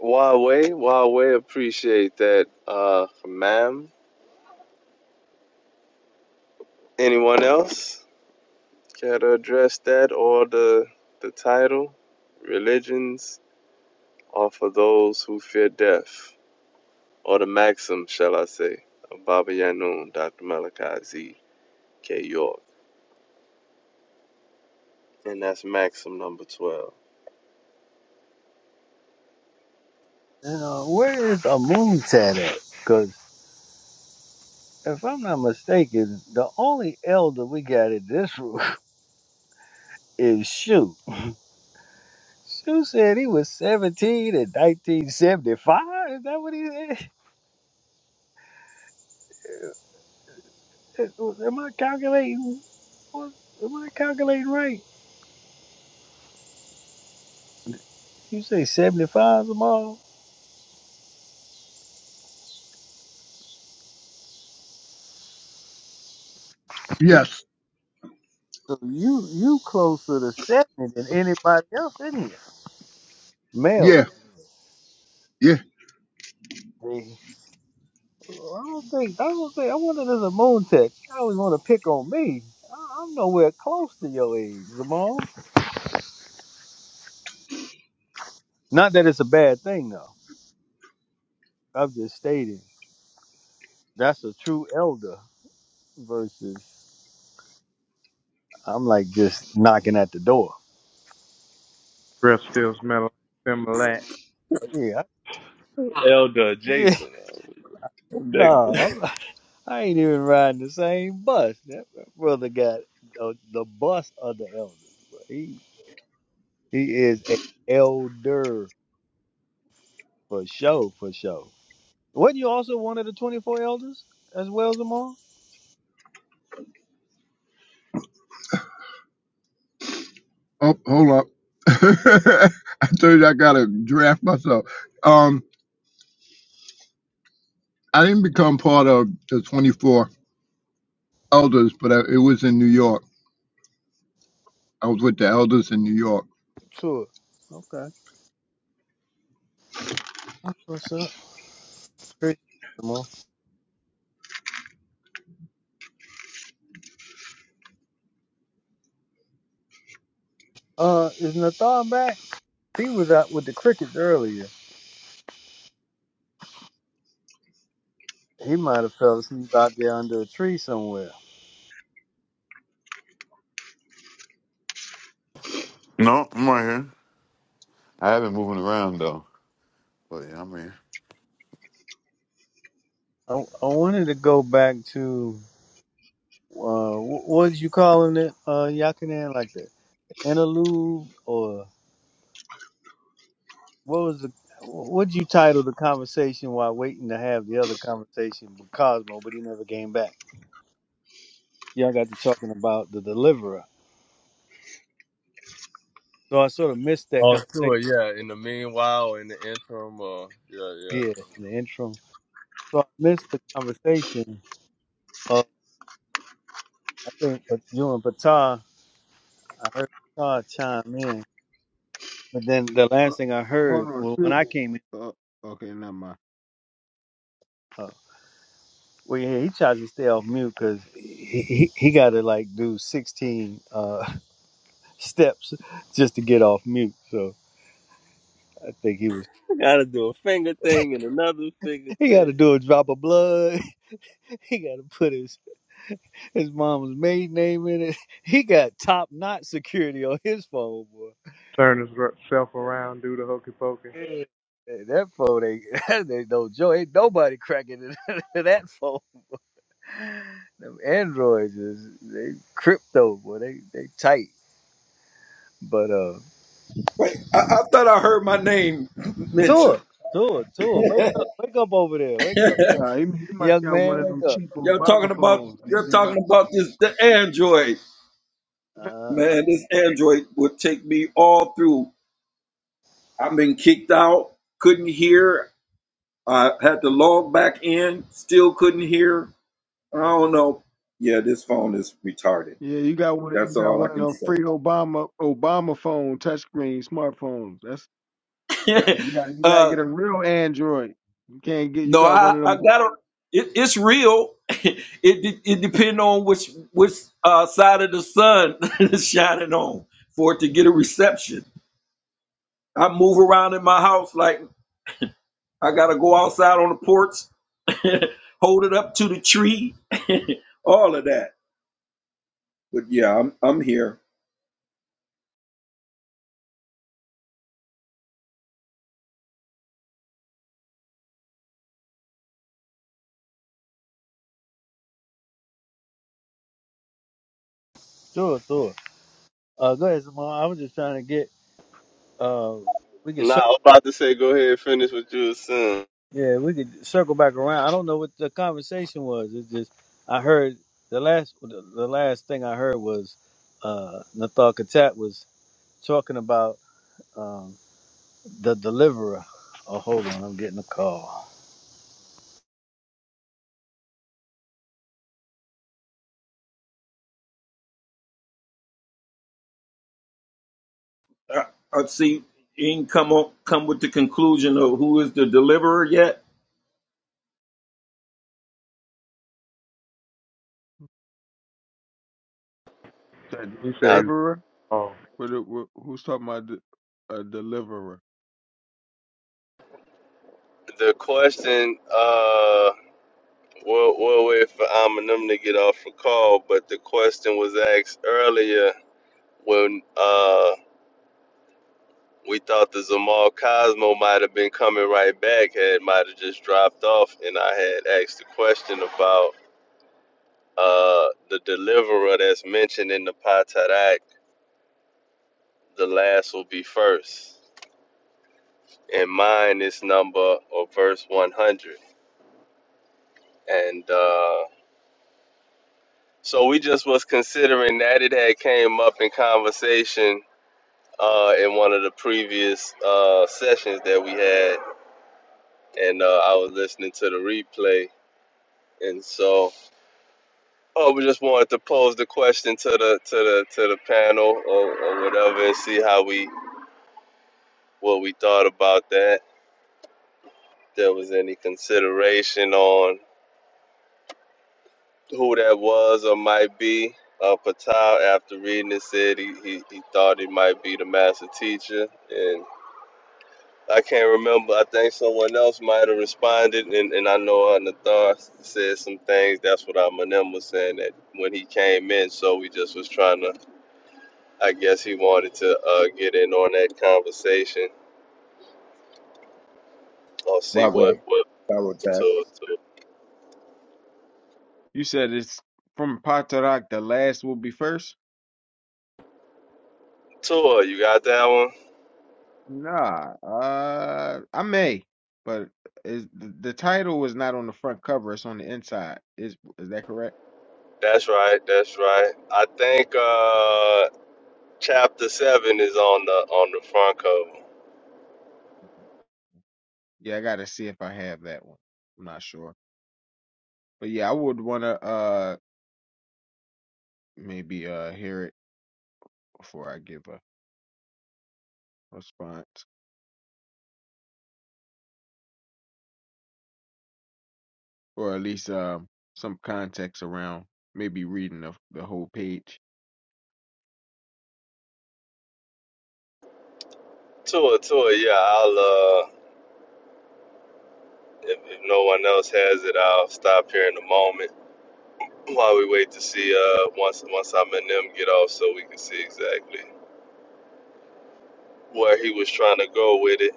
[SPEAKER 1] Huawei, Huawei, appreciate that, uh, ma'am. Anyone else care to address that or the the title? Religions are for those who fear death. or the maxim, shall I say, of Baba Yanun, Dr. Malachi Z. K. York. And that's maxim number 12.
[SPEAKER 9] And uh, where is Amuntat at? Because if I'm not mistaken, the only elder we got in this room <laughs> is Shu. Shu said he was 17 in 1975. Is that what he said? Am I calculating? what- Am I calculating right? You say 75 Zamal?
[SPEAKER 6] Yes.
[SPEAKER 9] So you you closer to 70 than anybody else in here.
[SPEAKER 6] Yeah.
[SPEAKER 9] Males.
[SPEAKER 6] Yeah.
[SPEAKER 9] see. I don't think, I don't think, I wonder if there's a moon tech. I always want to pick on me. I, I'm nowhere close to your age, Zamal. Not that it's a bad thing, though. I'm just stating that's a true elder versus I'm like just knocking at the door.
[SPEAKER 4] <laughs> Breath still smell like Similac.
[SPEAKER 9] Yeah. I- <laughs> No, I'm, I ain't even riding the same bus. That brother got the, the bus of the elders. But he he is a elder for sure, for sure. Wasn't you also one of the twenty four elders as well, Zamar?
[SPEAKER 6] Oh, hold up. <laughs> I told you I gotta draft myself. Um, I didn't become part of the 24 elders, but I, it was in New York. I was with the elders in New York.
[SPEAKER 9] Sure. Okay. What's up? Appreciate it, Zamar. Uh, is Nathan back? He was out with the crickets earlier. He might have fell asleep out there under a tree somewhere.
[SPEAKER 7] No, I'm right here. I have been moving around though, but yeah, I'm here.
[SPEAKER 9] I, I wanted to go back to. uh, wh- what was you calling it, uh, Yakanan? Like the interlude, or what was the what you title the conversation while waiting to have the other conversation with Cosmo, but he never came back. Y'all got to talking about the deliverer, so I sort of missed that
[SPEAKER 1] Oh, sure,
[SPEAKER 9] conversation
[SPEAKER 1] yeah. In the meanwhile, in the interim, uh, yeah, yeah.
[SPEAKER 9] here in the interim. So I missed the conversation. Of, I think but you and Batar, I heard Batar chime in, but then the
[SPEAKER 11] Ho-
[SPEAKER 9] last thing I
[SPEAKER 11] Hold
[SPEAKER 9] heard
[SPEAKER 11] on,
[SPEAKER 9] well, when
[SPEAKER 11] shoot.
[SPEAKER 9] I came in.
[SPEAKER 11] Uh, okay, never mind.
[SPEAKER 9] uh, Well, yeah, he tries to stay off mute because he, he, he got to like do 16 uh, <laughs> steps just to get off mute. So I think he was, he got to do a drop of blood. <laughs> He got to put his, his mom's maiden name in it. <laughs> He got top notch security on his phone, boy.
[SPEAKER 4] Turn his r- self around, do the hokey pokey.
[SPEAKER 9] Yeah. Hey, That phone ain't, <laughs> that ain't no joke. Ain't nobody cracking into <laughs> that phone. Them androids is they crypto, boy. They they tight. But uh
[SPEAKER 5] Wait, I, I thought I heard my name
[SPEAKER 9] Do
[SPEAKER 5] mentioned.
[SPEAKER 9] it. Do it. Do it.
[SPEAKER 5] <laughs>
[SPEAKER 9] Wake
[SPEAKER 5] y'all
[SPEAKER 9] up. Wake up over there. Wake up.
[SPEAKER 11] Nah, you, you must
[SPEAKER 9] Young
[SPEAKER 11] got one
[SPEAKER 9] man,
[SPEAKER 11] of
[SPEAKER 9] wake
[SPEAKER 11] them
[SPEAKER 9] up.
[SPEAKER 11] cheap
[SPEAKER 5] talking
[SPEAKER 11] Obama
[SPEAKER 5] about
[SPEAKER 11] phones. They
[SPEAKER 5] you're
[SPEAKER 11] give out.
[SPEAKER 5] talking about this the Android
[SPEAKER 9] Uh,
[SPEAKER 5] man. This Android would take me all through. I've been kicked out, couldn't hear. I had to log back in, still couldn't hear. I don't know. Yeah, this phone is retarded.
[SPEAKER 11] Yeah, you got one. You
[SPEAKER 5] That's
[SPEAKER 11] got
[SPEAKER 5] all I
[SPEAKER 11] one of
[SPEAKER 5] can
[SPEAKER 11] them
[SPEAKER 5] say.
[SPEAKER 11] free Obama Obama phone touchscreen smartphones. That's, that's
[SPEAKER 5] <laughs>
[SPEAKER 11] you got. You got to
[SPEAKER 5] uh,
[SPEAKER 11] get a real Android. You can't get. You
[SPEAKER 5] no,
[SPEAKER 11] got
[SPEAKER 5] I,
[SPEAKER 11] one of
[SPEAKER 5] I
[SPEAKER 11] them
[SPEAKER 5] got to It, it's real. <laughs> It de- it depends on which which uh, side of the sun <laughs> is shining on for it to get a reception. I move around in my house like I gotta go outside on the porch, <laughs> hold it up to the tree, <laughs> all of that. But yeah, I'm I'm here.
[SPEAKER 9] do it. Do it. Uh, go ahead, Simone. I was just trying to get, uh, we could,
[SPEAKER 1] Nah,
[SPEAKER 9] cir-
[SPEAKER 1] I was about to say, go ahead and finish what you were saying.
[SPEAKER 9] yeah, we could circle back around. I don't know what the conversation was. It's just, I heard the last, the, the last thing I heard was, uh, Nathal Katat was talking about, um, the deliverer. Oh, hold on. I'm getting a call.
[SPEAKER 5] I, I see. You ain't come up, come with the conclusion of who is the deliverer yet.
[SPEAKER 11] that
[SPEAKER 4] He
[SPEAKER 1] Now,
[SPEAKER 4] says,
[SPEAKER 11] deliverer.
[SPEAKER 4] "Oh,
[SPEAKER 11] What, it- what, who's talking about the- a deliverer?
[SPEAKER 1] the question, uh, we'll, we'll wait for Am to get off the call, but the question was asked earlier when, uh We thought the Zamal Cosmo might have been coming right back, had might have just dropped off, and I had asked the question about uh, the deliverer that's mentioned in the Patarak, the last will be first. And mine is number or verse 100. And uh, so we just was considering that it had came up in conversation uh, in one of the previous uh, sessions that we had, and uh, I was listening to the replay, and so. Oh, we just wanted to pose the question to the to the to the panel or, or whatever, and see how we what we thought about that. If There was any consideration on who that was or might be. Uh, Patel, after reading it, said he, he, he thought it might be the master teacher, and I can't remember. I think someone else might have responded, and, and I know Nathar said some things. That's what our Manem was saying that when he came in. So we just was trying to I guess he wanted to uh, get in on that conversation or see what
[SPEAKER 5] Wagwan,
[SPEAKER 1] what
[SPEAKER 5] Pharaoh Tat.
[SPEAKER 1] tour tour
[SPEAKER 11] You said it's from Patarak, the last will be first?
[SPEAKER 1] tour. You got that one?
[SPEAKER 11] Nah, uh, I may, but is the, the title is not on the front cover, it's on the inside. Is is that correct?
[SPEAKER 1] That's right. That's right. I think uh, chapter seven is on the on the front cover.
[SPEAKER 11] Yeah, I gotta see if I have that one. I'm not sure. But yeah, I would wanna uh maybe uh hear it before I give a response. Or at least um some context around maybe reading the the whole page.
[SPEAKER 1] Tour tour. Yeah, I'll. Uh, if, if no one else has it, I'll stop here in a moment while we wait to see. Uh, once once I'm and them get off, so we can see exactly where he was trying to go with it.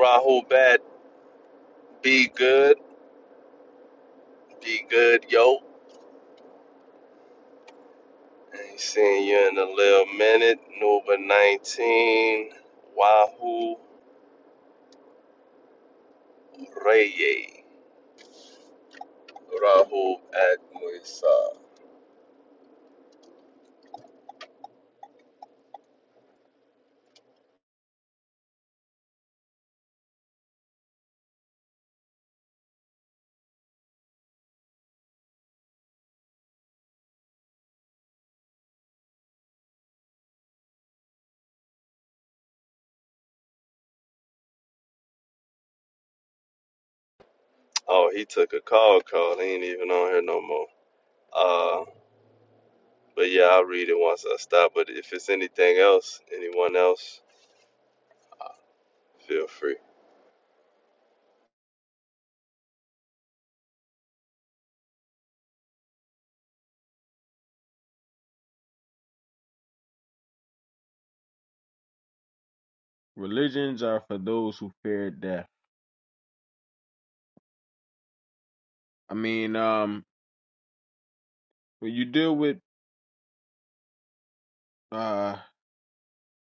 [SPEAKER 1] Rahul Bat, be good, be good, yo. Ain't seen you in a little minute. Number 19, Wahoo Reye. Rahul Akmuisa. Oh, he took a call call. He ain't even on here no more. Uh, but yeah, I'll read it once I stop. But if it's anything else, anyone else, feel free.
[SPEAKER 11] Religions are for those who fear death. I mean, um when you deal with uh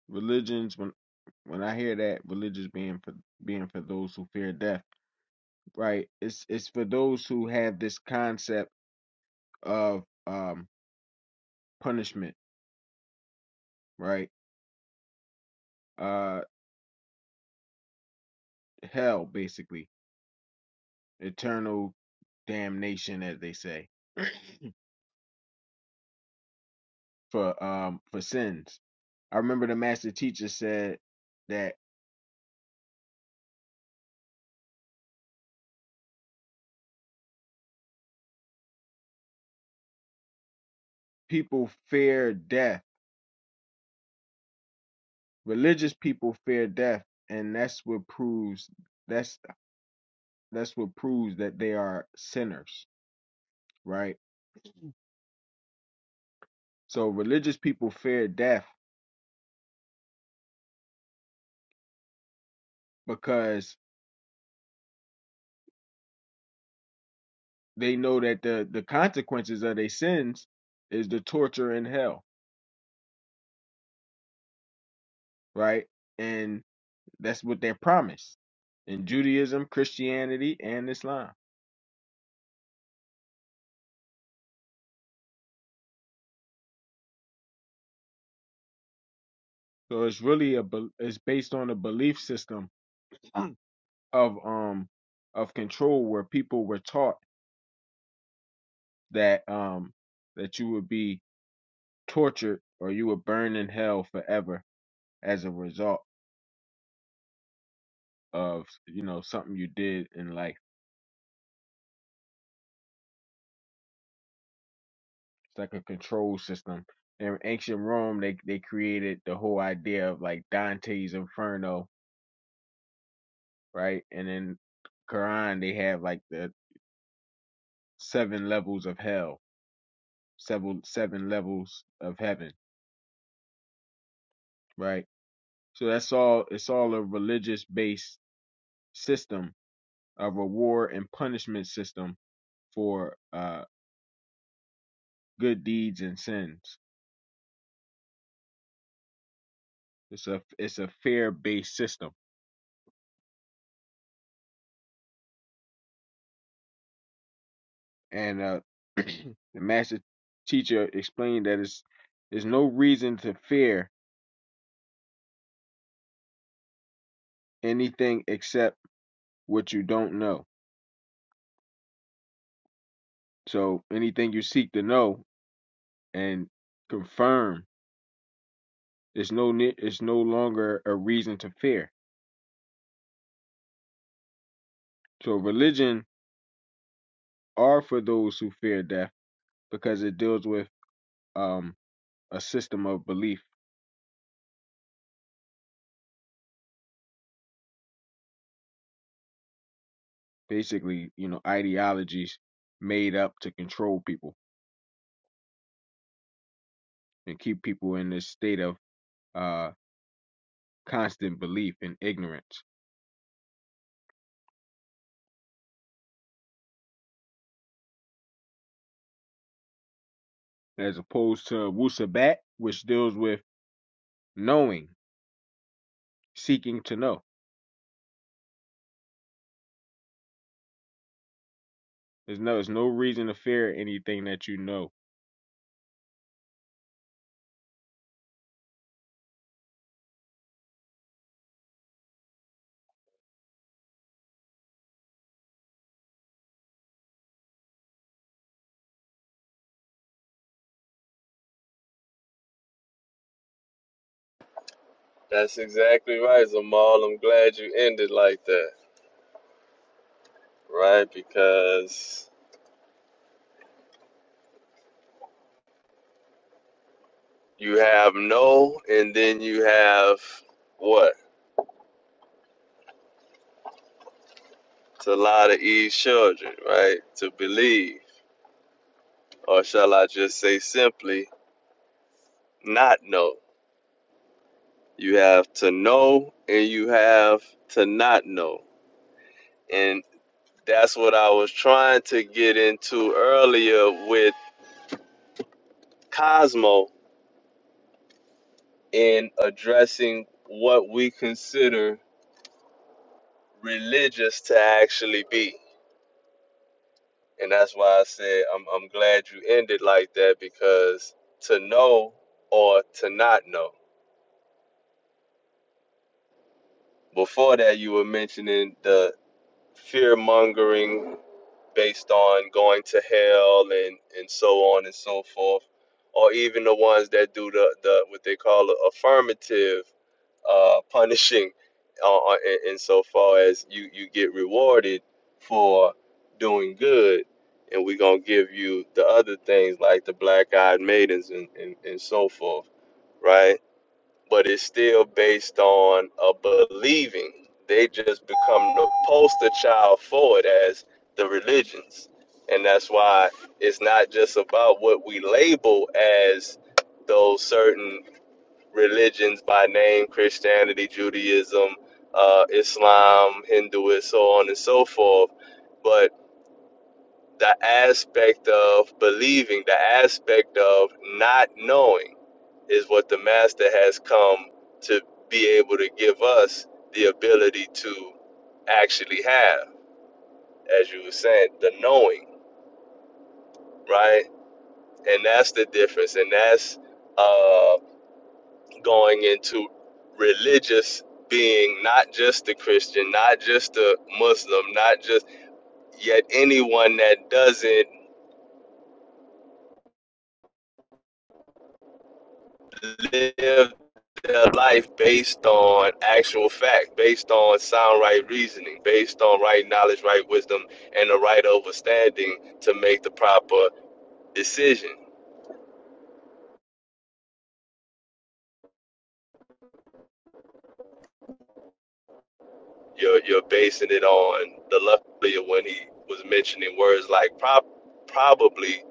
[SPEAKER 11] religions when when I hear that religions being for being for those who fear death, right? It's it's for those who have this concept of um punishment, right? uh hell basically eternal damnation as they say <coughs> <clears throat> for um for sins i remember the master teacher said that people fear death religious people fear death and that's what proves that's that's what proves that they are sinners right <coughs> so religious people fear death because they know that the the consequences of their sins is the torture in hell, right? And That's what they're promised in Judaism, Christianity, and Islam. So it's really a bel- it's based on a belief system <clears throat> of um of control where people were taught that um that you would be tortured or you would burn in hell forever as a result of you know something you did in life. It's like a control system. In ancient Rome, they they created the whole idea of like Dante's Inferno, right? And in Quran, they have like the seven levels of hell, seven seven levels of heaven, right? So that's all it's all a religious based system, a reward and punishment system for uh good deeds and sins. It's a it's a fair based system. And uh <clears throat> the master teacher explained that it's there's no reason to fear anything except what you don't know. So anything you seek to know and confirm It's no ne- it's no longer a reason to fear. So religion are for those who fear death because it deals with um a system of belief, basically, you know, ideologies made up to control people and keep people in this state of uh constant belief and ignorance, as opposed to wusabat, which deals with knowing, seeking to know. There's no there's no reason to fear anything that you know.
[SPEAKER 1] That's exactly right, Zamal. I'm glad you ended like that, right? Because you have no, and then you have what? to a lot of Eve's children, right? To believe, or shall I just say simply, not know. You have to know and you have to not know. And that's what I was trying to get into earlier with Cosmo in addressing what we consider religious to actually be. And that's why I said I'm, I'm glad you ended like that because to know or to not know Before that, you were mentioning the fear mongering based on going to hell and, and so on and so forth, or even the ones that do the, the what they call affirmative uh, punishing, uh, in, in so far as you, you get rewarded for doing good. And we're going to give you the other things like the black eyed maidens and, and, and so forth, right? but it's still based on a believing. They just become the poster child for it as the religions. And that's why it's not just about what we label as those certain religions by name Christianity, Judaism, uh, Islam, Hinduism, so on and so forth, but the aspect of believing, the aspect of not knowing is what the master has come to be able to give us the ability to actually have, as you were saying, the knowing, right? And that's the difference. And that's uh, going into religious being, not just the Christian, not just the Muslim, not just, yet anyone that doesn't live their life based on actual fact, based on sound right reasoning, based on right knowledge, right wisdom, and the right understanding to make the proper decision. You're you're basing it on the lawyer when he was mentioning words like prob- probably.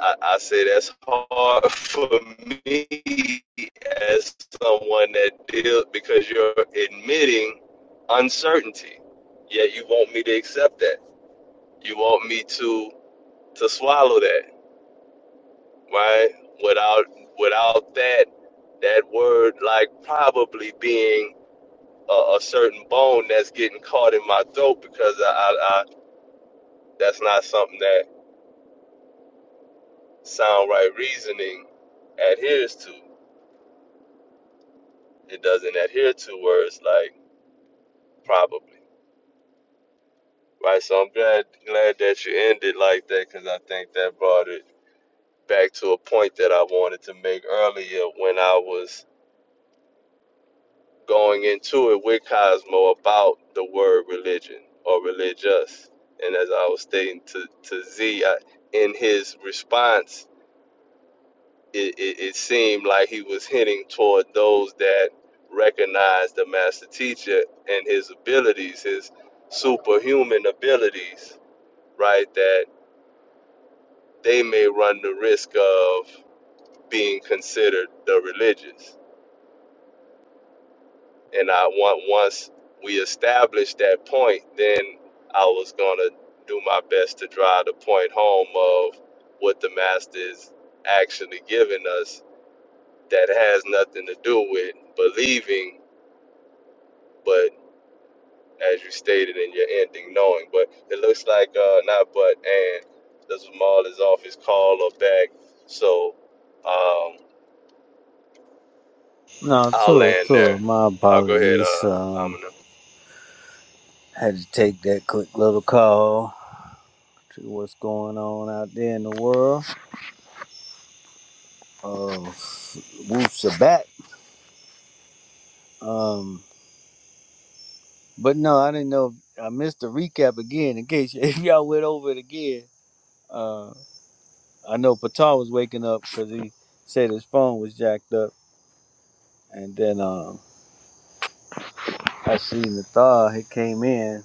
[SPEAKER 1] I, I say that's hard <laughs> for me as someone that deals because you're admitting uncertainty. Yet you want me to accept that. You want me to to swallow that, right? Without without that that word like probably being a, a certain bone that's getting caught in my throat because I, I, I that's not something that sound right reasoning adheres to. It doesn't adhere to words like probably, right? So I'm glad glad that you ended like that because I think that brought it back to a point that I wanted to make earlier when I was going into it with Cosmo about the word religion or religious. And as I was stating to, to Z, I, in his response, it, it, it seemed like he was hinting toward those that recognize the master teacher and his abilities, his superhuman abilities, right? That they may run the risk of being considered the religious. And I want once we established that point, then I was gonna do my best to drive the point home of what the master is actually giving us that has nothing to do with believing, but as you stated in your ending, knowing. But it looks like uh not but and the Zamal is off his call or back. So um
[SPEAKER 9] No,
[SPEAKER 1] I'll
[SPEAKER 9] do it.
[SPEAKER 1] land there.
[SPEAKER 9] Do it. My
[SPEAKER 1] Uh, go ahead,
[SPEAKER 9] apologies.
[SPEAKER 1] uh
[SPEAKER 9] Um,
[SPEAKER 1] Amina.
[SPEAKER 9] had to take that quick little call. to what's going on out there in the world of Woof Sabat. Um, but no, I didn't know. If, I missed the recap again. In case y- <laughs> if y'all went over it again, uh, I know Patar was waking up because he said his phone was jacked up, and then um, I seen the thaw. He came in.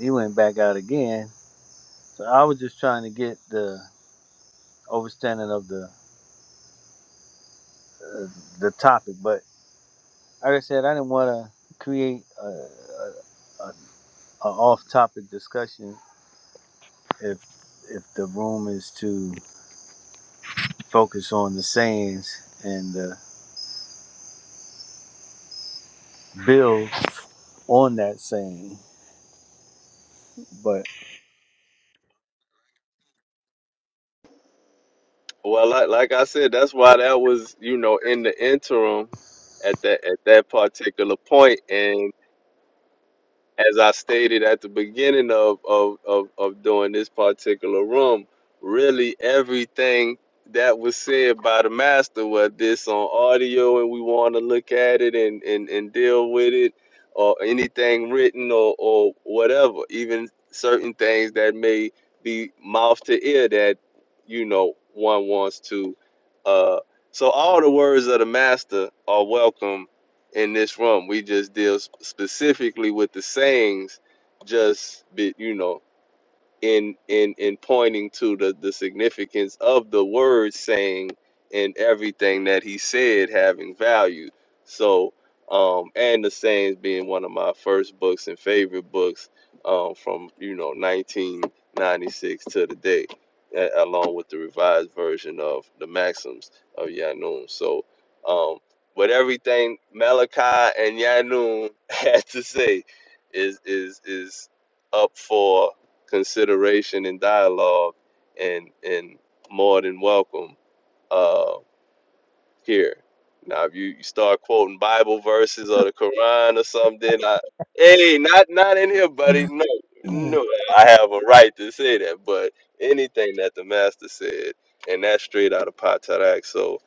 [SPEAKER 9] He went back out again. So I was just trying to get the overstanding of the uh, the topic, but like I said, I didn't want to create a, a, a off-topic discussion if if the room is to focus on the sayings and the build on that saying. But
[SPEAKER 1] Well, like, like I said, that's why that was, you know, in the interim at that at that particular point, and as I stated at the beginning of of of, of doing this particular room, really everything that was said by the master, whether this on audio and we want to look at it and, and and deal with it, or anything written or or whatever, even certain things that may be mouth to ear that you know one wants to. Uh, so all the words of the master are welcome in this room. We just deal specifically with the sayings, just be, you know, in in in pointing to the the significance of the word saying and everything that he said having value so um and the sayings being one of my first books and favorite books um from you know 1996 to today a- along with the revised version of the maxims of yanun so um but everything malachi and yanun <laughs> had to say is is is up for consideration and dialogue and and more than welcome uh here. Now if you, you start quoting Bible verses or the Quran or something, I hey, not not in here, buddy. No,
[SPEAKER 9] Mm.
[SPEAKER 1] no, I have a right to say that, but anything that the master said, and that's straight out of Patarak, so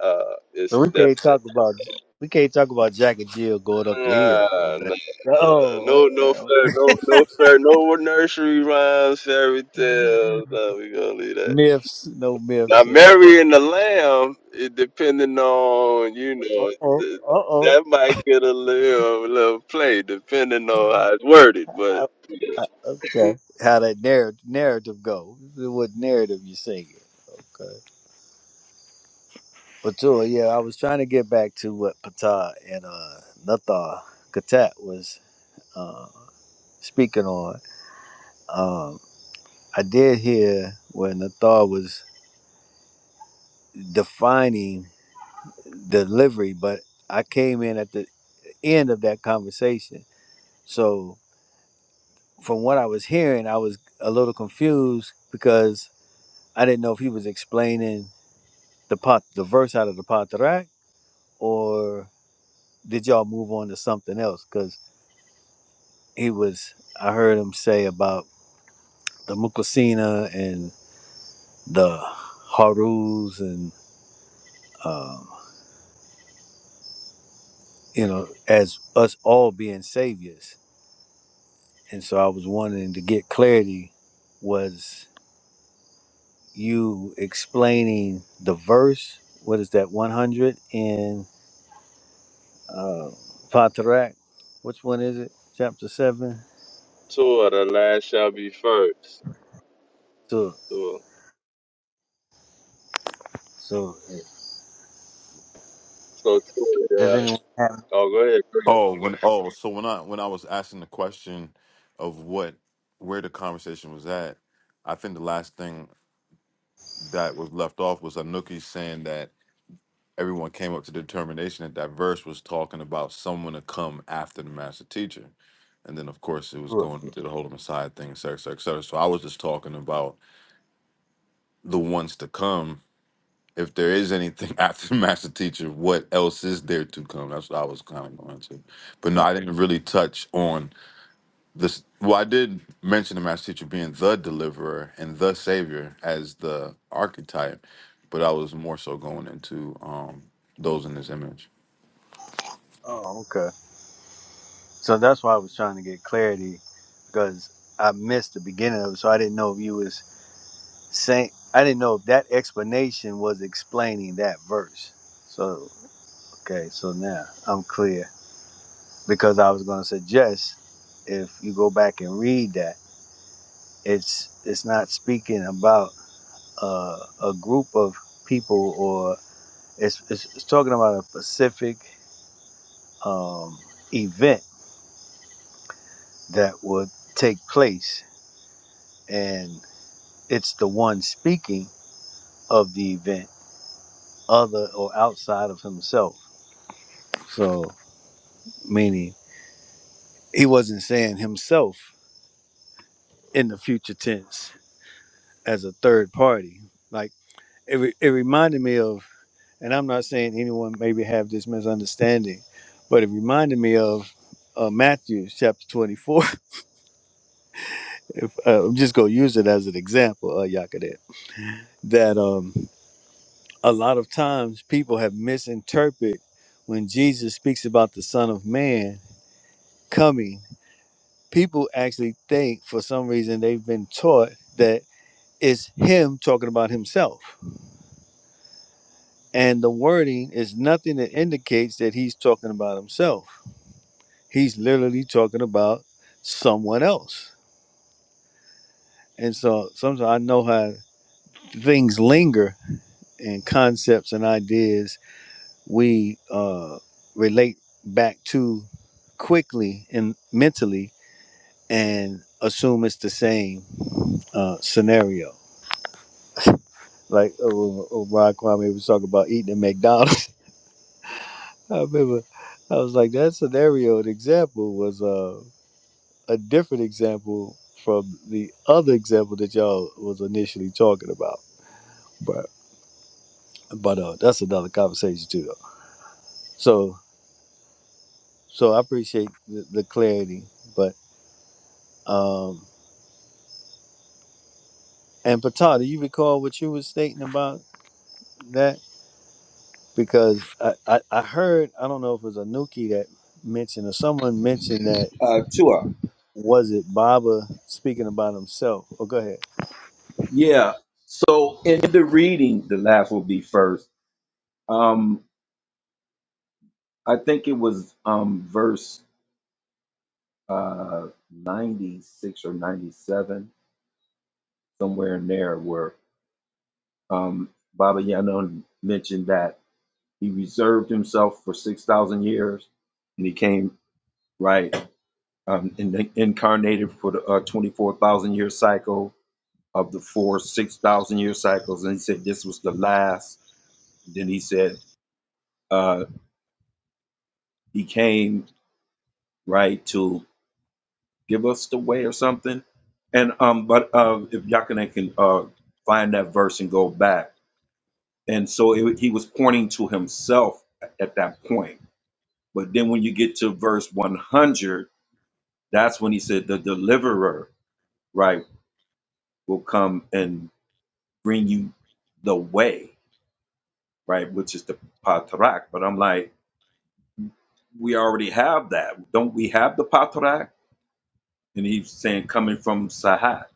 [SPEAKER 1] uh it's
[SPEAKER 9] so we can't
[SPEAKER 1] definitely
[SPEAKER 9] talk about we can't talk about Jack and Jill going up the hill. or
[SPEAKER 1] uh,
[SPEAKER 9] nothing.
[SPEAKER 1] no
[SPEAKER 9] Oh,
[SPEAKER 1] no no
[SPEAKER 9] okay.
[SPEAKER 1] fair no no fair no nursery rhymes fairy tales no we gonna leave that
[SPEAKER 9] Myths, no
[SPEAKER 1] Now,
[SPEAKER 9] myths. Okay.
[SPEAKER 1] Mary and the Lamb, it depending on you
[SPEAKER 9] Uh
[SPEAKER 1] know
[SPEAKER 9] oh.
[SPEAKER 1] th-
[SPEAKER 9] Uh oh.
[SPEAKER 1] that might get a little little play depending on how it's worded, but
[SPEAKER 9] I- I-
[SPEAKER 1] <laughs>
[SPEAKER 9] Okay. How that narrative narrative go? What narrative you singing? But too, yeah, I was trying to get back to what Patah and uh, Nathar Katat was uh, speaking on. Um, I did hear where Nathar was defining delivery, but I came in at the end of that conversation. So from what I was hearing, I was a little confused because I didn't know if he was explaining the pot, the verse out of the Patarak, or did y'all move on to something else? 'Cause he was I heard him say about the Mukasina and the Harus and um, you know as us all being saviors and so I was wanting to get clarity was you explaining the verse what is that 100 in uh, Patarak which one is it chapter 7
[SPEAKER 1] two of the last shall be first.
[SPEAKER 9] so
[SPEAKER 1] So,
[SPEAKER 9] so
[SPEAKER 1] so two. of
[SPEAKER 9] does
[SPEAKER 1] the
[SPEAKER 9] anyone have
[SPEAKER 1] Oh, go ahead. Go
[SPEAKER 7] Oh, when oh, so when I when I was asking the question of what where the conversation was at, I think the last thing that was left off was Anuki saying that everyone came up to the determination that that verse was talking about someone to come after the master teacher. And then, of course, it was
[SPEAKER 9] it?
[SPEAKER 7] going to the whole Messiah thing, et cetera, et cetera, et cetera. So I was just talking about the ones to come. If there is anything <laughs> after the master teacher, what else is there to come? That's what I was kind of going to. But no,
[SPEAKER 9] right.
[SPEAKER 7] I didn't really touch on this. Well, I did mention the master teacher being the deliverer and the savior as the archetype, but I was more so going into um, those in his image.
[SPEAKER 9] oh okay So that's why I was trying to get clarity because I missed the beginning of it. So I didn't know if you was saying I didn't know if that explanation was explaining that verse. So okay, so now I'm clear because I was going to suggest if you go back and read that it's it's not speaking about uh, a group of people or it's it's, it's talking about a specific um, event that would take place and. it's the one speaking of the event other or outside of himself so meaning he wasn't saying himself in the future tense as a third party like it, re- it reminded me of and i'm not saying anyone maybe have this misunderstanding but it reminded me of uh, matthew chapter 24 <laughs> if uh, i'm just going to use it as an example uh, Yakadet, that um, a lot of times people have misinterpreted when jesus speaks about the son of man coming. People actually think for some reason they've been taught that it's him talking about himself. And the wording is nothing that indicates that he's talking about himself. He's literally talking about someone else. And so sometimes I know how things linger and concepts and ideas we uh, relate back to quickly and mentally and assume it's the same uh, scenario. Like uh, when Ron Kwame was talking about eating at McDonald's. <laughs> I remember I was like, that scenario, an example was uh, a different example from the other example that y'all was initially talking about. But but uh, that's another conversation too, though. So so I appreciate the, the clarity, but um, and Pata, do you recall what you were stating about that? Because I, I, I heard I don't know if it was Anuki that mentioned or someone mentioned that
[SPEAKER 5] Uh, Tua.
[SPEAKER 9] Was it Baba speaking about himself? Oh, go ahead.
[SPEAKER 5] Yeah. So in the reading, the laugh will be first. Um, I think it was um verse uh ninety six or ninety seven, somewhere in there, where um Baba Yaga mentioned that he reserved himself for six thousand years, and he came right um in incarnated for the uh, twenty four thousand year cycle of the four six thousand year cycles, and he said this was the last. Then he said uh he came right, to give us the way or something. And um, but uh, if Yakane can uh find that verse and go back, and so it, he was pointing to himself at that point. But then when you get to verse 100, that's when he said the deliverer, right, will come and bring you the way, right, which is the patrak. But I'm like, we already have that, don't we have the patrak? And he's saying coming from Sahat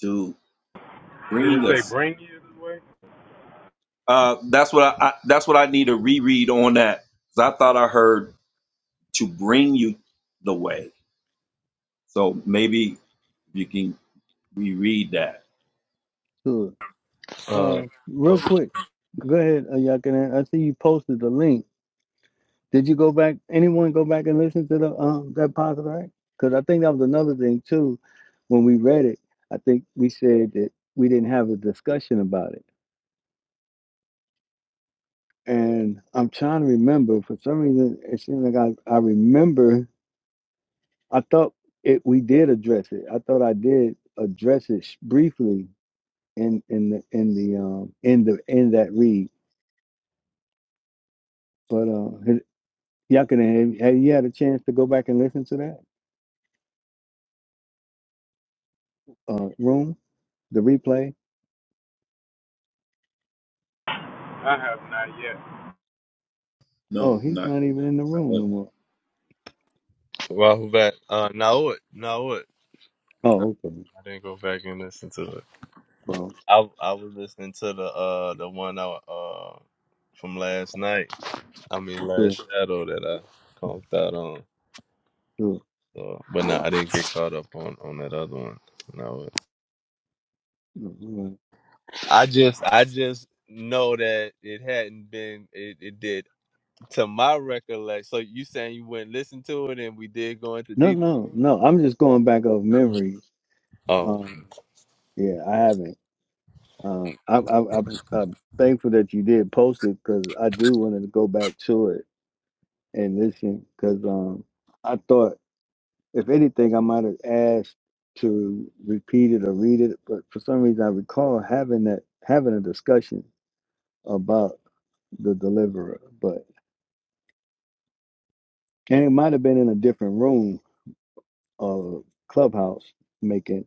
[SPEAKER 5] to
[SPEAKER 4] did it
[SPEAKER 5] bring
[SPEAKER 4] say
[SPEAKER 5] us
[SPEAKER 4] bring you this way?"
[SPEAKER 5] Uh, that's what I, I that's what I need to reread on that. Cause I thought I heard to bring you the way. So maybe you can reread that.
[SPEAKER 9] Sure. Uh, real quick, go ahead, uh, Yakanan. I see you posted the link. Did you go back? Anyone go back and listen to the um that positive right? Because I think that was another thing too. When we read it, I think we said that we didn't have a discussion about it. And I'm trying to remember. For some reason, it seems like I I remember. I thought it we did address it. I thought I did address it sh- briefly in in the in the um in the in that read. But uh, had- y'all can have, have you had a chance to go back and listen to that uh room, the replay?
[SPEAKER 4] I have not yet.
[SPEAKER 5] No,
[SPEAKER 9] Oh, he's
[SPEAKER 5] not,
[SPEAKER 9] not even in the
[SPEAKER 5] not
[SPEAKER 9] room no more.
[SPEAKER 1] Well, who back? Uh, now it, Now it. No,
[SPEAKER 9] Oh,
[SPEAKER 1] I
[SPEAKER 9] okay.
[SPEAKER 1] didn't go back and listen to it.
[SPEAKER 9] Well,
[SPEAKER 1] I I was listening to the uh the one I uh from last night. I mean last
[SPEAKER 9] sure,
[SPEAKER 1] shadow that I conked out on.
[SPEAKER 9] sure.
[SPEAKER 1] So, but no, I didn't get caught up on on that other one. No,
[SPEAKER 9] No, all right.
[SPEAKER 1] I just I just know that it hadn't been it, it did to my recollection. So you saying you went listen to it and we did go into
[SPEAKER 9] no,
[SPEAKER 1] detail.
[SPEAKER 9] no. no, I'm just going back of memory.
[SPEAKER 1] Oh,
[SPEAKER 9] Um, yeah, I haven't. Um, I, I, I, I'm thankful that you did post it because I do want to go back to it and listen because um, I thought. If anything, I might have asked to repeat it or read it, but for some reason, I recall having that having a discussion about the deliverer. But and it might have been in a different room, uh, clubhouse, making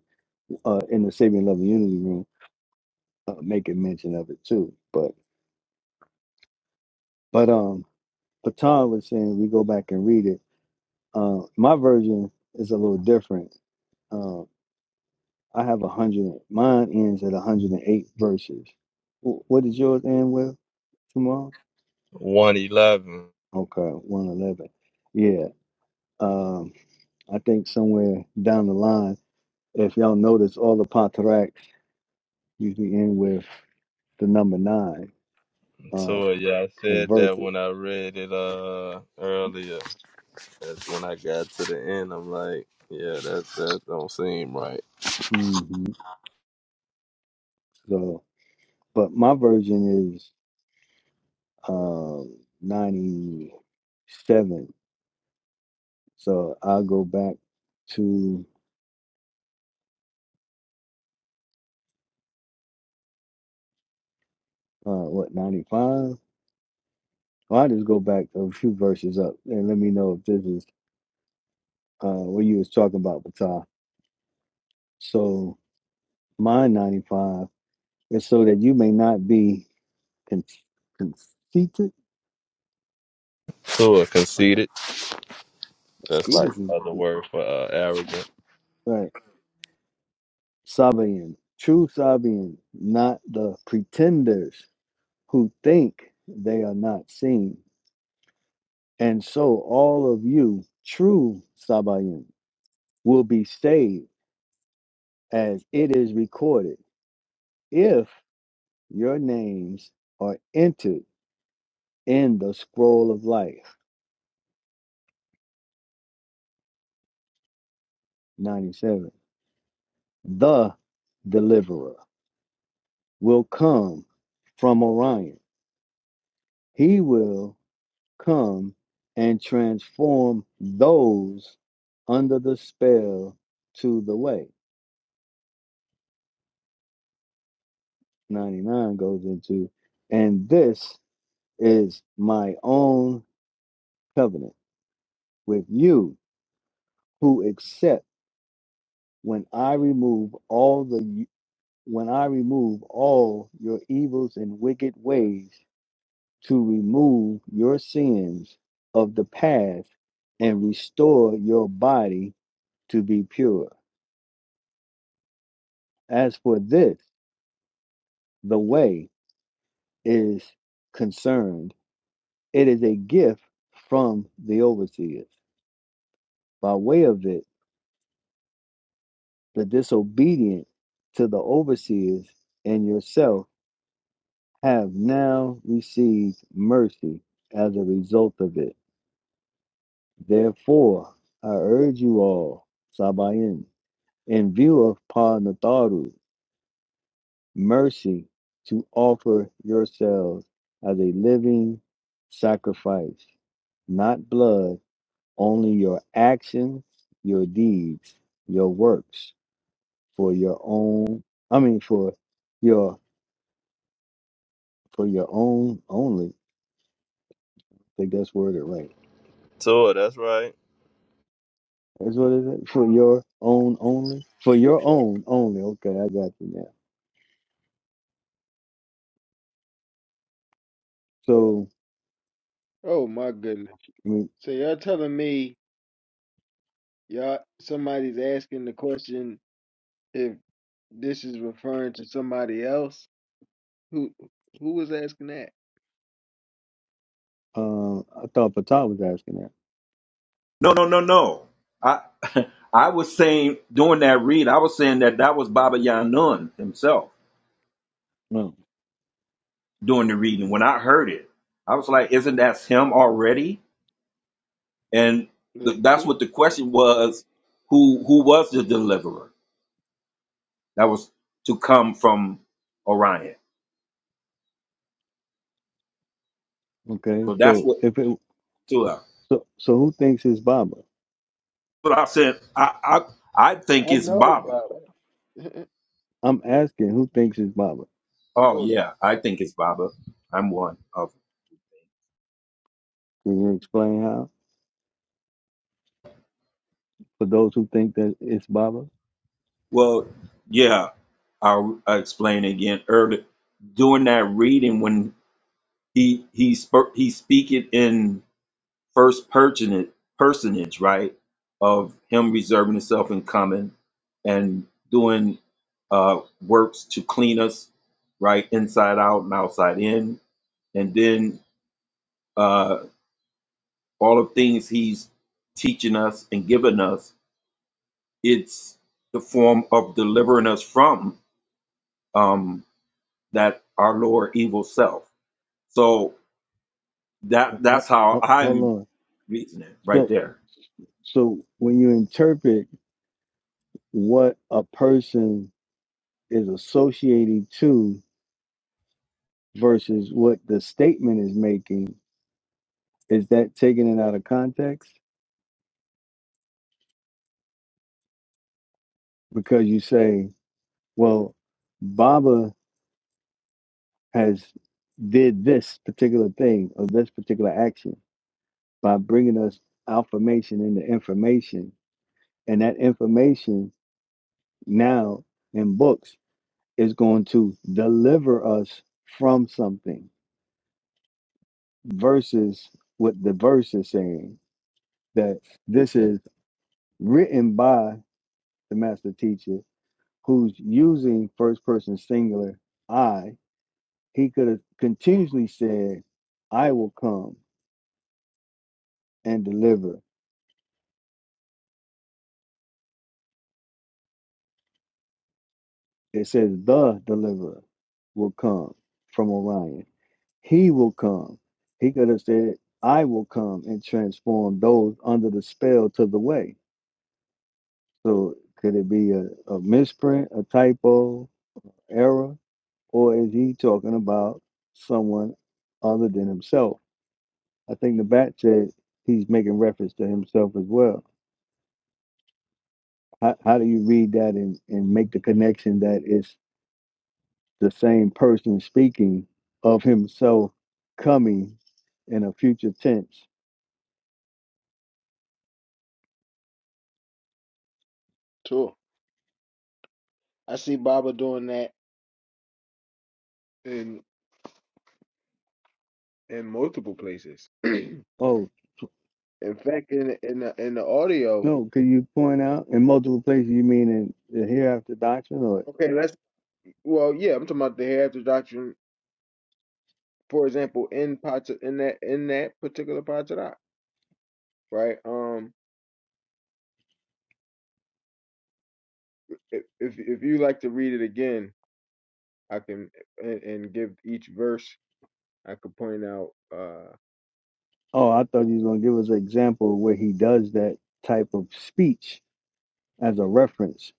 [SPEAKER 9] uh in the saving love and unity room, uh, making mention of it too. But but um, Patan was saying we go back and read it. Uh, my version is a little different. uh, I have a hundred. Mine ends at hundred and eight verses. Wh- What did yours end with tomorrow? Okay, one eleven. Yeah. Um, I think somewhere down the line, if y'all notice, all the patriarchs usually end with the number nine uh,
[SPEAKER 1] so yeah, I
[SPEAKER 9] in
[SPEAKER 1] said that
[SPEAKER 9] verses.
[SPEAKER 1] when I read it uh earlier. That's when I got to the end. I'm like, yeah, that's that don't seem right.
[SPEAKER 9] hmm So, but my version is um, ninety-seven. So I'll go back to uh, what ninety-five. Well, i just go back a few verses up and let me know if this is uh, what you was talking about, Patah. So mine 95 is so that you may not be con- conceited.
[SPEAKER 1] Tua conceited. That's like
[SPEAKER 9] Mosquitoes is
[SPEAKER 1] another
[SPEAKER 9] is-
[SPEAKER 1] word for uh, arrogant.
[SPEAKER 9] right. Sabian, true Sabian, not the pretenders who think they are not seen. And so all of you, true Sabian, will be saved as it is recorded if your names are entered in the scroll of life. 97. The deliverer will come from Orion. He will come and transform those under the spell to the way. 99 goes into, and this is my own covenant with you who accept when I remove all the when I remove all your evils and wicked ways to remove your sins of the past and restore your body to be pure. As for this, the way is concerned. It is a gift from the overseers. By way of it, the disobedient to the overseers and yourself have now received mercy as a result of it. Therefore, I urge you all, Sabayin in view of Panatharu mercy, to offer yourselves as a living sacrifice, not blood, only your actions, your deeds, your works for your own I mean for your for your own only. I think that's worded right.
[SPEAKER 1] Tua, that's right.
[SPEAKER 9] That's what it is. For your own only? For your own only. Okay, I got you now. So
[SPEAKER 11] Oh my goodness.
[SPEAKER 9] I mean
[SPEAKER 11] So you're telling me Y'all, somebody's asking the question if this is referring to somebody else. Who who was asking that?
[SPEAKER 9] uh I thought Patah was asking that.
[SPEAKER 5] No, no, no, no. I <laughs> I was saying during that read, I was saying that that was Baba Yanun himself
[SPEAKER 9] No.
[SPEAKER 5] doing the reading. When I heard it, I was like, "Isn't that him already?" And
[SPEAKER 11] I
[SPEAKER 5] th- that's what the question was: Who who was the deliverer that was to come from Orion?
[SPEAKER 9] Okay.
[SPEAKER 5] So that's
[SPEAKER 9] So
[SPEAKER 5] what
[SPEAKER 9] if it
[SPEAKER 5] to her.
[SPEAKER 9] So, so who thinks it's Baba?
[SPEAKER 5] But I said I I I think it's
[SPEAKER 11] know it's
[SPEAKER 5] Baba.
[SPEAKER 11] Baba. <laughs> I
[SPEAKER 9] I'm asking who thinks it's Baba.
[SPEAKER 5] Oh
[SPEAKER 11] know it's Baba
[SPEAKER 5] yeah, I think it's Baba. I'm one of
[SPEAKER 9] Can you explain how? For those who think that it's Baba,
[SPEAKER 5] well, yeah. I'll, I'll explain again earlier. During that reading, when he he spoke, he speak it in first personage, personage, right? Of him reserving himself and coming and doing uh, works to clean us, right, inside out and outside in, and then. uh. all of things he's teaching us and giving us it's the form of delivering us from um, that our lower evil self so that
[SPEAKER 9] Ho-
[SPEAKER 5] that's how
[SPEAKER 9] ho- hold
[SPEAKER 5] i'm
[SPEAKER 9] on.
[SPEAKER 5] reasoning right
[SPEAKER 9] So,
[SPEAKER 5] there
[SPEAKER 9] so when you interpret what a person is associating to versus what the statement is making, is that taking it out of context? Because you say, well, Baba has did this particular thing or this particular action by bringing us affirmation into information. And that information now in books is going to deliver us from something versus what the verse is saying that this is written by the master teacher who's using first person singular I. He could have continuously said, I will come and deliver. It says, the deliverer will come from Orion He will come. He could have said, I will come and transform those under the spell to the way. So could it be a, a misprint, a typo, error, or is he talking about someone other than himself? I think the bat said he's making reference to himself as well. How, how do you read that and, and make the connection that it's the same person speaking of himself coming in a future tense?
[SPEAKER 11] too. I see Baba doing that in in multiple places. <clears throat> in
[SPEAKER 9] Oh.
[SPEAKER 11] fact, in in the, in the audio.
[SPEAKER 9] No, could you point out in multiple places? You mean in the hereafter doctrine, or
[SPEAKER 11] Okay, let's. Well, yeah, I'm talking about the hereafter doctrine. For example, in Pat in that in that particular Patarak, right? Um, if if if you like to read it again, I can and, and give each verse. I could point out. uh
[SPEAKER 9] oh, I thought you was gonna give us an example where he does that type of speech as a reference.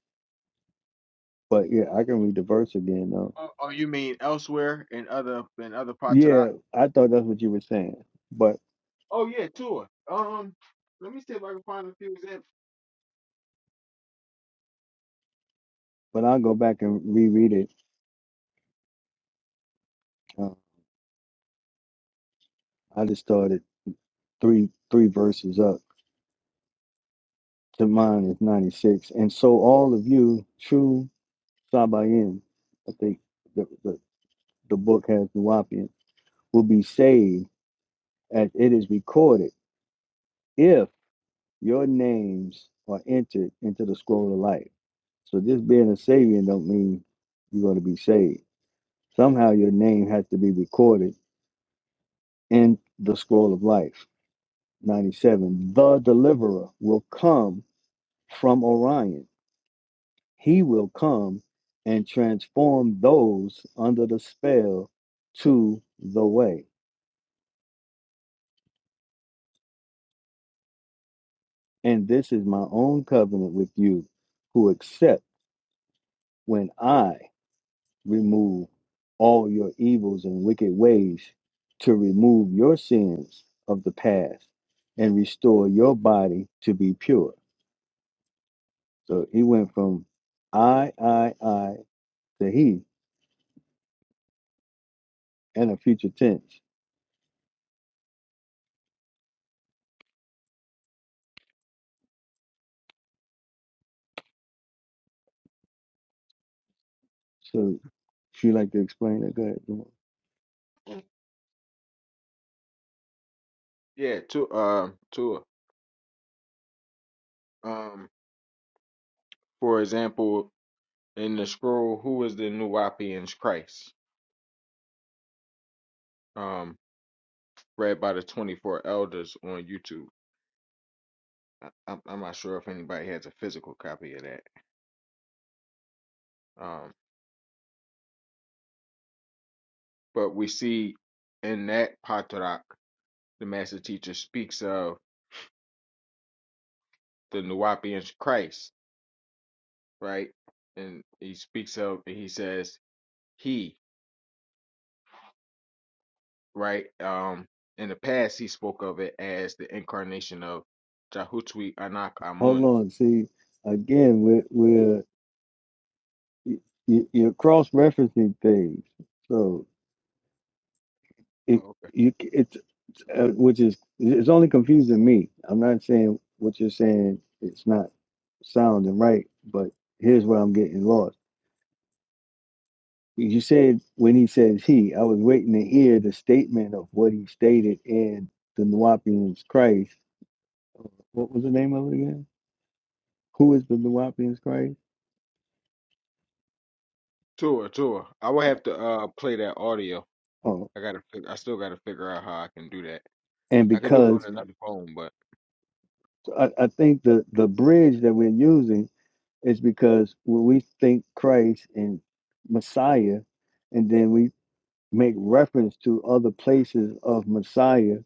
[SPEAKER 9] But yeah, I can read the verse again though.
[SPEAKER 11] Oh, oh, you mean elsewhere in other in other parts of that?
[SPEAKER 9] Yeah, I thought that's what you were saying, but
[SPEAKER 11] Oh yeah, tour. Um, let me see if I can find a few examples.
[SPEAKER 9] but I'll go back and reread it. Uh, I just started three three verses up. To mine is ninety six, and so all of you true Sabaean, I think the the, the book has Nuwapian, will be saved as it is recorded, if your names are entered into the scroll of life. So just being a Sabian don't mean you're going to be saved. Somehow your name has to be recorded in the scroll of life. 97. The deliverer will come from Orion. He will come and transform those under the spell to the way. And this is my own covenant with you who accept when I remove all your evils and wicked ways, to remove your sins of the past, and restore your body to be pure. So he went from I, I, I to he and a future tense. So if you like to explain it, go ahead. Jamal.
[SPEAKER 11] Mm. Yeah, to um tour. Um, for example, in the scroll, who is the New Nuwapians Christ? Um, read by the twenty four elders on YouTube. I, I'm I'm not sure if anybody has a physical copy of that. Um, but we see in that part the master teacher speaks of the Nuwapian Christ, right? And he speaks of and he says he, right? Um in the past he spoke of it as the incarnation of Jahutwi Anak
[SPEAKER 9] Hold
[SPEAKER 11] Amun.
[SPEAKER 9] on. See, again, we're, we're you, you're cross referencing things. So. it,
[SPEAKER 11] Oh, okay.
[SPEAKER 9] you c- it's, uh, which is it's only confusing me. I'm not saying what you're saying it's not sound and right, but here's where I'm getting lost. You said when he says he, I was waiting to hear the statement of what he stated in the Nuwapians Christ. What was the name of it again? Who is the Nuwapians Christ?
[SPEAKER 11] Tua, Tua. I will have to uh play that audio.
[SPEAKER 9] Oh,
[SPEAKER 11] I gotta fi- I still gotta figure out how I can do that.
[SPEAKER 9] and
[SPEAKER 11] I could do it on
[SPEAKER 9] because
[SPEAKER 11] another phone, but
[SPEAKER 9] so I, I think the the bridge that we're using is because when we think Christ and Messiah, and then we make reference to other places of Messiah,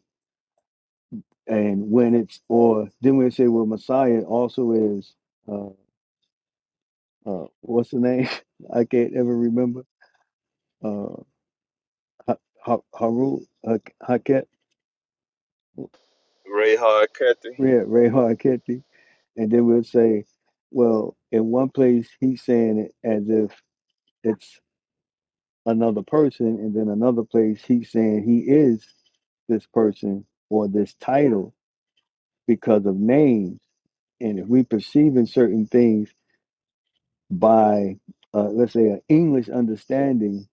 [SPEAKER 9] and when it's or then we say, well, Messiah also is uh, uh, what's the name? <laughs> I can't ever remember. Uh, ha- ha- Haru ha- Haket,
[SPEAKER 1] Ray Hard Cathy.
[SPEAKER 9] Ray, Ray Haketi, and then we'll say, well, in one place he's saying it as if it's another person, and then another place he's saying he is this person or this title because of name and if we perceive in certain things by uh, let's say an english understanding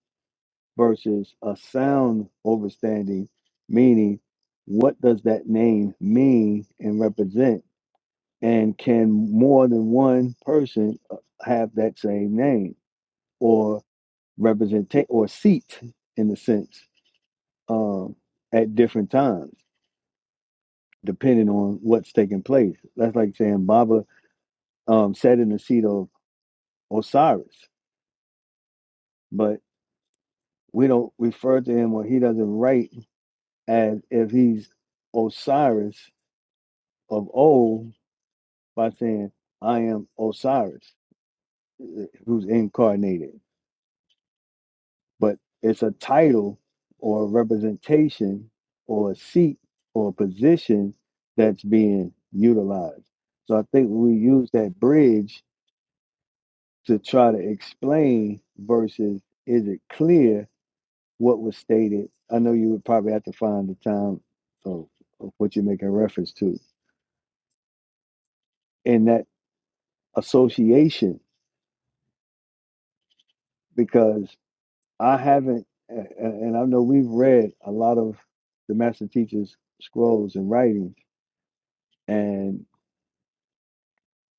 [SPEAKER 9] versus a sound overstanding meaning what does that name mean and represent and can more than one person uh, have that same name or represent or seat in a sense um, at different times depending on what's taking place that's like saying baba um, sat in the seat of osiris but. we don't refer to him or he doesn't write as if he's Osiris of old by saying, I am Osiris, uh, who's incarnated. But it's a title or a representation or a seat or a position that's being utilized. So I think we use that bridge to try to explain versus is it clear what was stated. I know you would probably have to find the time of, of what you're making reference to in that association, because I haven't, a- a- and I know we've read a lot of the master teacher's scrolls and writings, and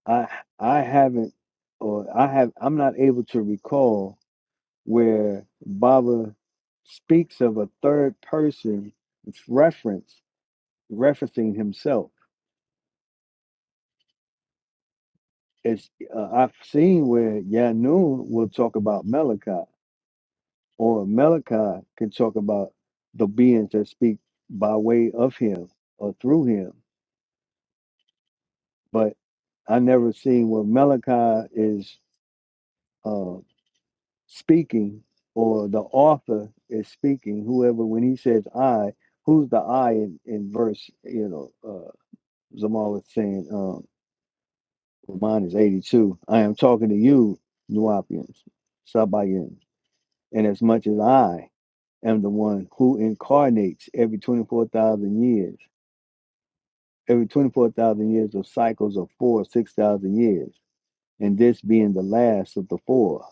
[SPEAKER 9] I I haven't, or I have, I'm not able to recall where Baba speaks of a third person reference referencing himself it's uh, I've seen where Yanun will talk about Malachi, or Malachi can talk about the beings that speak by way of him or through him. But I never seen where Malachi is uh, speaking or the author is speaking. Whoever, when he says "I," who's the "I" in, in verse? You know, uh, Zamal was saying, um, mine is eighty-two. I am talking to you, Nuapians, Sabayin. And as much as I am the one who incarnates every 24,000 years, every 24,000 years of cycles of four, 6,000 years, and this being the last of the four,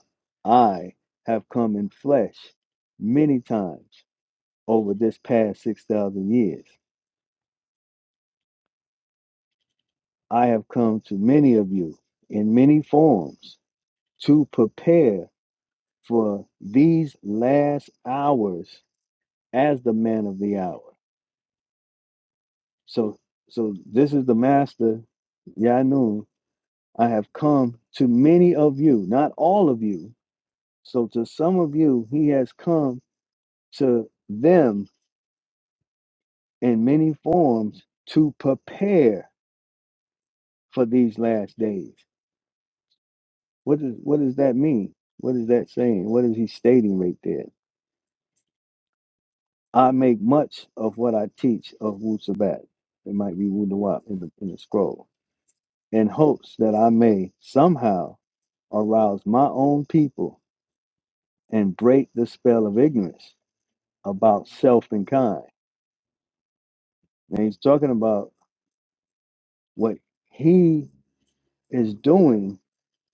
[SPEAKER 9] I have come in flesh many times over this past 6,000 years. I have come to many of you in many forms to prepare for these last hours as the man of the hour So so this is the master Yanun. I have come to many of you, not all of you. So to some of you, he has come to them in many forms to prepare for these last days. What does what does that mean? What is that saying? What is he stating right there? I make much of what I teach of Wu Sabat. It might be Wu Nawab in the in the scroll, in hopes that I may somehow arouse my own people and break the spell of ignorance about self and kind. And he's talking about what he is doing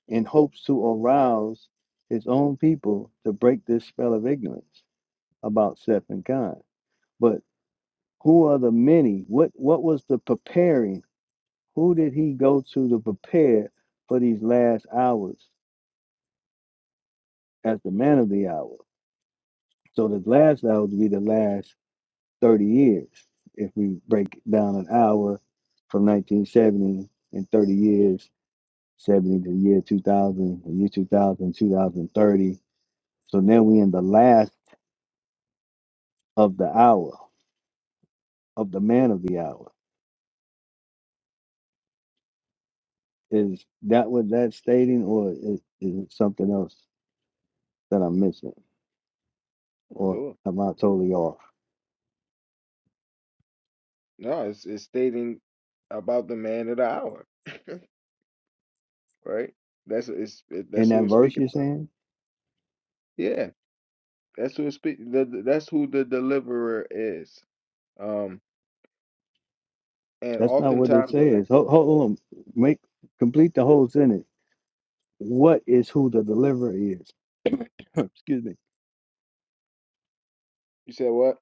[SPEAKER 9] in hopes to arouse his own people to break this spell of ignorance about self and kind. But who are the many? What what was the preparing? Who did he go to to prepare for these last hours as the man of the hour? So the last hour would be the last 30 years if we break down an hour from 1970 and 30 years 70 to the year 2000 the year 2000 2030. so now we in the last of the hour of the man of the hour is that what that's stating or is, is it something else that i'm missing or
[SPEAKER 11] Sure.
[SPEAKER 9] am i totally off
[SPEAKER 11] No, it's it's stating about the man of the hour, <laughs> right? That's it's it, that's
[SPEAKER 9] in
[SPEAKER 11] who
[SPEAKER 9] that
[SPEAKER 11] we're
[SPEAKER 9] verse
[SPEAKER 11] speaking
[SPEAKER 9] you're
[SPEAKER 11] about.
[SPEAKER 9] saying
[SPEAKER 11] Yeah. That's who it speak. The, the- that's who the deliverer is. Um, and
[SPEAKER 9] that's not what it
[SPEAKER 11] oftentimes, the-
[SPEAKER 9] says hold, hold on make complete the whole sentence what is who the deliverer is <laughs> excuse me
[SPEAKER 11] you said what?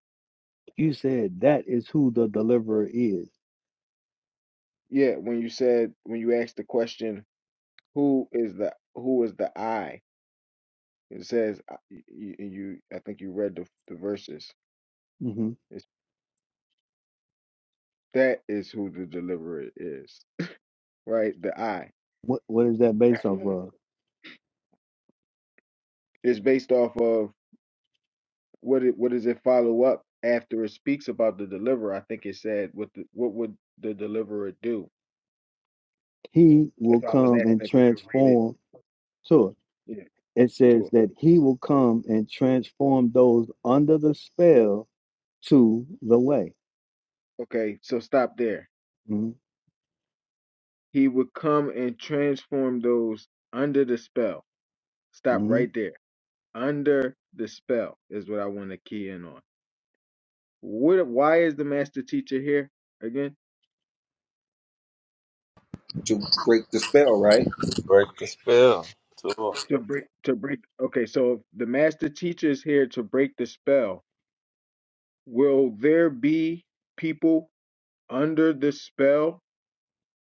[SPEAKER 9] You said that is who the deliverer is.
[SPEAKER 11] Yeah, when you said when you asked the question, who is the who is the I? It says uh, y- y- you. I think you read the the verses.
[SPEAKER 9] hmm
[SPEAKER 11] It's, that is who the deliverer is, right? The I.
[SPEAKER 9] What what is that based off of?
[SPEAKER 11] It's based off of what it. What does it follow up after it speaks about the deliverer? I think it said what the, what would the deliverer do?
[SPEAKER 9] He will
[SPEAKER 11] If I was
[SPEAKER 9] come
[SPEAKER 11] asking
[SPEAKER 9] and
[SPEAKER 11] if you could read
[SPEAKER 9] transform.
[SPEAKER 11] it.
[SPEAKER 9] So
[SPEAKER 11] Yeah,
[SPEAKER 9] it says
[SPEAKER 11] true.
[SPEAKER 9] that he will come and transform those under the spell to the way.
[SPEAKER 11] Okay, so stop there.
[SPEAKER 9] hmm
[SPEAKER 11] He would come and transform those under the spell. Stop
[SPEAKER 9] hmm
[SPEAKER 11] right there. Under the spell is what I want to key in on. What? Why is the master teacher here again? To break. To break. Okay, so if the master teacher is here to break the spell. Will there be people under the spell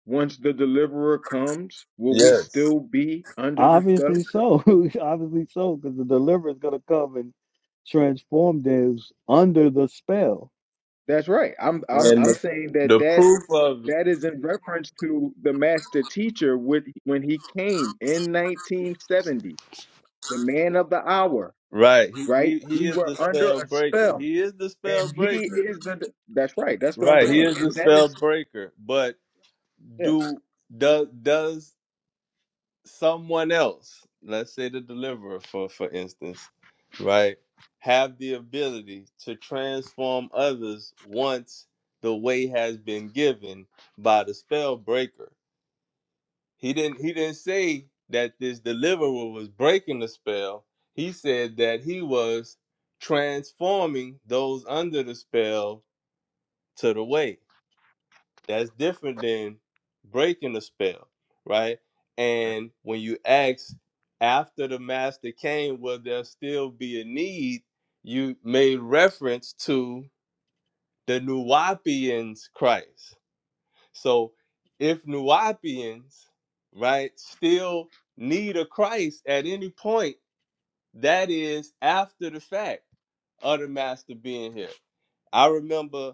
[SPEAKER 11] once the deliverer comes? Will we still be under the spell?
[SPEAKER 9] Obviously so. <laughs> Obviously so, because the deliverer is going to come and transform those under the spell,
[SPEAKER 11] That's right. I'm I'm
[SPEAKER 9] right?
[SPEAKER 1] And
[SPEAKER 11] I'm
[SPEAKER 1] the,
[SPEAKER 11] saying that
[SPEAKER 1] the
[SPEAKER 11] that
[SPEAKER 1] proof of
[SPEAKER 11] That is in reference to the master teacher with, when he came in 1970, the man of the hour,
[SPEAKER 1] right, he,
[SPEAKER 11] right?
[SPEAKER 1] he he
[SPEAKER 11] We
[SPEAKER 1] is
[SPEAKER 11] were
[SPEAKER 1] the
[SPEAKER 11] under
[SPEAKER 1] spell
[SPEAKER 11] a
[SPEAKER 1] breaker.
[SPEAKER 11] spell,
[SPEAKER 1] He is the spell
[SPEAKER 11] and he
[SPEAKER 1] breaker.
[SPEAKER 11] is the. That's right. That's what I'm
[SPEAKER 1] Right,
[SPEAKER 9] But
[SPEAKER 1] he
[SPEAKER 11] saying,
[SPEAKER 1] is the
[SPEAKER 11] and that
[SPEAKER 1] spell
[SPEAKER 11] is
[SPEAKER 1] breaker. But
[SPEAKER 11] yeah.
[SPEAKER 1] do does does someone else, let's say the deliverer for for instance, right, have the ability to transform others once the way has been given by the spell breaker? He didn't he didn't say that this deliverer was breaking the spell. He said that he was transforming those under the spell to the way. That's different than breaking the spell, right?
[SPEAKER 11] Okay.
[SPEAKER 1] And when you ask after the master came, will there still be a need? You made reference to the Nuwapians Christ, so if Nuwapians, right, still need a Christ at any point, that is after the fact of the master being here. I remember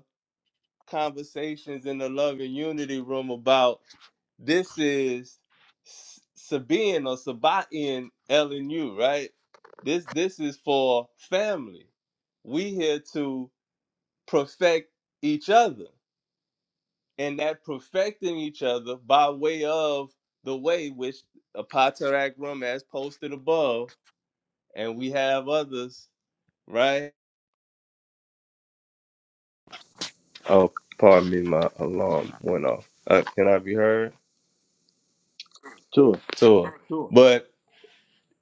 [SPEAKER 1] conversations in the love and unity room about this is S- Sabine or Sabaean LNU, right? This this is for family. We here to perfect each other and that perfecting each other by way of the way which Apatarak Rum has posted above, and we have others, right? Oh, pardon me, my alarm went off. Uh, can I be heard?
[SPEAKER 9] sure,
[SPEAKER 1] So,
[SPEAKER 11] Sure.
[SPEAKER 1] but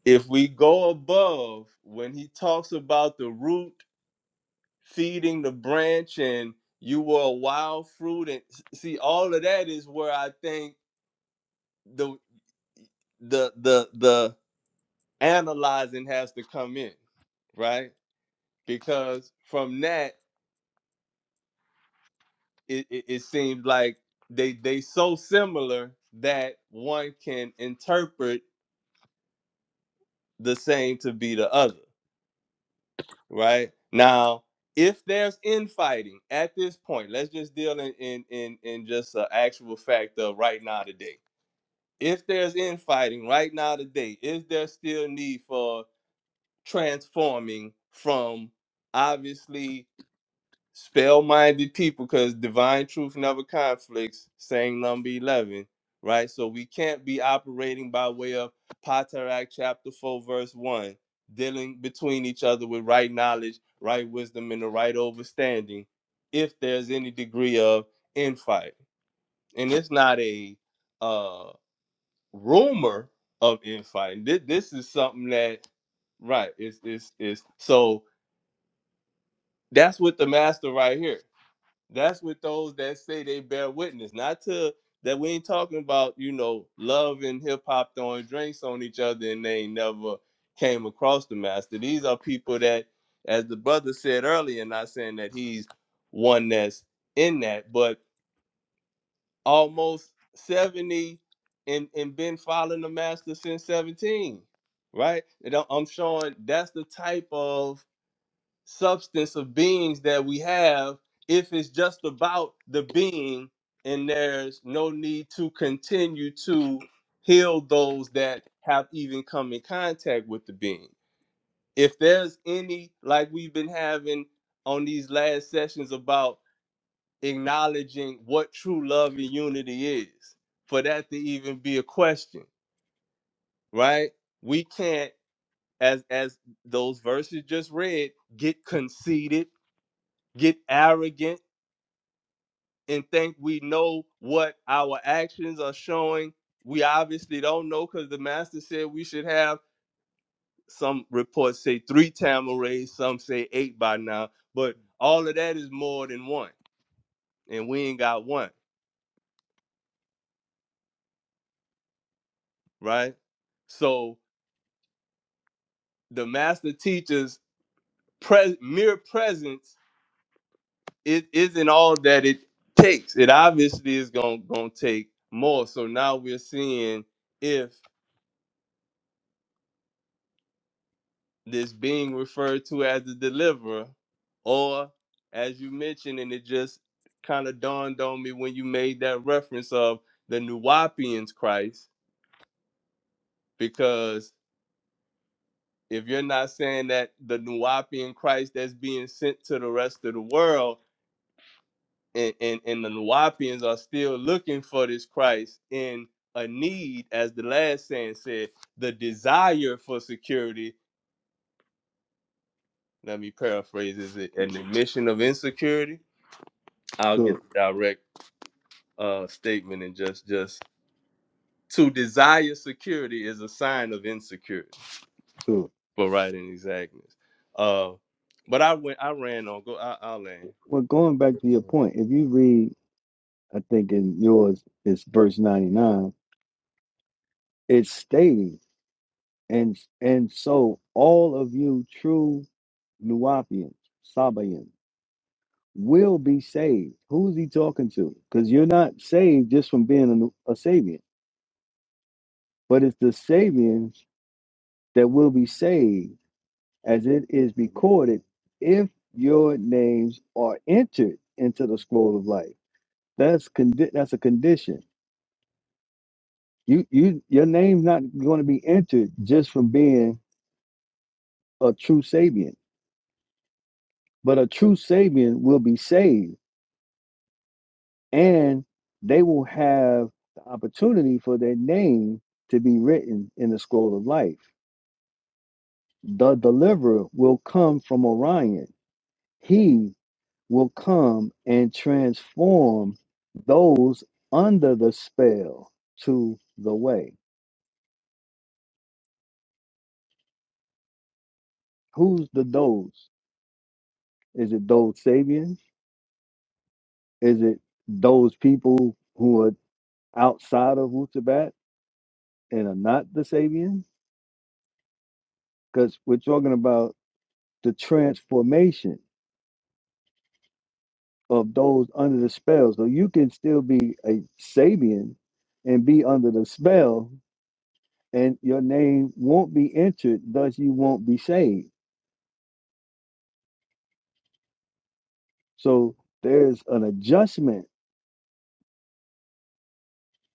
[SPEAKER 1] if we go above, when he talks about the root feeding the branch and you were a wild fruit, and see, all of that is where I think the the the the analyzing has to come in, right? Because from that, it, it, it seems like they they so similar that one can interpret the same to be the other, right? Now, if there's infighting at this point, let's just deal in in in, in just an actual fact of right now today. If there's infighting right now today, is there still need for transforming from obviously spell minded people because divine truth never conflicts, saying number 11, right? So we can't be operating by way of Patarak chapter 4, verse 1, dealing between each other with right knowledge, right wisdom, and the right overstanding if there's any degree of infight. And it's not a uh, rumor of infighting. This, this is something that, right, it's, it's, it's so that's with the master right here that's with those that say they bear witness. Not to that we ain't talking about, you know, love and hip hop throwing drinks on each other and they ain't never came across the master. These are people that, as the brother said earlier, not saying that he's one that's in that, but almost 70 and, and been following the master since 17. Right? And I'm I'm showing that's the type of substance of beings that we have if it's just about the being and there's no need to continue to heal those that have even come in contact with the being. If there's any, like we've been having on these last sessions about acknowledging what true love and unity is, for that to even be a question, right? We can't, as as those verses just read, get conceited, get arrogant and think we know what our actions are showing. We obviously don't know because the master said we should have some reports say three tamarais, some say eight by now, but all of that is more than one, and we ain't got one, right? So the master teacher's pres- mere presence it isn't all that it takes. It obviously is gonna gonna take more. So now we're seeing if. this being referred to as the deliverer, or as you mentioned, and it just kind of dawned on me when you made that reference of the Nuwapians Christ, because if you're not saying that the Nuwapian Christ that's being sent to the rest of the world, and, and, and the Nuwapians are still looking for this Christ in a
[SPEAKER 9] sure, sure. Well, going back to your point, if you read I think in yours is verse 99. It's stating, and and so all of you true Nuapians, Sabaeans, will be saved. Who's he talking to? Because you're not saved just from being a, Nu- a Sabian, but it's the Sabians that will be saved, as it is recorded, if your names are entered into the scroll of life. That's condi- that's a condition. You you your name's not going to be entered just from being a true Sabian. But a true Sabian will be saved and they will have the opportunity for their name to be written in the scroll of life. The deliverer will come from Orion. He will come and transform those under the spell to the way. Who's the those? Is it those Sabians? Is it those people who are outside of Wusabat and are not the Sabians? because we're talking about the transformation of those under the spell. So you can still be a Sabian and be under the spell, and your name won't be entered, thus, you won't be saved. So there's an adjustment.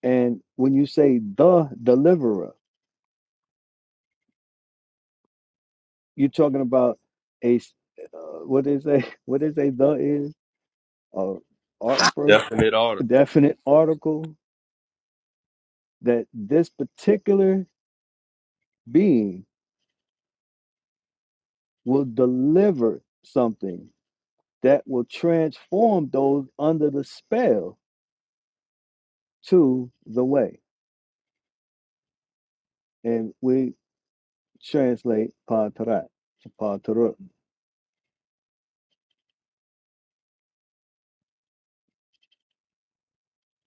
[SPEAKER 9] And when you say the deliverer, you're talking about a s- uh, what is a <laughs> what is a the is a art first definite article that this particular being will deliver something that will transform those under the spell to the way. And we translate Patarat to Patarut.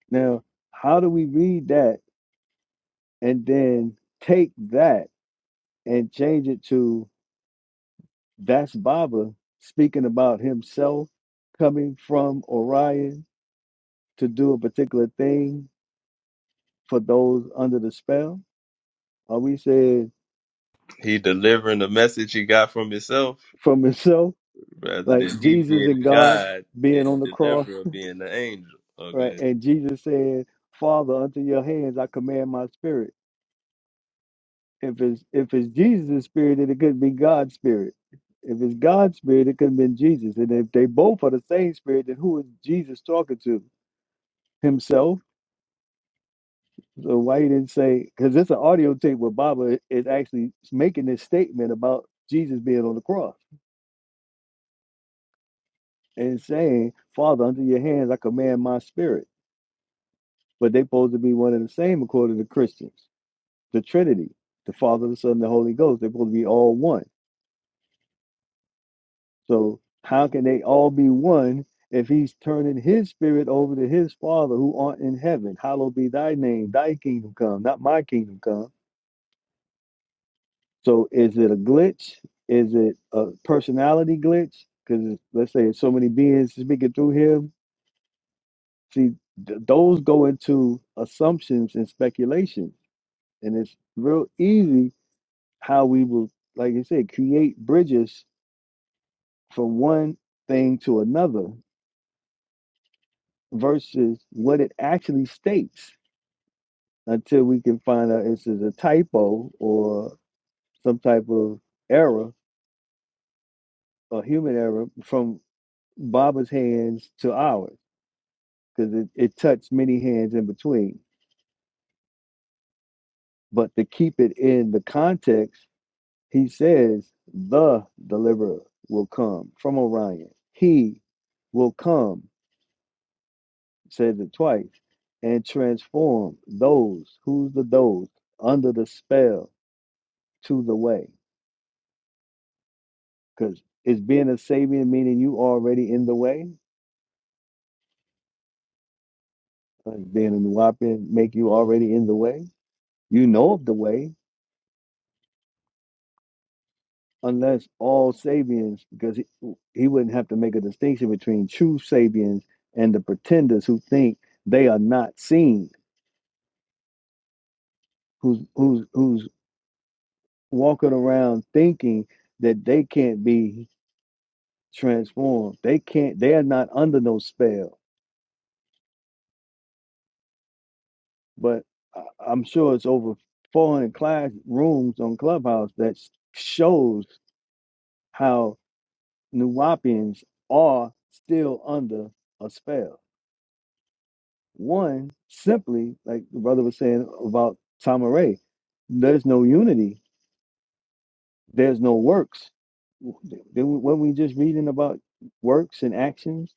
[SPEAKER 9] Now, how do we read that and then take that and change it to that's Baba speaking about himself coming from Orion to do a particular thing for those under the spell? Are we saying
[SPEAKER 1] he delivering the message he got from himself
[SPEAKER 9] from <laughs> himself?
[SPEAKER 1] rather
[SPEAKER 9] like
[SPEAKER 1] than he
[SPEAKER 9] Jesus
[SPEAKER 1] being
[SPEAKER 9] and God
[SPEAKER 1] God and
[SPEAKER 9] being on the cross,
[SPEAKER 1] deliverer being the angel.
[SPEAKER 9] right?
[SPEAKER 1] Okay.
[SPEAKER 9] And Jesus said, "Father, unto your hands I command my spirit." If it's if it's Jesus' spirit, then it couldn't be God's spirit. If it's God's spirit, it couldn't be Jesus. And if they both are the same spirit, then who is Jesus talking to? Himself. So why he didn't say? Because it's an audio tape where Baba is actually making this statement about Jesus being on the cross and saying, "Father, unto your hands I command my spirit." But they supposed to be one and the same according to Christians the Trinity, the Father, the Son, and the Holy Ghost. They're supposed to be all one. So how can they all be one if he's turning his spirit over to his Father who art in heaven? Hallowed be thy name, thy kingdom come, not my kingdom come. So is it a glitch? Is it a personality glitch? Because let's say so many beings speaking through him. See, th- those go into assumptions and speculation. And it's real easy how we will, like you said, create bridges from one thing to another versus what it actually states until we can find out if it's a typo or some type of error, a human error from Baba's hands to ours, because it, it touched many hands in between. But to keep it in the context, he says, the deliverer will come from Orion. He will come. says it twice, and transform those, who's the those, under the spell to the way. Because it's being a Sabian, meaning you already in the way, like being a Nuwapian, make you already in the way. You know of the way, unless all Sabians, because he, he wouldn't have to make a distinction between true Sabians and the pretenders who think they are not seen, who's who's who's walking around thinking that they can't be transformed. They can't. They are not under no spell. But I- I'm sure it's over 400 class rooms on Clubhouse that s- shows how Nuwapians are still under a spell. One simply, like the brother was saying about Tamaray, there's no unity. There's no works. W- Then we- weren't we just reading about works and actions?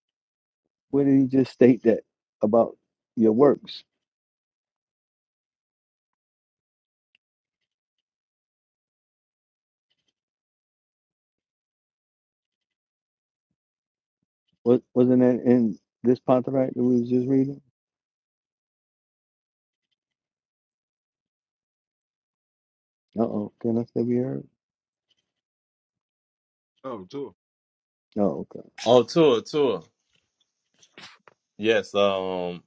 [SPEAKER 9] Where did he just state that about your works? Wa- Wasn't that in this contract that we was just reading? Uh-oh, can I still be heard?
[SPEAKER 11] Oh, sure.
[SPEAKER 9] Oh, okay.
[SPEAKER 1] Oh, Tua, Tua. Yes, um,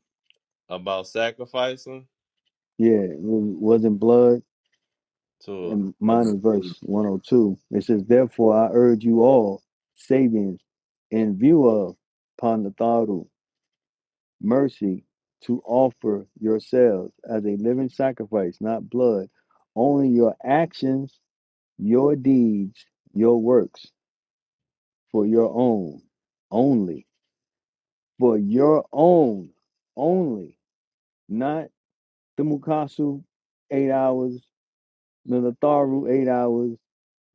[SPEAKER 1] about sacrificing.
[SPEAKER 9] Yeah, it was in blood,
[SPEAKER 1] Tua.
[SPEAKER 9] and
[SPEAKER 1] Let me
[SPEAKER 9] mine is verse 102. It says, Therefore I urge you all, savings, in view of Panatharu, mercy, to offer yourselves as a living sacrifice, not blood, only your actions, your deeds, your works, for your own, only, for your own, only not the Mukasu, eight hours, the Natharu, eight hours,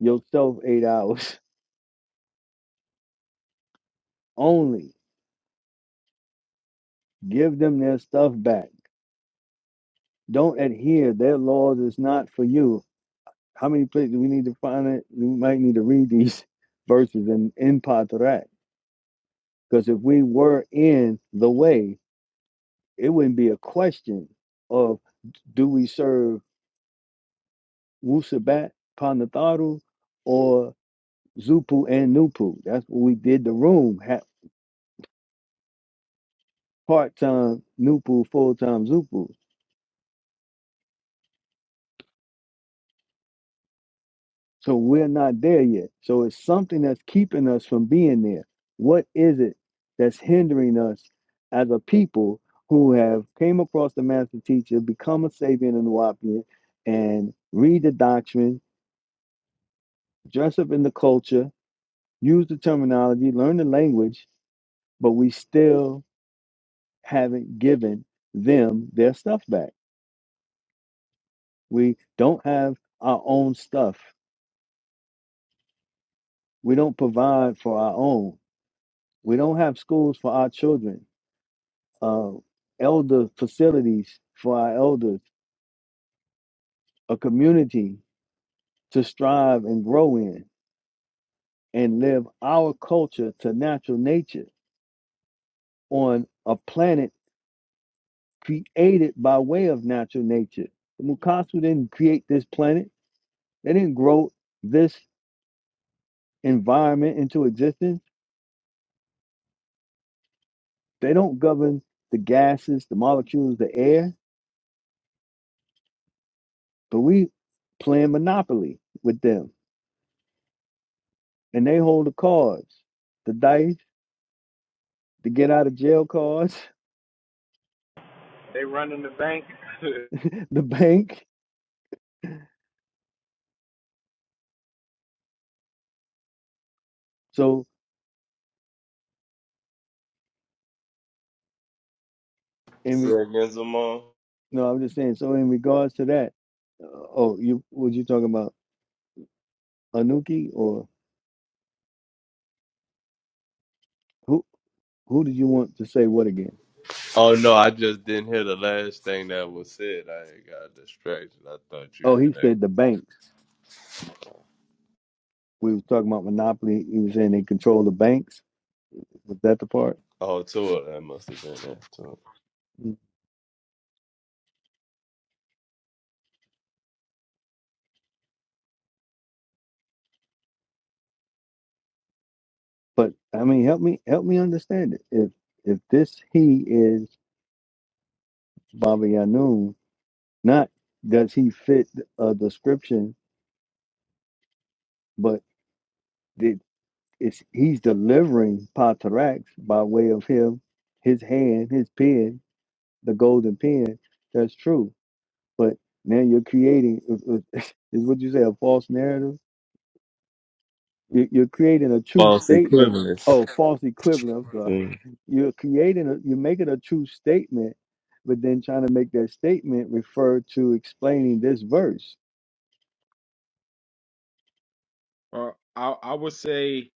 [SPEAKER 9] yourself, eight hours <laughs> only. Give them their stuff back. Don't adhere. Their laws is not for you. How many places do we need to find it? We might need to read these <laughs> verses in, in Patrak. Because if we were in the way, it wouldn't be a question of do we serve Wusabat, Panatharu, or Zupu and Nupu. That's what we did the room. ha part time Nupu, full time Zupu. So we're not there yet. So it's something that's keeping us from being there. What is it that's hindering us as a people who have came across the master teacher, become a Sabian and Nuwapian, and read the doctrine, dress up in the culture, use the terminology, learn the language, but we still haven't given them their stuff back. We don't have our own stuff. We don't provide for our own. We don't have schools for our children, uh, elder facilities for our elders, a community to strive and grow in and live our culture to natural nature on a planet created by way of natural nature. The Mukasu didn't create this planet, they didn't grow this environment into existence. They don't govern the gases, the molecules, the air, but we playing monopoly with them and they hold the cards, the dice, the get out of jail cards,
[SPEAKER 4] They running the bank. <laughs>
[SPEAKER 9] <laughs> the bank. So in
[SPEAKER 1] say
[SPEAKER 9] re-
[SPEAKER 1] against them all.
[SPEAKER 9] no, I'm just saying. So in regards to that, uh, oh, you were you talking about Anuki or who? Who did you want to say what again?
[SPEAKER 1] Oh, no, I just didn't hear the last thing that was said. I got distracted. I thought you
[SPEAKER 9] Oh,
[SPEAKER 1] had
[SPEAKER 9] he
[SPEAKER 1] that.
[SPEAKER 9] said the banks. We was talking about monopoly. He was saying they control the banks. Was that the part?
[SPEAKER 1] Oh, Tua, that must have been that, Tua.
[SPEAKER 9] Mm, But I mean, help me, help me understand it. If if this he is Baba Yanun, not does he fit a description, but It's he's delivering Patarax by way of him, his hand, his pen, the golden pen. That's true. But now you're creating <laughs> is what you say a false narrative. You- You're creating a true statement. Oh, false equivalent. I'm sorry. <laughs> You're creating. A, you're making a true statement, but then trying to make that statement refer to explaining this verse.
[SPEAKER 11] Uh, I I would say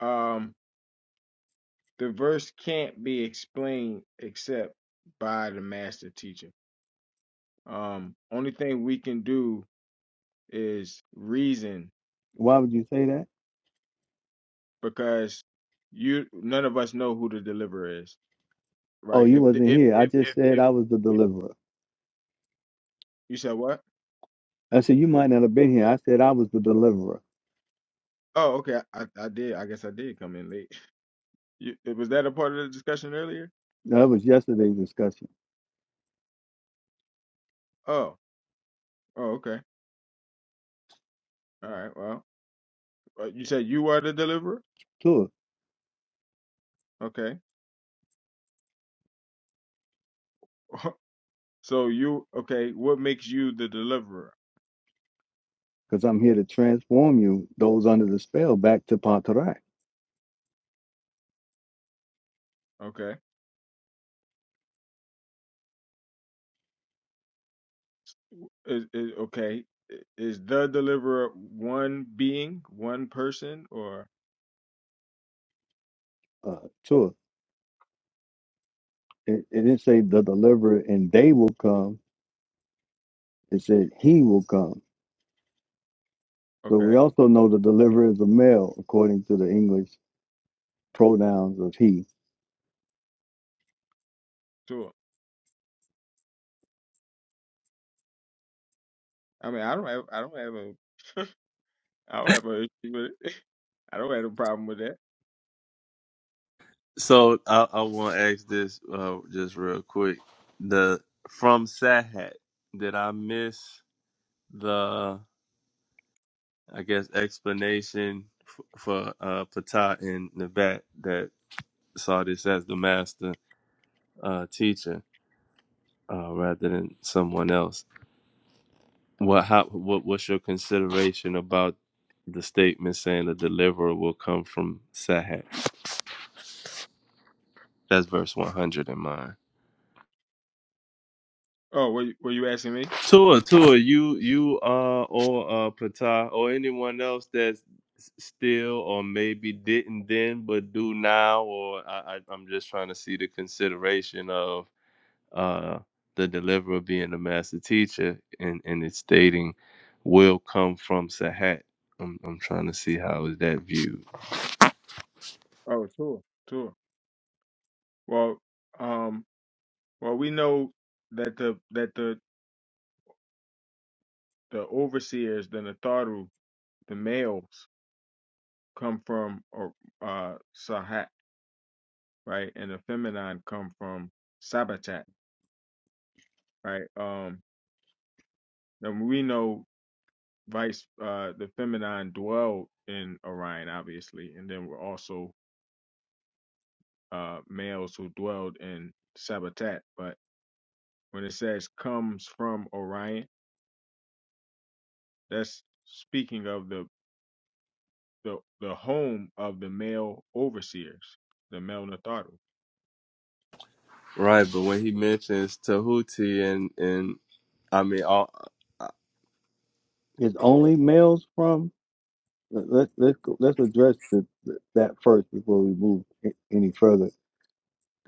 [SPEAKER 11] um the verse can't be explained except by the master teacher. Um, only thing we can do is reason
[SPEAKER 9] Why would you say that?
[SPEAKER 11] because you none of us know who the deliverer is,
[SPEAKER 9] Oh,
[SPEAKER 11] right?
[SPEAKER 9] you
[SPEAKER 11] If the,
[SPEAKER 9] wasn't
[SPEAKER 11] if,
[SPEAKER 9] here. I
[SPEAKER 11] if
[SPEAKER 9] just said
[SPEAKER 11] if
[SPEAKER 9] I was the
[SPEAKER 11] if
[SPEAKER 9] deliverer.
[SPEAKER 11] you said what?
[SPEAKER 9] I said, You might not have been here. I said, I was the deliverer.
[SPEAKER 11] Oh, okay. I, I did. I guess I did come in late. You, was that a part of the discussion earlier?
[SPEAKER 9] That was yesterday's discussion
[SPEAKER 11] Oh, oh, okay. All right. Well, uh, you said you are the deliverer.
[SPEAKER 9] too,
[SPEAKER 11] Okay. <laughs> so you okay? What makes you the deliverer?
[SPEAKER 9] because I'm here to transform you, those under the spell, back to Pantarak
[SPEAKER 11] Okay. Is, is okay? i- Is the deliverer one being, one person, or
[SPEAKER 9] uh, too. It, it didn't say the deliverer and they will come. It said he will come. So we
[SPEAKER 11] okay?
[SPEAKER 9] also know the deliverer is a male, according to the English pronouns of he.
[SPEAKER 11] Sure. I mean, I don't have. I don't have a. I don't have an issue with it. <laughs> I don't have a problem with that. Oh, were you, were you asking me? Oh, sure, sure. Well, um, well, we know that the that the the overseers, the natharu, the males come from or uh Sahat, right, and the feminine come from Sabatat, right. Um, and we know vice uh the feminine dwelled in Orion, obviously, and then we're also uh males who dwelled in Sabatat, but when it says comes from Orion, that's speaking of the the, the home of the male overseers, the male Natharu.
[SPEAKER 1] Right, but when he mentions to who, and oh,
[SPEAKER 9] Is only males from? let- Let's let's go, let's address the, that first before we move a- any further.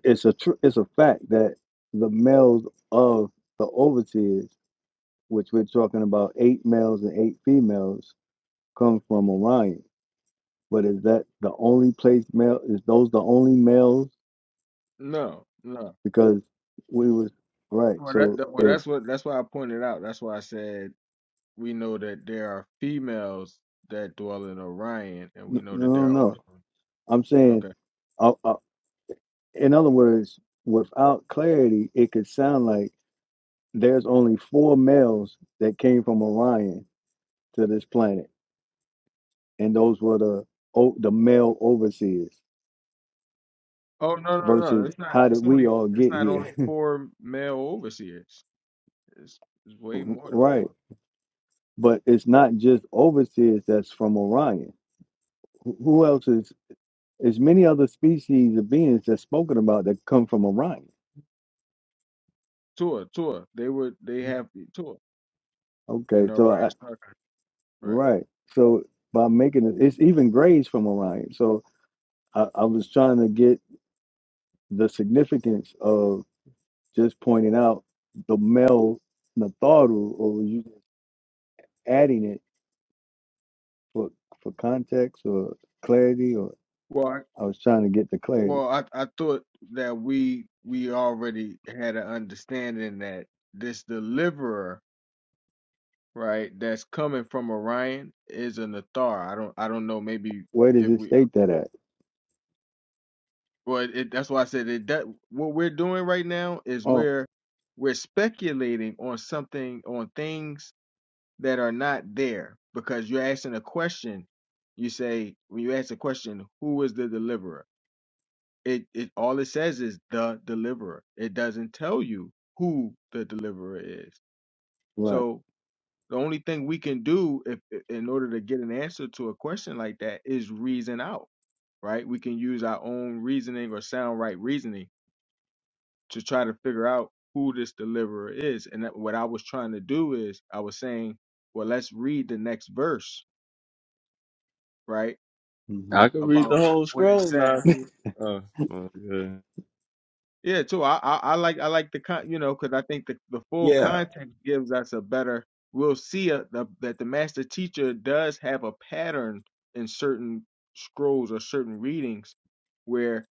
[SPEAKER 9] It's a tr- it's a fact that the males of the overseers which we're talking about eight males and eight females, come from Orion. But is that the only place male? Is those the only males?
[SPEAKER 11] No, no.
[SPEAKER 9] Because we was right.
[SPEAKER 11] Well, that,
[SPEAKER 9] So
[SPEAKER 11] that- well,
[SPEAKER 9] if
[SPEAKER 11] that's what that's why I pointed out. That's why I said we know that there are females that dwell in Orion, and we
[SPEAKER 9] no,
[SPEAKER 11] know that
[SPEAKER 9] no,
[SPEAKER 11] there are also
[SPEAKER 9] no. I'm saying,
[SPEAKER 11] okay.
[SPEAKER 9] uh, uh, in other words, without clarity, it could sound like there's only four males that came from Orion to this planet, and those were the o- the male overseers.
[SPEAKER 11] Oh no, no, no!
[SPEAKER 9] Versus,
[SPEAKER 11] It's not.
[SPEAKER 9] how did
[SPEAKER 11] It's
[SPEAKER 9] we
[SPEAKER 11] only.
[SPEAKER 9] all
[SPEAKER 11] It's
[SPEAKER 9] get
[SPEAKER 11] not
[SPEAKER 9] here?
[SPEAKER 11] only
[SPEAKER 9] <laughs>
[SPEAKER 11] four male overseers. It's, it's way more than
[SPEAKER 9] right.
[SPEAKER 11] four.
[SPEAKER 9] But it's not just overseers that's from Orion. Who who else is? There's many other species of beings that's spoken about that come from Orion.
[SPEAKER 11] Tua, tua. They were. They have tua in
[SPEAKER 9] Okay,
[SPEAKER 11] the
[SPEAKER 9] so
[SPEAKER 11] Orion
[SPEAKER 9] I
[SPEAKER 11] structure. Right.
[SPEAKER 9] right. So by making it, it's even grays from Orion. So I, I was trying to get the significance of just pointing out the male Natharu, or were you just adding it for for context or clarity? Or
[SPEAKER 11] Well, I-
[SPEAKER 9] I was trying to get the clarity.
[SPEAKER 11] well, I I thought that we we already had an understanding that this deliverer, right, that's coming from Orion is an Athar. I don't I don't know. Maybe
[SPEAKER 9] Where does
[SPEAKER 11] if
[SPEAKER 9] it
[SPEAKER 11] we,
[SPEAKER 9] state that at?
[SPEAKER 11] well, it, that's why I said it. That what we're doing right now is
[SPEAKER 9] Oh,
[SPEAKER 11] we're we're speculating on something on things that are not there because you're asking a question. You say when you ask a question, who is the deliverer? it, it all it says is the deliverer. It doesn't tell you who the deliverer is.
[SPEAKER 9] right.
[SPEAKER 11] So the only thing we can do if in order to get an answer to a question like that is reason out, right? We can use our own reasoning or sound right reasoning to try to figure out who this deliverer is. And that, what I was trying to do is I was saying, well, let's read the next verse, right?
[SPEAKER 1] I could read
[SPEAKER 11] About
[SPEAKER 1] the whole
[SPEAKER 11] what it
[SPEAKER 1] scroll
[SPEAKER 11] says
[SPEAKER 1] now. if you- Oh, good.
[SPEAKER 11] Yeah, too. I, I I like I like the con you know because I think the the full
[SPEAKER 5] yeah
[SPEAKER 11] context gives us a better. We'll see a, the, that the master teacher does have a pattern in certain scrolls or certain readings where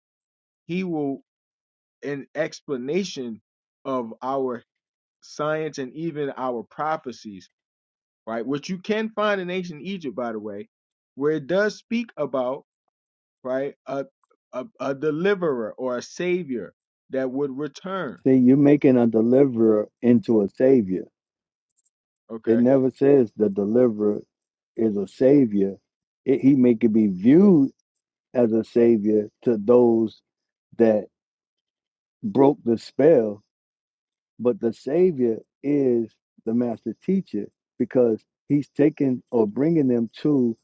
[SPEAKER 11] he will an explanation of our science and even our prophecies, right? Which you can find in ancient Egypt, by the way, where it does speak about right a a, a deliverer or a savior that would return.
[SPEAKER 9] See, you're making a deliverer into a savior.
[SPEAKER 11] Okay
[SPEAKER 9] It never says the deliverer is a savior. It, he may could be viewed as a savior to those that broke the spell, but the savior is the master teacher because he's taking or bringing them to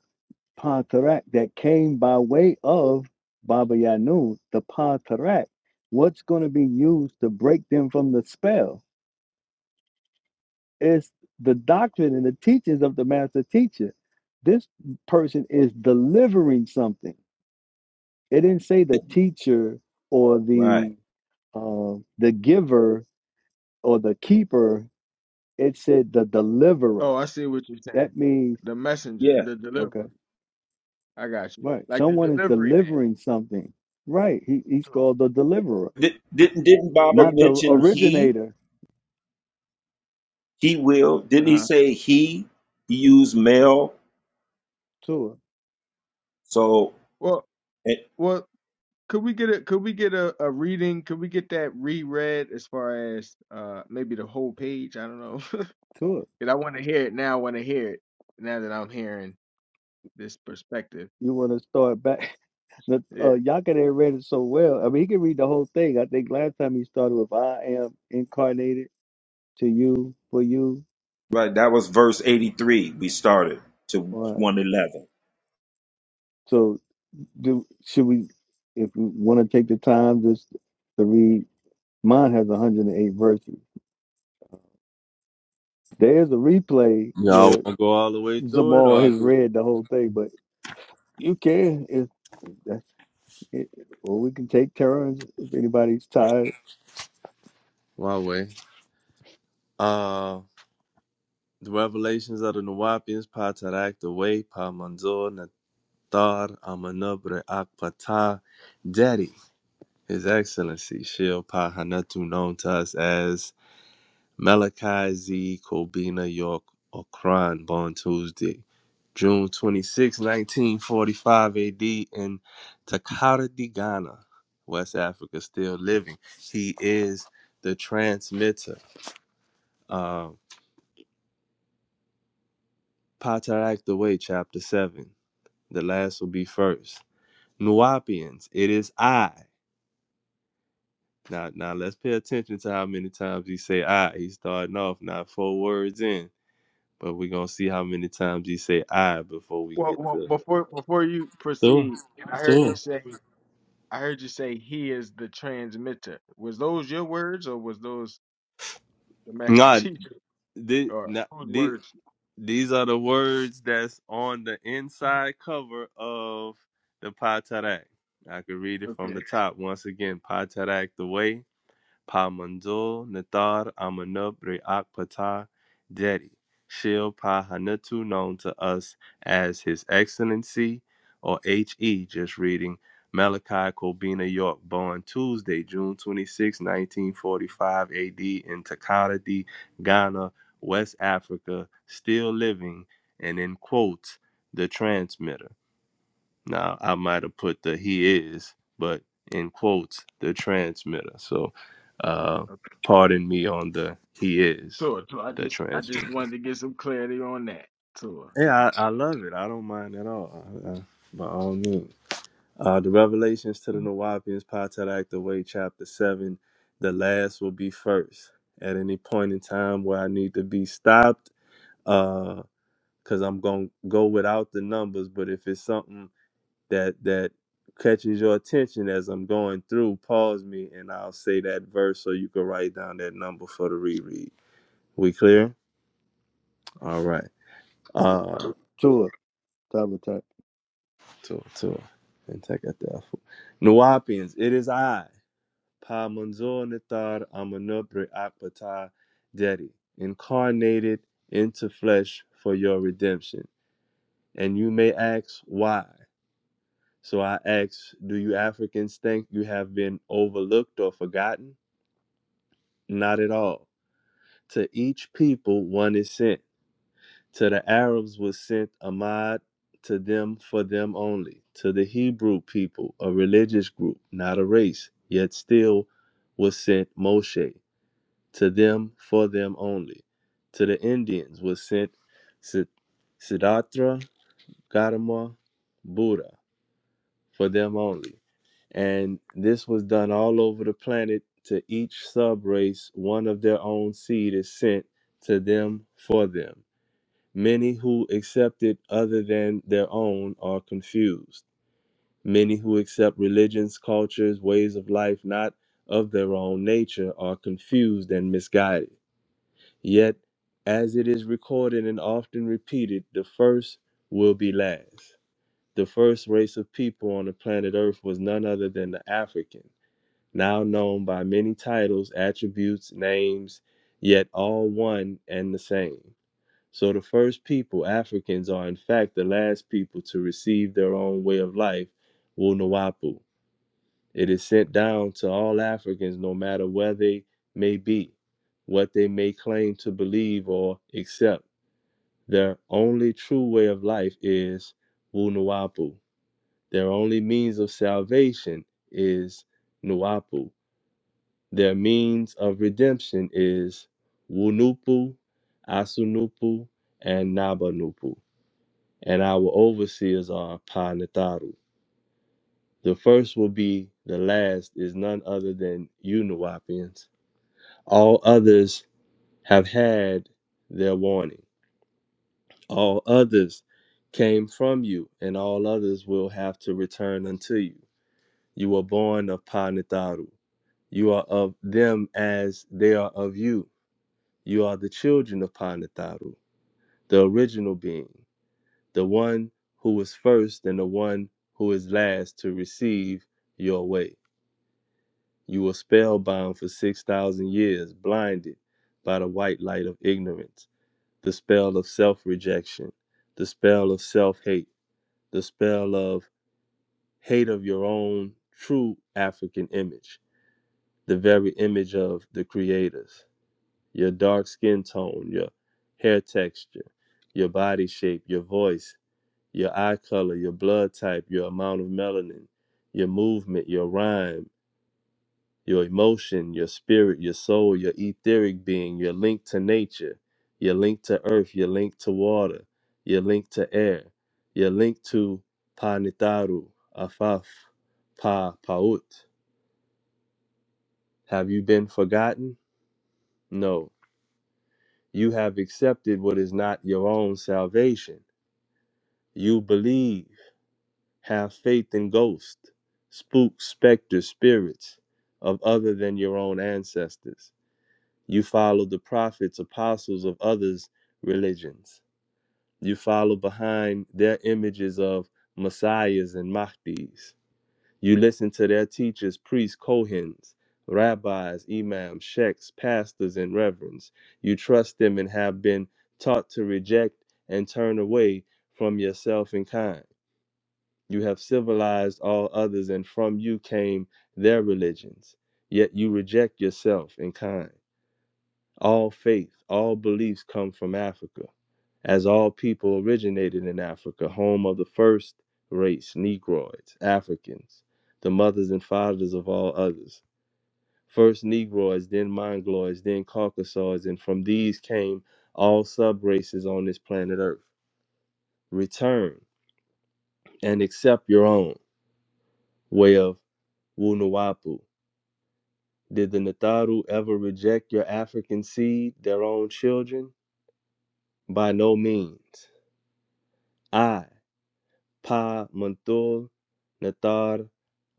[SPEAKER 9] Pantarak that came by way of Baba Yanun, the Pantarak. What's going to be used to break them from the spell? It's the doctrine and the teachings of the master teacher. This person is delivering something. It didn't say the teacher or
[SPEAKER 5] right
[SPEAKER 9] the uh, the giver or the keeper. It said the
[SPEAKER 11] Oh,
[SPEAKER 9] deliverer.
[SPEAKER 11] I see what you're saying.
[SPEAKER 9] That means
[SPEAKER 11] The messenger,
[SPEAKER 5] yeah
[SPEAKER 11] the
[SPEAKER 9] okay,
[SPEAKER 11] deliverer. I got you.
[SPEAKER 9] right?
[SPEAKER 11] Like the
[SPEAKER 9] Someone is
[SPEAKER 11] delivery man
[SPEAKER 9] delivering something. Right? He, he's
[SPEAKER 11] too.
[SPEAKER 9] called the deliverer,
[SPEAKER 5] Did, didn't didn't baba
[SPEAKER 9] not the
[SPEAKER 5] mention
[SPEAKER 11] Uh
[SPEAKER 5] he
[SPEAKER 9] originator.
[SPEAKER 5] he will didn't he
[SPEAKER 11] huh.
[SPEAKER 5] say he he used male
[SPEAKER 9] To it,
[SPEAKER 5] so
[SPEAKER 11] Well,
[SPEAKER 5] it,
[SPEAKER 11] well, could we get a could we get a, a reading? Could we get that reread as far as uh maybe the whole page? I don't know. <laughs>
[SPEAKER 9] to it.
[SPEAKER 11] 'Cause I want to hear it now. I want to hear it now that I'm hearing this perspective.
[SPEAKER 9] You want to start back? The, uh,
[SPEAKER 11] Yeah.
[SPEAKER 9] Yakadin read it so well. I mean, he can read the whole thing. I think last time he started with "I am incarnated to you for you."
[SPEAKER 5] right that was verse 83 we started to
[SPEAKER 9] Or
[SPEAKER 5] 111
[SPEAKER 9] so, do should we, if we want to take the time just to read? Mine has 108 verses. There is a replay
[SPEAKER 1] Yeah,
[SPEAKER 9] where
[SPEAKER 1] I
[SPEAKER 9] Zamal
[SPEAKER 1] I
[SPEAKER 9] has
[SPEAKER 1] could.
[SPEAKER 9] read the whole thing, but you can if that's it. Or we can take turns if anybody's tired.
[SPEAKER 1] My way. Uh, the revelations of the Nuwapians, Patarak, the way, Pa Manzor, Nathar, Amanabre, Daddy, His Excellency Shilpa Hanatu, known to us as Malachi Z. Kobina York Okran, born Tuesday, June 26, 1945 AD, in Takara Ghana, West Africa, still living. He is the transmitter. Uh, Patarak the Way, Chapter 7. The last will be first. Nuapians, it is I. Now, now let's pay attention to how many times he say "I." He's starting off not four words in, but we're gonna see how many times he say "I" before we
[SPEAKER 11] Well,
[SPEAKER 1] get
[SPEAKER 11] well,
[SPEAKER 1] to
[SPEAKER 11] before before you proceed, and I heard you
[SPEAKER 1] Two.
[SPEAKER 11] say I heard you say he is the transmitter. Was those your words or was those the master <laughs>
[SPEAKER 1] Nah,
[SPEAKER 11] teacher?
[SPEAKER 1] this,
[SPEAKER 11] Or
[SPEAKER 1] nah,
[SPEAKER 11] whose
[SPEAKER 1] thi-
[SPEAKER 11] words?
[SPEAKER 1] these are the words that's on the inside cover of the Patarak. I could read it from
[SPEAKER 11] Okay.
[SPEAKER 1] the top once again. Patarak the way. Pa manzo nathar amanub re'ak patah dedi. Shil pahanatu known to us as His Excellency or HE, just reading Malachi Kobina York, born Tuesday, June 26, 1945 AD in Takati, Ghana, West Africa, still living and in quotes, the transmitter. Now I might have put the he is, but in quotes, the transmitter. So uh
[SPEAKER 11] okay.
[SPEAKER 1] pardon me on the he is
[SPEAKER 11] Tour, tour. I
[SPEAKER 1] the
[SPEAKER 11] just, I just
[SPEAKER 1] transmitter.
[SPEAKER 11] wanted to get some clarity on that. Tour.
[SPEAKER 1] Yeah, I, I love it. I don't mind at all. I, I, by all means. Uh the Revelations to the Nawapians, Potadak the Way, chapter seven, the last will be first. At any point in time where I need to be stopped, uh, because I'm gonna go without the numbers, but if it's something that that catches your attention as I'm going through, pause me and I'll say that verse so you can write down that number for the reread. We clear? All right. Uh
[SPEAKER 9] Sure, time to time.
[SPEAKER 1] to to and take out the alpha. Nuwapians, it is I, Pa Munzor Nathar Amanubri Akpata Dedi, incarnated into flesh for your redemption. And you may ask why. So I ask, do you Africans think you have been overlooked or forgotten? Not at all. To each people one is sent. To the Arabs was sent a Ahmad, to them for them only. To the Hebrew people, a religious group, not a race, yet still was sent Moshe, to them for them only. To the Indians was sent Sid- Siddhartha Gautama Buddha, for them only. and this was done all over the planet to each subrace one of their own seed is sent to them for them many who accept it other than their own are confused many who accept religions cultures ways of life not of their own nature are confused and misguided yet as it is recorded and often repeated the first will be last the first race of people on the planet earth was none other than the african now known by many titles, attributes, names, yet all one and the same. So the first people, Africans, are in fact the last people to receive their own way of life, Wunuwapu. It is sent down to all Africans, no matter where they may be, what they may claim to believe or accept. Their only true way of life is Wunuwapu. Their only means of salvation is Nuapu their means of redemption is Wunupu, Asunupu, and Nabanupu, and our overseers are Panataru. The first will be the last is none other than you, Nuwapians. All others have had their warning. All others came from you, and all others will have to return unto you. You were born of Panataru. You are of them as they are of you You are the children of Panataru, the original being, the one who was first and the one who is last to receive your way. You were spellbound for 6,000 years, blinded by the white light of ignorance, the spell of self rejection, the spell of self hate, the spell of hate of your own true African image, the very image of the creators. your dark skin tone, your hair texture, your body shape, your voice, your eye color, your blood type, your amount of melanin, your movement, your rhyme, your emotion, your spirit, your soul, your etheric being, your link to nature, your link to earth, your link to water, your link to air, your link to Panitaru, Afaf, Pa Paut. Have you been forgotten? No. You have accepted what is not your own salvation. You believe, have faith in ghosts, spooks, specters, spirits of other than your own ancestors. You follow the prophets, apostles of others' religions. You follow behind their images of messiahs and mahdis. You listen to their teachers, priests, kohens, rabbis, imams, sheikhs, pastors, and reverends. You trust them and have been taught to reject and turn away from yourself and kind. You have civilized all others, and from you came their religions. Yet you reject yourself in kind. All faith, all beliefs come from Africa, as all people originated in Africa, home of the first race, Negroids, Africans, the mothers and fathers of all others. First Negroids, then Mongoloids, then Caucasoids, and from these came all sub races on this planet Earth. Return and accept your own way of Wunuwapu Did the Natharu ever reject your African seed, their own children? By no means. I, Pa Manthur Nathar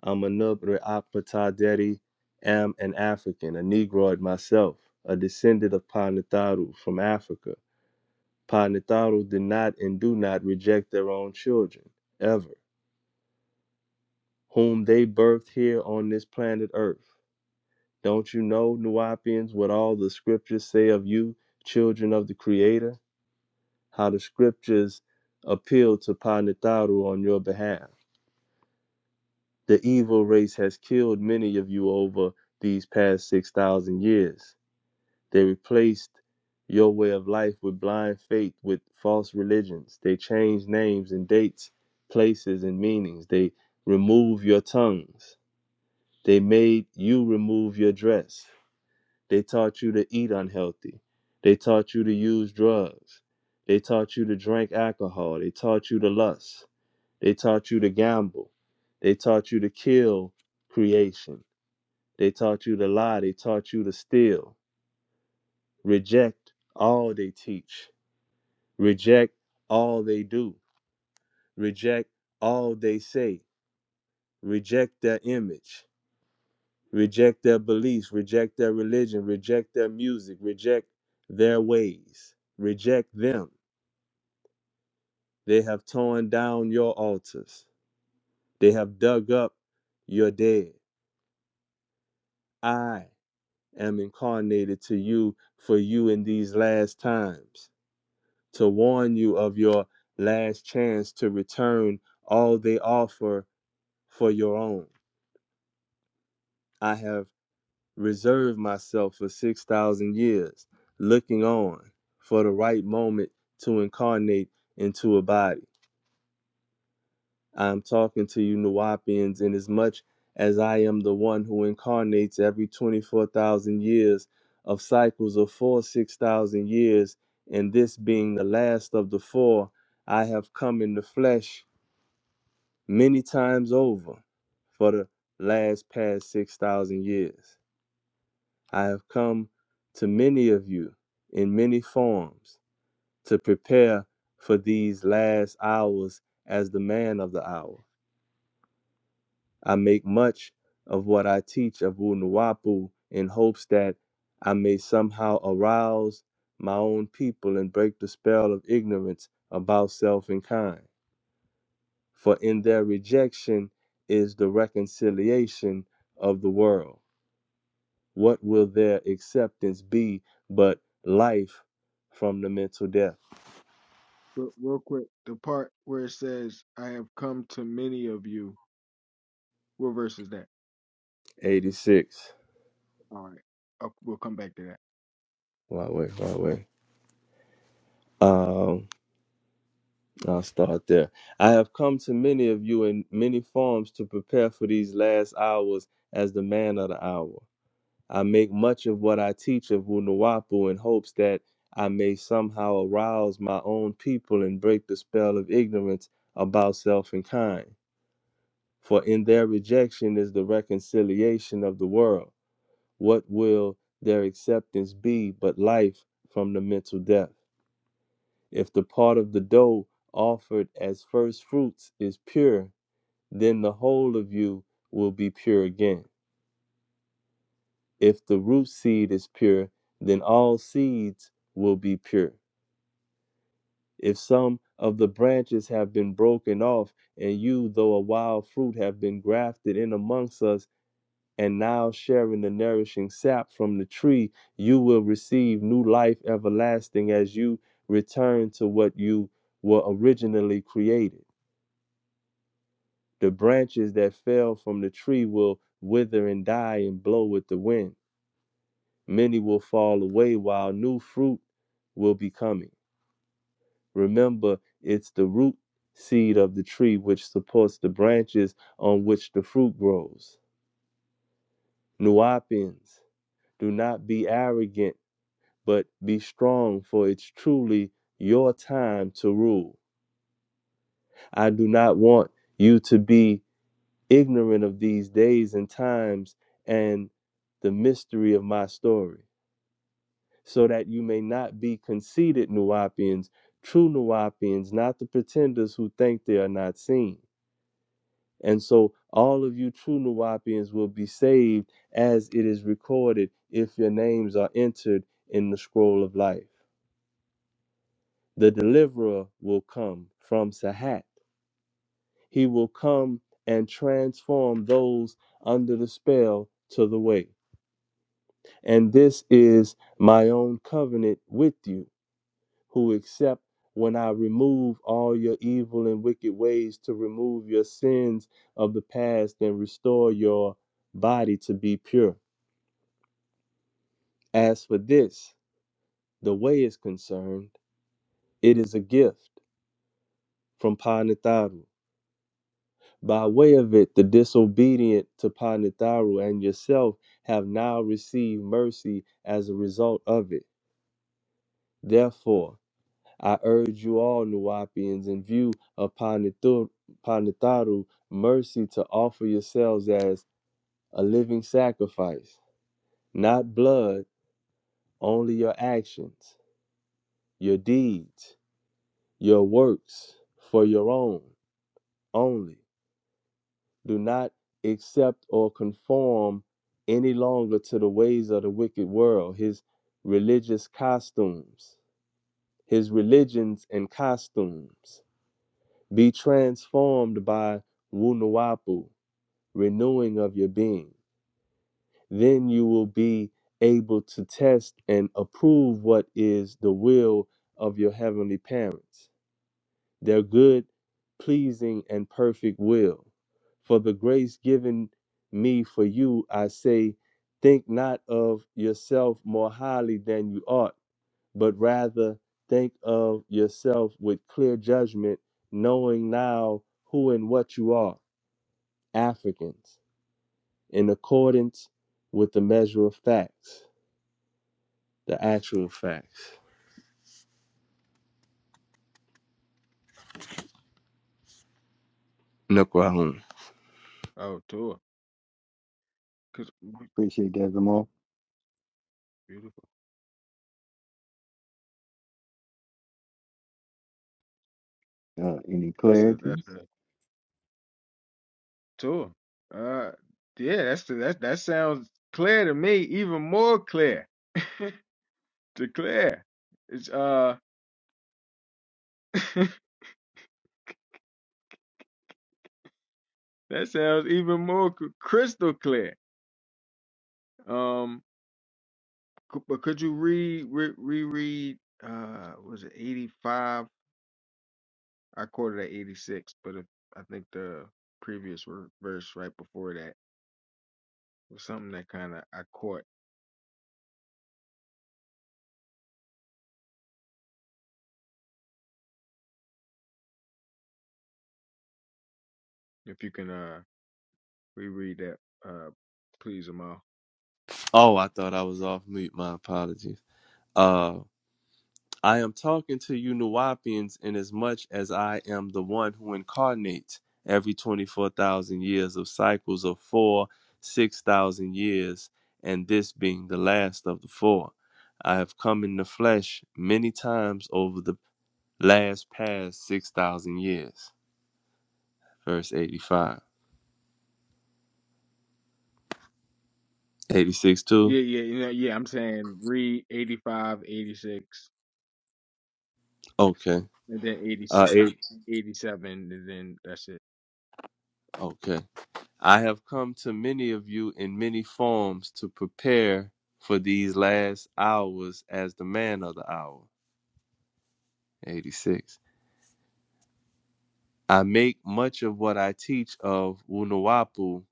[SPEAKER 1] Amanub Re'apataderi, am an African, a Negroid myself, a descendant of Pa Natharu from Africa. Pa Natharu did not and do not reject their own children, ever, whom they birthed here on this planet Earth. Don't you know, Nuapians, what all the scriptures say of you, children of the Creator? how the scriptures appeal to Panitaru on your behalf. The evil race has killed many of you over these past 6,000 years. They replaced your way of life with blind faith, with false religions. They change names and dates, places and meanings. They remove your tongues. They made you remove your dress. They taught you to eat unhealthy. They taught you to use drugs. They taught you to drink alcohol. They taught you to lust. They taught you to gamble. They taught you to kill creation. They taught you to lie. They taught you to steal. Reject all they teach. Reject all they do. Reject all they say. Reject their image. Reject their beliefs. Reject their religion. Reject their music. Reject their ways. Reject them. They have torn down your altars. They have dug up your dead. I am incarnated to you for you in these last times, to warn you of your last chance to return all they offer for your own. I have reserved myself for 6,000 years, looking on for the right moment to incarnate into a body. I'm talking to you, Nuwapians, in as much as I am the one who incarnates every 24,000 years of cycles of four, 6,000 years, and this being the last of the four, I have come in the flesh many times over for the last past 6,000 years. I have come to many of you in many forms to prepare for these last hours as the man of the hour. I make much of what I teach of Wunuwapu in hopes that I may somehow arouse my own people and break the spell of ignorance about self and kind. For in their rejection is the reconciliation of the world. What will their acceptance be but life from the mental death?
[SPEAKER 11] Real real quick, the part where it says, "I have come to many of you." What verse is that?
[SPEAKER 1] 86.
[SPEAKER 11] All right. Uh, we'll come back to that.
[SPEAKER 1] Why wait, why wait. Um, I'll start there. I have come to many of you in many forms to prepare for these last hours as the man of the hour. I make much of what I teach of Wunuwapu in hopes that I may somehow arouse my own people and break the spell of ignorance about self and kind. For in their rejection is the reconciliation of the world. What will their acceptance be but life from the mental death? If the part of the dough offered as first fruits is pure, then the whole of you will be pure again. If the root seed is pure, then all seeds will be pure. If some of the branches have been broken off, and you, though a wild fruit, have been grafted in amongst us, and now sharing the nourishing sap from the tree, you will receive new life everlasting as you return to what you were originally created The branches that fell from the tree will wither and die and blow with the wind. Many will fall away while new fruit will be coming. Remember, it's the root seed of the tree which supports the branches on which the fruit grows. Nuapians, do not be arrogant, but be strong, for it's truly your time to rule. I do not want you to be ignorant of these days and times and the mystery of my story, so that you may not be conceited Nuapians, true Nuapians, not the pretenders who think they are not seen. And so all of you true Nuapians will be saved as it is recorded if your names are entered in the scroll of life. The deliverer will come from Sahat. He will come and transform those under the spell to the way And this is my own covenant with you, who accept when I remove all your evil and wicked ways to remove your sins of the past and restore your body to be pure. As for this, the way is concerned, it is a gift from Panitharu. By way of it, the disobedient to Panitharu and yourself have now received mercy as a result of it. Therefore, I urge you all, Nuwapians, in view of Panithu- Panitharu mercy, to offer yourselves as a living sacrifice, not blood, only your actions, your deeds, your works, for your own only. Do not accept or conform any longer to the ways of the wicked world, his religious costumes, his religions and costumes Be transformed by Wunuwapu, renewing of your being. Then you will be able to test and approve what is the will of your heavenly parents, their good, pleasing, and perfect will. For the grace given me for you, I say, think not of yourself more highly than you ought but rather think of yourself with clear judgment, knowing now who and what you are Africans, in accordance with the measure of facts, the actual facts. Nukrahun.
[SPEAKER 11] Oh, tour. Cause
[SPEAKER 9] Appreciate that, Zamal.
[SPEAKER 11] beautiful.
[SPEAKER 9] Uh, any
[SPEAKER 11] That's a that's
[SPEAKER 9] clarity?
[SPEAKER 11] a tour. Uh, yeah. That's the, that. That sounds clear to me. Even more clear to Claire. It's uh. <laughs> that sounds even more c- crystal clear. Um. Cou- But could you read re, reread uh was it 85? I quoted at 86, but if, I think the previous ver- verse right before that was something that kind of I caught. If you can uh reread that uh please Amal.
[SPEAKER 1] Oh, I thought I was off mute. My apologies. Uh. I am talking to you Nuwapians inasmuch as I am the one who incarnates every 24,000 years of cycles of four, 6,000 years, and this being the last of the four. I have come in the flesh many times over the last past 6,000 years. Verse 85. 86 too?
[SPEAKER 11] Yeah, yeah, you know, yeah, I'm saying read 85, 86,
[SPEAKER 1] Okay.
[SPEAKER 11] and then
[SPEAKER 1] Uh,
[SPEAKER 11] 86 stop
[SPEAKER 1] eight.
[SPEAKER 11] at 87 and then that's it.
[SPEAKER 1] okay. I have come to many of you in many forms to prepare for these last hours as the man of the hour. 86. I make much of what I teach of Wunuwapu,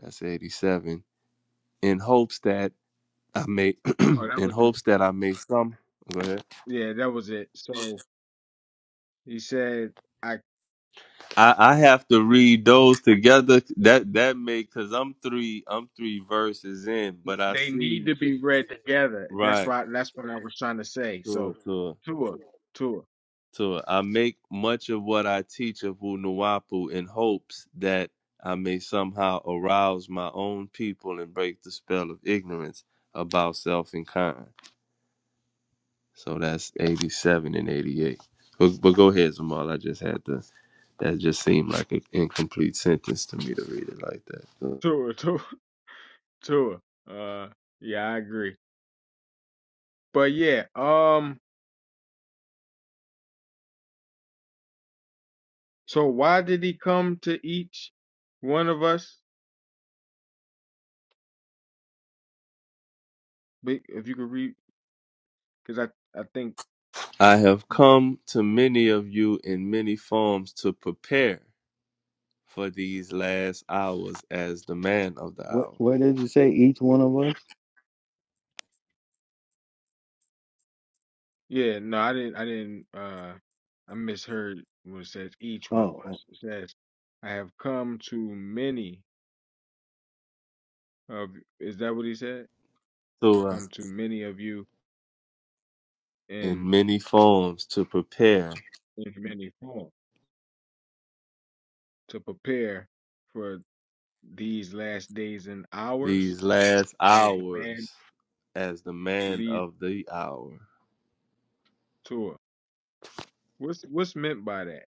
[SPEAKER 1] that's 87, in hopes that I may,
[SPEAKER 11] Oh,
[SPEAKER 1] <clears throat>
[SPEAKER 11] that
[SPEAKER 1] in
[SPEAKER 11] was it.
[SPEAKER 1] hopes that I may some. Go ahead.
[SPEAKER 11] Yeah, that was it. So he said
[SPEAKER 1] I, I have to read those together. That that may cause I'm three I'm three verses in, but I
[SPEAKER 11] They need
[SPEAKER 1] see
[SPEAKER 11] to be read together. That's
[SPEAKER 1] right.
[SPEAKER 11] right. That's what I was trying to say.
[SPEAKER 1] Sure,
[SPEAKER 11] So,
[SPEAKER 1] sure.
[SPEAKER 11] Tua, Tua,
[SPEAKER 1] So I make much of what I teach of Nuwapu in hopes that I may somehow arouse my own people and break the spell of ignorance about self and kind. So that's 87 and 88. But, but go ahead, Zamal. I just had to, that just seemed like an incomplete sentence to me to read it like that. So,
[SPEAKER 11] Tua, <laughs> Tua, Tua. Uh, yeah, I agree. But yeah, um, so why did he come to each one of us? Be- If you could read, because I, I think,
[SPEAKER 1] I have come to many of you in many forms to prepare for these last hours as the man of the
[SPEAKER 9] What
[SPEAKER 1] hour.
[SPEAKER 9] what did you say? Each one of us?
[SPEAKER 11] yeah, no, I didn't, I didn't, uh, I misheard when it says each
[SPEAKER 9] Oh,
[SPEAKER 11] one of
[SPEAKER 9] oh,
[SPEAKER 11] us. It says, I have come to many of, is that what he said?
[SPEAKER 1] So, uh,
[SPEAKER 11] Come to many of you
[SPEAKER 1] in
[SPEAKER 11] in
[SPEAKER 1] many forms to prepare
[SPEAKER 11] in many forms. to prepare for these last days and hours
[SPEAKER 1] these last
[SPEAKER 11] as the land
[SPEAKER 1] hours as the man
[SPEAKER 11] leads
[SPEAKER 1] of the hour.
[SPEAKER 11] to it. What's what's meant by that?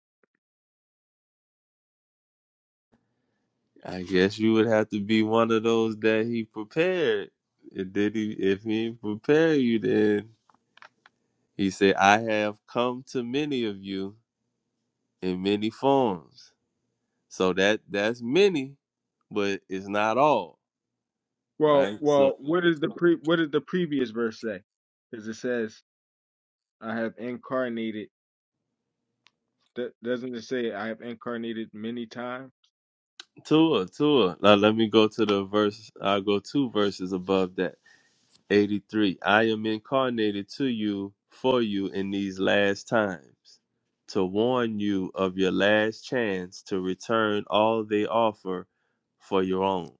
[SPEAKER 1] I guess you would have to be one of those that he prepared. And did he if he prepared you then he said, I have come to many of you in many forms. So that that's many, but it's not all,
[SPEAKER 11] Well,
[SPEAKER 1] right? So
[SPEAKER 11] well, what is the pre? What does the previous verse say? Because it says, "I have incarnated." Th- doesn't it say, "I have incarnated many times"?
[SPEAKER 1] Tua, Tua. Now let me go to the verse I'll go two verses above that. 83 I am incarnated to you for you in these last times to warn you of your last chance to return all they offer for your own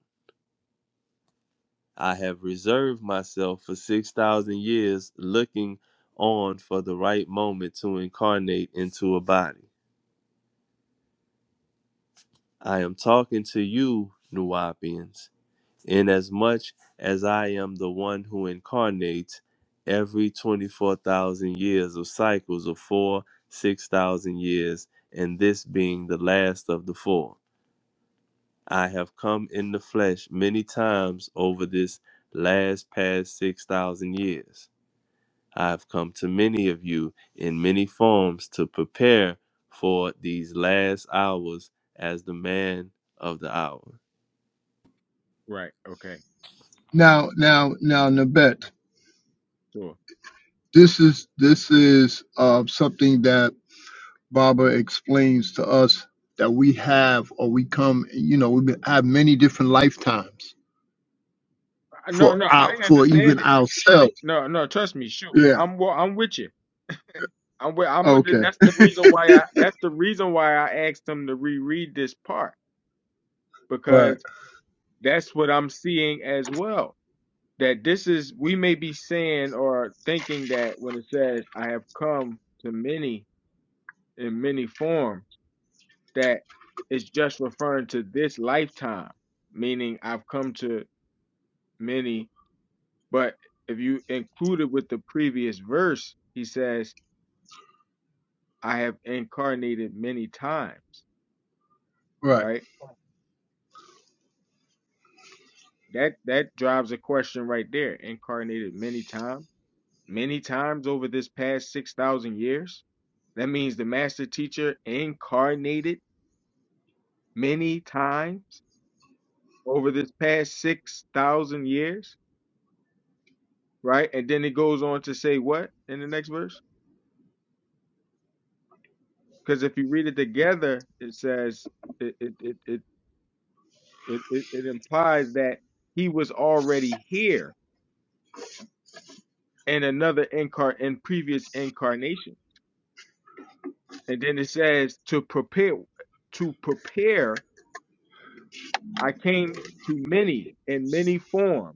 [SPEAKER 1] I have reserved myself for 6000 years looking on for the right moment to incarnate into a body I am talking to you Nuwapians inasmuch as I am the one who incarnates every 24,000 years of cycles of four, 6,000 years, and this being the last of the four. I have come in the flesh many times over this last past 6,000 years. I have come to many of you in many forms to prepare for these last hours as the man of the hour.
[SPEAKER 11] Right. Okay.
[SPEAKER 6] Now, now, now, Nabet,
[SPEAKER 11] Sure.
[SPEAKER 6] this is this is uh, something that Baba explains to us that we have or we come, you know, we been- have many different lifetimes
[SPEAKER 11] Uh, No,
[SPEAKER 6] for
[SPEAKER 11] no,
[SPEAKER 6] our,
[SPEAKER 11] I
[SPEAKER 6] for even
[SPEAKER 11] understand it.
[SPEAKER 6] ourselves.
[SPEAKER 11] No, no, trust me. Shoot,
[SPEAKER 6] Yeah.
[SPEAKER 11] I'm wa- I'm with you. I'm with, I'm with, you.
[SPEAKER 6] Okay.
[SPEAKER 11] that's the reason why I that's the reason why I asked him to reread this part
[SPEAKER 6] Right.
[SPEAKER 11] because. that's what I'm seeing as well. That this is, we may be saying or thinking that when it says, I have come to many in many forms, that it's just referring to this lifetime, meaning I've come to many. But if you include it with the previous verse, he says, I have incarnated many times,
[SPEAKER 6] Right.
[SPEAKER 11] right? That that drives a question right there. Incarnated many times, many times over this past six thousand years That means the master teacher incarnated many times over this past 6,000 years, right? And then it goes on to say what in the next verse? Because if you read it together, it says, it, it, it, it, it, it it implies that he was already here in another incar in previous incarnation. And then it says to prepare, to prepare, I came to many in many form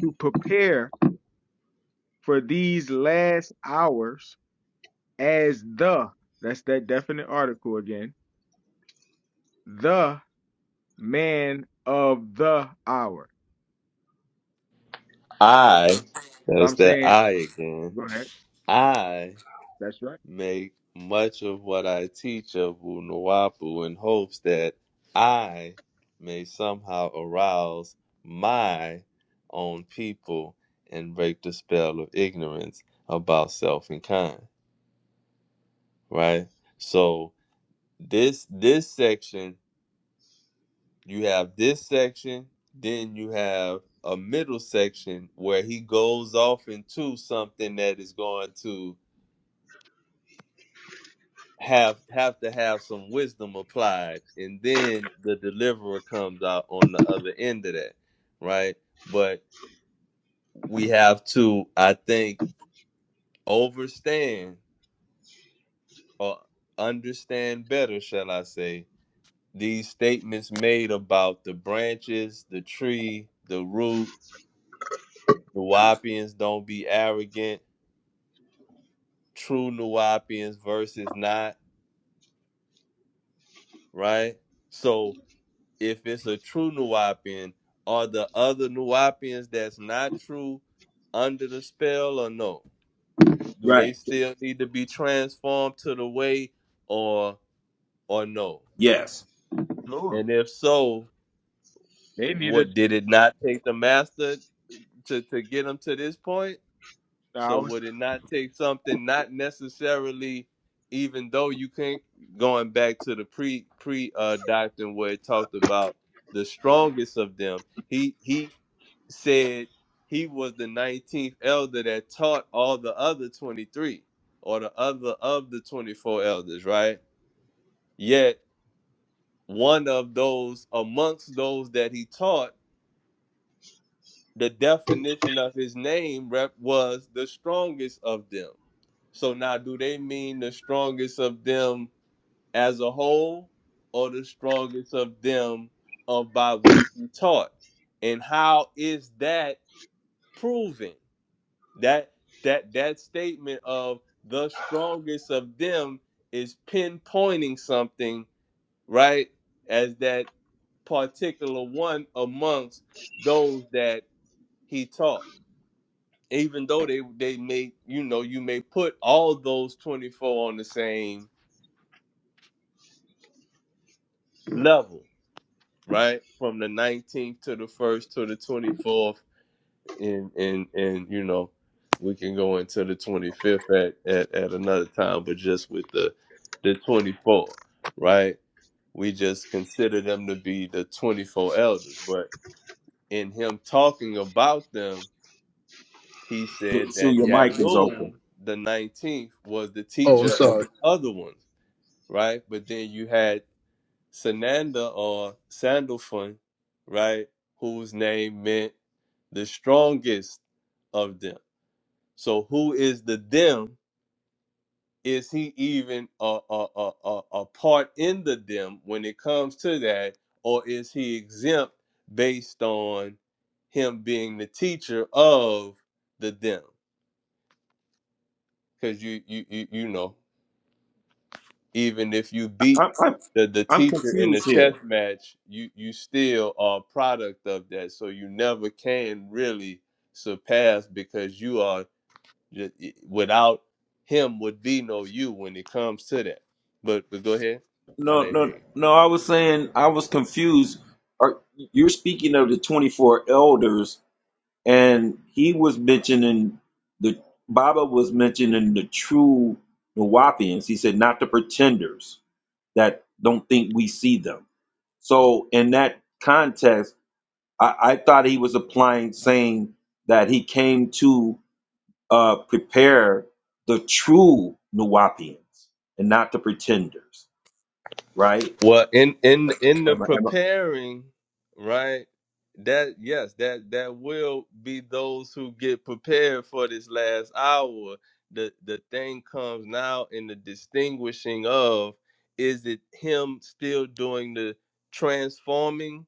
[SPEAKER 11] to prepare for these last hours as the that's that definite article again the man of the hour
[SPEAKER 1] I thats
[SPEAKER 11] so i'm
[SPEAKER 1] that
[SPEAKER 11] saying
[SPEAKER 1] I again.
[SPEAKER 11] go ahead
[SPEAKER 1] I
[SPEAKER 11] that's right
[SPEAKER 1] make much of what I teach of Wunuwapu in hopes that I may somehow arouse my own people and break the spell of ignorance about self and kind. Right? So this this section, you have this section, then you have a middle section where he goes off into something that is going to have have to have some wisdom applied and then the deliverer comes out on the other end of that right but we have to i think overstand or understand better shall i say these statements made about the branches the tree the root the Nuwapians don't be arrogant true Nuwapians versus not right so if it's a true Nuwapian, are the other Nuwapians that's not true under the spell or no? Do they
[SPEAKER 5] right
[SPEAKER 1] still need to be transformed to the way or or no?
[SPEAKER 5] yes
[SPEAKER 11] Tua.
[SPEAKER 1] And if so,
[SPEAKER 11] they
[SPEAKER 1] what
[SPEAKER 11] needed
[SPEAKER 1] did it not take the master to, to get them to this point?
[SPEAKER 11] the
[SPEAKER 1] So
[SPEAKER 11] hours
[SPEAKER 1] would it not take something not necessarily even though you can't going back to the pre pre uh doctrine where it talked about the strongest of them he he said he was the 19th elder that taught all the other 23 or the other of the 24 elders, right? Yet one of those amongst those that he taught, the definition of his name rep was the strongest of them. So now do they mean the strongest of them as a whole or the strongest of them of by which he taught? And how is that proven? That that that statement of the strongest of them is pinpointing something, right? As that particular one amongst those that he taught. Even though they they may, you know, you may put all those 24 on the same level, right? From the 19th to the 1st to the 24th and and and you know we can go into the 25th at at, at another time but just with the the 24 right we just consider them to be the 24 elders but in him talking about them he
[SPEAKER 5] Sure,
[SPEAKER 1] said
[SPEAKER 5] sure
[SPEAKER 1] that
[SPEAKER 5] your mic is open
[SPEAKER 1] yanun the 19th was the
[SPEAKER 6] Oh, I'm
[SPEAKER 1] teacher of
[SPEAKER 6] sorry.
[SPEAKER 1] the other ones right but then you had sananda or sandalphon right whose name meant the strongest of them So who is the them? Is he even a a, a, a a part in the them when it comes to that, or is he exempt based on him being the teacher of the them? Because you, you you you know, even if you beat
[SPEAKER 5] I'm, I'm
[SPEAKER 1] the, the
[SPEAKER 5] I'm
[SPEAKER 1] teacher in the
[SPEAKER 5] confused
[SPEAKER 1] chess
[SPEAKER 5] here.
[SPEAKER 1] match, you you still are a product of that. So you never can really surpass because you are Ju- Without him would be no you when it comes to that. But but go ahead. I
[SPEAKER 5] No,
[SPEAKER 1] didn't hear
[SPEAKER 5] no,
[SPEAKER 1] you.
[SPEAKER 5] no. I was saying I was confused. Are, you're speaking of the 24 elders, and he was mentioning the Baba was mentioning the true Nawapians. He said not the pretenders that don't think we see them. So in that context, I, I thought he was applying saying that he came to uh, prepare the true Nawapians and not the pretenders. right?
[SPEAKER 1] Well, in in in the
[SPEAKER 5] Am I, am I
[SPEAKER 1] preparing, right? That yes, that that will be those who get prepared for this last hour. The the thing comes now in the distinguishing of is it him still doing the transforming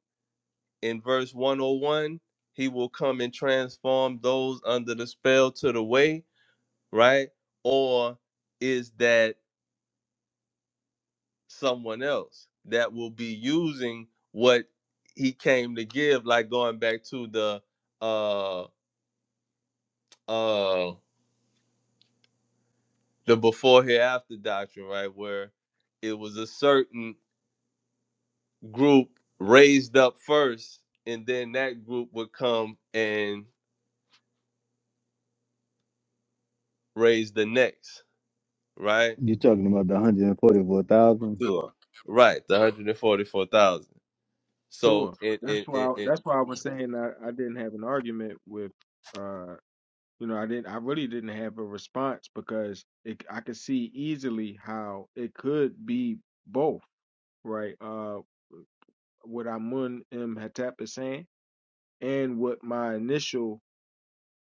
[SPEAKER 1] in verse 101? He will come and transform those under the spell to the way right? Or is that someone else that will be using what he came to give, like going back to the uh uh the before hereafter doctrine, right? Where it was a certain group raised up first, and then that group would come and raise the next, right?
[SPEAKER 9] you're talking about the hundred and forty-four thousand.
[SPEAKER 5] sure?
[SPEAKER 1] Right, the 144,000. So,
[SPEAKER 11] Tua.
[SPEAKER 1] it,
[SPEAKER 11] that's
[SPEAKER 1] it, it,
[SPEAKER 11] why
[SPEAKER 1] it
[SPEAKER 11] that's why i was saying I, I didn't have an argument with uh you know i didn't i really didn't have a response because it, i could see easily how it could be both right uh what amun m hatap is saying and what my initial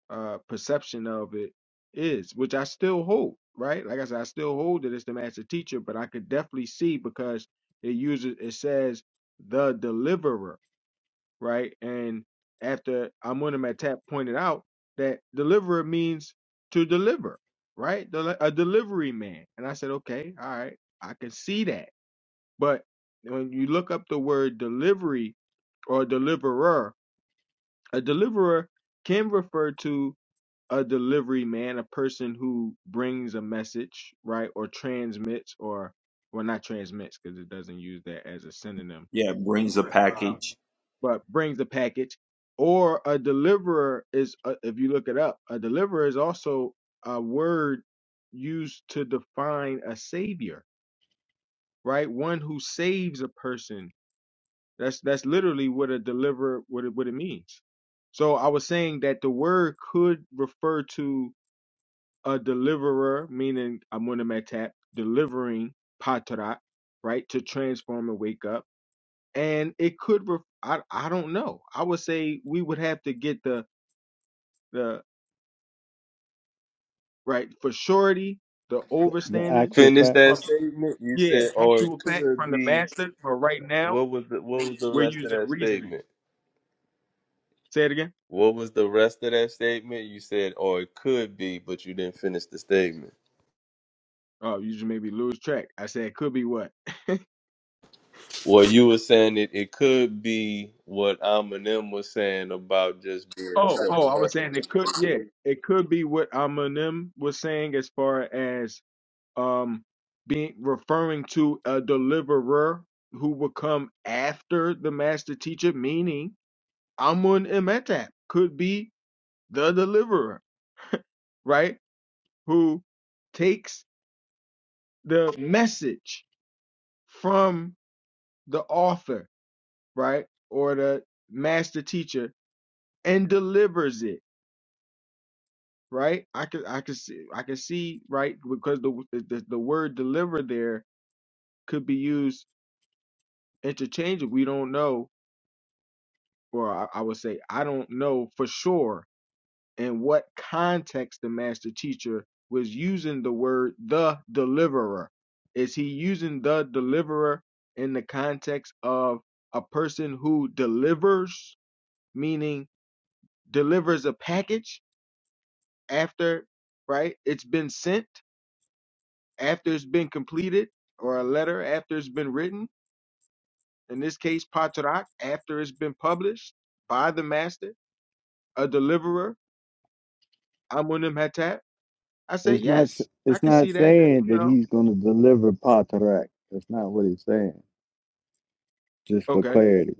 [SPEAKER 11] uh, perception of it is, which I still hold, right? Like I said, I still hold that it's the master teacher, but I could definitely see because it uses it says the deliverer, right? And after Amun Matap pointed out that deliverer means to deliver, right? Del- a delivery man. And I said, okay, all right, I can see that. But when you look up the word delivery or deliverer, a deliverer can refer to a delivery man, a person who brings a message, right? Or transmits, or, well, not transmits because it doesn't use that as a synonym,
[SPEAKER 5] Yeah, brings a
[SPEAKER 11] but, uh,
[SPEAKER 5] package.
[SPEAKER 11] but brings the package. Or a deliverer is, uh, if you look it up, a deliverer is also a word used to define a savior, right? One who saves a person that's that's literally what a deliverer what it what it means. So I was saying that the word could refer to a deliverer, meaning amunametap, delivering patrat, right, to transform and wake up. And it could ref I I don't know. I would say we would have to get the the right for surety, the
[SPEAKER 9] The, the
[SPEAKER 11] overstanding
[SPEAKER 9] actual
[SPEAKER 1] finished
[SPEAKER 9] fact.
[SPEAKER 11] from
[SPEAKER 1] that statement. You
[SPEAKER 11] yeah,
[SPEAKER 1] said, or it
[SPEAKER 11] actual fact
[SPEAKER 1] could
[SPEAKER 11] from the
[SPEAKER 1] be
[SPEAKER 11] master, but right now
[SPEAKER 1] What was the what was the
[SPEAKER 11] we're
[SPEAKER 1] rest of
[SPEAKER 11] using
[SPEAKER 1] that
[SPEAKER 11] reasoning.
[SPEAKER 1] statement?
[SPEAKER 11] Say it again.
[SPEAKER 1] What was the rest of that statement? You said, or it could be, but you didn't finish the statement.
[SPEAKER 11] Oh, you just made me lose track. I said could be what?
[SPEAKER 1] Well, you were saying it, it could be what Eminem was saying about just being
[SPEAKER 11] Oh, oh, I was saying it could, yeah, it could be what Eminem was saying as far as um being referring to a deliverer who would come after the master teacher, meaning Amun Imetap could be the deliverer, right? Who takes the message from the author, right? Or the master teacher and delivers it right? I could I could see I could see right because the the, the word deliver there could be used interchangeably. We don't know, or I, I would say I don't know for sure in what context the master teacher was using the word the deliverer. Is he using the deliverer in the context of a person who delivers, meaning delivers a package after right it's been sent? after it's been completed, or a letter after it's been written, in this case, Patarak, after it's been published by the master, a deliverer, Amunim Hatat, I say,
[SPEAKER 9] It's not. s-
[SPEAKER 11] yes, I
[SPEAKER 9] It's
[SPEAKER 11] can
[SPEAKER 9] not
[SPEAKER 11] see that, that,
[SPEAKER 9] saying
[SPEAKER 11] you
[SPEAKER 9] that
[SPEAKER 11] know.
[SPEAKER 9] he's going to deliver Patarak. That's not what he's saying. Just for
[SPEAKER 11] Okay,
[SPEAKER 9] clarity,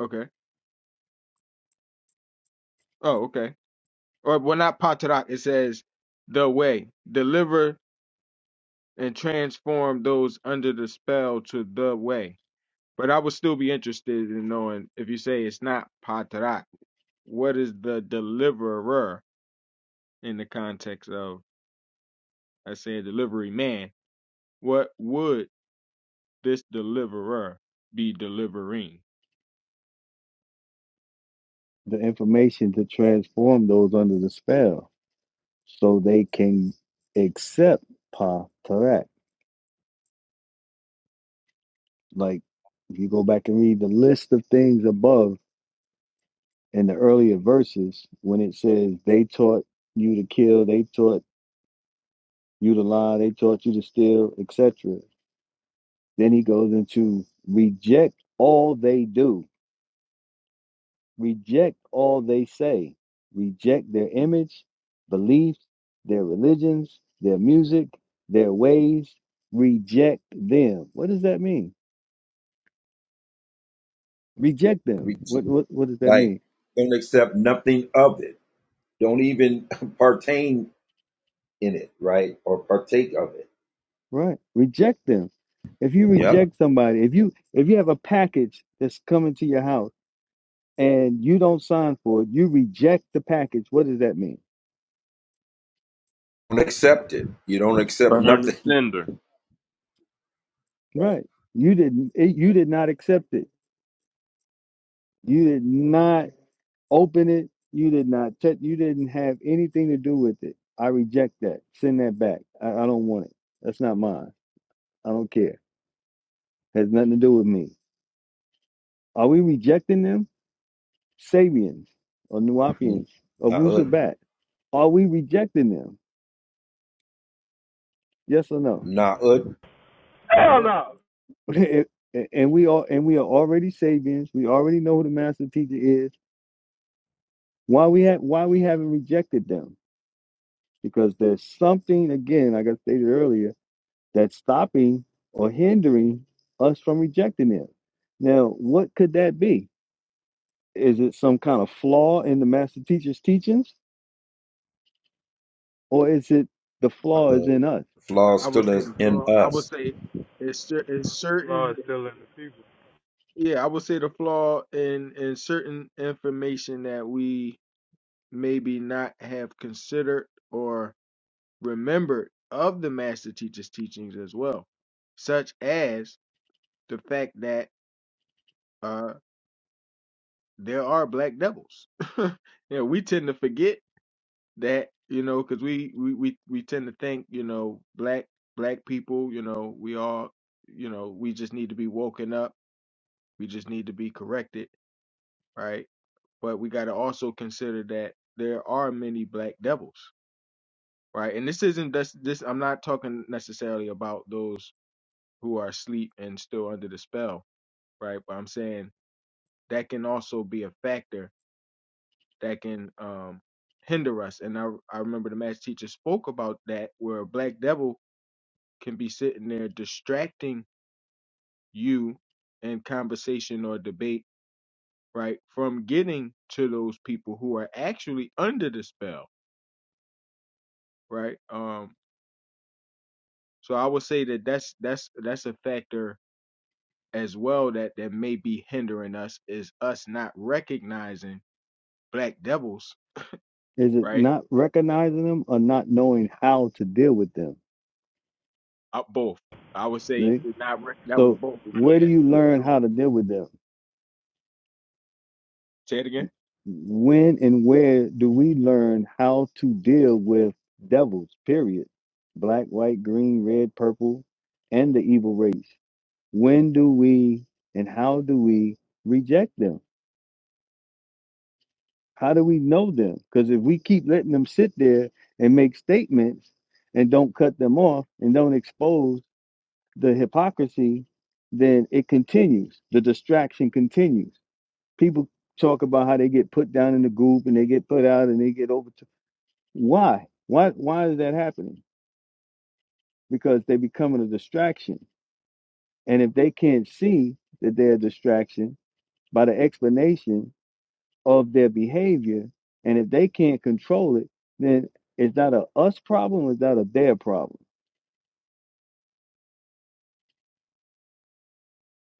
[SPEAKER 11] okay. Oh, okay. Or, well, not Patarak, it says, the way, deliver and transform those under the spell to the way. But I would still be interested in knowing if you say it's not Patarak, what is the deliverer in the context of? I said delivery man. What would this deliverer be delivering?
[SPEAKER 9] the information to transform those under the spell, so they can accept Patarak. Like if you go back and read the list of things above in the earlier verses, when it says they taught you to kill, they taught You the lie they taught you to steal, etc. Then he goes into reject all they do, reject all they say, reject their image, beliefs, their religions, their music, their ways. Reject them. What does that mean? Reject them.
[SPEAKER 5] We
[SPEAKER 9] What what what does that
[SPEAKER 5] like
[SPEAKER 9] mean?
[SPEAKER 5] don't accept nothing of it. Don't even <laughs> partake in it, right? Or partake of it.
[SPEAKER 9] Right. Reject them. If you
[SPEAKER 5] Yep.
[SPEAKER 9] reject somebody, if you if you have a package that's coming to your house and you don't sign for it, you reject the package. What does that mean?
[SPEAKER 5] Don't accept it. You don't accept
[SPEAKER 1] burn the
[SPEAKER 5] nothing. <laughs>
[SPEAKER 1] cinder.
[SPEAKER 9] Right. You didn't. It, you did not accept it. You did not open it. You did not check. You didn't have anything to do with it. I reject that. Send that back. I, I don't want it. That's not mine. I don't care. Has nothing to do with me. Are we rejecting them? Sabians or
[SPEAKER 5] Right.
[SPEAKER 9] Nuapians or
[SPEAKER 5] Nah, uh,
[SPEAKER 9] Wusabat? Are we rejecting them? Yes or no?
[SPEAKER 5] nah, uh,
[SPEAKER 4] Hell
[SPEAKER 11] Now, uh,
[SPEAKER 4] no.
[SPEAKER 9] <laughs> and and we are. And we are already Sabians. We already know who the master teacher is. Why we have? Why we haven't rejected them? because there's something, again, like I stated earlier, that's stopping or hindering us from rejecting it. Now, what could that be? Is it some kind of flaw in the master teacher's teachings, or is it the
[SPEAKER 5] nah,
[SPEAKER 9] flaw is
[SPEAKER 5] uh.
[SPEAKER 9] in us?
[SPEAKER 5] Flaw
[SPEAKER 11] I would
[SPEAKER 5] still
[SPEAKER 11] say
[SPEAKER 5] is
[SPEAKER 11] the
[SPEAKER 5] in
[SPEAKER 11] flaw. I
[SPEAKER 5] us.
[SPEAKER 11] would say it's, cer- it's
[SPEAKER 4] Law
[SPEAKER 11] certain.
[SPEAKER 4] is still in the people.
[SPEAKER 11] Yeah, I would say the flaw in in certain information that we maybe not have considered or remembered of the master teacher's teachings as well, such as the fact that uh there are black devils. <laughs> yeah, we tend to forget that you know because we, we we we tend to think you know black black people you know we all you know we just need to be woken up we just need to be corrected right but we got to also consider that there are many black devils right and this isn't this, this i'm not talking necessarily about those who are asleep and still under the spell right but i'm saying that can also be a factor that can um hinder us and i i remember the math teacher spoke about that where a black devil can be sitting there distracting you in conversation or debate, right, from getting to those people who are actually under the spell, right? Um, so I would say that that's that's that's a factor as well that that may be hindering us is us not recognizing black devils,
[SPEAKER 9] Is it
[SPEAKER 11] right?
[SPEAKER 9] not recognizing them or not knowing how to deal with them?
[SPEAKER 11] Uh, both. I would say
[SPEAKER 9] See?
[SPEAKER 11] to not rec- that was
[SPEAKER 9] So,
[SPEAKER 11] both.
[SPEAKER 9] where
[SPEAKER 11] Yeah.
[SPEAKER 9] do you learn
[SPEAKER 11] Sure.
[SPEAKER 9] how to deal with them?
[SPEAKER 11] Say it again.
[SPEAKER 9] when and where do we learn how to deal with devils, period? Black, white, green, red, purple, and the evil race. When do we and how do we reject them? How do we know them? Because if we keep letting them sit there and make statements and don't cut them off and don't expose the hypocrisy, then it continues. The distraction continues. People talk about how they get put down in the group and they get put out and they get overtook Why? Why why is that happening? Because they're becoming a distraction. And if they can't see that they're a distraction by the explanation of their behavior, and if they can't control it, then it's not a us problem, it's not a their problem.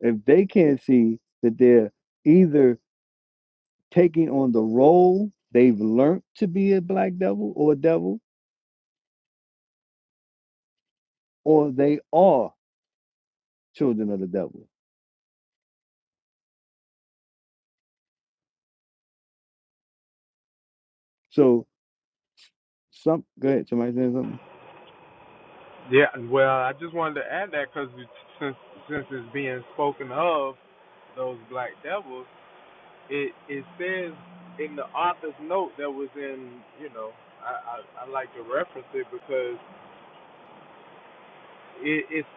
[SPEAKER 9] If they can't see that they're either taking on the role they've learned to be a black devil or a devil, or they are children of the devil. So some go ahead, somebody saying something?
[SPEAKER 4] Yeah, well, I just wanted to add that because since since it's being spoken of those black devils, it it says in the author's note that was in you know I I, I like to reference it because it, it's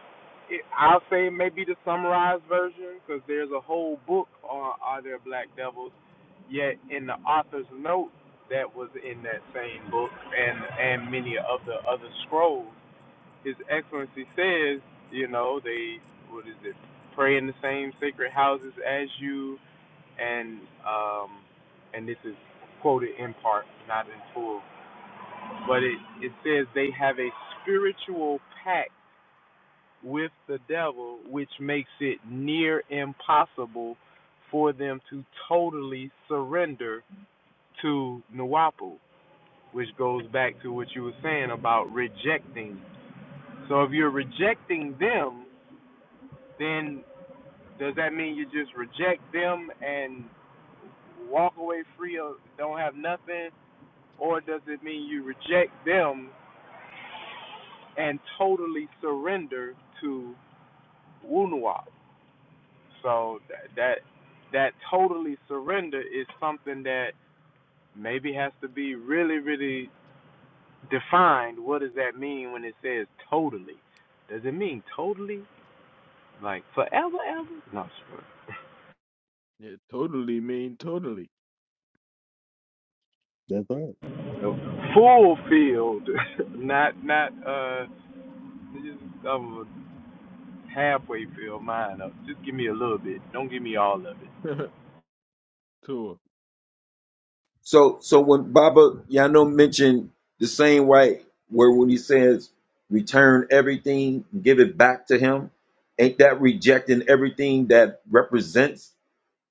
[SPEAKER 4] it, I'll say it may be the summarized version because there's a whole book on are there black devils, yet in the author's note that was in that same book and and many of the other scrolls His Excellency says, you know, they what is it? Pray in the same sacred houses as you, and um, and this is quoted in part, not in full, but it it says they have a spiritual pact with the devil, which makes it near impossible for them to totally surrender to Nuwapu, which goes back to what you were saying about rejecting. So if you're rejecting them, then Does that mean you just reject them and walk away free or don't have nothing? Or does it mean you reject them and totally surrender to Wunuwap? So that, that that totally surrender is something that maybe has to be really, really defined. What does that mean when it says totally? Does it mean totally? Like forever, ever? No,
[SPEAKER 11] Yeah, totally mean totally.
[SPEAKER 9] That's all right.
[SPEAKER 4] it's <laughs> fulfilled, <laughs> not not uh Just I'm halfway fill mine up. Just give me a little bit. Don't give me all of it.
[SPEAKER 11] <laughs> sure.
[SPEAKER 5] So so when Baba Yano mentioned the same way where when he says return everything, give it back to him, ain't that rejecting everything that represents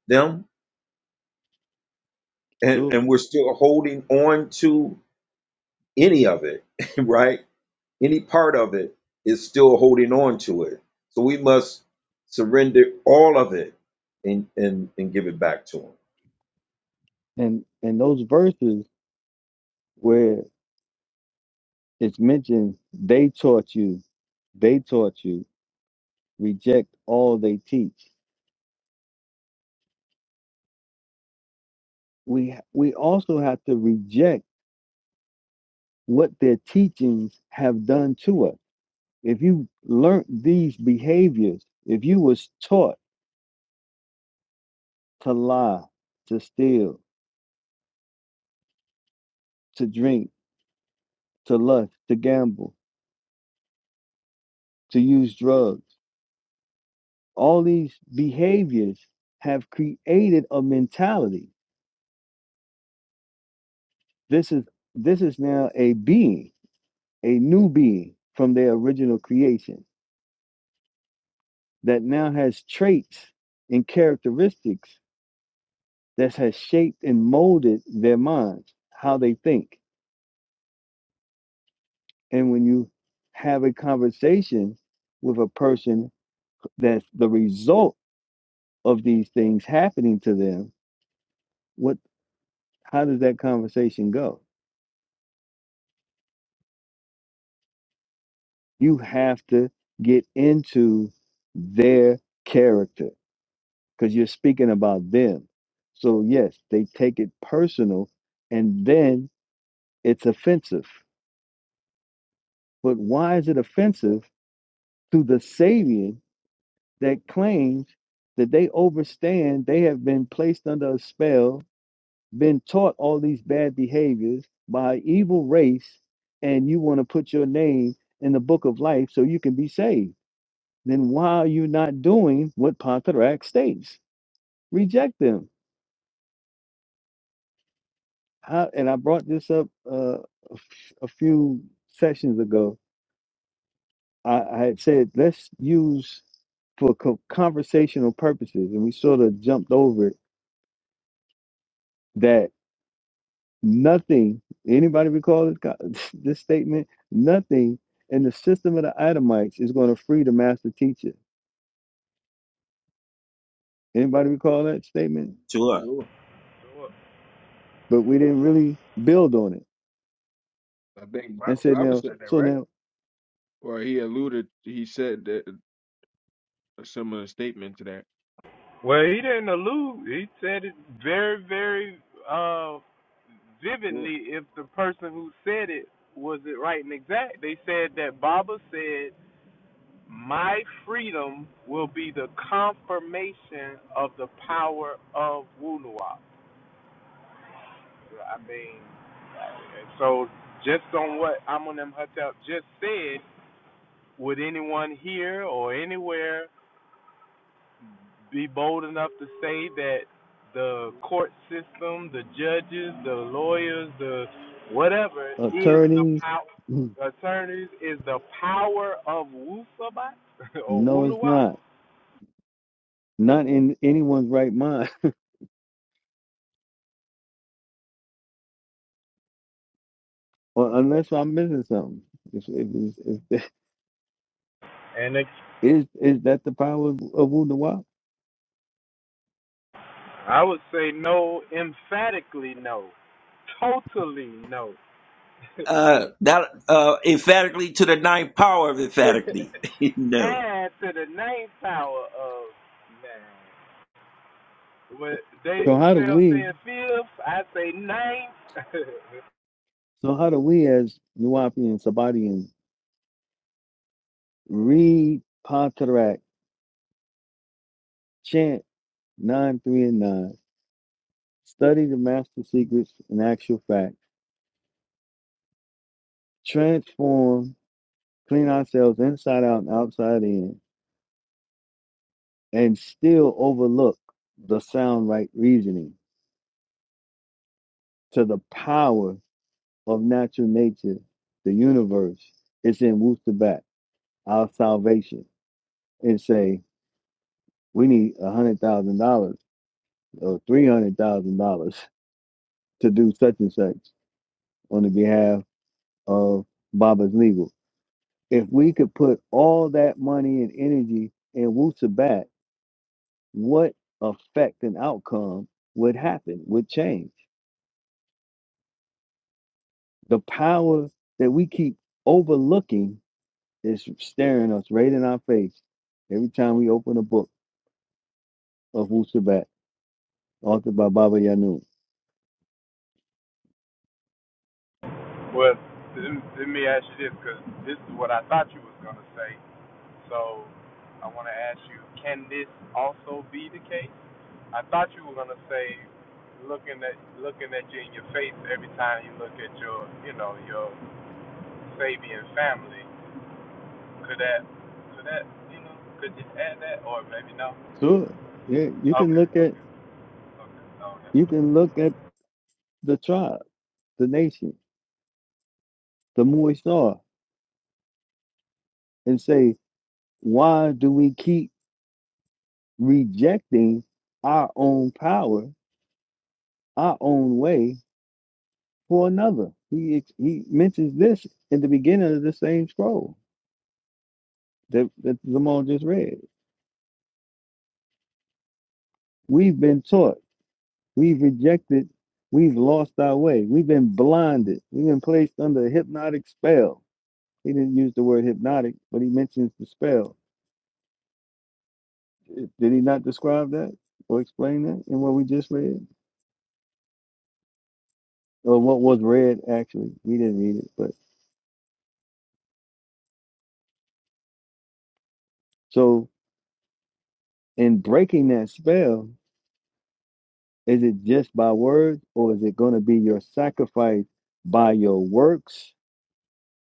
[SPEAKER 5] them? And
[SPEAKER 9] Sure.
[SPEAKER 5] and we're still holding on to any of it, <laughs> right? Any part of it is still holding on to it. So we must surrender all of it and and, and give it back to him.
[SPEAKER 9] and and those verses where it's mentioned they taught you they taught you reject all they teach we we also have to reject what their teachings have done to us if you learnt these behaviors if you was taught to lie to steal to drink to lust to gamble to use drugs all these behaviors have created a mentality This is this is now a being, a new being from their original creation that now has traits and characteristics that has shaped and molded their minds, how they think. And when you have a conversation with a person that's the result of these things happening to them, what how does that conversation go? You have to get into their character because you're speaking about them. So, yes, they take it personal and then it's offensive. But why is it offensive to the Sabian that claims that they overstand, they have been placed under a spell, been taught all these bad behaviors by an evil race, and you want to put your name in the book of life so you can be saved? Then why are you not doing what Pontarac states? Reject them I, and I brought this up uh, a f- a few sessions ago. I, I had said let's use for co- conversational purposes, and we sort of jumped over it. That nothing. Anybody recall this, co- <laughs> this statement? Nothing in the system of the Adamites is going to free the master teacher. Anybody recall that statement?
[SPEAKER 5] To us.
[SPEAKER 11] Sure.
[SPEAKER 4] Sure.
[SPEAKER 9] But we didn't really build on it
[SPEAKER 11] I think
[SPEAKER 9] and
[SPEAKER 11] Ro-
[SPEAKER 9] said
[SPEAKER 11] Robert
[SPEAKER 9] now.
[SPEAKER 11] said that,
[SPEAKER 9] So
[SPEAKER 11] right?
[SPEAKER 9] now
[SPEAKER 11] Well, he alluded, he said that a similar statement to that.
[SPEAKER 4] Well, he didn't allude. He said it very, very uh,
[SPEAKER 11] Sure.
[SPEAKER 4] vividly. If the person who said it was it right and exact, they said that Baba said, "My freedom will be the confirmation of the power of Wunawap." I mean, and so just on what Amun M. Hotep just said. Would anyone here or anywhere be bold enough to say that the court system, the judges, the lawyers, the whatever is the
[SPEAKER 9] attorneys.
[SPEAKER 4] power,
[SPEAKER 9] <clears throat>
[SPEAKER 4] attorneys is the power of Wusabat <laughs> or
[SPEAKER 9] No, it's
[SPEAKER 4] Wunuwa?
[SPEAKER 9] not. Not in anyone's right mind Well, unless I'm missing something. Is, is, is,
[SPEAKER 4] And it,
[SPEAKER 9] is, is that the power of Wu Nawab?
[SPEAKER 4] I would say no, emphatically no, totally no. <laughs>
[SPEAKER 5] Uh, that uh, emphatically to the ninth power of emphatically. <laughs> no
[SPEAKER 4] nine to the ninth power of nine. What Dave
[SPEAKER 9] So how do
[SPEAKER 4] Chappelle
[SPEAKER 9] we,
[SPEAKER 4] said fifth, I say ninth. <laughs>
[SPEAKER 9] so how do we as Nuwapians, Sabadians, read Pantarak, chant 9, 3, and 9, study the master secrets and actual fact, transform, clean ourselves inside out and outside in, and still overlook the sound right reasoning to the power of natural nature, the universe, it's in Wu Sabat. our salvation and say we need a hundred thousand dollars or three hundred thousand dollars <laughs> to do such and such on the behalf of Baba's legal. If we could put all that money and energy in Wu Sabat, what effect and outcome would happen, would change. The power that we keep overlooking is staring us right in our face every time we open a book of Wu Sabat, authored by Baba Yanun.
[SPEAKER 4] well, let let me ask you this, because this is what I thought you was gonna say. So I want to ask you, can this also be the case? I thought you were gonna say, looking at looking at you in your face every time you look at your, you know, your Sabian family. Could that, could that, you know, could you add that, or maybe no?
[SPEAKER 9] Sure. Yeah, you
[SPEAKER 4] Okay,
[SPEAKER 9] can look at
[SPEAKER 4] okay, okay,
[SPEAKER 9] you
[SPEAKER 4] okay.
[SPEAKER 9] can look at the tribe, the nation, the Moisar, and say, why do we keep rejecting our own power, our own way for another? He ex- he mentions this in the beginning of the same scroll that, that Zamal just read. We've been taught, we've rejected, we've lost our way, we've been blinded, we've been placed under a hypnotic spell. He didn't use the word hypnotic, but he mentions the spell Did he not describe that or explain that in what we just read? Or what was read, actually? We didn't read it. But so, in breaking that spell, is it just by words or is it going to be your sacrifice by your works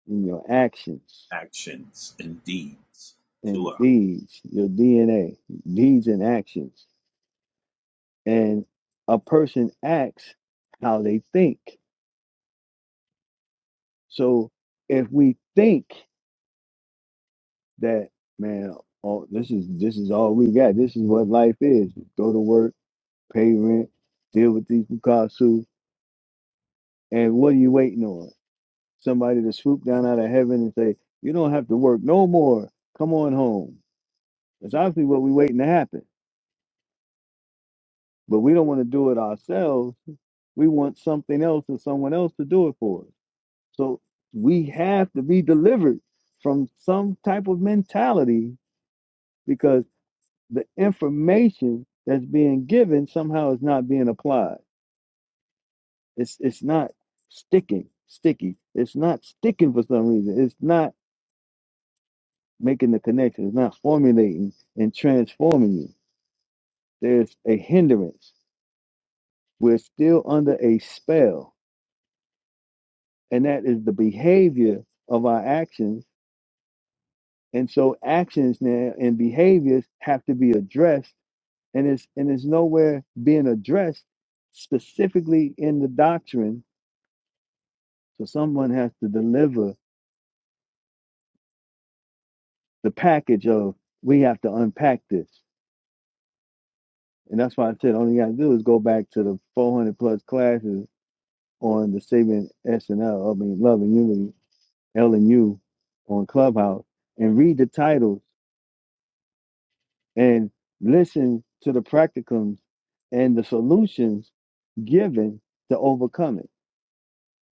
[SPEAKER 9] and your actions
[SPEAKER 5] actions and deeds.
[SPEAKER 9] and
[SPEAKER 5] Tua.
[SPEAKER 9] deeds, your DNA, deeds and actions? And a person acts how they think. So, if we think that man all, this is this is all we got this is what life is go to work pay rent deal with these Picasso, and what are you waiting on somebody to swoop down out of heaven and say you don't have to work no more come on home that's obviously what we're waiting to happen but we don't want to do it ourselves we want something else or someone else to do it for us so we have to be delivered from some type of mentality the information that's being given somehow is not being applied. It's it's not sticking, sticky. It's not sticking for some reason. It's not making the connection. It's not formulating and transforming you. There's a hindrance. We're still under a spell, and that is the behavior of our actions. And so actions now and behaviors have to be addressed, and it's and it's nowhere being addressed specifically in the doctrine So someone has to deliver the package of we have to unpack this. And that's why I said all you gotta do is go back to the four hundred plus classes on the Saving SNL, I mean Love and Unity, L and U on Clubhouse and read the titles and listen to the practicums and the solutions given to overcome it.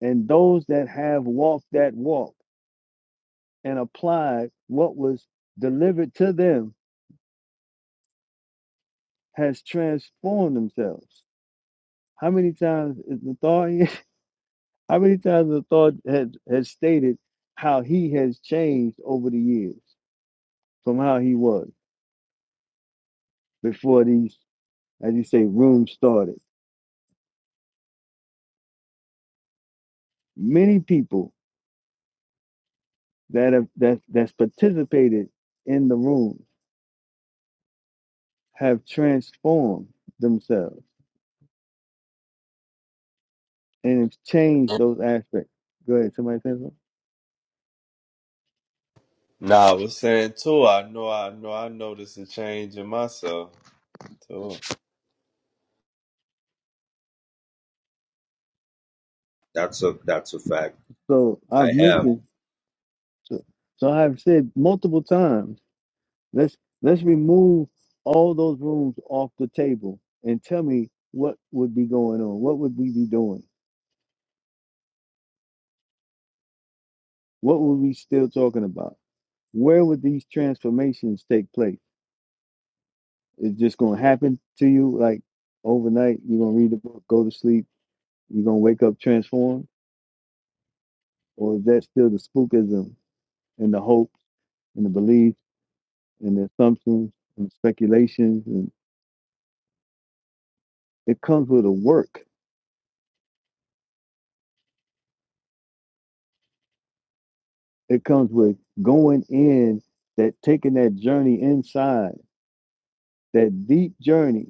[SPEAKER 9] And those that have walked that walk and applied what was delivered to them has transformed themselves. How many times is the thought? <laughs> How many times the thought has has stated how he has changed over the years from how he was before these, as you say, rooms started? Many people that have that that's participated in the room have transformed themselves and have changed those aspects. Go ahead, somebody say something.
[SPEAKER 1] Nah, I was saying too. I know, I know, I noticed a change in myself. Too.
[SPEAKER 5] That's a that's a fact.
[SPEAKER 9] So
[SPEAKER 5] I
[SPEAKER 9] I've
[SPEAKER 5] have
[SPEAKER 9] mentioned, so, so I've said multiple times Let's let's remove all those rooms off the table and tell me what would be going on. What would we be doing? What would we still talking about? Where would these transformations take place? It's just gonna happen to you like overnight. You're gonna read the book, go to sleep. You're gonna wake up transformed, or is that still the spookism and the hope and the belief and the assumptions and speculations? And it comes with a work. It comes with going in, that taking that journey inside, that deep journey,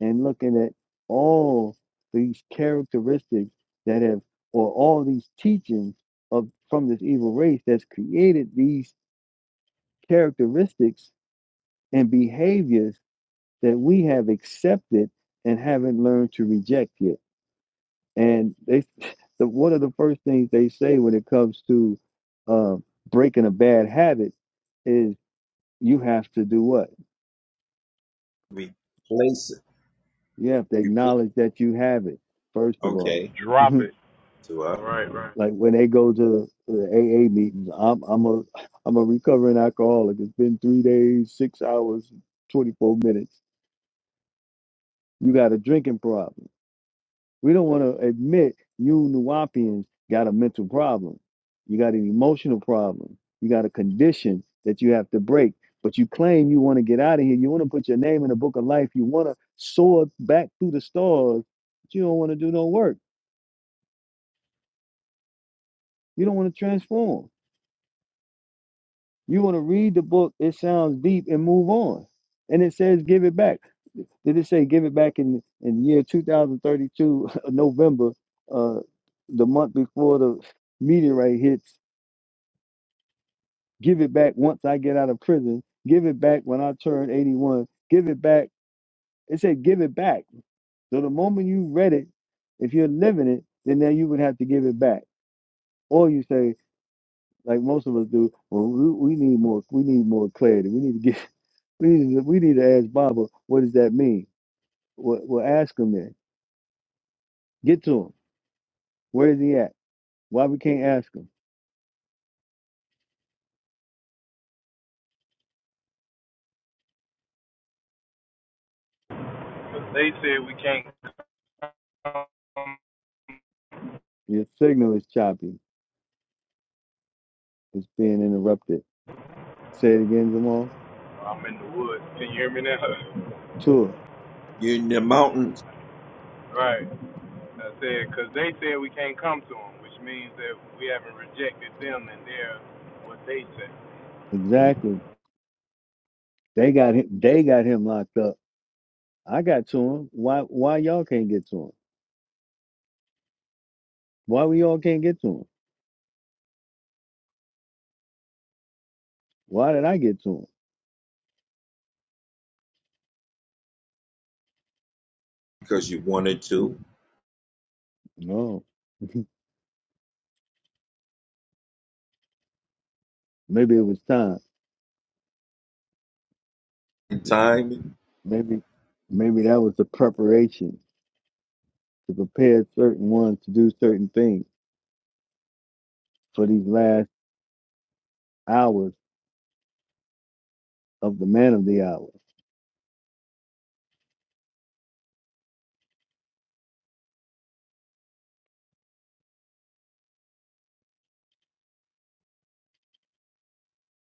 [SPEAKER 9] and looking at all these characteristics that have, or all these teachings of from this evil race that's created these characteristics and behaviors that we have accepted and haven't learned to reject yet. And they, <laughs> the, one of the first things they say when it comes to uh, breaking a bad habit is you have to do what?
[SPEAKER 5] replace it.
[SPEAKER 9] You have to
[SPEAKER 5] You
[SPEAKER 9] acknowledge that you have it, first of all.
[SPEAKER 5] okay.
[SPEAKER 9] <laughs>
[SPEAKER 4] Drop it.
[SPEAKER 9] like
[SPEAKER 4] Oh,
[SPEAKER 5] Tua.
[SPEAKER 4] right, right.
[SPEAKER 9] when they go to the AA meetings, I'm I'm a I'm a recovering alcoholic. It's been three days, six hours, twenty four minutes. You got a drinking problem. We don't want to admit you Nuwapians got a mental problem. You got an emotional problem. You got a condition that you have to break. But you claim you want to get out of here. You want to put your name in the book of life. You want to soar back through the stars, but you don't want to do no work. You don't want to transform. You want to read the book. It sounds deep and move on. And it says give it back. Did it say give it back in in year 2032 <laughs> November, uh, the month before the meteorite hits? Give it back once I get out of prison. Give it back when I turn 81. Give it back. It said give it back. So the moment you read it, if you're living it, then now you would have to give it back. Or you say, like most of us do, well, we, we need more. We need more clarity. We need to get. <laughs> We need to. We need to ask Baba, what does that mean? Well, well ask him then. Get to him. Where is he at? Why we can't ask him?
[SPEAKER 4] They said we can't come.
[SPEAKER 9] Your signal is choppy. It's being interrupted. Say it again, Jamal.
[SPEAKER 4] I'm in the woods. Can you hear me now?
[SPEAKER 9] Tour.
[SPEAKER 5] You're in the mountains
[SPEAKER 4] <laughs> right. I said, because they said we can't come to them, which means that we haven't rejected them and they're what they say.
[SPEAKER 9] Exactly. They got him. They got him locked up. I got to him. Why? Why y'all can't get to him? Why we all can't get to him? Why did I get to him?
[SPEAKER 5] because you wanted to.
[SPEAKER 9] No, maybe it was time.
[SPEAKER 5] In time,
[SPEAKER 9] Maybe, maybe that was the preparation to prepare certain ones to do certain things for these last hours of the man of the hour.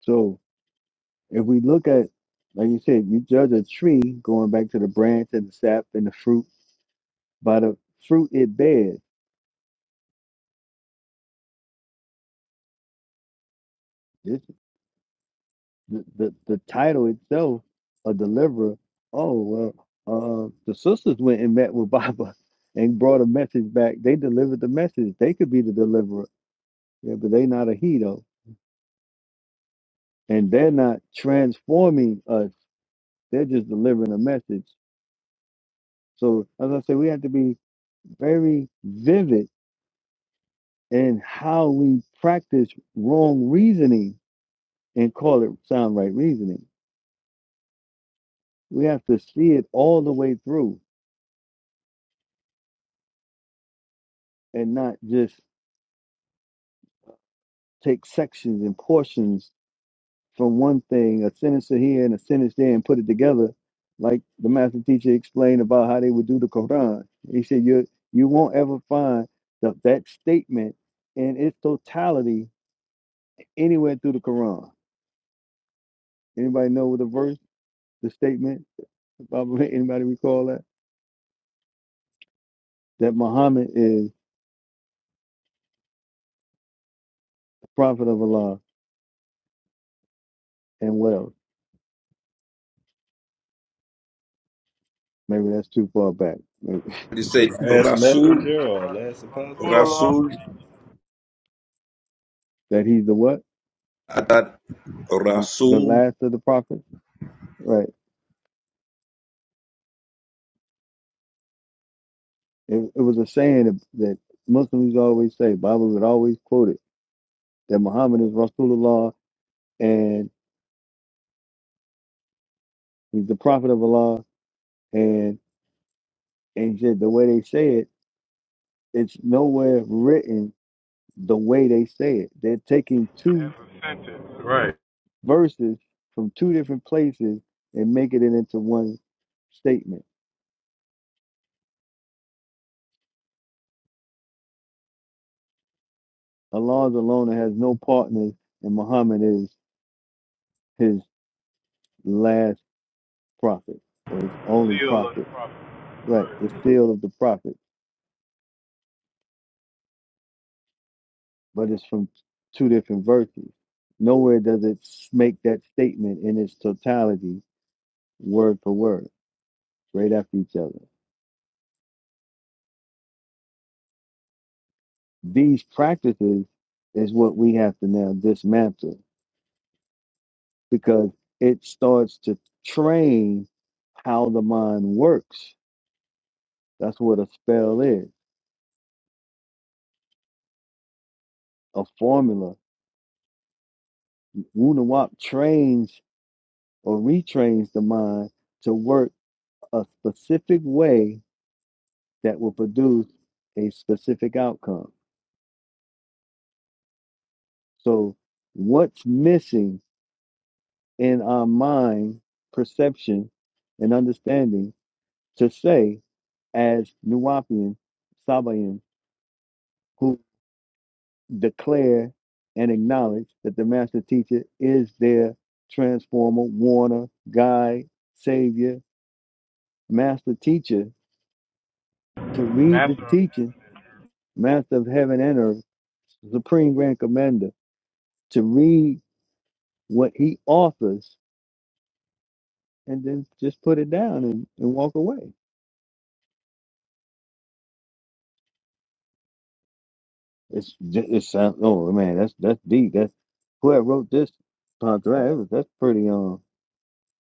[SPEAKER 9] So if we look at, like you said, you judge a tree going back to the branch and the sap and the fruit by the fruit it bears. the, the, the title itself, a deliverer. Oh well, uh, the sisters went and met with <laughs> Baba and brought a message back. They delivered the message. They could be the deliverer, yeah, but they not a he though, and they're not transforming us. They're just delivering a message. So as I say, we have to be very vivid in how we practice wrong reasoning and call it sound right reasoning. We have to see it all the way through and not just take sections and portions from one thing, a sentence here and a sentence there, and put it together, like the master teacher explained about how they would do the Quran. He said, "You you won't ever find the, that statement in its totality anywhere through the Quran." Anybody know what the verse, the statement? the Bible? <laughs> Anybody recall that? That Muhammad is the prophet of Allah, and what else? Maybe that's too far back. <laughs>
[SPEAKER 5] you
[SPEAKER 1] The
[SPEAKER 5] say
[SPEAKER 1] last
[SPEAKER 4] That
[SPEAKER 5] Rasul,
[SPEAKER 1] messenger or last apostle?
[SPEAKER 4] Rasulullah
[SPEAKER 5] Rasul.
[SPEAKER 9] That he's the what?
[SPEAKER 5] I thought
[SPEAKER 9] The, the
[SPEAKER 5] Rasul
[SPEAKER 9] last of the prophets, right? It, it was a saying that, that Muslims always say, Bible would always quote it, that Muhammad is Rasulullah and he's the prophet of Allah. And, and he said the way they say it, it's nowhere written the way they say it. They're taking
[SPEAKER 4] as
[SPEAKER 9] two
[SPEAKER 4] a sentence. Right.
[SPEAKER 9] verses from two different places and making it into one statement. Allah is alone and has no partners, and Muhammad is his last prophet or his
[SPEAKER 4] The
[SPEAKER 9] only
[SPEAKER 4] seal of
[SPEAKER 9] prophet.
[SPEAKER 4] the prophet.
[SPEAKER 9] Right, the
[SPEAKER 4] Right.
[SPEAKER 9] seal of the prophet. but it's from two different verses. Nowhere does it make that statement in its totality, word for word, right after each other. These practices is what we have to now dismantle because it starts to train how the mind works. That's what a spell is, a formula. Wunawap trains or retrains the mind to work a specific way that will produce a specific outcome So, what's missing in our mind, perception, and understanding to say, as Nuwapian, Sabayan, who declare and acknowledge that the master teacher is their transformer, warner, guide, savior, master teacher, to read the
[SPEAKER 4] Master of heaven.
[SPEAKER 9] teaching, master of heaven and earth, supreme grand commander, to read what he offers and then just put it down and, and walk away It's ju- it sounds oh man, that's that's deep. That's whoever wrote this Pantra, that's pretty um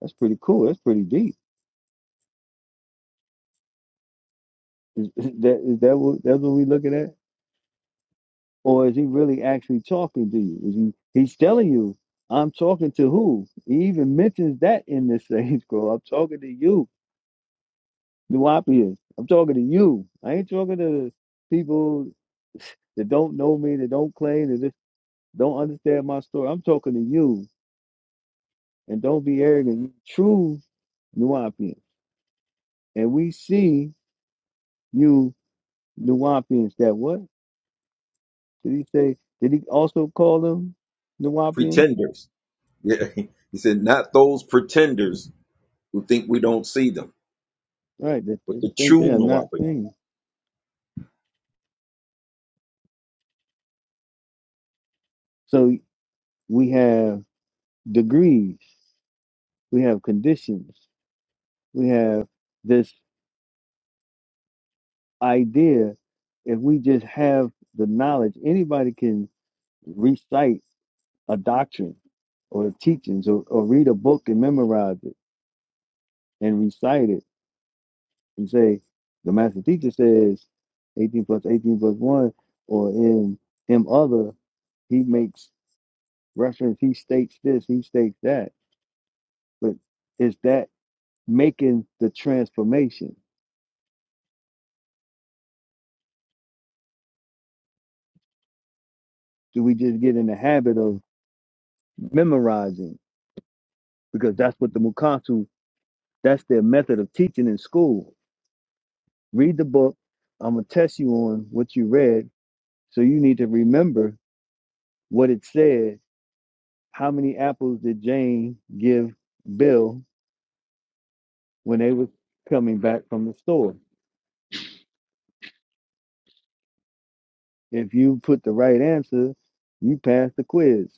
[SPEAKER 9] that's pretty cool. That's pretty deep. Is, is that is that what that's what we looking at? Or is he really actually talking to you? Is he he's telling you, I'm talking to who? He even mentions that in this same <laughs> scroll. I'm talking to you, Nuapians. I'm talking to you. I ain't talking to people that don't know me, that don't claim, that just don't understand my story. I'm talking to you. And don't be arrogant. You true Nuwapians. And we see you Nuwapians that what? Did he say, did he also call them Nuwapians?
[SPEAKER 5] pretenders. Yeah, <laughs> he said not those pretenders who think we don't see them,
[SPEAKER 9] All Right, that
[SPEAKER 5] but
[SPEAKER 9] they
[SPEAKER 5] the
[SPEAKER 9] think they
[SPEAKER 5] true
[SPEAKER 9] are not
[SPEAKER 5] Muwaffaq.
[SPEAKER 9] things. So we have degrees, we have conditions, we have this idea. If we just have the knowledge, anybody can recite a doctrine or the teachings or, or read a book and memorize it and recite it and say the master teacher says 18 plus 18 plus 1 or in him other he makes reference he states this he states that but is that making the transformation do we just get in the habit of memorizing because that's what the mukasu that's their method of teaching in school read the book i'm going to test you on what you read so you need to remember what it said how many apples did jane give bill when they was coming back from the store. If you put the right answer, you pass the quiz.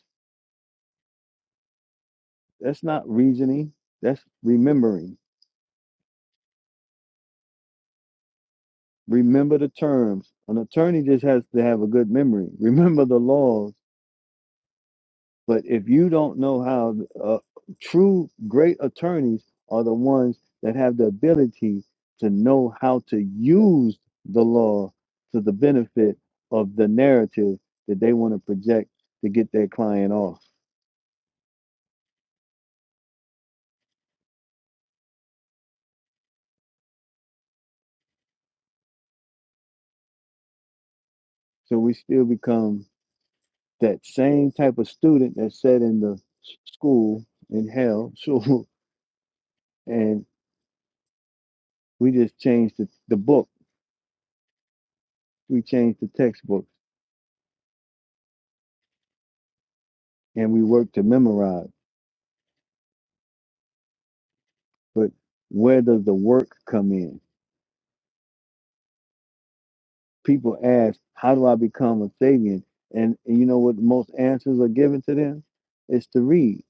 [SPEAKER 9] That's not reasoning. That's remembering. Remember the terms. An attorney just has to have a good memory. <laughs> Remember the laws. But if you don't know how, uh, true great attorneys are the ones that have the ability to know how to use the law to the benefit of the narrative that they want to project to get their client off So we still become that same type of student that sat in the s- school in hell, <laughs> so and we just changed the, the book. We changed the textbooks and we work to memorize. But where does the work come in? People ask, How do I become a Sabian? And, and you know what the most answers are given to them? It's to read,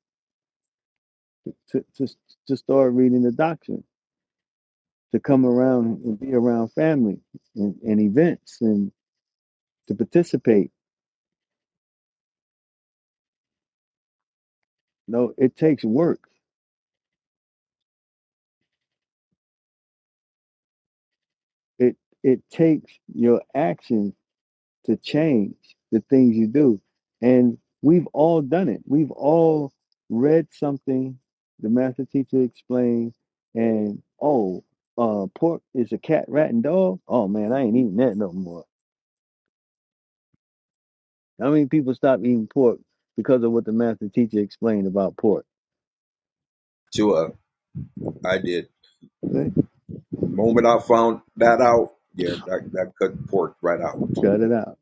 [SPEAKER 9] to, to, to start reading the doctrine, to come around and be around family and, and events and to participate No, it takes work. It it takes your action to change the things you do. And we've all done it. We've all read something the master teacher explained and oh, uh pork is a cat, rat, and dog. Oh man, I ain't eating that no more. How many people stop eating pork because of what the master teacher explained about pork?
[SPEAKER 5] I did.
[SPEAKER 9] Right?
[SPEAKER 5] The moment I found that out, yeah, that, that cut pork right out.
[SPEAKER 9] Cut it out.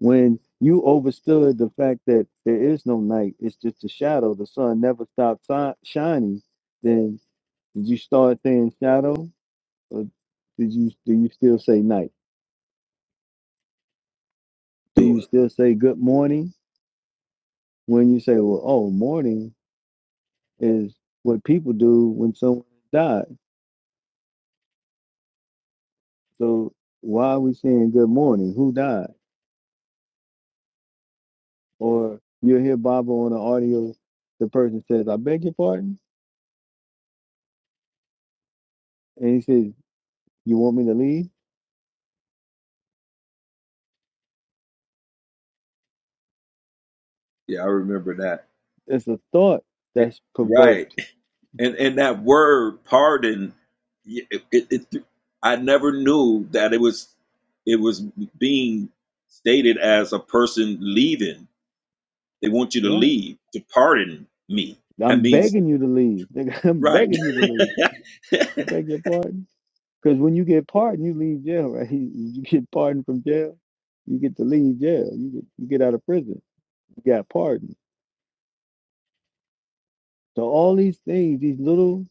[SPEAKER 9] when you overstood the fact that there is no night, it's just a shadow. The sun never stops si- shining. Then did you start saying shadow, or did you do you still say night? Do
[SPEAKER 5] Do
[SPEAKER 9] you
[SPEAKER 5] it.
[SPEAKER 9] still say good morning when you say, well, oh, morning is what people do when someone died. So why are we saying good morning? Who died? Or you'll hear Baba on the audio. The person says, I beg your pardon, and he says, you want me to leave?
[SPEAKER 5] Yeah, I remember that.
[SPEAKER 9] It's a thought
[SPEAKER 5] It-
[SPEAKER 9] that's
[SPEAKER 5] right,
[SPEAKER 9] provoked.
[SPEAKER 5] and and that word pardon, yeah, it, it, it, I never knew that it was it was being stated as a person leaving. They want you to
[SPEAKER 9] Right.
[SPEAKER 5] leave to pardon me. That
[SPEAKER 9] I'm
[SPEAKER 5] means
[SPEAKER 9] begging you to leave. Nigga, <laughs> I'm
[SPEAKER 5] right
[SPEAKER 9] begging you to leave.
[SPEAKER 5] <laughs>
[SPEAKER 9] I beg your pardon. Because when you get pardoned, you leave jail, right? <laughs> You get pardoned from jail, you get to leave jail. You get you get out of prison. You got pardoned. So all these things, these little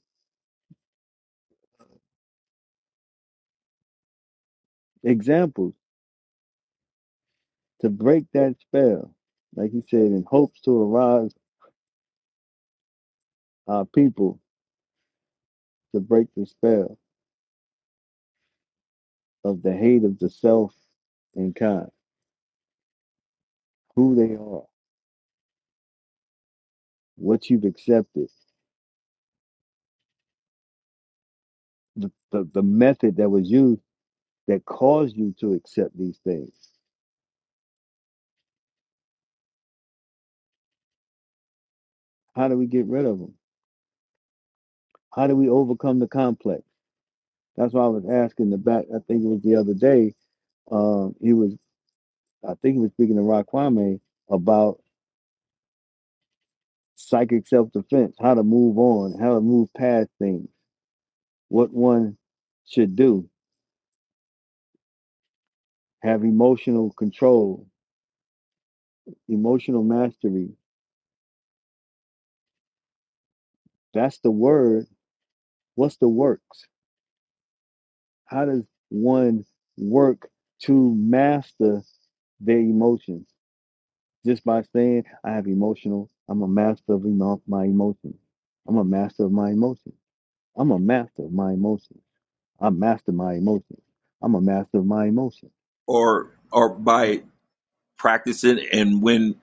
[SPEAKER 9] examples to break that spell, like he said, in hopes to arouse our people to break the spell of the hate of the self and kind, who they are, what you've accepted the, the, the method that was used that caused you to accept these things. How do we get rid of them? How do we overcome the complex? That's why I was asking the back. I think it was the other day. Um, he was, I think he was speaking to Rock Kwame about psychic self defense, how to move on, how to move past things, what one should do, have emotional control, emotional mastery. That's the word. What's the works? How does one work to master their emotions just by saying I have emotional. I'm a master of emo- my emotions. I'm a master of my emotions. I'm a master of my emotions. I master my emotions. I'm a master of my emotions.
[SPEAKER 5] or or by practicing and when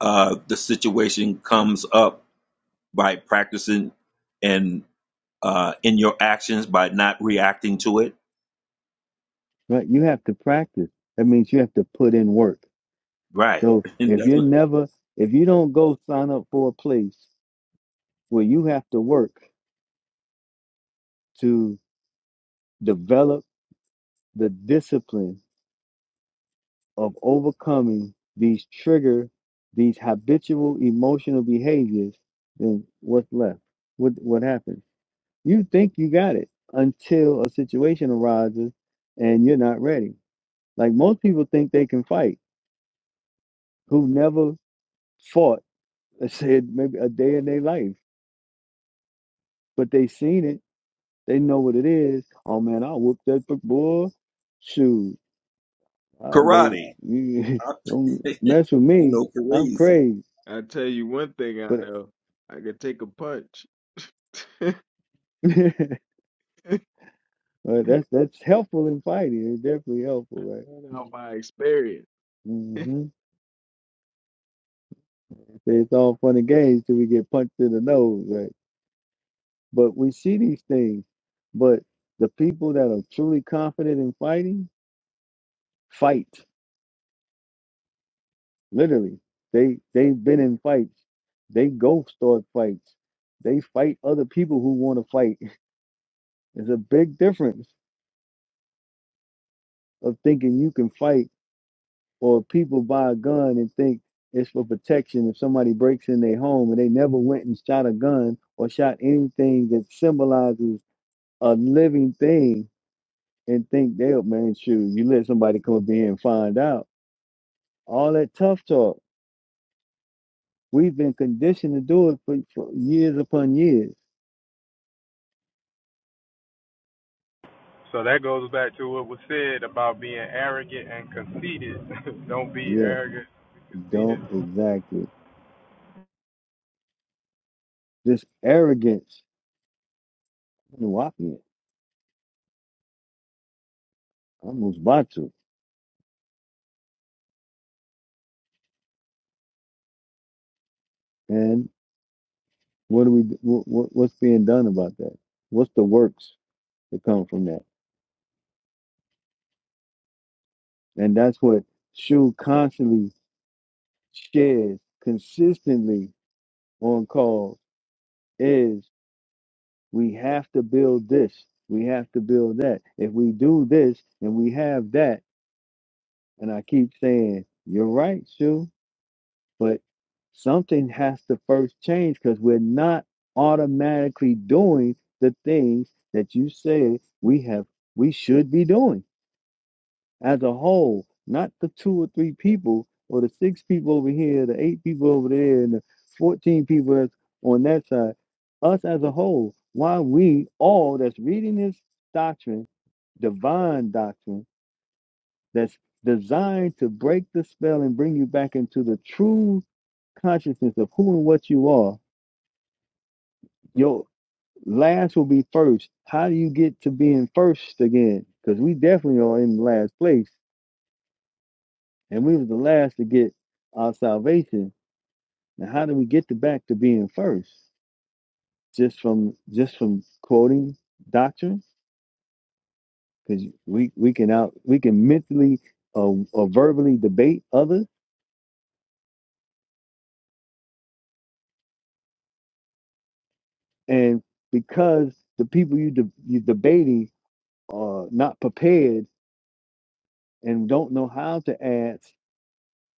[SPEAKER 5] uh, the situation comes up by practicing and uh, in your actions by not reacting to it.
[SPEAKER 9] Right? You have to practice. That means you have to put in work.
[SPEAKER 5] Right.
[SPEAKER 9] So
[SPEAKER 5] <laughs> And
[SPEAKER 9] if
[SPEAKER 5] that's
[SPEAKER 9] you're never, if you don't go sign up for a place where you have to work to develop the discipline of overcoming these trigger, these habitual emotional behaviors, then what's left? What what happens? You think you got it until a situation arises and you're not ready. Like most people think they can fight who never fought, <laughs> I said maybe a day in their life, but they seen it. They know what it is. Oh man, I whoop that big boy. Shoot, I go.
[SPEAKER 5] Karate. <laughs>
[SPEAKER 9] <laughs>
[SPEAKER 5] I,
[SPEAKER 9] You don't mess with me.
[SPEAKER 5] know
[SPEAKER 9] I'm
[SPEAKER 5] crazy.
[SPEAKER 9] crazy.
[SPEAKER 11] I tell you one thing I
[SPEAKER 9] But
[SPEAKER 11] know, I could take a punch
[SPEAKER 9] <laughs>
[SPEAKER 11] <laughs>
[SPEAKER 9] Uh, that's that's helpful in fighting. It's definitely helpful, right?
[SPEAKER 11] out my experience.
[SPEAKER 9] hmm It's all fun and games till we get punched in the nose, right? But we see these things. But the people that are truly confident in fighting, fight literally. They they've been in fights. They go start fights. They fight other people who want to fight. <laughs> It's a big difference of thinking you can fight or people buy a gun and think it's for protection if somebody breaks in their home and they never went and shot a gun or shot anything that symbolizes a living thing and think they'll man shoot you let somebody come up here and find out all that tough talk we've been conditioned to do it for, for years upon years
[SPEAKER 4] So that goes back to what was said about being arrogant and conceited. <laughs> Don't be
[SPEAKER 9] yeah
[SPEAKER 4] arrogant and conceited.
[SPEAKER 9] don't exactly this arrogance Nuwapian, almost batu and what do we what, what's being done about that what's the works that come from that And that's what Shu constantly shares consistently on calls is we have to build this. We have to build that. If we do this and we have that, and I keep saying, you're right, Shu, but something has to first change because we're not automatically doing the things that you said we have we should be doing as a whole, not the two or three people or the six people over here, the eight people over there, and the 14 people that's on that side, us as a whole, why we all that's reading this doctrine, divine doctrine, that's designed to break the spell and bring you back into the true consciousness of who and what you are, your last will be first. How do you get to being first again? Because we definitely are in last place and we was the last to get our salvation. Now, how do we get to back to being first? Just from just from quoting doctrine, because we we can out we can mentally uh, or verbally debate others, and because the people you de- you debating are not prepared and don't know how to ask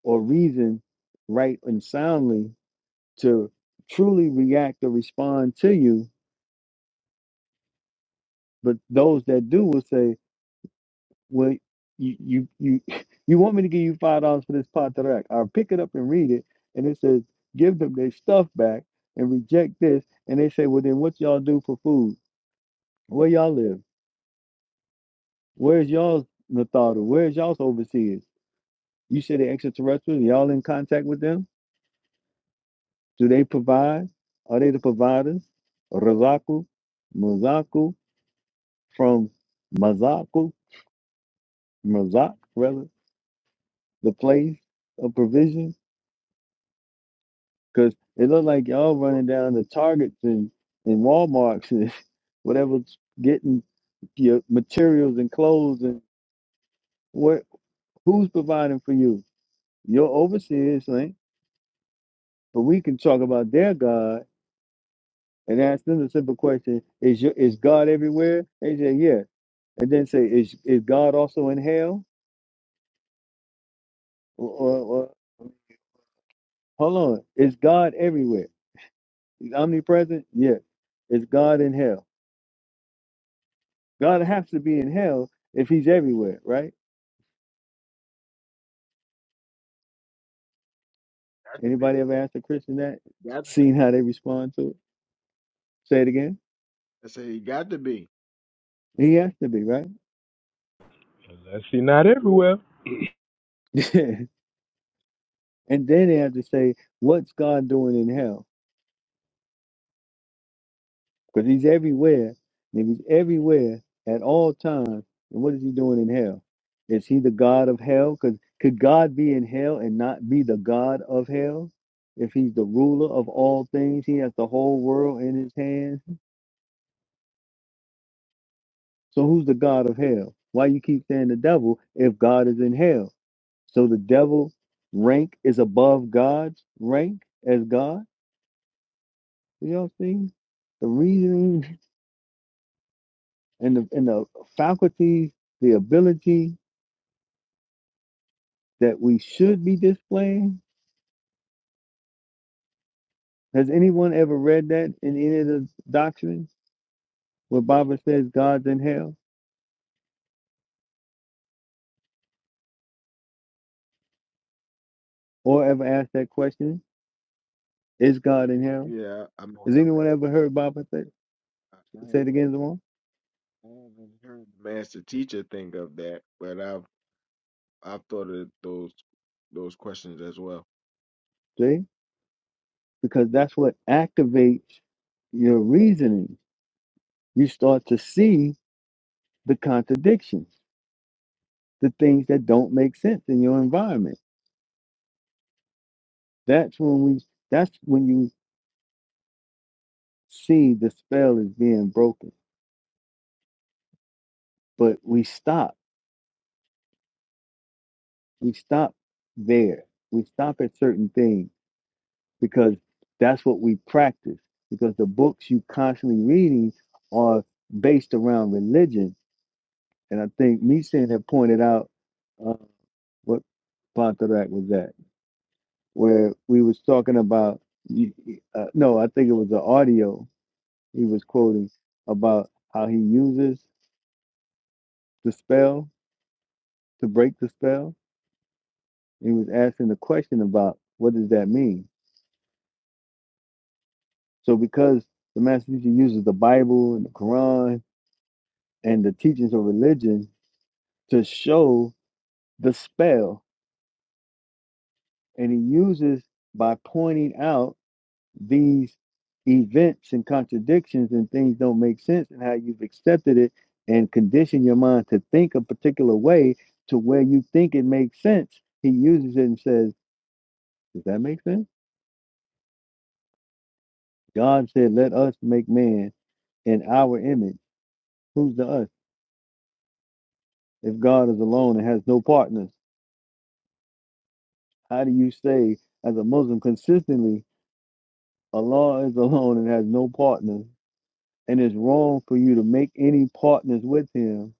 [SPEAKER 9] or reason right and soundly to truly react or respond to you, but those that do will say. Well, you you you <laughs> you want me to give you five dollars for this pot that I'll pick it up and read it, and it says, give them their stuff back and reject this. And they say, well, then what y'all do for food? Where y'all live? Where's y'all's Natharu? Where's y'all's overseers? You say the extraterrestrials. Y'all in contact with them? Do they provide? Are they the providers? Razaku, Mazaku from Mazaku, Mazak rather, the place of provision. Because it looked like y'all
[SPEAKER 11] Sure,
[SPEAKER 9] running down the Targets and, and Walmarts and <laughs> whatever, getting your materials and clothes and what who's providing for you? Your overseers, right? But we can talk about their God and ask them the simple question: Is your is God everywhere? They say yeah, and then say is is God also in hell? Or, or, or hold on, is God everywhere? He's omnipresent. Yeah, is God in hell? God has to be in hell if He's everywhere, right?
[SPEAKER 11] got to be,
[SPEAKER 9] Anybody ever asked a Christian that?
[SPEAKER 11] got to
[SPEAKER 9] Seen
[SPEAKER 11] be.
[SPEAKER 9] how they respond to it? Say it again.
[SPEAKER 11] I said he got to be.
[SPEAKER 9] He has to be, right?
[SPEAKER 4] Unless you're not
[SPEAKER 11] Sure.
[SPEAKER 4] everywhere.
[SPEAKER 9] <laughs> and then they have to say, what's God doing in hell? Because he's everywhere. And if he's everywhere at all times, then what is he doing in hell? Is he the God of hell? Because could God be in hell and not be the God of hell? If he's the ruler of all things, he has the whole world in his hands. So who's the God of hell? Why you keep saying the devil if God is in hell? So the devil's rank is above God's rank as God. You know what I'm saying? The reasoning and the and the faculties, the ability that we should be displaying. Has anyone ever read that in any of the doctrines where Baba says God's in hell? Or ever asked that question? Is God in hell?
[SPEAKER 11] Yeah, I mean,
[SPEAKER 9] Has
[SPEAKER 11] I've
[SPEAKER 9] anyone
[SPEAKER 11] ex-
[SPEAKER 9] ever heard Baba say,
[SPEAKER 11] I I
[SPEAKER 9] say
[SPEAKER 11] haven't,
[SPEAKER 9] it again, Zamon?
[SPEAKER 11] I haven't heard the master teacher think of that, but I've I've thought of those those questions as well.
[SPEAKER 9] See? Because that's what activates your reasoning. You start to see the contradictions the things that don't make sense in your environment. That's when we that's when you see the spell is being broken. But we stop. We stop there. We stop at certain things because that's what we practice. Because the books you constantly reading are based around religion. And I think Meeson had pointed out uh, what Pontherac was at, where we was talking about, uh, no, I think it was the audio he was quoting about how he uses the spell to break the spell. He was asking the question about what does that mean? So because the master teacher uses the Bible and the Quran and the teachings of religion to show the spell, and he uses by pointing out these events and contradictions and things don't make sense and how you've accepted it and conditioned your mind to think a particular way to where you think it makes sense he uses it and says does that make sense god said let us make man in our image who's the us if god is alone and has no partners how do you say as a muslim consistently allah is <laughs> alone and has no partners and it's wrong for you to make any partners with him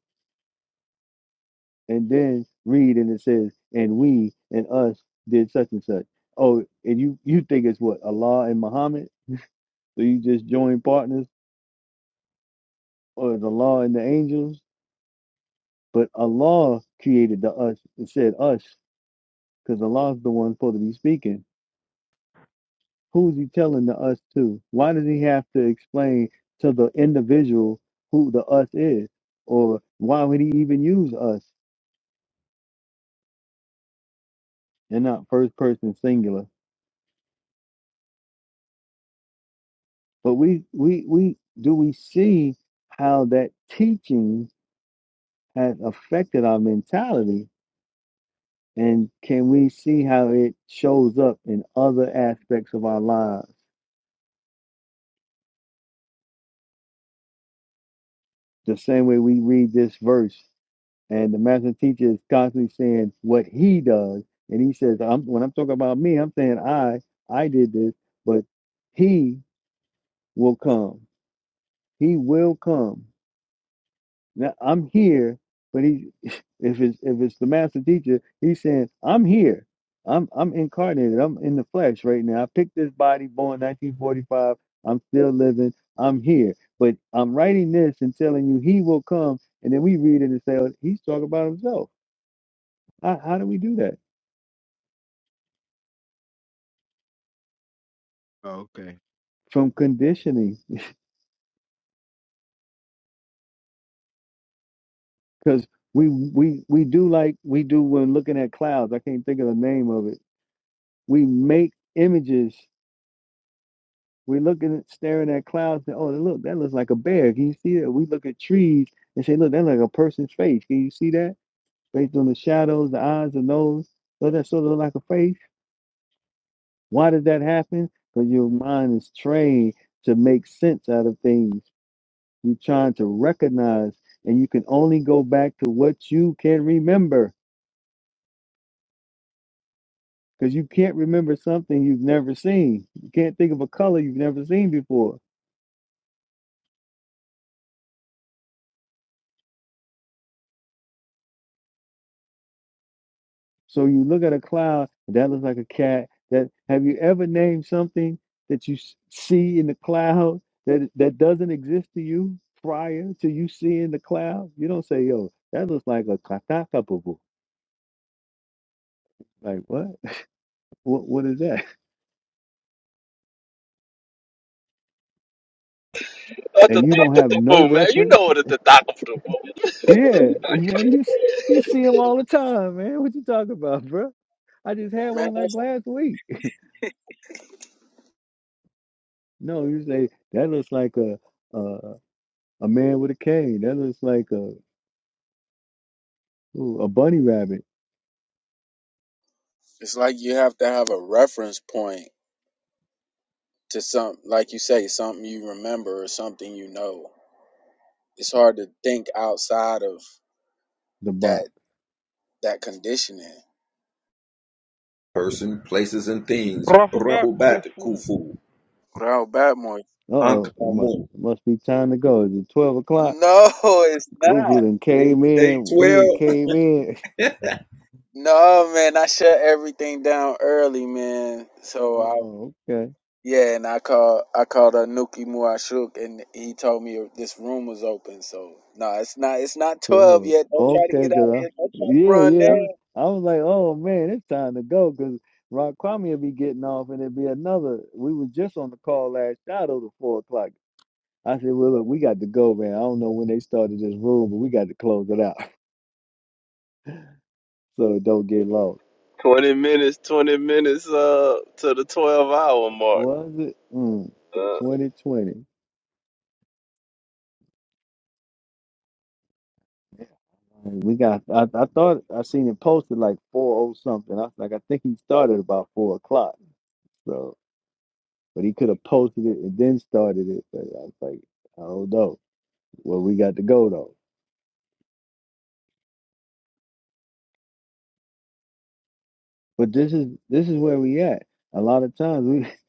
[SPEAKER 9] and then read and it says, and we and us did such and such. Oh, and you you think it's what Allah and Muhammad? So you just join partners, or the law and the angels? But Allah created the us and said us, because Allah's the one supposed to be speaking. Who's he telling the us to? Why does he have to explain to the individual who the us is, or why would he even use us and not first person singular? But we we we do we see how that teaching has affected our mentality, and can we see how it shows up in other aspects of our lives? The same way we read this verse, and the master teacher is constantly saying what he does, and he says, "I'm when I'm talking about me, I'm saying I I did this, but he will come, he will come." Now I'm here, but he, <laughs> if it's if it's the master teacher, he's saying I'm here. I'm I'm incarnated. I'm in the flesh right now. I picked this body, born 1945. I'm still living. I'm here, but I'm writing this and telling you he will come, and then we read it and say oh, he's talking about himself. How, how do we do that?
[SPEAKER 11] Oh, okay.
[SPEAKER 9] From conditioning, <laughs> because we we we do like we do when looking at clouds. I can't think of the name of it. We make images We looking at staring at clouds and oh look, that looks like a bear. Can you see that? We look at trees and say, look, that's like a person's face. Can you see that? Based on the shadows, the eyes, the nose, so that sort of look like a face. Why does that happen? Because your mind is trained to make sense out of things. You're trying to recognize, and you can only go back to what you can remember. Because you can't remember something you've never seen. You can't think of a color you've never seen before So you look at a cloud, that looks like a cat. That have you ever named something that you s- see in the cloud that that doesn't exist to you prior to you seeing the cloud? You don't say, "Yo, that looks like a katakapabu." Like what? <laughs> What? What is that? And you don't have no
[SPEAKER 1] Boom, man. You
[SPEAKER 9] reference.
[SPEAKER 1] know what the doctor
[SPEAKER 9] Yeah, <laughs> man, you s- you see them all the time, man. What you talking about, bro? I just had
[SPEAKER 13] man.
[SPEAKER 9] one like last week. <laughs> No, you say that looks like a a, a man with a cane. That looks like a Ooh, a bunny rabbit,
[SPEAKER 13] It's like you have to have a reference point to some, like you say, something you remember or something you know. It's hard to think outside of
[SPEAKER 9] the
[SPEAKER 13] that
[SPEAKER 9] box.
[SPEAKER 13] that conditioning.
[SPEAKER 5] Person, places, and things.
[SPEAKER 4] Rahubat
[SPEAKER 5] Rahubat
[SPEAKER 4] Khufu.
[SPEAKER 5] Kufu.
[SPEAKER 13] Growl Batmore.
[SPEAKER 9] Uh
[SPEAKER 5] Ankh
[SPEAKER 9] oh, it must
[SPEAKER 5] Amun.
[SPEAKER 9] it must be time to go. Is it twelve o'clock?
[SPEAKER 13] No, <laughs> it's not.
[SPEAKER 9] Cooper then came in. He done
[SPEAKER 5] 812.
[SPEAKER 9] came in. <laughs>
[SPEAKER 5] <laughs>
[SPEAKER 13] No, man, I shut everything down early, man. So I
[SPEAKER 9] Oh, okay,
[SPEAKER 13] yeah, and I called I called uh, Nuki Muashuk, and he told me this room was open. So no, it's not it's not twelve
[SPEAKER 9] cool.
[SPEAKER 13] yet. Don't try to
[SPEAKER 9] Okay,
[SPEAKER 13] get out
[SPEAKER 9] cause
[SPEAKER 13] here. Don't try to
[SPEAKER 9] yeah,
[SPEAKER 13] run
[SPEAKER 9] yeah. I was
[SPEAKER 13] now.
[SPEAKER 9] like, oh man, it's time to go, cause Rock Kwame will be getting off, and it'd be another. We was just on the call last night over four o'clock. I said, well, look, we got to go, man. I don't know when they started this room, but we got to close it out <laughs> so it don't get lost.
[SPEAKER 1] Twenty minutes, twenty minutes, uh, to the twelve hour mark.
[SPEAKER 9] Was it mm,
[SPEAKER 1] uh.
[SPEAKER 9] 2020? And We got. I, I thought I seen it posted like four oh something. I was like, I think he started about four o'clock. So, but he could have posted it and then started it. But I was like, I don't know. Well, we got to go though. But this is this is where we at. A lot of times we, <laughs>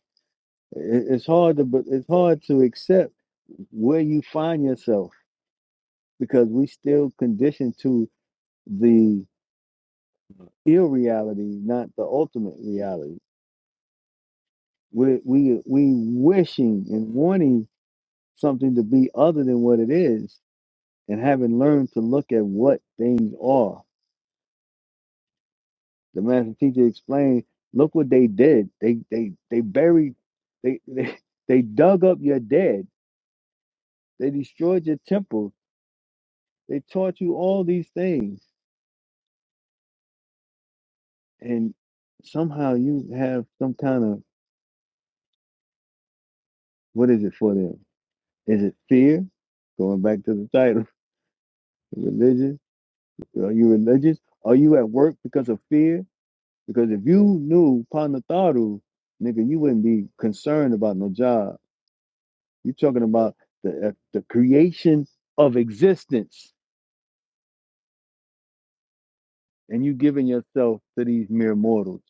[SPEAKER 9] it- it's hard to but it's hard to accept where you find yourself because we still conditioned to the irreality, not the ultimate reality. We we we wishing and wanting something to be other than what it is and having learned to look at what things are. The master teacher explained, look what they did. They they they buried they they, <laughs> they dug up your dead. They destroyed your temple. They taught you all these things. And somehow you have some kind of what is it for them? Is it fear? Going back to the title, <laughs> religion. Are you religious? Are you at work because of fear? Because if you knew Panatharu, nigga, you wouldn't be concerned about no job. You're talking about the uh, the creation of existence, and you giving yourself to these mere mortals.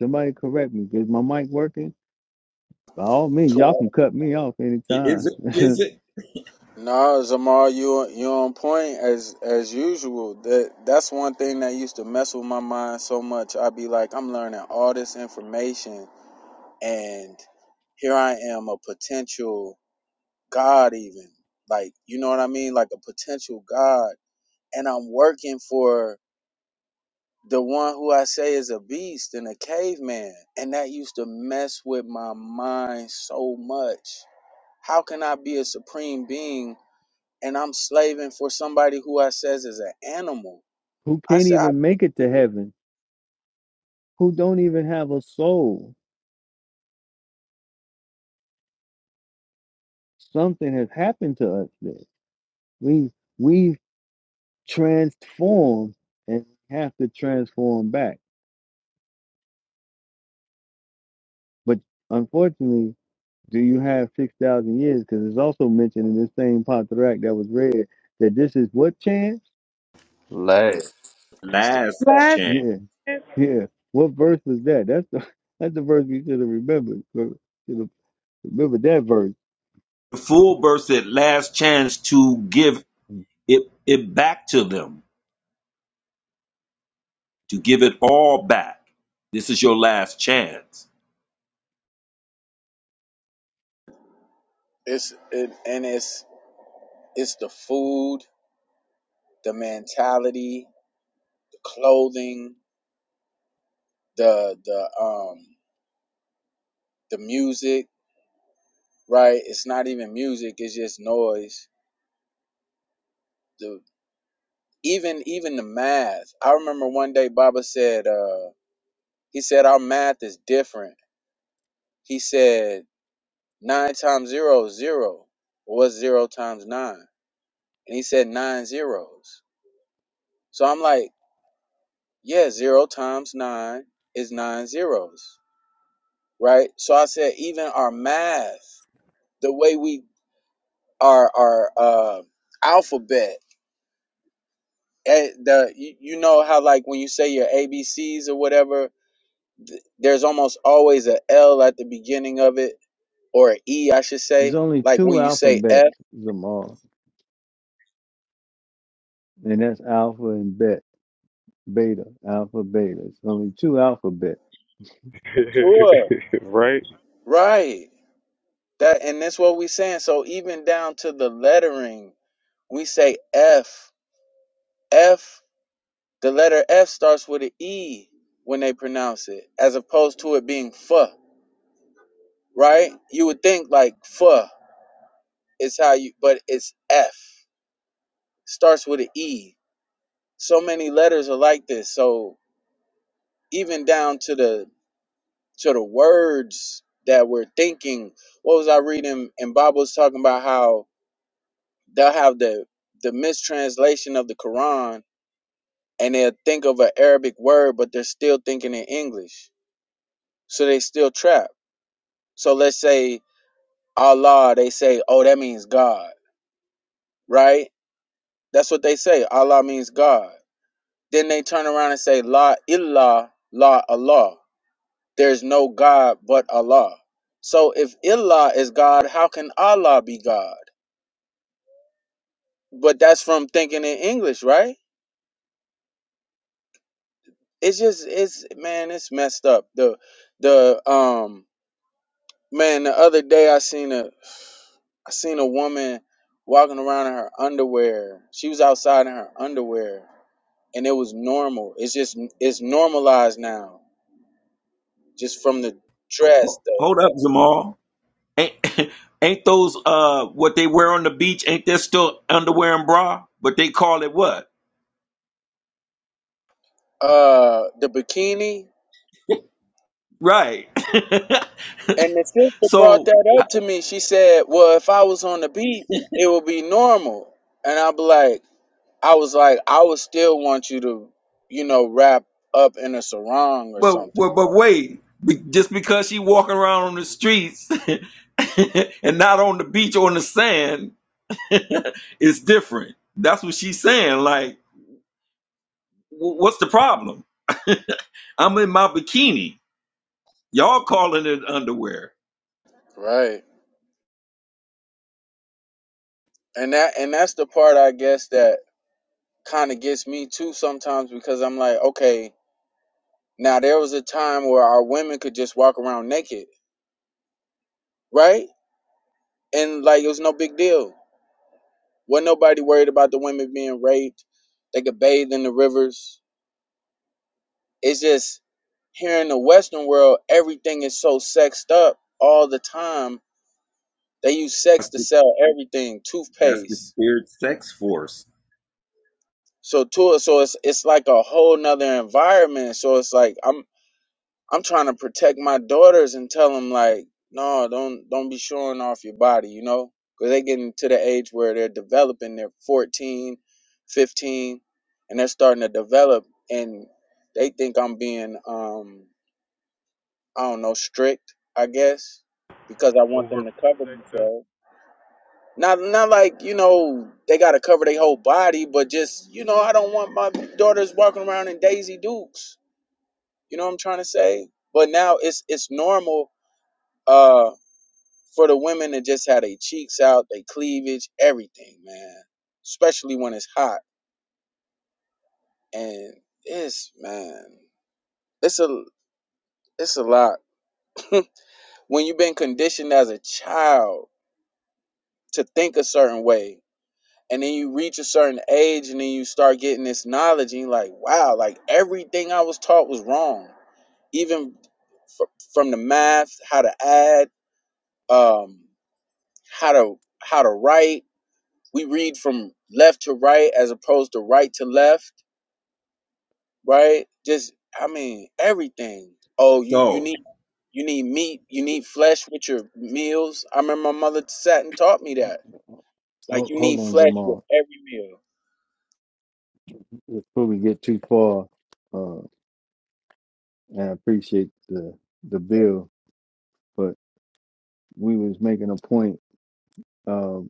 [SPEAKER 9] Somebody correct me. Is my mic working? By all means, y'all
[SPEAKER 13] Twelve.
[SPEAKER 9] can cut me off
[SPEAKER 5] Is
[SPEAKER 9] anytime.
[SPEAKER 5] it?
[SPEAKER 9] <laughs>
[SPEAKER 5] Is it?
[SPEAKER 13] Nah, Zamar, you you on point as as usual. That that's one thing that used to mess with my mind so much. I'd be like, I'm learning all this information, and here I am, a potential god, even like you know what I mean, like a potential god, and I'm working for the one who I say is a beast and a caveman, and that used to mess with my mind so much. How can I be a supreme being? and I'm slaving for somebody who I says is an animal.
[SPEAKER 9] Who
[SPEAKER 13] I
[SPEAKER 9] can't
[SPEAKER 13] said, I,
[SPEAKER 9] even make it to heaven? Who don't even have a soul? Something has happened to us there. We we've transformed and have to transform back. But unfortunately, do you have 6,000 years? Because it's also mentioned in this same Pontarac that was read that this is what chance?
[SPEAKER 13] It's the
[SPEAKER 5] Last chance.
[SPEAKER 9] Yeah, yeah. What verse was that? That's the <laughs> that's the verse we should have remembered. Should have remembered that verse.
[SPEAKER 5] The full verse said, last chance to give it, it back to them, to give it all back. This is your last chance.
[SPEAKER 13] it's it, and it's it's the food, the mentality, the clothing, the the um the music, right? It's not even music; it's just noise. The even even the math. I remember one day Baba said, uh, he said our math is different. He said nine times zero is zero. Well, What's zero times nine? And he said nine zeros. So I'm like, yeah, zero times nine is nine zeros, right? So I said, even our math, the way we our our uh, alphabet, eh, the you, you know how like when you say your A B C's or whatever, th- there's almost always a L at the beginning of it or an E, I should
[SPEAKER 9] There's
[SPEAKER 13] say.
[SPEAKER 9] only
[SPEAKER 13] Like
[SPEAKER 9] two
[SPEAKER 13] when you say F,
[SPEAKER 9] alphabets, Zamar, and that's alpha and bet, beta, alpha, beta. It's only two alphabets.
[SPEAKER 13] sure,
[SPEAKER 4] <laughs> right?
[SPEAKER 13] right? That and that's what we saying. So even down to the lettering, we say F F The letter F starts with an E when they pronounce it, as opposed to it being fuh, right? You would think like fuh is how you, but it's F. Starts with an E. So many letters are like this. So even down to the to the words that we're thinking. What was I reading? And Bob was talking about how they'll have the the mistranslation of the Quran and they'll think of an Arabic word, but they're still thinking in English. So they still trapped. So let's say Allah, they say, oh, that means God, right? That's what they say. Allah means God. Then they turn around and say, La illah, la Allah. There's no God but Allah. So if illah is God, how can Allah be God? But that's from thinking in English, right? It's just, it's man, it's messed up. The, the, um, man, the other day I seen a I seen a woman walking around in her underwear. She was outside in her underwear, and it was normal. It's just it's normalized now, just from the dress,
[SPEAKER 5] Ho-
[SPEAKER 13] the
[SPEAKER 5] Hold up, Zamal. Ain't, <laughs> ain't those uh what they wear on the beach? Ain't that still underwear and bra? But they call it what?
[SPEAKER 13] uh, the bikini.
[SPEAKER 5] Right. <laughs>
[SPEAKER 13] And the sister brought
[SPEAKER 5] so,
[SPEAKER 13] that up to me. She said, "Well, if I was on the beach, it would be normal." And i be like, "I was like, I would still want you to, you know, wrap up in a sarong or
[SPEAKER 5] but
[SPEAKER 13] something,
[SPEAKER 5] but, but wait. Be, just because she walking around on the streets <laughs> and not on the beach or on the sand, <laughs> it's different. That's what she's saying. Like, wh- what's the problem? I'm in my bikini. Y'all calling it underwear.
[SPEAKER 13] right?" And that and that's the part I guess that kind of gets me too sometimes because I'm like, okay, now there was a time where our women could just walk around naked, right? And like it was no big deal. Wasn't nobody worried about the women being raped. They could bathe in the rivers. It's just here in the Western world, everything is so sexed up all the time. They use sex
[SPEAKER 5] That's
[SPEAKER 13] to
[SPEAKER 5] the,
[SPEAKER 13] sell everything,
[SPEAKER 5] that's the
[SPEAKER 13] toothpaste.
[SPEAKER 5] spirit sex force.
[SPEAKER 13] So to so it's it's like a whole nother environment. So it's like I'm I'm trying to protect my daughters and tell them like, no, don't don't be showing off your body, you know? Cuz they getting to the age where they're developing, they're fourteen, fifteen, and they're starting to develop and they think I'm being um I don't know, strict, I guess, because I want them to cover
[SPEAKER 4] Overprotective.
[SPEAKER 13] themselves. Not not like, you know, they got to cover their whole body, but just, you know, I don't want my daughters walking around in Daisy Dukes. You know what I'm trying to say? But now it's it's normal Uh, for the women that just had their cheeks out, their cleavage, everything, man. Especially when it's hot. And it's man, it's a it's a lot. <laughs> when you've been conditioned as a child to think a certain way and then you reach a certain age and then you start getting this knowledge and you're like wow like everything i was taught was wrong even fr- from the math how to add um how to how to write we read from left to right as opposed to right to left, right? Just I mean everything. Oh, you you
[SPEAKER 5] So.
[SPEAKER 13] need you need meat, you need flesh with your meals. I remember my mother sat and taught me that. Like
[SPEAKER 9] Hold,
[SPEAKER 13] you
[SPEAKER 9] hold
[SPEAKER 13] need
[SPEAKER 9] on,
[SPEAKER 13] flesh with
[SPEAKER 9] Zamar.
[SPEAKER 13] every meal.
[SPEAKER 9] Before we get too far, uh, and I appreciate the the bill, but we was making a point. um,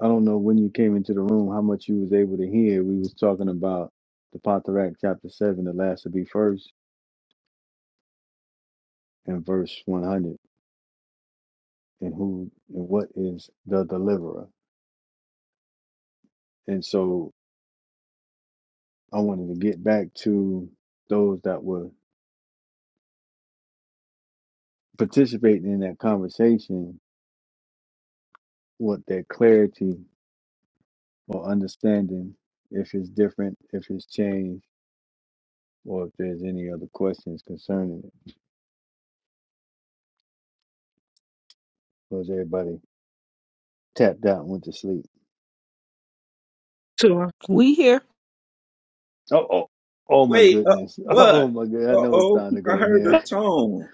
[SPEAKER 9] I don't know when you came into the room how much you was able to hear. We was talking about the Potteract chapter seven, the last to be first, and verse one hundred, and who and what is the deliverer. And so I wanted to get back to those that were participating in that conversation, what their clarity or understanding, if it's different, if it's changed, or if there's any other questions concerning it. Was everybody tapped out and went to sleep?
[SPEAKER 8] Sure. We here.
[SPEAKER 9] Oh, oh, oh my
[SPEAKER 5] Wait, uh,
[SPEAKER 9] goodness. <laughs> Oh
[SPEAKER 5] what?
[SPEAKER 9] my god, I
[SPEAKER 5] Uh
[SPEAKER 9] know it's
[SPEAKER 5] oh,
[SPEAKER 9] time to
[SPEAKER 5] I
[SPEAKER 9] go
[SPEAKER 5] heard a
[SPEAKER 9] there. <laughs>
[SPEAKER 5] tone.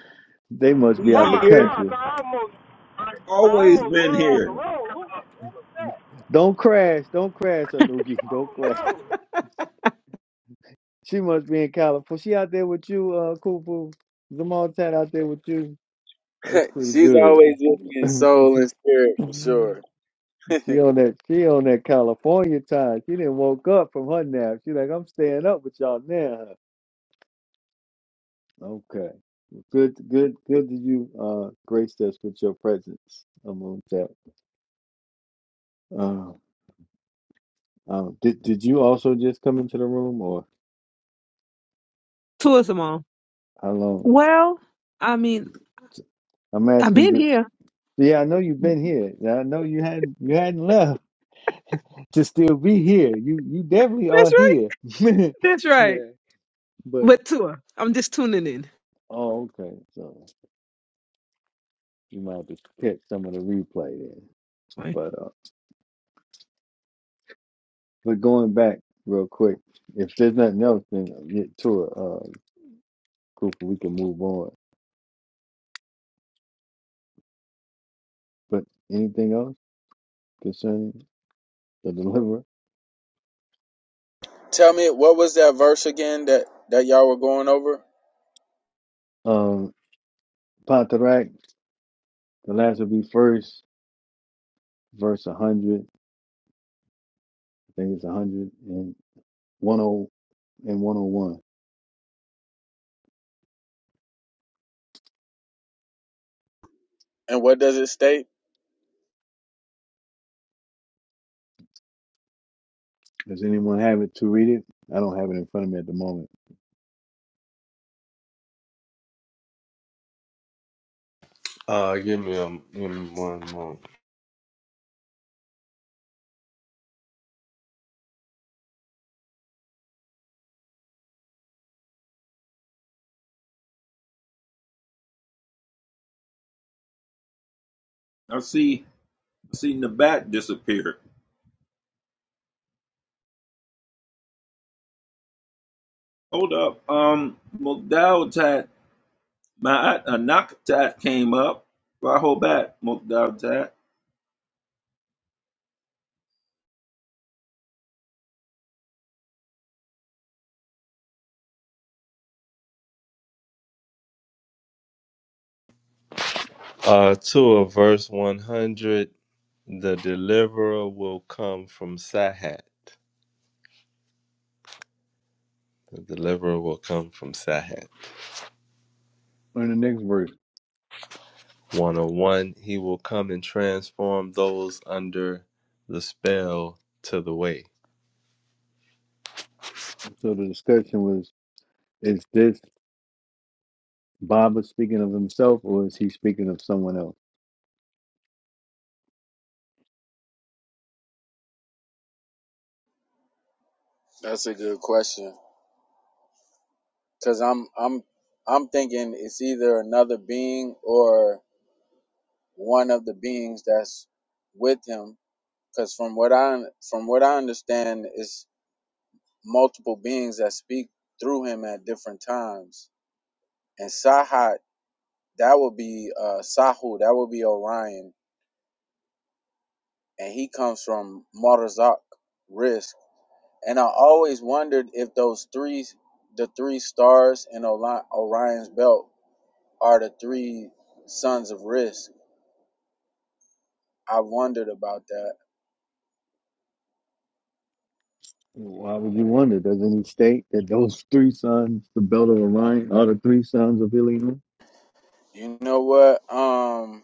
[SPEAKER 9] They must
[SPEAKER 5] We
[SPEAKER 9] be
[SPEAKER 4] Oh
[SPEAKER 9] out the
[SPEAKER 4] my
[SPEAKER 5] here,
[SPEAKER 4] gosh,
[SPEAKER 9] country.
[SPEAKER 4] I almost I, I
[SPEAKER 5] always
[SPEAKER 4] almost
[SPEAKER 5] been
[SPEAKER 4] rolled off the
[SPEAKER 5] here.
[SPEAKER 4] road. Who-
[SPEAKER 9] Don't crash. Don't crash, Anuki. <laughs> Don't
[SPEAKER 4] Oh
[SPEAKER 9] crash.
[SPEAKER 4] no.
[SPEAKER 9] She must be in California. She out there with you, uh Kupu. Zamal Tat out there with you. That's
[SPEAKER 13] <laughs>
[SPEAKER 9] pretty
[SPEAKER 13] She's
[SPEAKER 9] good.
[SPEAKER 13] always with me
[SPEAKER 9] <laughs>
[SPEAKER 13] in soul and spirit for sure. <laughs>
[SPEAKER 9] she on that she on that California time. She didn't woke up from her nap. She like, I'm staying up with y'all now. Okay. Good good good to you, uh grace us with your presence, Amun Tat. Um, did did you also just come into the room, or
[SPEAKER 8] Tourism on.
[SPEAKER 9] how long?
[SPEAKER 8] Well, I mean,
[SPEAKER 9] I'm
[SPEAKER 8] I've
[SPEAKER 9] asking.
[SPEAKER 8] been
[SPEAKER 9] To,
[SPEAKER 8] here.
[SPEAKER 9] yeah, I know you've been here. Yeah, I know you hadn't you hadn't left <laughs> to still be here. You you definitely are
[SPEAKER 8] That's right.
[SPEAKER 9] here. <laughs>
[SPEAKER 8] That's right.
[SPEAKER 9] yeah, but
[SPEAKER 8] But tour. I'm just tuning in.
[SPEAKER 9] oh, okay. So you might have to catch some of the replay then. But uh, but going back real quick, if there's nothing else, then get to it, uh, Cooper. We can move on. But anything else concerning the <laughs> deliverer?
[SPEAKER 13] Tell me what was that verse again that that y'all were going over,
[SPEAKER 9] Um, Pontherac, the last will be first verse 100. I think it's 100 and one hundred and one oh one.
[SPEAKER 13] and what does it state?
[SPEAKER 9] Does anyone have it to read it? I don't have it in front of me at the moment.
[SPEAKER 1] Uh, give me a give me one moment.
[SPEAKER 5] I see, I seen the bat disappear. Hold up, um, Mugdaltat, Ma'at Anaktat came up. Raho bat, Mugdaltat.
[SPEAKER 1] Uh, two of verse one hundred. The deliverer will come from Sahat. The deliverer will come from Sahat.
[SPEAKER 9] In the next verse,
[SPEAKER 1] One goes under the spell to the way.
[SPEAKER 9] so the discussion was: Is this Baba speaking of himself, or is he speaking of someone else?
[SPEAKER 13] That's a good question. Cause I'm I'm I'm thinking it's either another being or one of the beings that's with him because from what i from what i understand is multiple beings that speak through him at different times and sahat that would be uh sahu that would be orion and he comes from marzak risk and i always wondered if those three the three stars in Oli- orion's belt are the three sons of risk i wondered about that
[SPEAKER 9] Why would you wonder? Doesn't he state that those three sons, the belt of Orion, are the three sons of Ilium?
[SPEAKER 13] you know what um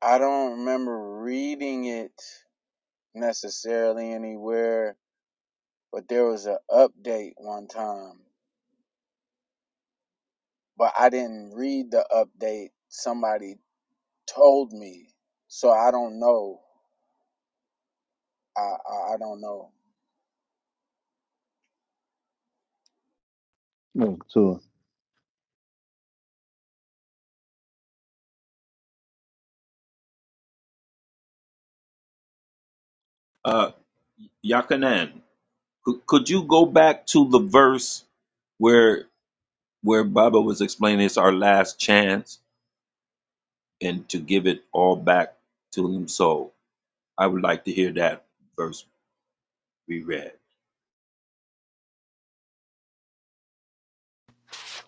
[SPEAKER 13] I don't remember reading it necessarily anywhere, but there was an update one time, but I didn't read the update. Somebody told me, so I don't know. I I, I don't know.
[SPEAKER 9] No. So
[SPEAKER 5] Uh, Yakanan, could, could you go back to the verse where where Baba was explaining it's our last chance and to give it all back to him? So I would like to hear that verse reread.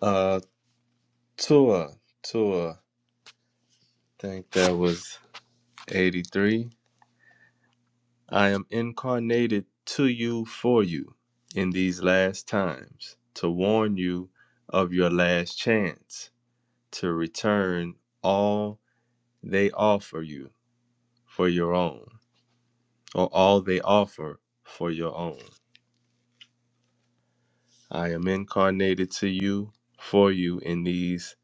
[SPEAKER 1] Uh, Tua, Tua. I think that was eighty-three. I am incarnated to you for you in these last times to warn you of your last chance to return all they offer you for your own, or all they offer for your own. I am incarnated to you, for you in these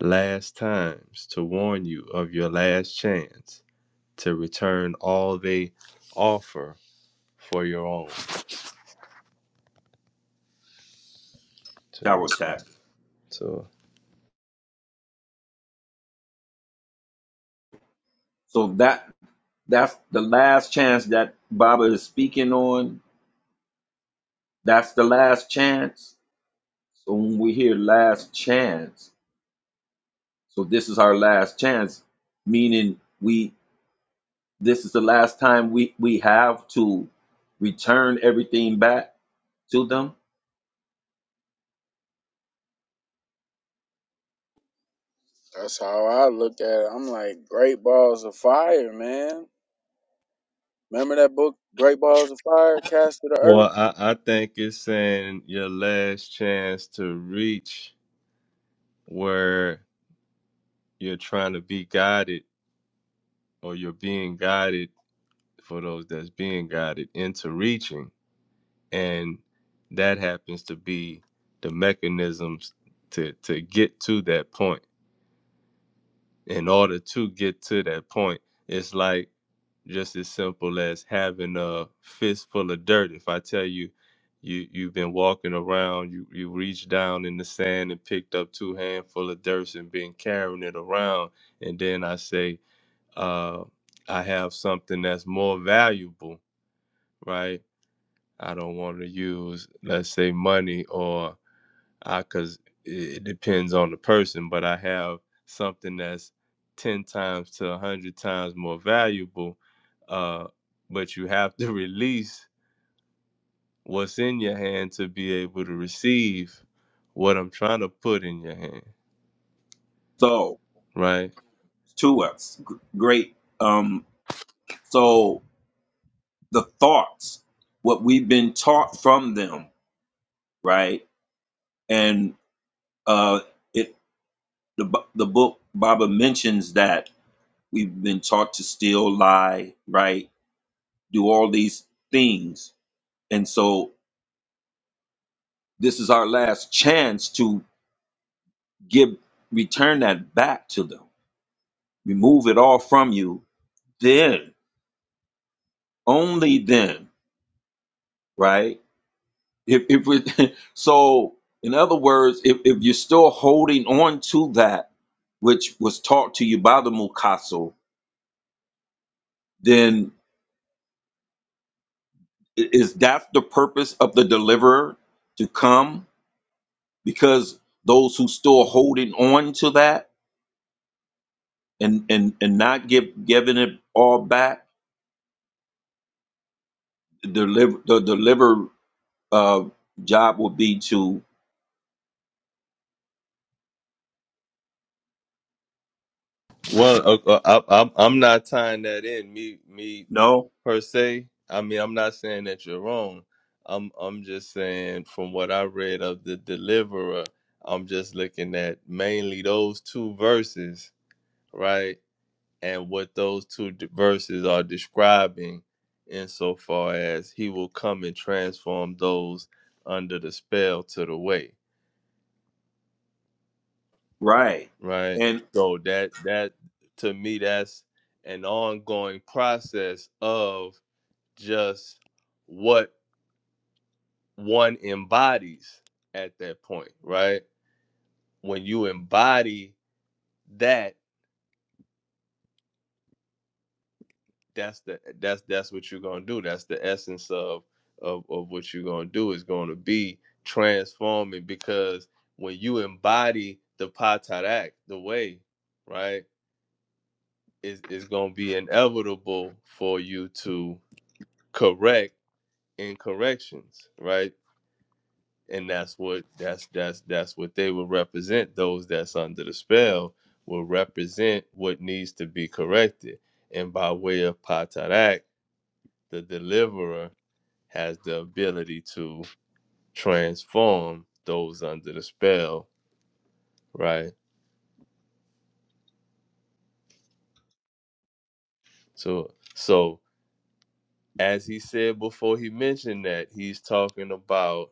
[SPEAKER 1] last times, to warn you of your last chance, to return all they offer for your own. To,
[SPEAKER 5] Tower
[SPEAKER 1] re-
[SPEAKER 5] Tap.
[SPEAKER 1] to
[SPEAKER 5] So that that's the last chance that Baba is speaking on. That's the last chance. So when we hear last chance, so this is our last chance, meaning we this is the last time we we have to return everything back to them.
[SPEAKER 13] That's how I look at it. I'm like, Great Balls of Fire, man. Remember that book, Great Balls of Fire, Cast to the Earth?
[SPEAKER 1] well, I, I think it's saying your last chance to reach where you're trying to be guided or you're being guided for those that's being guided into reaching and that happens to be the mechanisms to to get to that point in order to get to that point it's like just as simple as having a fistful of dirt if i tell you you you've been walking around you you reached down in the sand and picked up two handful of dirt and been carrying it around and then i say uh i have something that's more valuable right I don't want to use, let's say, money or I, because it, depends on the person, but I have something that's 10 times to 100 times more valuable. Uh, but you have to <laughs> release what's in your hand to be able to receive what I'm trying to put in your hand,
[SPEAKER 5] So
[SPEAKER 1] right?
[SPEAKER 5] to us, G- great. Um, so the thoughts, what we've been taught from them, right? And uh it. the bu- the book Baba mentions that we've been taught to steal, lie, right, do all these things, and so this is our last chance to give return that back to them, remove it all from you. Then, only then, right? If if we, <laughs> so, in other words, if if you're still holding on to that which was taught to you by the Mukaso, then i- is that the purpose of the deliverer to come? because those who still holding on to that and and and not give giving it all back the deliver the deliver uh job would be to
[SPEAKER 1] Well, uh, uh, I, I'm I'm not tying that in. Me, me
[SPEAKER 5] no
[SPEAKER 1] per se. I mean, I'm not saying that you're wrong. I'm I'm just saying from what I read of the deliverer, I'm just looking at mainly those two verses, right? And what those two d- verses are describing insofar as he will come and transform those under the spell to the way,
[SPEAKER 5] right
[SPEAKER 1] right?
[SPEAKER 5] and
[SPEAKER 1] So that that to me that's an ongoing process of just what one embodies at that point, right? When you embody that, that's the that's that's what you're gonna do. That's the essence of of, of what you're gonna do is gonna be transforming because when you embody the patarak, the way, right, is is gonna be inevitable for you to correct incorrections, right? and that's what that's that's that's what they will represent those that's under the spell will represent what needs to be corrected and by way of patarak the deliverer has the ability to transform those under the spell right so so as he said before he mentioned that he's talking about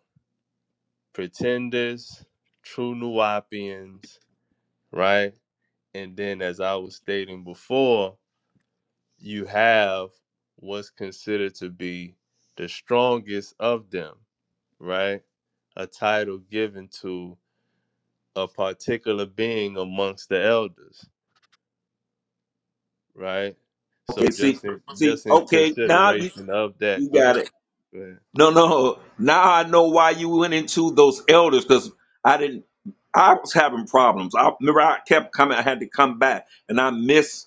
[SPEAKER 1] pretenders true nuapians right and then as i was stating before you have what's considered to be the strongest of them, right? A title given to a particular being amongst the elders, right? So
[SPEAKER 5] okay see
[SPEAKER 1] just in
[SPEAKER 5] see
[SPEAKER 1] just in
[SPEAKER 5] okay now you
[SPEAKER 1] consideration of that,
[SPEAKER 5] you
[SPEAKER 1] go ahead.
[SPEAKER 5] got it
[SPEAKER 1] Go ahead.
[SPEAKER 5] no no no. now i know why you went into those elders because i didn't i was having problems i remember i kept coming i had to come back and i missed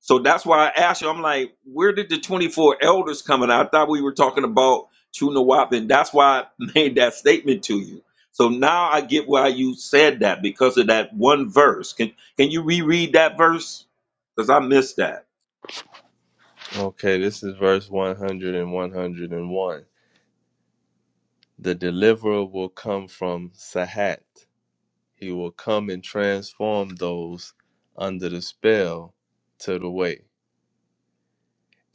[SPEAKER 5] So that's why I asked you. I'm like, where did the 24 elders come in? I thought we were talking about True Nawab, and that's why I <laughs> made that statement to you. So now I get why you said that because of that one verse. Can can you reread that verse? Because I missed that.
[SPEAKER 1] Okay, this is verse one hundred and one hundred and one. The deliverer will come from Sahat. He will come and transform those under the spell to the way.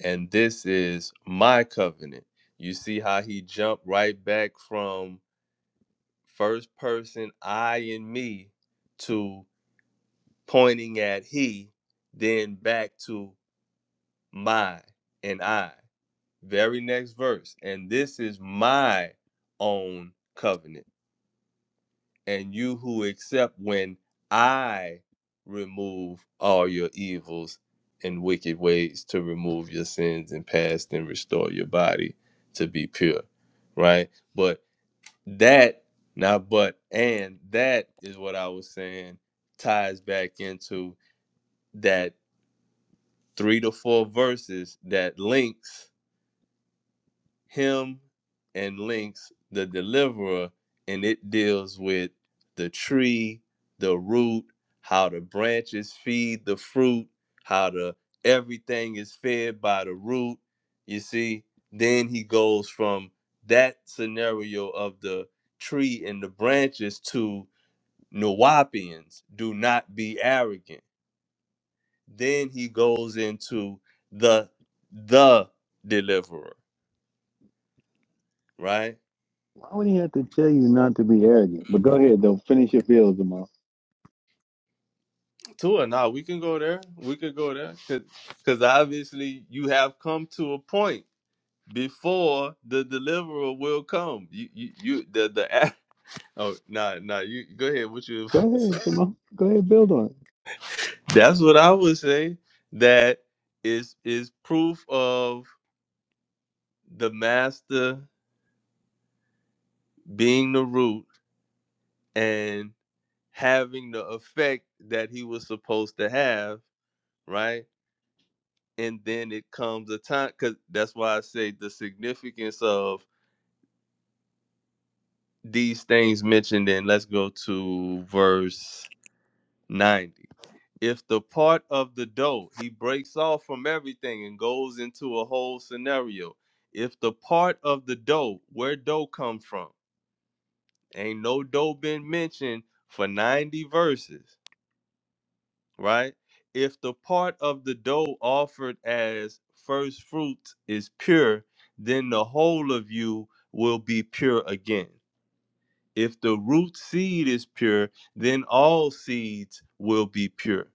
[SPEAKER 1] and this is my covenant. You see how he jumped right back from first person I and me to pointing at he, then back to my and I. Very next verse. And this is my own covenant. and you who accept when I remove all your evils and wicked ways to remove your sins and past and restore your body to be pure. Right? But that, not but, and that is what I was saying ties back into that three to four verses that links him and links the deliverer and it deals with the tree the root how the branches feed the fruit how the everything is fed by the root you see then he goes from that scenario of the tree and the branches to Nawapians do not be arrogant then he goes into the the deliverer right
[SPEAKER 9] why would he have to tell you not to be arrogant? But go ahead, though. Finish your build, Zamal.
[SPEAKER 1] Tua, nah, we can go there. We could go there because obviously you have come to a point before the deliverer will come. You, you, you the the act- <laughs> oh nah nah you go ahead. What you
[SPEAKER 9] Go
[SPEAKER 1] about to
[SPEAKER 9] ahead,
[SPEAKER 1] say?
[SPEAKER 9] Zamal. Go ahead, build on it.
[SPEAKER 1] That's what I would say. That is is proof of the master being the root and having the effect that he was supposed to have, right? And then it comes a time because that's why I say the significance of these things mentioned in let's go to verse 90 if the part of the dough he breaks off from everything and goes into a whole scenario if the part of the dough where dough come from ain't no dough been mentioned for 90 verses right if the part of the dough offered as first fruits is pure then the whole of you will be pure again If the root seed is pure, then all seeds will be pure.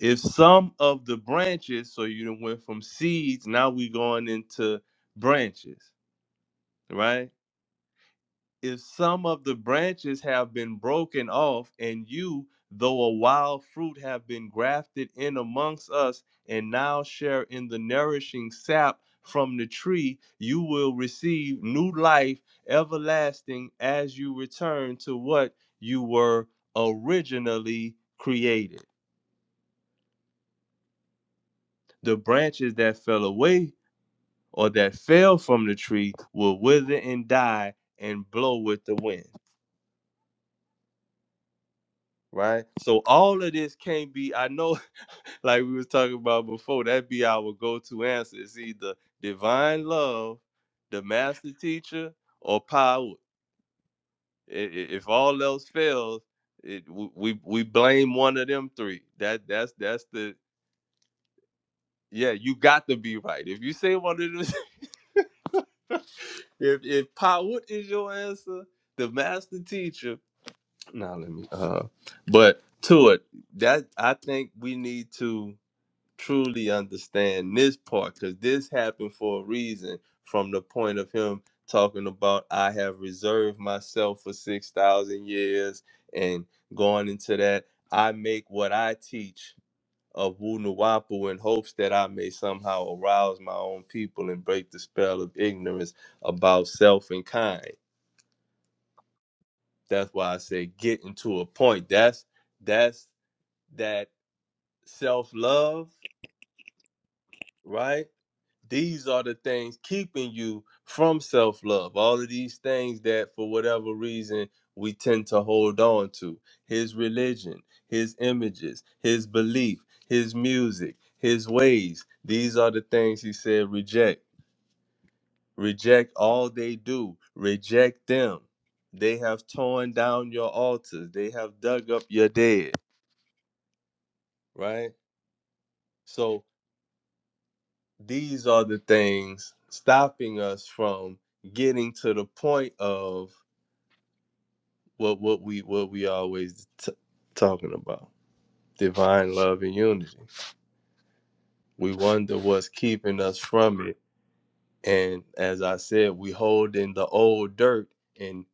[SPEAKER 1] If some of the branches, so you done went from seeds, now we going into branches, right? if some of the branches have been broken off, and you, though a wild fruit, have been grafted in amongst us, and now share in the nourishing sap from the tree, you will receive new life everlasting as you return to what you were originally created. The branches that fell away or that fell from the tree will wither and die and blow with the wind. right? So all of this can't be, I know, <laughs> like we was talking about before, that'd be our go-to answer. It's either divine love, the master teacher, or power. I- i- If all else fails, it, w- we we blame one of them three. That that's that's the yeah. You got to be right. If you say one of them, <laughs> if if power is your answer, the master teacher. Now let me. Uh, but to it that I think we need to truly understand this part because this happened for a reason from the point of him talking about I have reserved myself for 6,000 years and going into that. I make what I teach of Wunuwapu in hopes that I may somehow arouse my own people and break the spell of ignorance about self and kind. That's why I say getting to a point. That's that's that self love, right? these are the things keeping you from self love. All of these things that, for whatever reason, we tend to hold on to his religion, his images, his belief, his music, his ways. These are the things he said reject. Reject all they do, reject them. They have torn down your altars, they have dug up your dead, right? So, these are the things stopping us from getting to the point of what what we what we always t- talking about divine love and unity we wonder what's keeping us from it and as i said we hold in the old dirt and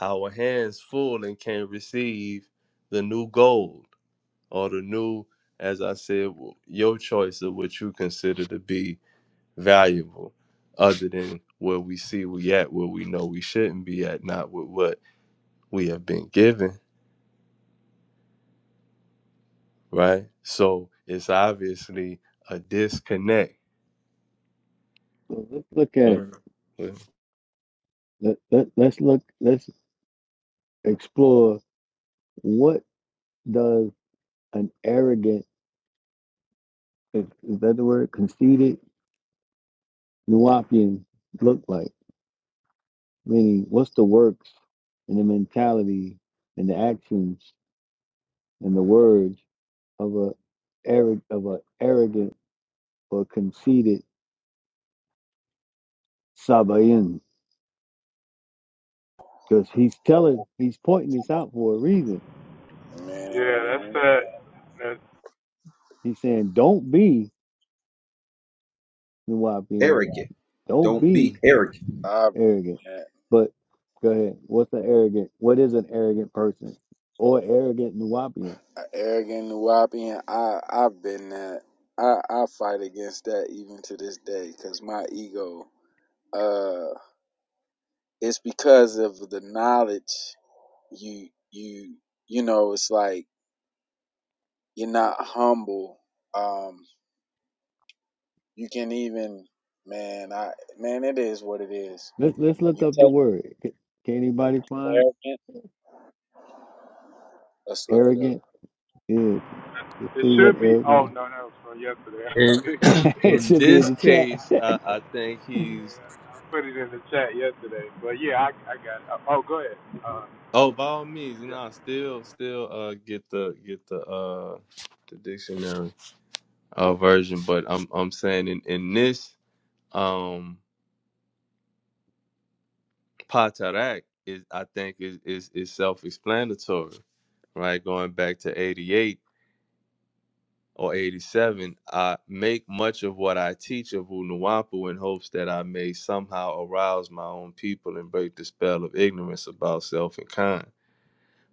[SPEAKER 1] our hands full and can't receive the new gold or the new as i said your choice of what you consider to be valuable other than where we see we at where we know we shouldn't be at not with what we have been given right so it's obviously a disconnect
[SPEAKER 9] So let's look at it.
[SPEAKER 1] Mhm.
[SPEAKER 9] Let, let, let's look, let's explore what does an arrogant, is, is that the word, conceited Nuwapian look like? Meaning, what's the works and the mentality and the actions and the words of a arrogant of a arrogant or conceited Sabayan. Because he's telling, he's pointing this out for a reason.
[SPEAKER 4] Yeah, that's
[SPEAKER 13] Man,
[SPEAKER 4] that. That
[SPEAKER 9] He's saying, don't be Nuwapian,
[SPEAKER 5] Arrogant.
[SPEAKER 9] don't
[SPEAKER 5] Don't be
[SPEAKER 9] be
[SPEAKER 5] arrogant.
[SPEAKER 13] I
[SPEAKER 9] arrogant
[SPEAKER 13] man.
[SPEAKER 9] But go ahead. What's an arrogant? What is an arrogant person or arrogant Nuwapian?
[SPEAKER 13] arrogant, whopping. I I've been that. I I fight against that even to this day because my ego. Uh, it's because of the knowledge you you you know. It's like you're not humble. Um, you can even man. I man, it is what it is.
[SPEAKER 9] Let's let's look
[SPEAKER 13] You
[SPEAKER 9] up the
[SPEAKER 13] take
[SPEAKER 9] word. Can, can anybody find
[SPEAKER 13] arrogant. Let's look it up.
[SPEAKER 9] arrogant? Yeah. let's
[SPEAKER 4] it
[SPEAKER 9] see what
[SPEAKER 4] should be. Oh
[SPEAKER 9] arrogant
[SPEAKER 4] no, that was from yesterday.
[SPEAKER 1] in,
[SPEAKER 4] <laughs>
[SPEAKER 9] is. <laughs> it
[SPEAKER 1] in
[SPEAKER 9] should be in
[SPEAKER 1] this
[SPEAKER 9] the chat.
[SPEAKER 1] case I, I think he's
[SPEAKER 4] I put it in the chat yesterday. But yeah, I I got it. Oh, go ahead. Uh,
[SPEAKER 1] oh by all means you know
[SPEAKER 4] yeah.
[SPEAKER 1] still still uh get the get the uh the dictionary uh version but i'm i'm saying in in this um. Patarak is I think is is, is self explanatory, right? Going back to eighty eight or eighty seven, I make much of what I teach of Unuwapu in hopes that I may somehow arouse my own people and break the spell of ignorance about self and kind.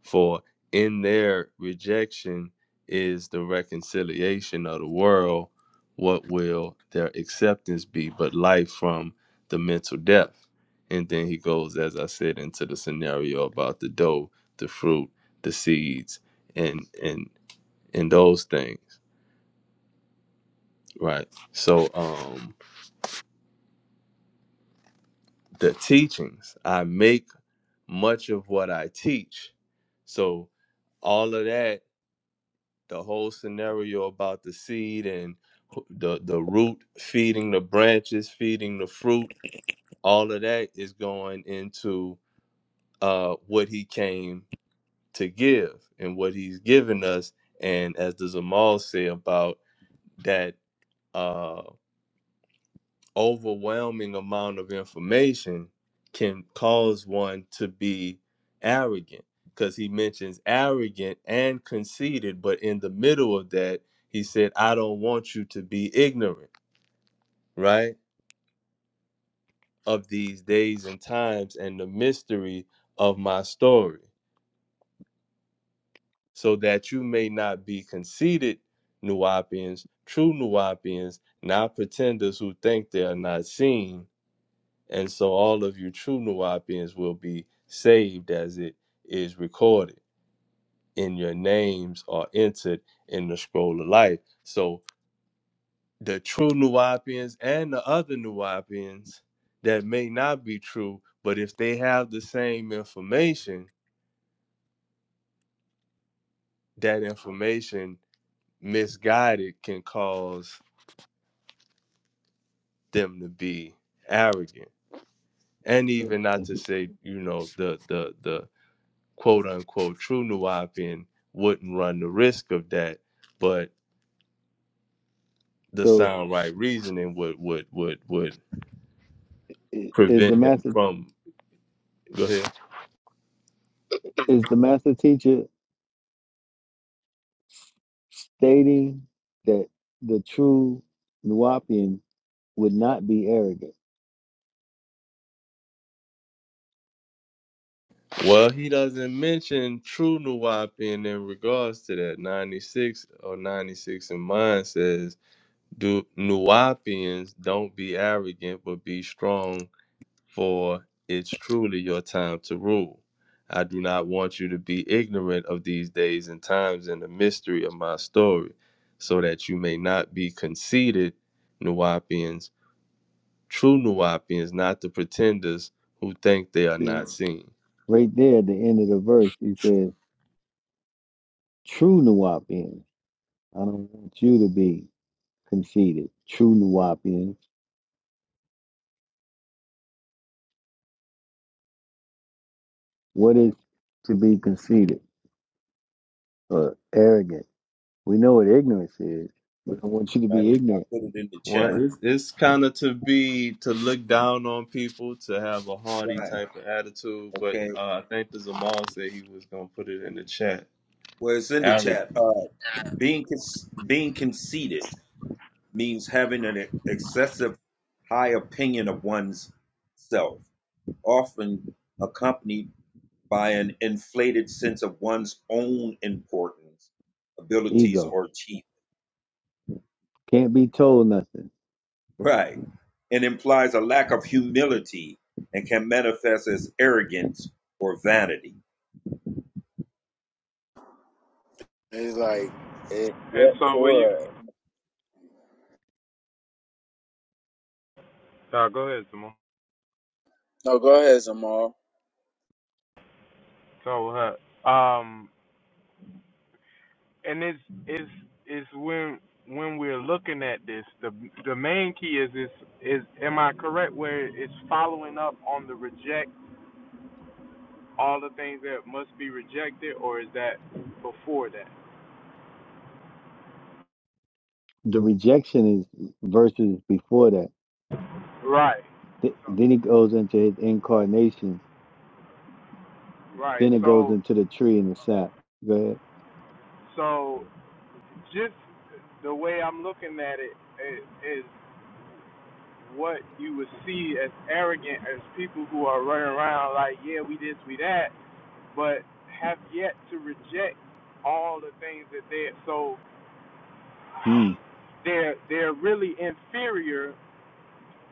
[SPEAKER 1] For in their rejection is the reconciliation of the world. What will their acceptance be but life from the mental death? And then he goes, as I said, into the scenario about the dough, the fruit, the seeds, and and and those things. Right. So um the teachings. I make much of what I teach. So all of that the whole scenario about the seed and who- the the root feeding the branches feeding the fruit all of that is going into uh what he came to give and what he's given us and as the zamal say about that uh, overwhelming amount of information can cause one to be arrogant because he mentions arrogant and conceited but in the middle of that he said i don't want you to be ignorant right of these days and times and the mystery of my story so that you may not be conceited nuapians true nuapians not pretenders who think they are not seen And so all of you true Nuwapians will be saved as it is recorded, and your names are entered in the scroll of life. So the true Nuwapians and the other Nuwapians that may not be true, but if they have the same information, that information misguided can cause them to be arrogant. And
[SPEAKER 9] <laughs>
[SPEAKER 1] even not to say, you know, the the the quote unquote true Nuwapian wouldn't run the risk of that, but the
[SPEAKER 9] so
[SPEAKER 1] sound right reasoning would would would would
[SPEAKER 9] i- is
[SPEAKER 1] prevent
[SPEAKER 9] the
[SPEAKER 1] him
[SPEAKER 9] master
[SPEAKER 1] from. Go ahead.
[SPEAKER 9] is the master teacher stating that the true Nuwapian would not be arrogant?
[SPEAKER 1] Well, he doesn't mention true Nuwapian in regards to that. 96 or 96 in mind says, Do Nuwapians don't be arrogant, but be strong for it's truly your time to rule. I do not want you to be ignorant of these days and times and the mystery of my story, so that you may not be conceited, Nuwapians, true Nuwapians, not the pretenders who think they are
[SPEAKER 9] See,
[SPEAKER 1] not seen.
[SPEAKER 9] right there at the end of the verse, he says, "True Nuwapian, I don't want you to be." conceited, true Nuwapians. What is to be conceited or arrogant? We know what ignorance is. We don't want you to
[SPEAKER 5] I,
[SPEAKER 9] be
[SPEAKER 5] did- I
[SPEAKER 9] ignorant.
[SPEAKER 5] put it in the
[SPEAKER 1] Well,
[SPEAKER 5] chat.
[SPEAKER 1] it's, it's kind of to be to look down on people, to have a haughty
[SPEAKER 5] Right.
[SPEAKER 1] type of attitude. But
[SPEAKER 5] Okay.
[SPEAKER 1] uh, I think the Zamal said he was gonna put it in the chat.
[SPEAKER 5] Well, it's in the
[SPEAKER 1] Arrogant
[SPEAKER 5] chat. Uh, being con- being conceited means having an excessive high opinion of one's self. often accompanied by an inflated sense of one's own importance, abilities,
[SPEAKER 9] Ego.
[SPEAKER 5] or achievement.
[SPEAKER 9] Can't be told nothing.
[SPEAKER 5] Right. And implies a lack of humility and can manifest as arrogance or vanity.
[SPEAKER 13] It's like it.
[SPEAKER 4] And
[SPEAKER 13] Yeah,
[SPEAKER 4] so will you?
[SPEAKER 13] sure.
[SPEAKER 4] No, go ahead, Simone.
[SPEAKER 13] No, go ahead, Zamal.
[SPEAKER 4] So what? Um, and it's it's it's when when we're looking at this, the the main key is is is am I correct where it's following up on the reject all the things that must be rejected, or is that before that?
[SPEAKER 9] The rejection is verses before that.
[SPEAKER 4] Right,
[SPEAKER 9] Th- then he goes into his incarnation.
[SPEAKER 4] right.
[SPEAKER 9] Then it goes
[SPEAKER 4] So
[SPEAKER 9] into the tree and the sap. Go ahead.
[SPEAKER 4] so just the way I'm looking at it is, is what you would see as arrogant as people who are running around like, yeah, we this, we that, but have yet to reject all the things that they so
[SPEAKER 9] Hmm.
[SPEAKER 4] they're they're really inferior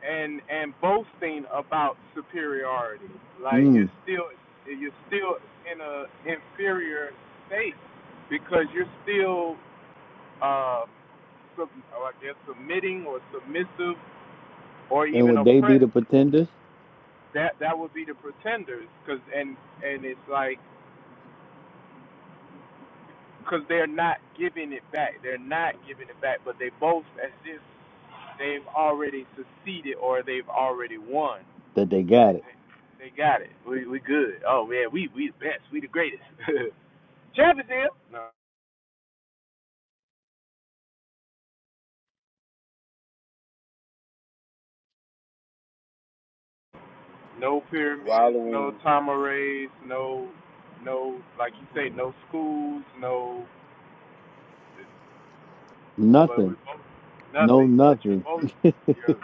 [SPEAKER 4] and and boasting about superiority like
[SPEAKER 9] Hmm.
[SPEAKER 4] you're still you're still in a inferior state because you're still uh sub, oh, I guess submitting or submissive or
[SPEAKER 9] And
[SPEAKER 4] even
[SPEAKER 9] would they be
[SPEAKER 4] oppressed
[SPEAKER 9] the pretenders?
[SPEAKER 4] that that would be the pretenders cuz and and it's like because they're not giving it back. They're not giving it back, but they both as if they've already succeeded or they've already won.
[SPEAKER 9] That they
[SPEAKER 4] They,
[SPEAKER 9] got it.
[SPEAKER 4] they, they got it. We we good. Oh man, we we the best. We the greatest. <laughs> Champions here. No, no pyramids, no
[SPEAKER 13] Wallowing
[SPEAKER 4] Tamarays, no no like you say, no schools, no but we
[SPEAKER 9] Nothing.
[SPEAKER 4] both
[SPEAKER 9] No,
[SPEAKER 4] nothing. But you
[SPEAKER 9] nothing.
[SPEAKER 4] both you're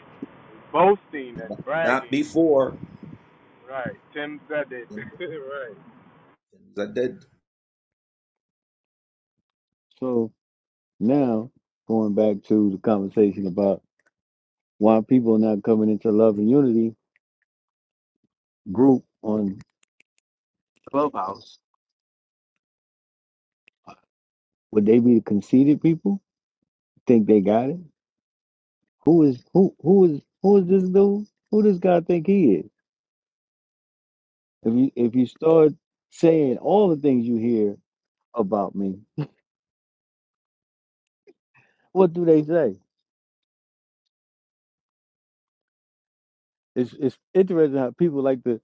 [SPEAKER 4] boasting and bragging.
[SPEAKER 5] Not before,
[SPEAKER 4] Right. Tim said it. <laughs> right.
[SPEAKER 5] that- that-
[SPEAKER 9] <laughs> so now, going back to the conversation about why people not coming into love and unity group on Clubhouse? Would they be the conceited people? Think they got it? Who is who? Who is who is this dude? Who does God think he is? If you if you start saying all the things you hear about me, what do they say? It's it's interesting how people like to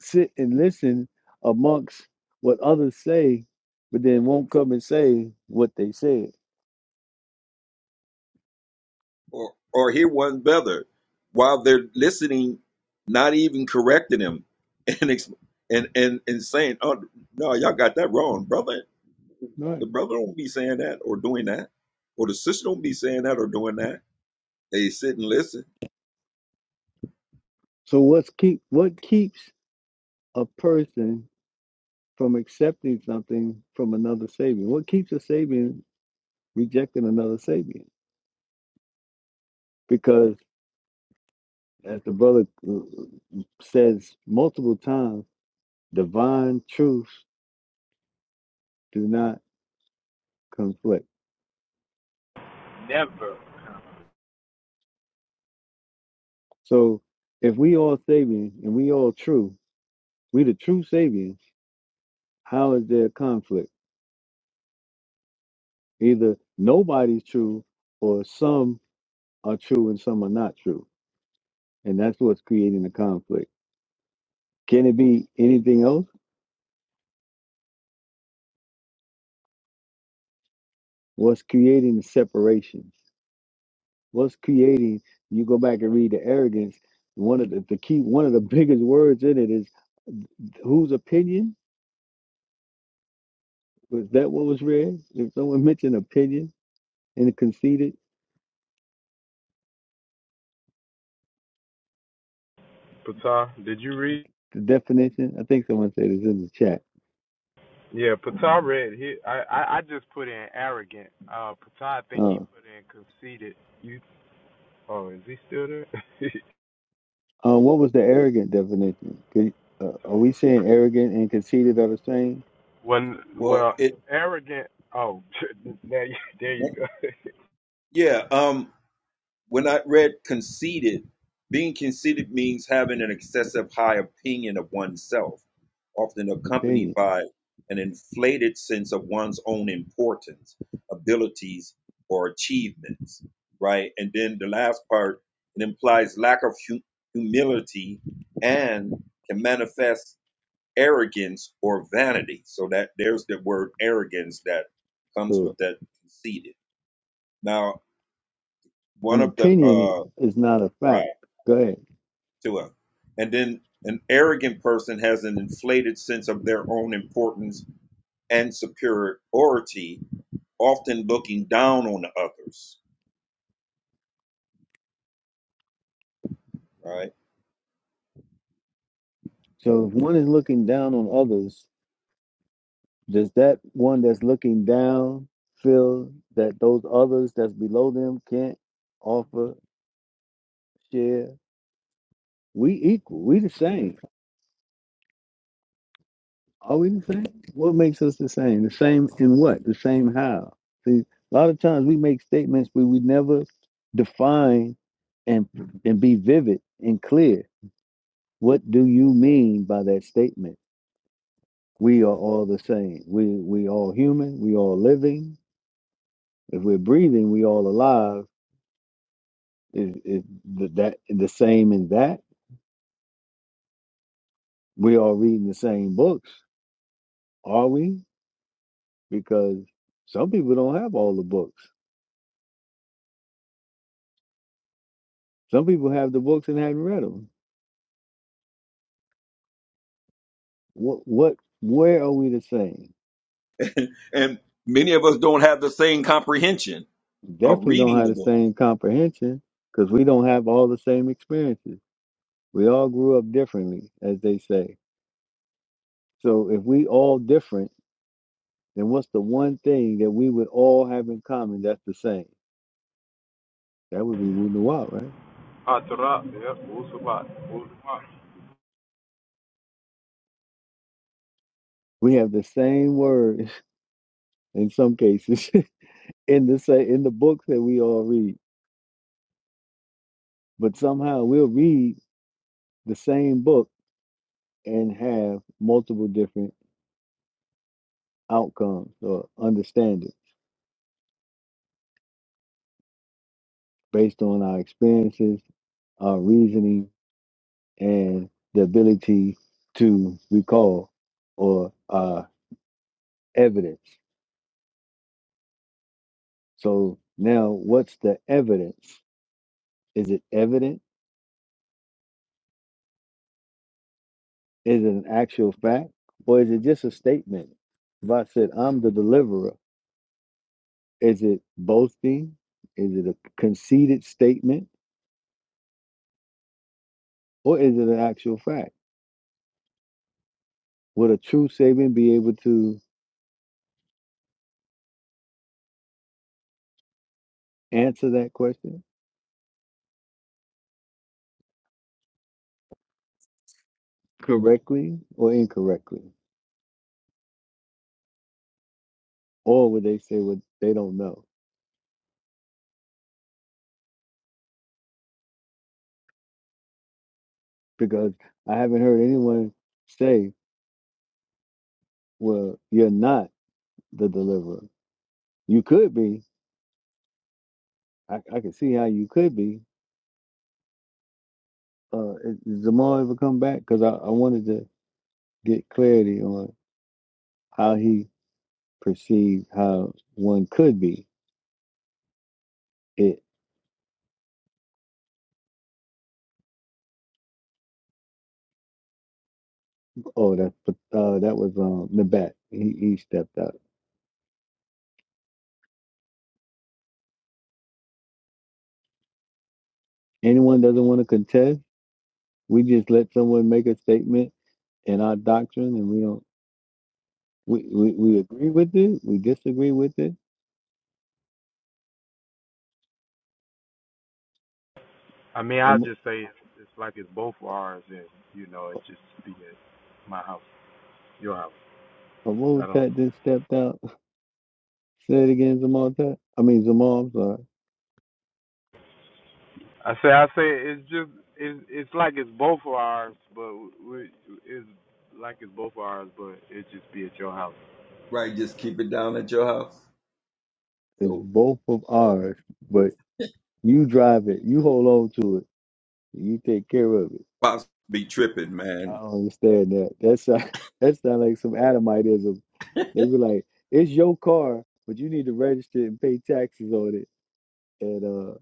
[SPEAKER 9] sit and listen amongst what others say, but then won't come and say what they said.
[SPEAKER 5] or, or hear one brother while they're listening, not even correcting him <laughs> and, ex- and, and, and saying, oh, no, y'all got that wrong, brother
[SPEAKER 9] Right.
[SPEAKER 5] The brother don't be saying that or doing that, or the sister don't be saying that or doing that. They sit and listen.
[SPEAKER 9] So what's keep what keeps a person from accepting something from another Sabian? What keeps a Sabian rejecting another Sabian? Because, as the brother uh, says multiple times, divine truths do not conflict.
[SPEAKER 4] Never.
[SPEAKER 9] So, if we all Sabian and we all true, we the true Sabians, how is there conflict? Either nobody's true or some are true and some are not true. And that's what's creating the conflict. Can it be anything else? What's creating the separation? what's creating you go back and read the arrogance one of the, the key one of the <laughs> biggest words in it is whose opinion was that what was read if someone mentioned opinion and conceded
[SPEAKER 4] Pata, did you read?
[SPEAKER 9] the definition i think someone said it's in the chat
[SPEAKER 4] Yeah, Pata read. He, I, I, I just put in arrogant. Uh, Pata, I think he
[SPEAKER 9] uh,
[SPEAKER 4] put in conceited. You, oh, is he still there? <laughs>
[SPEAKER 9] uh, what was the arrogant definition Could, uh, are
[SPEAKER 4] so,
[SPEAKER 9] we saying arrogant and conceited are the same
[SPEAKER 4] when,
[SPEAKER 5] Well,
[SPEAKER 4] well,
[SPEAKER 5] it
[SPEAKER 4] arrogant. Oh, <laughs> now you, there you go.
[SPEAKER 5] yeah. Um, when I read conceited, being conceited means having an excessive high opinion of oneself, often accompanied
[SPEAKER 9] opinion
[SPEAKER 5] by an inflated sense of one's own importance, abilities, or achievements, right? And then the last part, it implies lack of hu- humility and can manifest arrogance or vanity. So that there's the word arrogance that comes with
[SPEAKER 9] so
[SPEAKER 5] that conceited. Now, one
[SPEAKER 9] an
[SPEAKER 5] of the
[SPEAKER 9] opinion
[SPEAKER 5] uh
[SPEAKER 9] is, is not a
[SPEAKER 5] right
[SPEAKER 9] fact go ahead
[SPEAKER 5] to him. And then an arrogant person has an inflated sense of their own importance and superiority, often looking down on the others. Right.
[SPEAKER 9] so if one is looking down on others Does that one that's looking down feel that those others that's below them can't offer, share? We equal. We the same. Are we the same? What makes us the same? The same in what? The same how? See, a lot of times we make statements, but we never define and and be vivid and clear. What do you mean by that statement? We are all the same. We we all human. We all living. If we're breathing, we all alive Is is th- that the same in that we are reading the same books? Are we? Because some people don't have all the books. Some people have the books and haven't read them. What what where are we the same?
[SPEAKER 5] And many of us don't have the same comprehension of
[SPEAKER 9] Definitely don't
[SPEAKER 5] reading
[SPEAKER 9] have
[SPEAKER 5] the
[SPEAKER 9] the
[SPEAKER 5] book.
[SPEAKER 9] same comprehension because we don't have all the same experiences. We all grew up differently, as they say. So if we all different, then what's the one thing that we would all have in common that's the same? That would be Wunuwa, right?
[SPEAKER 4] <laughs>
[SPEAKER 9] We have the same word <laughs> in some cases <laughs> in the sa in the books that we all read. But somehow we'll read the same book and have multiple different outcomes or understanding based on our experiences, our reasoning, and the ability to recall or uh, evidence. So now, what's the evidence? Is it evident? Is it an actual fact, or is it just a statement? If I said I'm the deliverer, Is it boasting? Is it a conceited statement? Or is it an actual fact? Would a true Sabian be able to answer that question correctly or incorrectly? Or would they say what they don't know? Because I haven't heard anyone say, well, you're not the deliverer. You could be. I, I can see how you could be. Uh, is is Zamar ever come back? Because I, I wanted to get clarity on how he perceived how one could be it Oh, that's uh, that was um Nabat. He he stepped out. Anyone doesn't want to contest, we just let someone make a statement in our doctrine, and we don't we we, we agree with it, we disagree with it.
[SPEAKER 4] I mean, I
[SPEAKER 9] Um,
[SPEAKER 4] just say it's, it's like it's both ours, and you know, it just be at my house, your house. I don't know.
[SPEAKER 9] Amotat just stepped out. <laughs> Say it again, Zamaltat. I mean Zamal. I'm sorry.
[SPEAKER 4] I say, I say, it's just, it's, it's like it's both of ours, but we, it's like it's both of ours, but it just be at your house.
[SPEAKER 5] Right. Just keep it down at your house.
[SPEAKER 9] It's
[SPEAKER 5] So
[SPEAKER 9] both of ours, but you drive it. You hold on to it. You take care of it.
[SPEAKER 5] pops be tripping,
[SPEAKER 9] I
[SPEAKER 5] man.
[SPEAKER 9] don't understand that. That's <laughs> uh, that sounds like some Adamitism They be like, it's your car, but you need to register and pay taxes on it and uh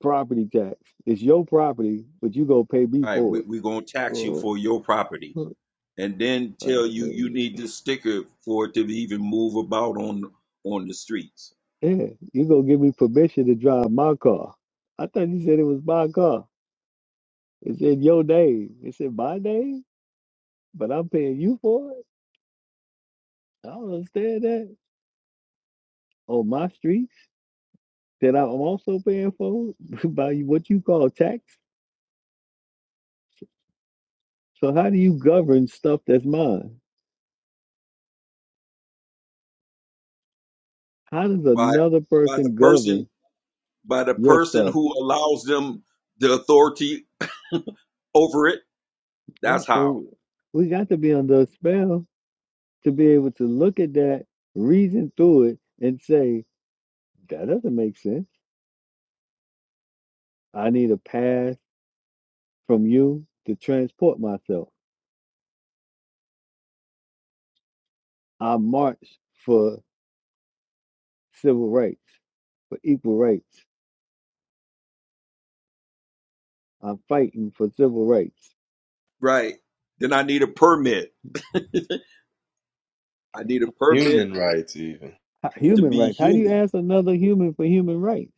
[SPEAKER 9] property tax. It's your property, but you gonna pay me
[SPEAKER 5] All right,
[SPEAKER 9] for
[SPEAKER 5] we,
[SPEAKER 9] it.
[SPEAKER 5] we're gonna tax you
[SPEAKER 9] Oh,
[SPEAKER 5] for your property
[SPEAKER 9] oh,
[SPEAKER 5] and then tell
[SPEAKER 9] like,
[SPEAKER 5] you you
[SPEAKER 9] wait,
[SPEAKER 5] need this sticker for it to even move about on on the streets.
[SPEAKER 9] a minute. yeah, you gonna give me permission to drive my car. I thought you said it was my car. It's in your name. It's in my name, but I'm paying you for it. I don't understand that. On my street that I'm also paying for <laughs> by what you call tax. So how do you govern stuff that's mine? How does
[SPEAKER 5] By
[SPEAKER 9] another
[SPEAKER 5] by the
[SPEAKER 9] person
[SPEAKER 5] person
[SPEAKER 9] govern
[SPEAKER 5] by the
[SPEAKER 9] your
[SPEAKER 5] person
[SPEAKER 9] stuff?
[SPEAKER 5] who allows them the authority over it.
[SPEAKER 9] Right.
[SPEAKER 5] That's how.
[SPEAKER 9] So we got to be under a spell to be able to look at that, reason through it, and say, that doesn't make sense. I need a pass from you to transport myself. I march for civil rights, for equal rights. I'm fighting for civil rights.
[SPEAKER 5] Right. Then I need a permit. I need a permit
[SPEAKER 1] human rights, even.
[SPEAKER 9] H-
[SPEAKER 5] to
[SPEAKER 9] Human
[SPEAKER 5] be
[SPEAKER 9] rights. How do you
[SPEAKER 5] human.
[SPEAKER 9] ask another human for human rights?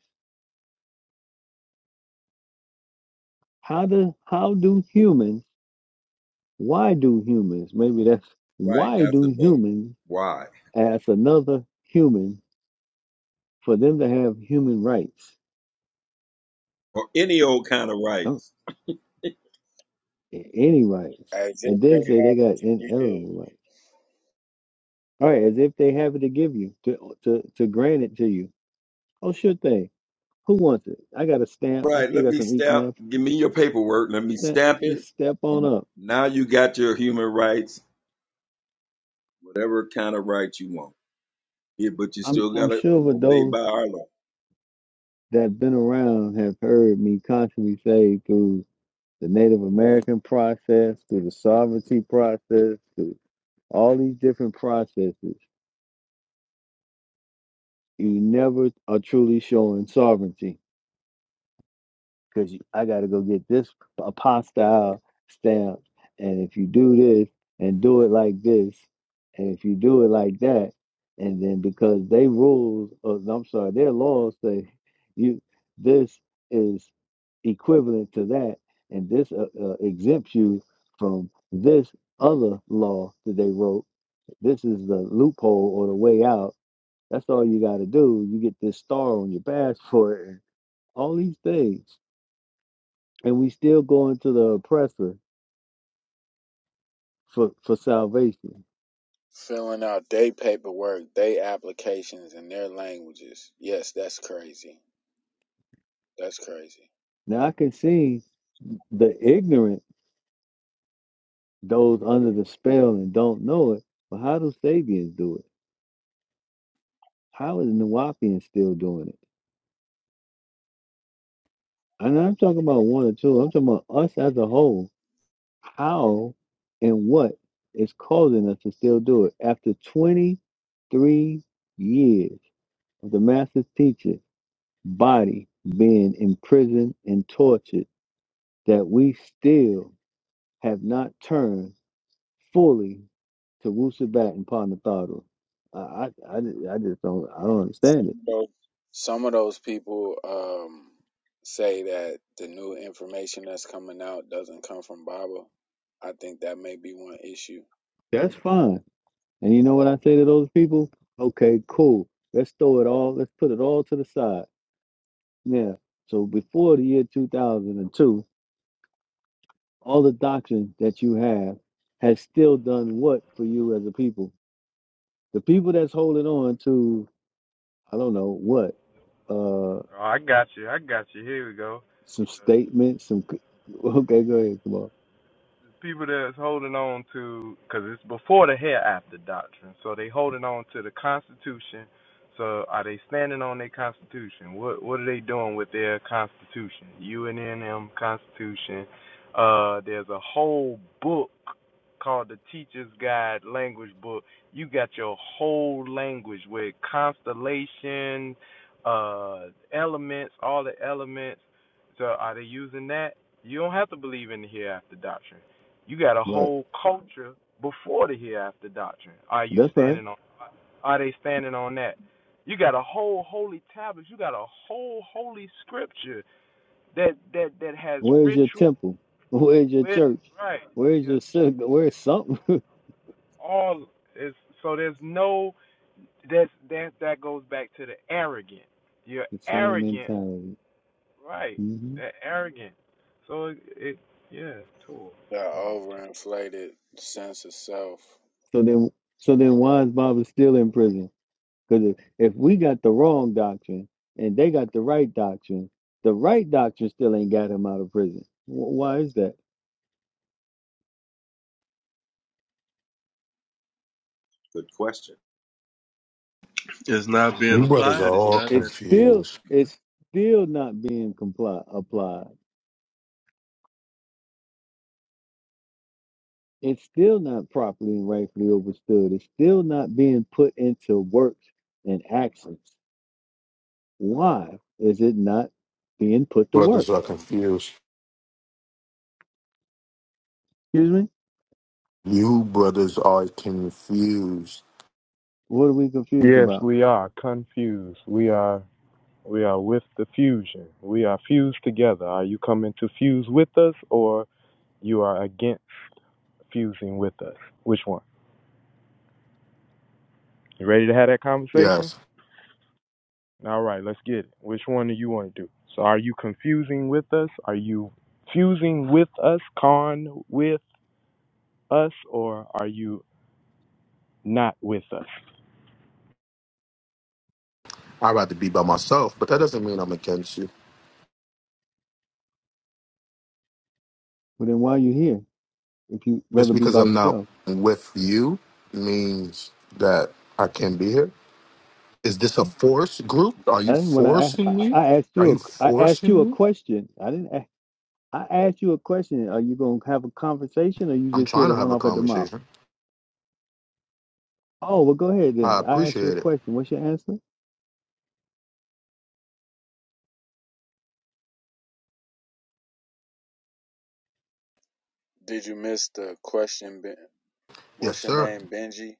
[SPEAKER 9] How do how do humans, why do humans, maybe that's
[SPEAKER 5] Right.
[SPEAKER 9] why
[SPEAKER 5] That's the
[SPEAKER 9] do
[SPEAKER 5] better.
[SPEAKER 9] humans
[SPEAKER 5] Why?
[SPEAKER 9] as another human for them to have human rights,
[SPEAKER 5] Or any old kind of
[SPEAKER 9] no,
[SPEAKER 5] rights.
[SPEAKER 9] any rights,
[SPEAKER 13] as if
[SPEAKER 9] and
[SPEAKER 13] they
[SPEAKER 9] then say they
[SPEAKER 13] have it
[SPEAKER 9] got
[SPEAKER 13] to give.
[SPEAKER 9] inalienable rights. All right, as if they have it to give you, to to to grant it to you. Oh, sure thing. Who wants it? I got a stamp. I
[SPEAKER 5] Right.
[SPEAKER 9] still
[SPEAKER 5] Let
[SPEAKER 9] got
[SPEAKER 5] me
[SPEAKER 9] some ink
[SPEAKER 5] stamp.
[SPEAKER 9] left.
[SPEAKER 5] Give me your paperwork. Let me
[SPEAKER 9] Step,
[SPEAKER 5] stamp it.
[SPEAKER 9] just step on
[SPEAKER 5] And
[SPEAKER 9] up.
[SPEAKER 5] now you got your human rights, whatever kind of rights you want. Yeah, but you
[SPEAKER 9] I'm
[SPEAKER 5] still got
[SPEAKER 9] I'm
[SPEAKER 5] to
[SPEAKER 9] sure for
[SPEAKER 5] obey
[SPEAKER 9] those
[SPEAKER 5] by our law.
[SPEAKER 9] that have been around have heard me constantly say through the Native American process, through the sovereignty process, through all these different processes You never are truly showing sovereignty because I got to go get this apostille stamp. And if you do this and do it like this, and if you do it like that, and then because they rules, or I'm sorry, their laws say you this is equivalent to that, and this uh, uh, exempts you from this other law that they wrote. This is the loophole or the way out that's all you got to do. You get this star on your passport and all these things. And we still going to the oppressor for, for salvation.
[SPEAKER 13] filling out their paperwork, their applications in their languages. Yes, that's crazy. That's crazy.
[SPEAKER 9] Now, I can see the ignorant, those under the spell and don't know it, but how do Sabians do it? How is Nawapians still doing it? And I'm talking about one or two. I'm talking about us as a whole. How and what is causing us to still do it? After 23 years of the master's teaching, body being imprisoned and tortured, that we still have not turned fully to Wusabat and Panatharu. I, I, I ju- I just don't, I don't
[SPEAKER 13] Some
[SPEAKER 9] understand it.
[SPEAKER 13] of those, some of those people um, say that the new information that's coming out doesn't come from Baba. I think that may be one issue.
[SPEAKER 9] That's fine. And you know what I say to those people? Okay, cool. Let's throw it all, let's put it all to the side. Yeah. So before the year 2002, all the doctrine that you have has still done what for you as a people? The people that's holding on to, I don't know what, uh
[SPEAKER 4] Oh, I got you. I got you. Here we go.
[SPEAKER 9] some statements, some c- <laughs> okay, go ahead, come on.
[SPEAKER 4] people that's holding on to because it's before the hereafter doctrine so they holding on to the constitution so are they standing on their constitution what what are they doing with their constitution unm constitution uh there's a whole book called the teacher's guide language book you got your whole language with constellation uh elements all the elements so are they using that you don't have to believe in the hereafter doctrine you got a
[SPEAKER 9] Right.
[SPEAKER 4] whole culture before the hereafter doctrine. Are you
[SPEAKER 9] That's right.
[SPEAKER 4] standing on? Are they standing on that? You got a whole holy tablet. You got a whole holy scripture that that that has
[SPEAKER 9] Where's your
[SPEAKER 4] ritual
[SPEAKER 9] temple? <laughs> Where's your
[SPEAKER 4] with
[SPEAKER 9] church?
[SPEAKER 4] right.
[SPEAKER 9] Where's
[SPEAKER 4] You're
[SPEAKER 9] your synagogue? Where's something? <laughs>
[SPEAKER 4] all is so there's no that's that that goes back to the arrogant. You're
[SPEAKER 9] the same
[SPEAKER 4] arrogant,
[SPEAKER 9] mentality.
[SPEAKER 4] right?
[SPEAKER 9] hmm
[SPEAKER 4] That arrogant. So it, it yeah,
[SPEAKER 13] The
[SPEAKER 4] Mm, tool.
[SPEAKER 13] overinflated sense of self.
[SPEAKER 9] So then so then why is Baba still in prison? Because if, if we got the wrong doctrine and they got the right doctrine, the right doctrine still ain't got him out of prison. Wh- Why is that?
[SPEAKER 5] Good question.
[SPEAKER 1] It's not being
[SPEAKER 14] You brothers are
[SPEAKER 1] applied. It's
[SPEAKER 14] all
[SPEAKER 1] not that.
[SPEAKER 9] It's still
[SPEAKER 14] confused.
[SPEAKER 9] it's still not being compli applied It's still not properly and rightfully understood. It's still not being put into works and actions. Why is it not being put to work?
[SPEAKER 14] Brothers are confused.
[SPEAKER 9] Excuse me?
[SPEAKER 14] You brothers are confused.
[SPEAKER 9] What are we confused
[SPEAKER 4] Yes,
[SPEAKER 9] about?
[SPEAKER 4] we are confused. We are. We are with the fusion. We are fused together. Are you coming to fuse with us or you are against fusing with us? Which one? You ready to have that conversation?
[SPEAKER 14] Yes,
[SPEAKER 4] All right, let's get it. Which one do you want to do? So are you confusing with us? Are you fusing with us, con with us, or are you not with us?
[SPEAKER 14] I'd rather be by myself, but that doesn't mean I'm against you.
[SPEAKER 9] Well, then why are you here if you rather
[SPEAKER 14] Just
[SPEAKER 9] be
[SPEAKER 14] because
[SPEAKER 9] by
[SPEAKER 14] I'm not
[SPEAKER 9] yourself?
[SPEAKER 14] with you means that I can't be here. Is this a force group? Are
[SPEAKER 9] I
[SPEAKER 14] you
[SPEAKER 9] didn't want to. I,
[SPEAKER 14] forcing
[SPEAKER 9] I
[SPEAKER 14] me?
[SPEAKER 9] asked
[SPEAKER 14] Are
[SPEAKER 9] you
[SPEAKER 14] you
[SPEAKER 9] a. I asked
[SPEAKER 14] forcing
[SPEAKER 9] you a
[SPEAKER 14] me?
[SPEAKER 9] question. I didn't. a- I asked you a question. Are you gonna have a conversation, or you
[SPEAKER 14] I'm
[SPEAKER 9] just here
[SPEAKER 14] trying
[SPEAKER 9] to
[SPEAKER 14] to
[SPEAKER 9] run
[SPEAKER 14] have a
[SPEAKER 9] off at the mouth?
[SPEAKER 14] conversation.
[SPEAKER 9] Oh well, go ahead
[SPEAKER 14] I
[SPEAKER 9] then. I asked you a
[SPEAKER 14] appreciate it.
[SPEAKER 9] question. What's your answer?
[SPEAKER 13] Did you miss the question? Ben-
[SPEAKER 14] Yes,
[SPEAKER 13] What's your
[SPEAKER 14] sir.
[SPEAKER 13] name, Benji?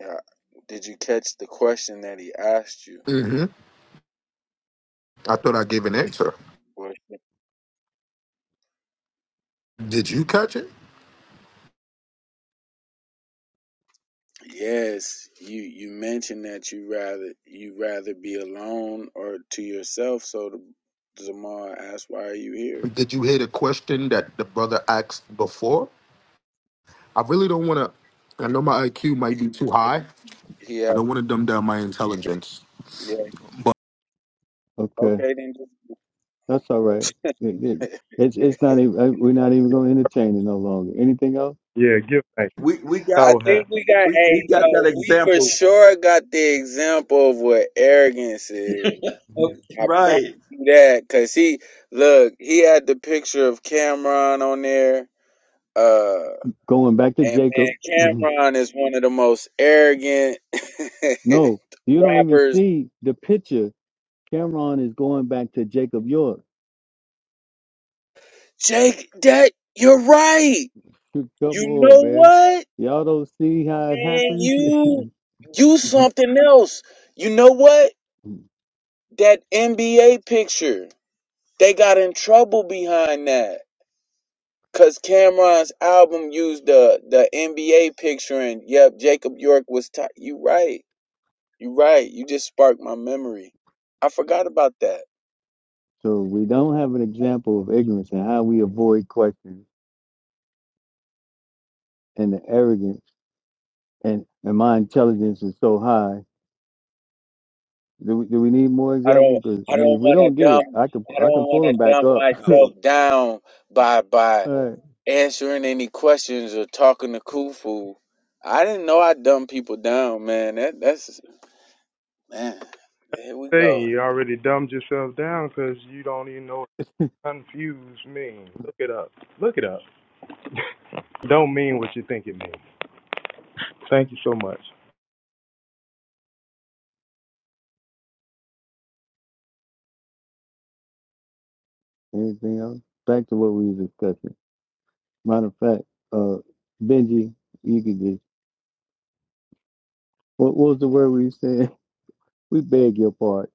[SPEAKER 13] Yeah. Did you catch the question that he asked you?
[SPEAKER 14] hmm I thought I gave an answer. Did you catch it?
[SPEAKER 13] Yes, you you mentioned that you rather you rather be alone or to yourself. So the Zamar asked, "Why are you here?"
[SPEAKER 14] Did you hear the question that the brother asked before? I really don't want to. I know my IQ might be too
[SPEAKER 13] Yeah,
[SPEAKER 14] high.
[SPEAKER 13] yeah,
[SPEAKER 14] I don't want to dumb down my intelligence,
[SPEAKER 13] yeah.
[SPEAKER 9] Okay.
[SPEAKER 13] Okay, then. Just
[SPEAKER 9] That's all right. It- it-
[SPEAKER 13] <laughs>
[SPEAKER 9] it's it's not even uh, we're not even going to entertain it no longer. Anything else?
[SPEAKER 4] Yeah, give thanks.
[SPEAKER 5] We we got
[SPEAKER 13] I
[SPEAKER 4] So have.
[SPEAKER 13] think we got.
[SPEAKER 5] we,
[SPEAKER 13] Hey,
[SPEAKER 5] we got
[SPEAKER 13] yo,
[SPEAKER 5] that
[SPEAKER 13] we for
[SPEAKER 5] example.
[SPEAKER 13] sure got the example of what arrogance is.
[SPEAKER 5] of- <laughs>
[SPEAKER 13] I promise
[SPEAKER 5] right.
[SPEAKER 13] you that, cause he look, he had the picture of Cameron on there. Uh,
[SPEAKER 9] Going back to
[SPEAKER 13] And man,
[SPEAKER 9] Jacob. <clears throat> Mhm.
[SPEAKER 13] Cameron is one of the most arrogant <laughs>
[SPEAKER 9] No, you don't even
[SPEAKER 13] rappers.
[SPEAKER 9] see the picture. Cameron is going back to Jacob York.
[SPEAKER 13] Jake, that you're right.
[SPEAKER 9] <laughs> Come
[SPEAKER 13] You
[SPEAKER 9] on,
[SPEAKER 13] know
[SPEAKER 9] man.
[SPEAKER 13] what,
[SPEAKER 9] Y'all don't see how it
[SPEAKER 13] man?
[SPEAKER 9] happens. <laughs> so
[SPEAKER 13] You you something else. You know what? That NBA picture. They got in trouble behind that. Cause Cameron's album used the the NBA picture and yep, Jacob York was tight. You right. You right. You just sparked my memory. I forgot about that.
[SPEAKER 9] we don't have an example of ignorance and how we avoid questions and the arrogance and, and my intelligence is so high. Do we, do we need more
[SPEAKER 13] I don't
[SPEAKER 9] examples? Because I
[SPEAKER 13] I don't
[SPEAKER 9] mean, if we
[SPEAKER 13] want
[SPEAKER 9] don't
[SPEAKER 13] to
[SPEAKER 9] get it,
[SPEAKER 13] dumb
[SPEAKER 9] I can
[SPEAKER 13] I
[SPEAKER 9] I can
[SPEAKER 13] don't want
[SPEAKER 9] pull them
[SPEAKER 13] to
[SPEAKER 9] back
[SPEAKER 13] dumb
[SPEAKER 9] up
[SPEAKER 5] Uh, well,
[SPEAKER 13] myself down by by
[SPEAKER 9] All right.
[SPEAKER 13] answering any questions or talking to Khufu. I didn't know I dumb people down, man. That that's man. Here we
[SPEAKER 4] Saying
[SPEAKER 13] go.
[SPEAKER 4] you're dumb just as you don't even know it's coming. Look it up.
[SPEAKER 9] Anything else? Back to what we were discussing. Matter of fact, uh, Benji, you could just what, what was the word we said? <laughs> We beg your pardon.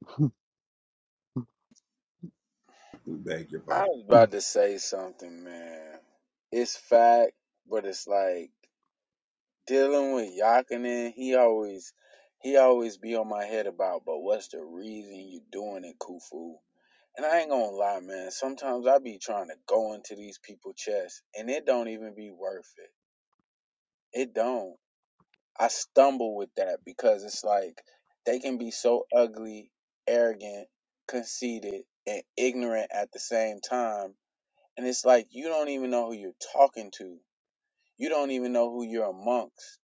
[SPEAKER 5] We beg your
[SPEAKER 13] I
[SPEAKER 5] pardon.
[SPEAKER 13] was about
[SPEAKER 9] <laughs>
[SPEAKER 13] to say something, man. It's fact, but it's like dealing with Yakinen. He always he always be on my head about, but what's the reason you doing it, Khufu? And I ain't gonna lie, man. Sometimes I be trying to go into these people's chests, and it don't even be worth it. It don't. I stumble with that because it's like they can be so ugly, arrogant, conceited, and ignorant at the same time. And it's like you don't even know who you're talking to. You don't even know who you're amongst.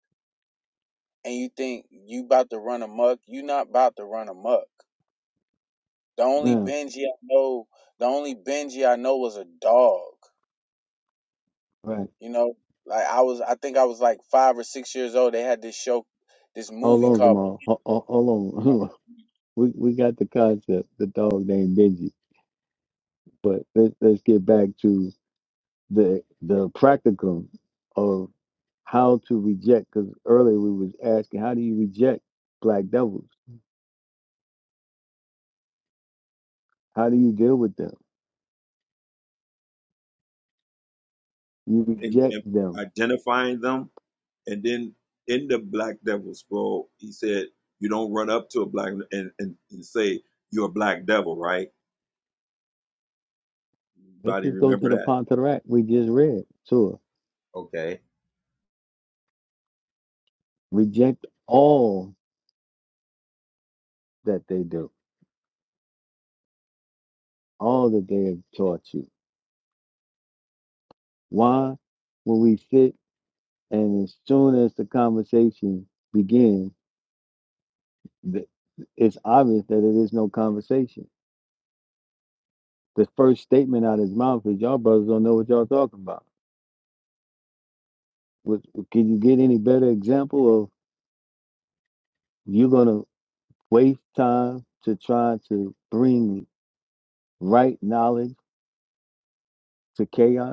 [SPEAKER 13] And you think you about to run amok. You not about to run amok. The only
[SPEAKER 9] Now,
[SPEAKER 13] Benji I know, the only Benji I know was a dog.
[SPEAKER 9] right.
[SPEAKER 13] You know, like I was, I think I was like five or six years old. They had this show, this
[SPEAKER 9] Hold
[SPEAKER 13] movie
[SPEAKER 9] on,
[SPEAKER 13] called.
[SPEAKER 9] Jamal. Ho- ho- Hold on. <laughs> Hold on. We we got the concept. The dog named Benji. But let's let's get back to the the practicum of how to reject. Because earlier we was asking, how do you reject black devils? How do you deal with them? You
[SPEAKER 5] And,
[SPEAKER 9] reject
[SPEAKER 5] and
[SPEAKER 9] them
[SPEAKER 5] identifying them, and then in the Black Devil scroll, he said, "You don't run up to a black and and, and say you're a black devil, right?"
[SPEAKER 9] Let's
[SPEAKER 5] Anybody
[SPEAKER 9] just go to
[SPEAKER 5] remember
[SPEAKER 9] the
[SPEAKER 5] that?
[SPEAKER 9] Pontarac we just read. Sure.
[SPEAKER 5] Okay.
[SPEAKER 9] Reject all that they do, all that they have taught you. Why? When we sit and as soon as the conversation begins, it's obvious that it is no conversation. The first statement out of his mouth is, Y'all brothers don't know what y'all talking about. What, can you get any better example of you're going to waste time to try to bring right knowledge to chaos?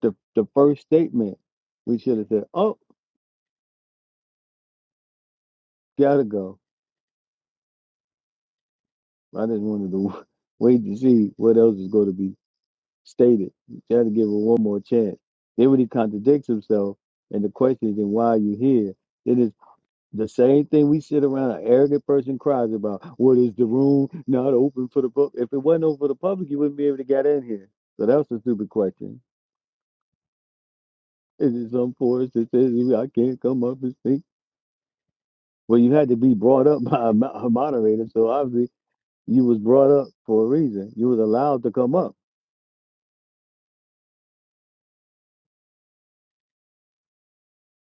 [SPEAKER 9] the the first statement, we should have said, "Oh, gotta go." I just wanted to <laughs> wait to see what else is going to be stated. Try to give it one more chance. Then when he contradicts himself, and the question is, "Then why are you here?" It is the same thing we sit around. An arrogant person cries about, "What is the room not open for the public?" If it wasn't open for the public, you wouldn't be able to get in here. So that's a stupid question. Is it some force that says I can't come up and speak? Well, you had to be brought up <laughs> by a mo- a moderator, so obviously you was brought up for a reason. You was allowed to come up.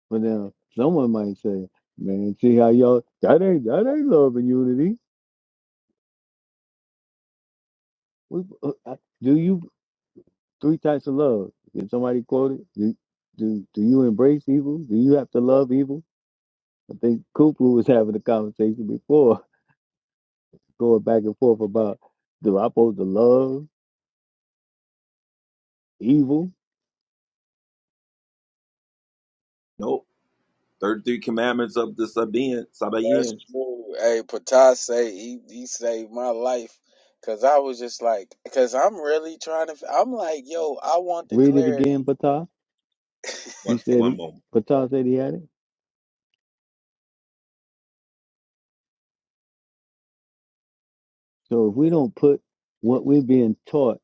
[SPEAKER 9] But now someone might say, "Man, see how y'all that ain't that ain't love and unity." We, uh, I- do you three types of love? Did somebody quote it? Do, do do you embrace evil? Do you have to love evil? I think Cooper was having a conversation before, <laughs> going back and forth about do I supposed to love evil?
[SPEAKER 5] Nope. Thirty-three commandments of the Sabaean.
[SPEAKER 13] That's
[SPEAKER 5] Sabaeans.
[SPEAKER 13] true. Hey, Patas say he, he saved my life because I was just like, because I'm really trying to. I'm like, yo, I want the
[SPEAKER 9] Read it
[SPEAKER 13] clarity.
[SPEAKER 9] again, Patah.
[SPEAKER 13] <laughs>
[SPEAKER 9] You
[SPEAKER 5] One
[SPEAKER 9] said
[SPEAKER 5] one
[SPEAKER 9] he,
[SPEAKER 5] moment.
[SPEAKER 9] Patah said he had it. So if we don't put what we're being taught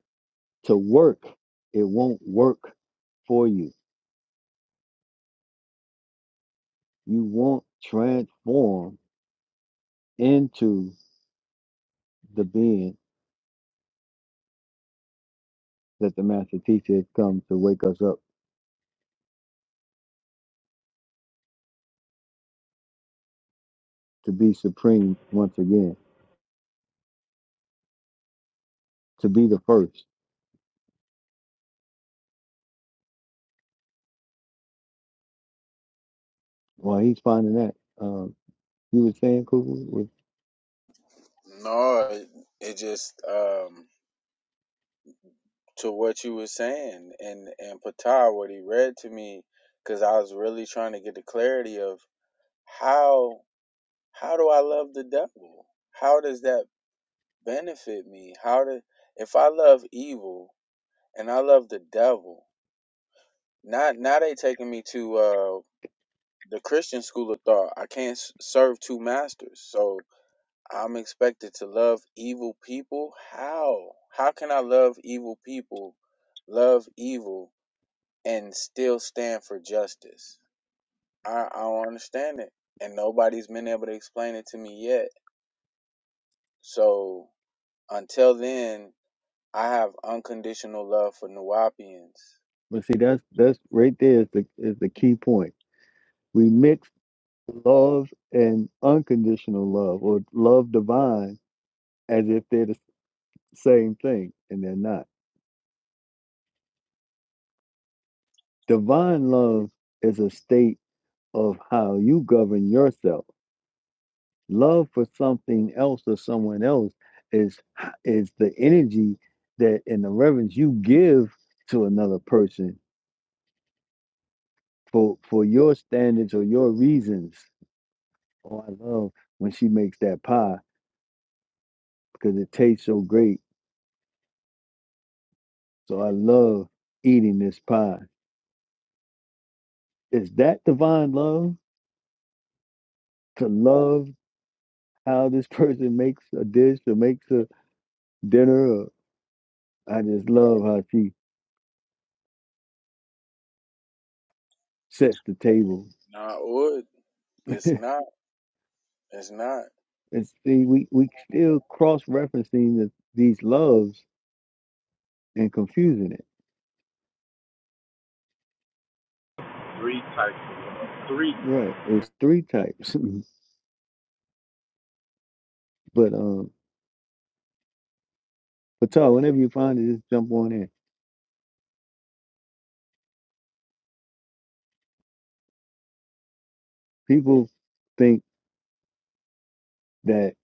[SPEAKER 9] to work, it won't work for you. You won't transform into the being that the master teacher has come to wake us up to be supreme once again, to be the first. Well, he's finding that. Um, you were saying, Kuku, was-
[SPEAKER 13] no, it, it just um to what you were saying and and Patar what he read to me because I was really trying to get the clarity of how how do I love the devil? How does that benefit me? How did if I love evil and I love the devil? Not now they taking me to uh the Christian school of thought. I can't s- serve two masters, so I'm expected to love evil people. How? How can I love evil people, love evil, and still stand for justice? I I don't understand it, and nobody's been able to explain it to me yet. So until then, I have unconditional love for Nuwapians.
[SPEAKER 9] but see, that's that's right there is the is the key point. We mix love and unconditional love, or love divine, as if they're the same thing, and they're not. Divine love is a state of how you govern yourself. Love for something else or someone else is is the energy that and the reverence you give to another person for for your standards or your reasons. Oh, I love when she makes that pie because it tastes so great. So I love eating this pie. Is that divine love to love how this <laughs> person makes a dish or makes a dinner? Or I just love how she sets the table.
[SPEAKER 13] Nah, would
[SPEAKER 9] <laughs>
[SPEAKER 13] it's not. It's not.
[SPEAKER 9] And see, we we still cross referencing the, these loves and confusing it.
[SPEAKER 4] Three type three.
[SPEAKER 9] Right, it's three types. <laughs> but um, Patel, whenever you find it, just jump on in. People think that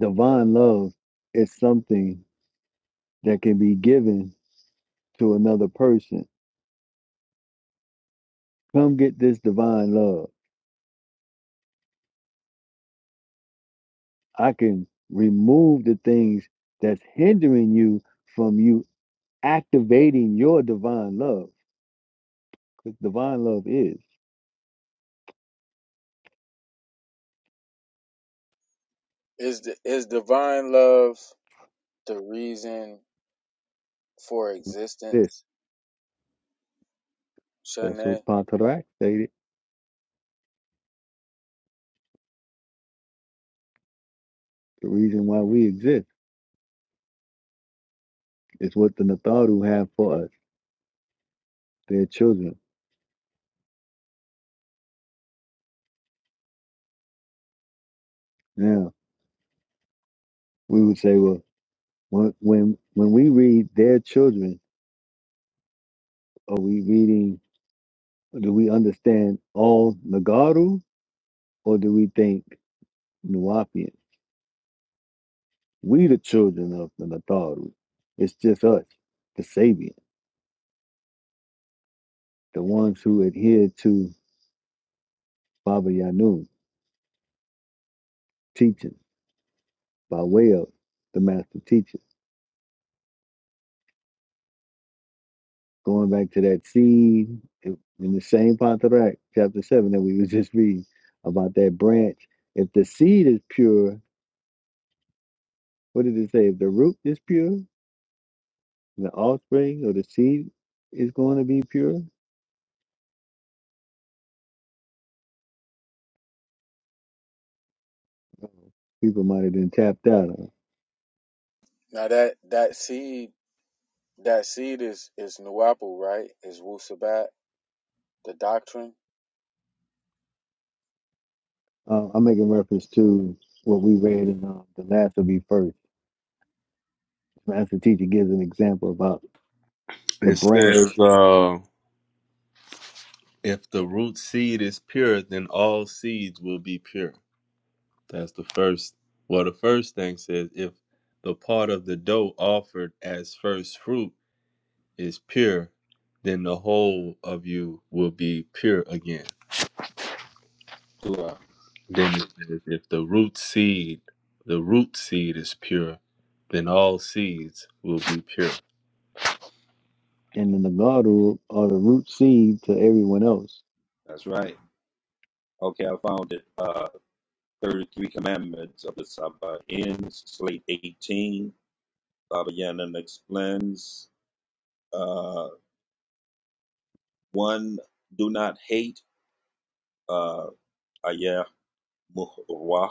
[SPEAKER 9] divine love is something that can be given to another person. Come get this divine love. I can remove the things that's hindering you from you activating your divine love. 'Cause divine love is
[SPEAKER 13] Is the is divine love the reason for
[SPEAKER 9] this.
[SPEAKER 13] existence,
[SPEAKER 9] That's what
[SPEAKER 13] Shanae?
[SPEAKER 9] Patarak stated. The reason why we exist is what the Natharu have for us, their children. Now, we would say, well, when when when we read their children, are we reading, do we understand all Nagaru or do we think Nuapian? We, the children of the Natharu, it's just us, the Sabian, the ones who adhere to Baba Yanun teaching by way of the master teacher. Going back to that seed in in the same Pantarak, chapter 7 that we was just reading about that branch. If the seed is pure, what did it say? If the root is pure, the offspring or the seed is going to be pure, people might have been tapped out on.
[SPEAKER 13] Now that that seed that seed is is Nuwapu, right? Is Wu Sabat the doctrine?
[SPEAKER 9] Uh, I'm making reference to what we read in uh, The Last Will Be First. Master Teacher gives an example about the
[SPEAKER 1] It says,
[SPEAKER 9] branch
[SPEAKER 1] uh, if the root seed is pure, then all seeds will be pure. That's the first. Well, the first thing says, if the part of the dough offered as first fruit is pure, then the whole of you will be pure again.
[SPEAKER 5] Tua.
[SPEAKER 1] Then it says, if the root seed, the root seed is pure, then all seeds will be pure.
[SPEAKER 9] and the Nagaru or the root seed to everyone else.
[SPEAKER 5] That's right. Okay, I found it. Uh, thirty-three commandments of the Sabaeans, slate eighteen. Baba Yaga explains. Uh, one. Do not hate. uh, Ayah Muhrwah,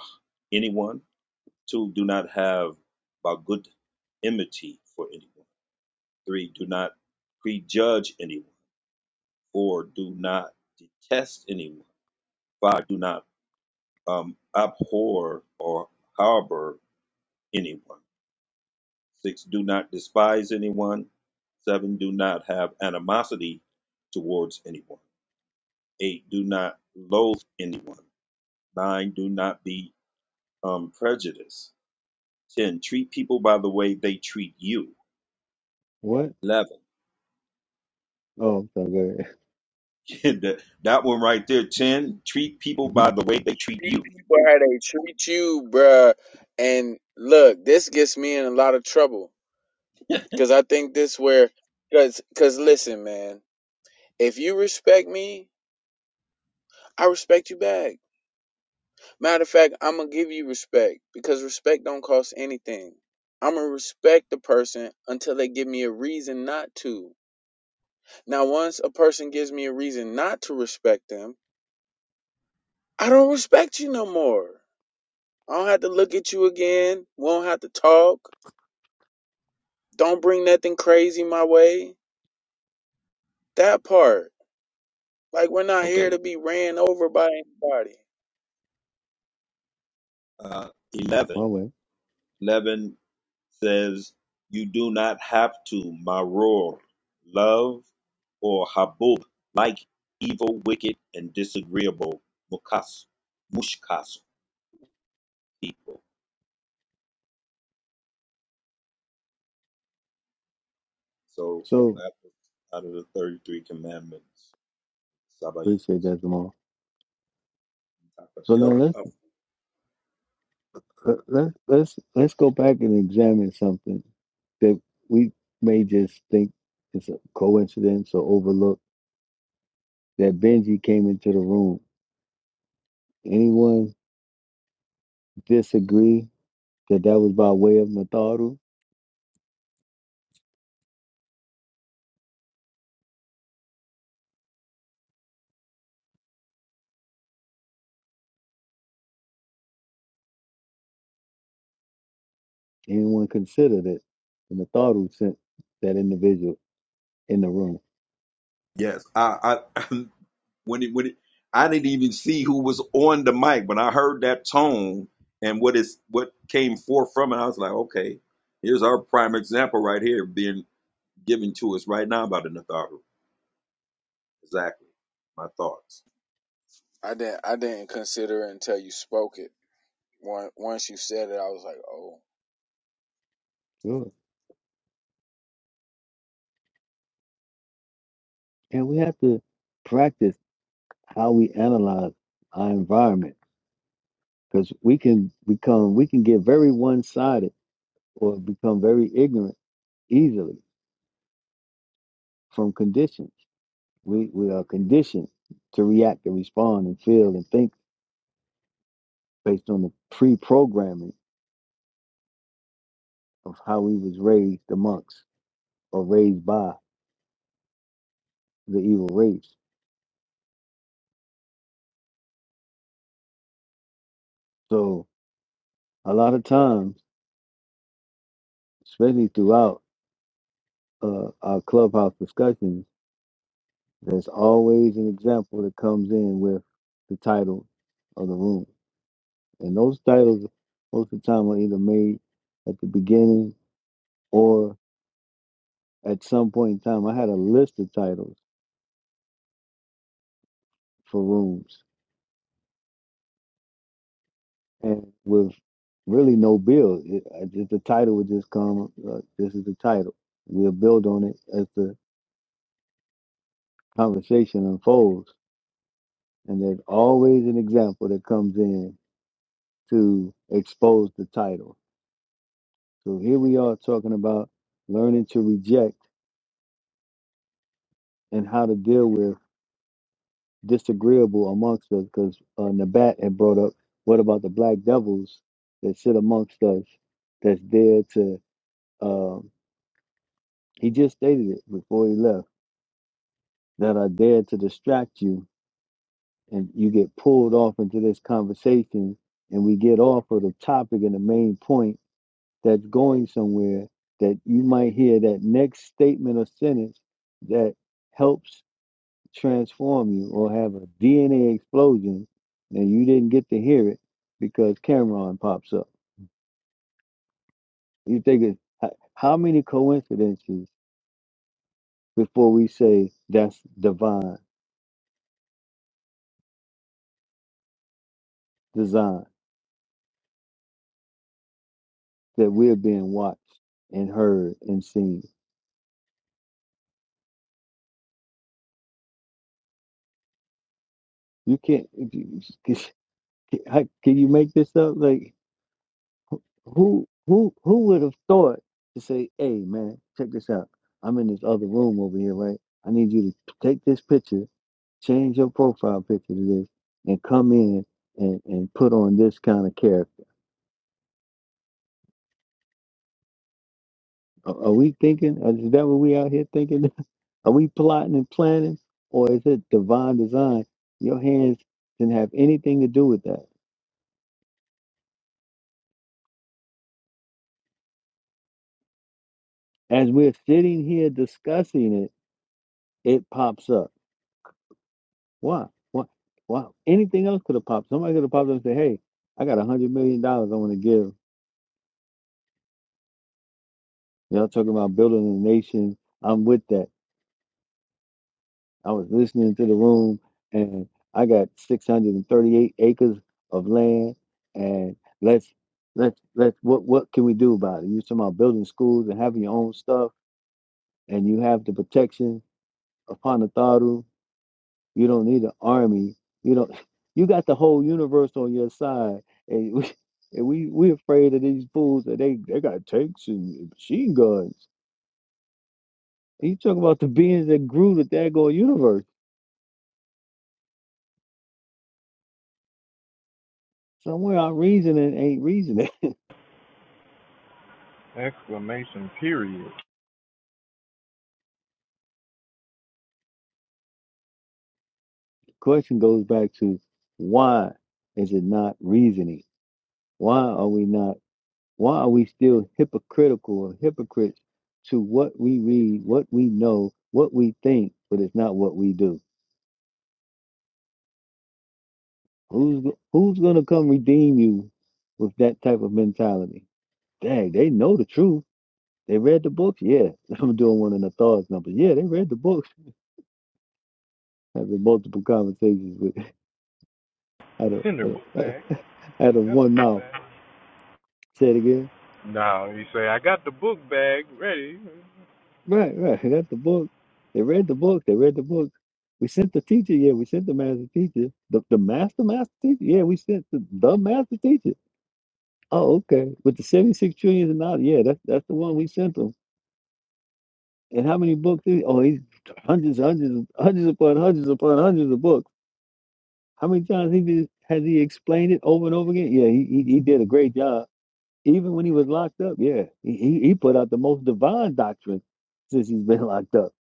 [SPEAKER 5] anyone. Two, do not have Bagud enmity for anyone. Three, do not prejudge anyone. Four, do not detest anyone. Five, do not um, abhor or harbor anyone. Six, do not despise anyone. Seven, do not have animosity towards anyone. Eight, do not loathe anyone. Nine, do not be um, prejudiced. 10. Treat people by the way they treat you.
[SPEAKER 9] What?
[SPEAKER 5] 11.
[SPEAKER 9] Oh, I'm sorry, go
[SPEAKER 5] <laughs> that that one right there. 10. Treat
[SPEAKER 9] ahead.
[SPEAKER 5] people by
[SPEAKER 9] <laughs>
[SPEAKER 5] the way they treat
[SPEAKER 13] Treat
[SPEAKER 5] you.
[SPEAKER 13] people how they treat you, bruh. And look, this gets me in a lot of trouble because I think this where because because listen, man, if you respect me, I respect you back. Matter of fact, I'm gonna give you respect because respect don't cost anything. I'm gonna respect the person until they give me a reason not to. Now, once a person gives me a reason not to respect them, I don't respect you no more. I don't have to look at you again. Won't have to talk. Don't bring nothing crazy my way. That part, like we're not here to
[SPEAKER 5] Okay.
[SPEAKER 13] be ran over by anybody.
[SPEAKER 5] Uh, 11.
[SPEAKER 9] My way.
[SPEAKER 5] 11 says, You do not have to, maror, love, or habub, like evil, wicked, and disagreeable mukas, mushkas people. So that was out of the 33 commandments. Sabayins.
[SPEAKER 9] Appreciate that, Jamal. So now let's let- let's let's let's go back and examine something that we may just think is a coincidence or overlook. That Benji came into the room. Anyone disagree that that was by way of Nataru? Anyone consider that Nataru sent that individual in the room?
[SPEAKER 5] Yes, I, I <laughs> when it when it, I didn't even see who was on the mic when I heard that tone and what is what came forth from it. I was like, okay, here's our prime example right here being given to us right now by the Natharu. Exactly my thoughts.
[SPEAKER 13] I didn't. I didn't consider it until you spoke it. Once once you said it, I was like, oh.
[SPEAKER 9] Sure. And we have to practice how we analyze our environment because we can become we can get very one sided or become very ignorant easily from conditions. We we are conditioned to react and respond and feel and think based on the pre-programming of how we was raised amongst or raised by the evil race. So a lot of times, especially throughout uh, our clubhouse discussions, there's always an example that comes in with the title of the room, and those titles most of the time are either made at the beginning or at some point in time, I had a list of titles for rooms, and with really no build, it, I the title would just come. Uh, this is the title. We'll build on it as the conversation unfolds, and there's always an example that comes in to expose the title. So here we are talking about learning to reject and how to deal with. disagreeable amongst us because uh, Nabat had brought up what about the black devils that sit amongst us that's there to, um, he just stated it before he left, that are there to distract you and you get pulled off into this conversation and we get off of the topic and the main point that's going somewhere that you might hear that next statement or sentence that helps transform you or have a DNA explosion and you didn't get to hear it because Cameron pops up. You think it, h- how many coincidences before we say that's divine design that we're being watched and heard and seen? You can't. if you- Can how- can you make this up? Like who who who would have thought to say, "Hey man, check this out. I'm in this other room over here, right? I need you to take this picture Change your profile picture to this and come in and, and put on this kind of character. Are, are we thinking? uh, Is that what we out here thinking? <laughs> Are we plotting and planning? Or is it divine design? Your hands didn't have anything to do with that. As we're sitting here discussing it, it pops up. Why? Why? Why? Anything else could have popped. Somebody could have popped up and said, hey, I got a $100 million dollars I want to give. Y'all talking about building a nation. I'm with that. I was listening to the room, and I got 638 acres of land, and let's let's let's what what can we do about it? You're talking about building schools and having your own stuff, and you have the protection of Panataru. You don't need an army. You don't. <laughs> You got the whole universe on your side, and we <laughs> and we we afraid of these fools that they they got tanks and machine guns. And you talking about the beings that grew the daggone universe. Somewhere our reasoning ain't reasoning. <laughs>
[SPEAKER 4] Exclamation period.
[SPEAKER 9] question goes back to why is it not reasoning? Why are we not? Why are we still hypocritical or hypocrites to what we read, what we know, what we think, but it's not what we do? Who's who's gonna come redeem you with that type of mentality? Dang, they know the truth. They read the books. Yeah, <laughs> I'm doing one in the thoughts number. Yeah, they read the books. Having multiple conversations with <laughs> out
[SPEAKER 4] It's
[SPEAKER 9] of
[SPEAKER 4] in their
[SPEAKER 9] out
[SPEAKER 4] book
[SPEAKER 9] of,
[SPEAKER 4] bag.
[SPEAKER 9] <laughs> out of
[SPEAKER 4] Got
[SPEAKER 9] one
[SPEAKER 4] the book
[SPEAKER 9] mouth.
[SPEAKER 4] bag.
[SPEAKER 9] Say it again.
[SPEAKER 4] No, you say I got the book bag ready.
[SPEAKER 9] Right, right. They got the book. They read the book. They read the book. We sent the teacher. Yeah, we sent the master teacher. The, the master master teacher. Yeah, we sent the, the master teacher. Oh, okay. With the seventy six trillions and dollars. Yeah, that's that's the one we sent them. And how many books? Did he, oh, he's hundreds, hundreds, hundreds upon hundreds upon hundreds of books. How many times he did, has he explained it over and over again? Yeah, he, he he did a great job. Even when he was locked up, yeah, he he, he put out the most divine doctrine since he's been <laughs> locked up.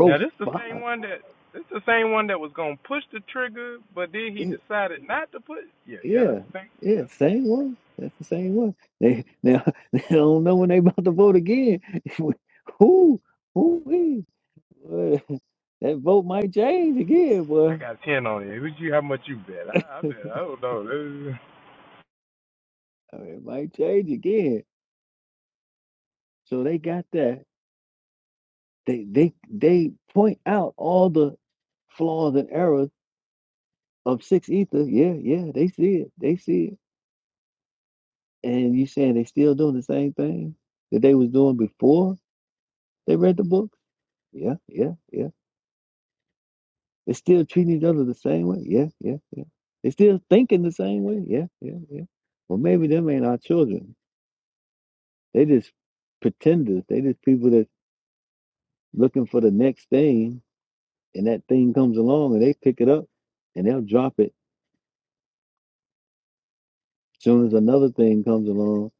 [SPEAKER 4] Now this the same one that this the same one that was gonna push the trigger, but then he decided not to put. Yeah, yeah, that's
[SPEAKER 9] Yeah,
[SPEAKER 4] the same.
[SPEAKER 9] yeah,
[SPEAKER 4] That's the same.
[SPEAKER 9] same one. That's the same one. They now <laughs> they don't know when they about to vote again. <laughs> who who is Boy, <laughs> that vote might change again,
[SPEAKER 4] I
[SPEAKER 9] boy.
[SPEAKER 4] got ten on it. you how much you bet? I, I bet I don't know. This
[SPEAKER 9] I mean, it might change again. So they got that. They they they point out all the flaws and errors of six ether. Yeah, yeah, they see it. They see it. And you saying they still doing the same thing that they was doing before they read the book? Yeah, yeah, yeah. They're still treating each other the same way. Yeah, yeah, yeah. They still thinking the same way. Yeah, yeah, yeah. Well, maybe them ain't our children. They just pretenders. They just people that looking for the next thing, and that thing comes along, and they pick it up, and they'll drop it soon as another thing comes along,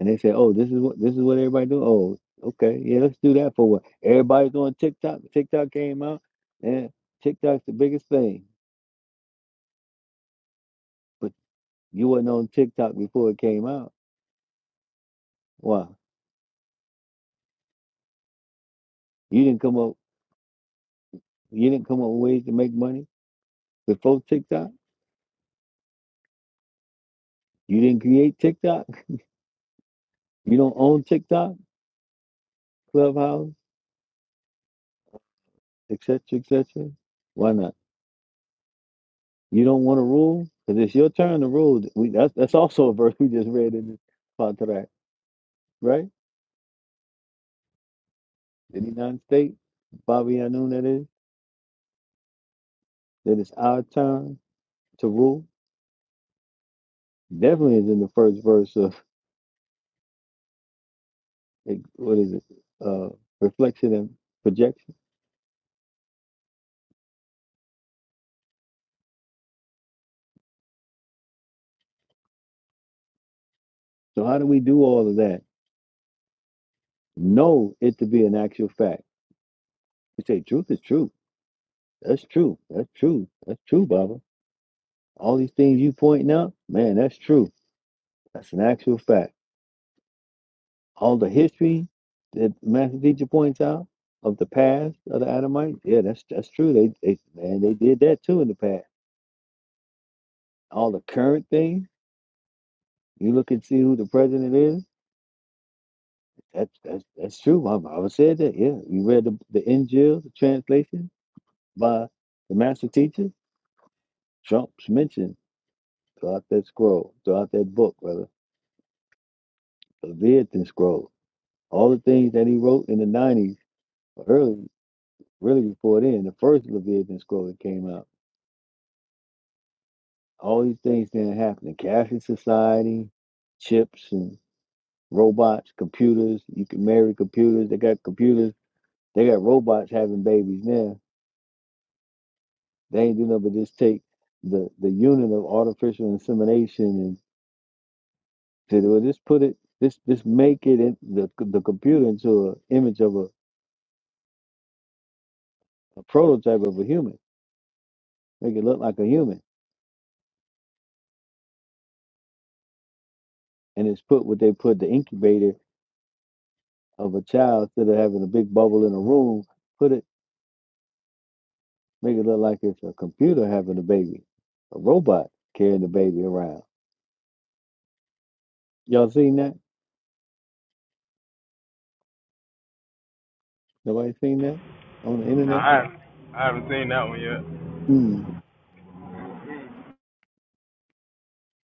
[SPEAKER 9] and they say, "Oh, this is what this is what everybody do." Oh, okay, yeah, let's do that for a while. Everybody's on TikTok. TikTok came out, and TikTok's the biggest thing. But you wasn't on TikTok before it came out. Why? You didn't come up. You didn't come up with ways to make money before TikTok. You didn't create TikTok. You don't own TikTok, Clubhouse, etc., etc. Why not? You don't want to rule because it's your turn to rule. We, that's that's also a verse we just read in this contract, right? Did he not state, Bobby Anoon, that is, that it's our turn to rule? Definitely is in the first verse of what is it? Uh, reflection and projection. So how do we do all of that? Know it to be an actual fact. We say truth is truth That's true. That's true. That's true, Baba. All these things you pointing out, man, that's true. That's an actual fact. All the history that Master Teacher points out of the past of the Adamites, yeah, that's that's true. They they man, they did that too in the past. All the current things, you look and see who the president is. That's that's that's true. My Baba I said that. Yeah, you read the the Injil, the translation by the Master Teacher. Trump's mentioned throughout that scroll, throughout that book, brother. The Leviathan scroll. All the things that he wrote in the 90s, or early, really before then, the first Leviathan scroll that came out, all these things didn't happen. The Catholic Society, chips and robots, computers. You can marry computers. They got computers. They got robots having babies now. They ain't doing nothing but just take the, the unit of artificial insemination and to do Just put it, just, just make it in the, the computer into an image of a, a prototype of a human. Make it look like a human and it's put what they put the incubator of a child instead of having a big bubble in a room, put it make it look like it's a computer having a baby, a robot carrying the baby around. Y'all seen that? Nobody seen that on the
[SPEAKER 4] Nah,
[SPEAKER 9] internet?
[SPEAKER 4] I I haven't seen that one yet.
[SPEAKER 9] Mm.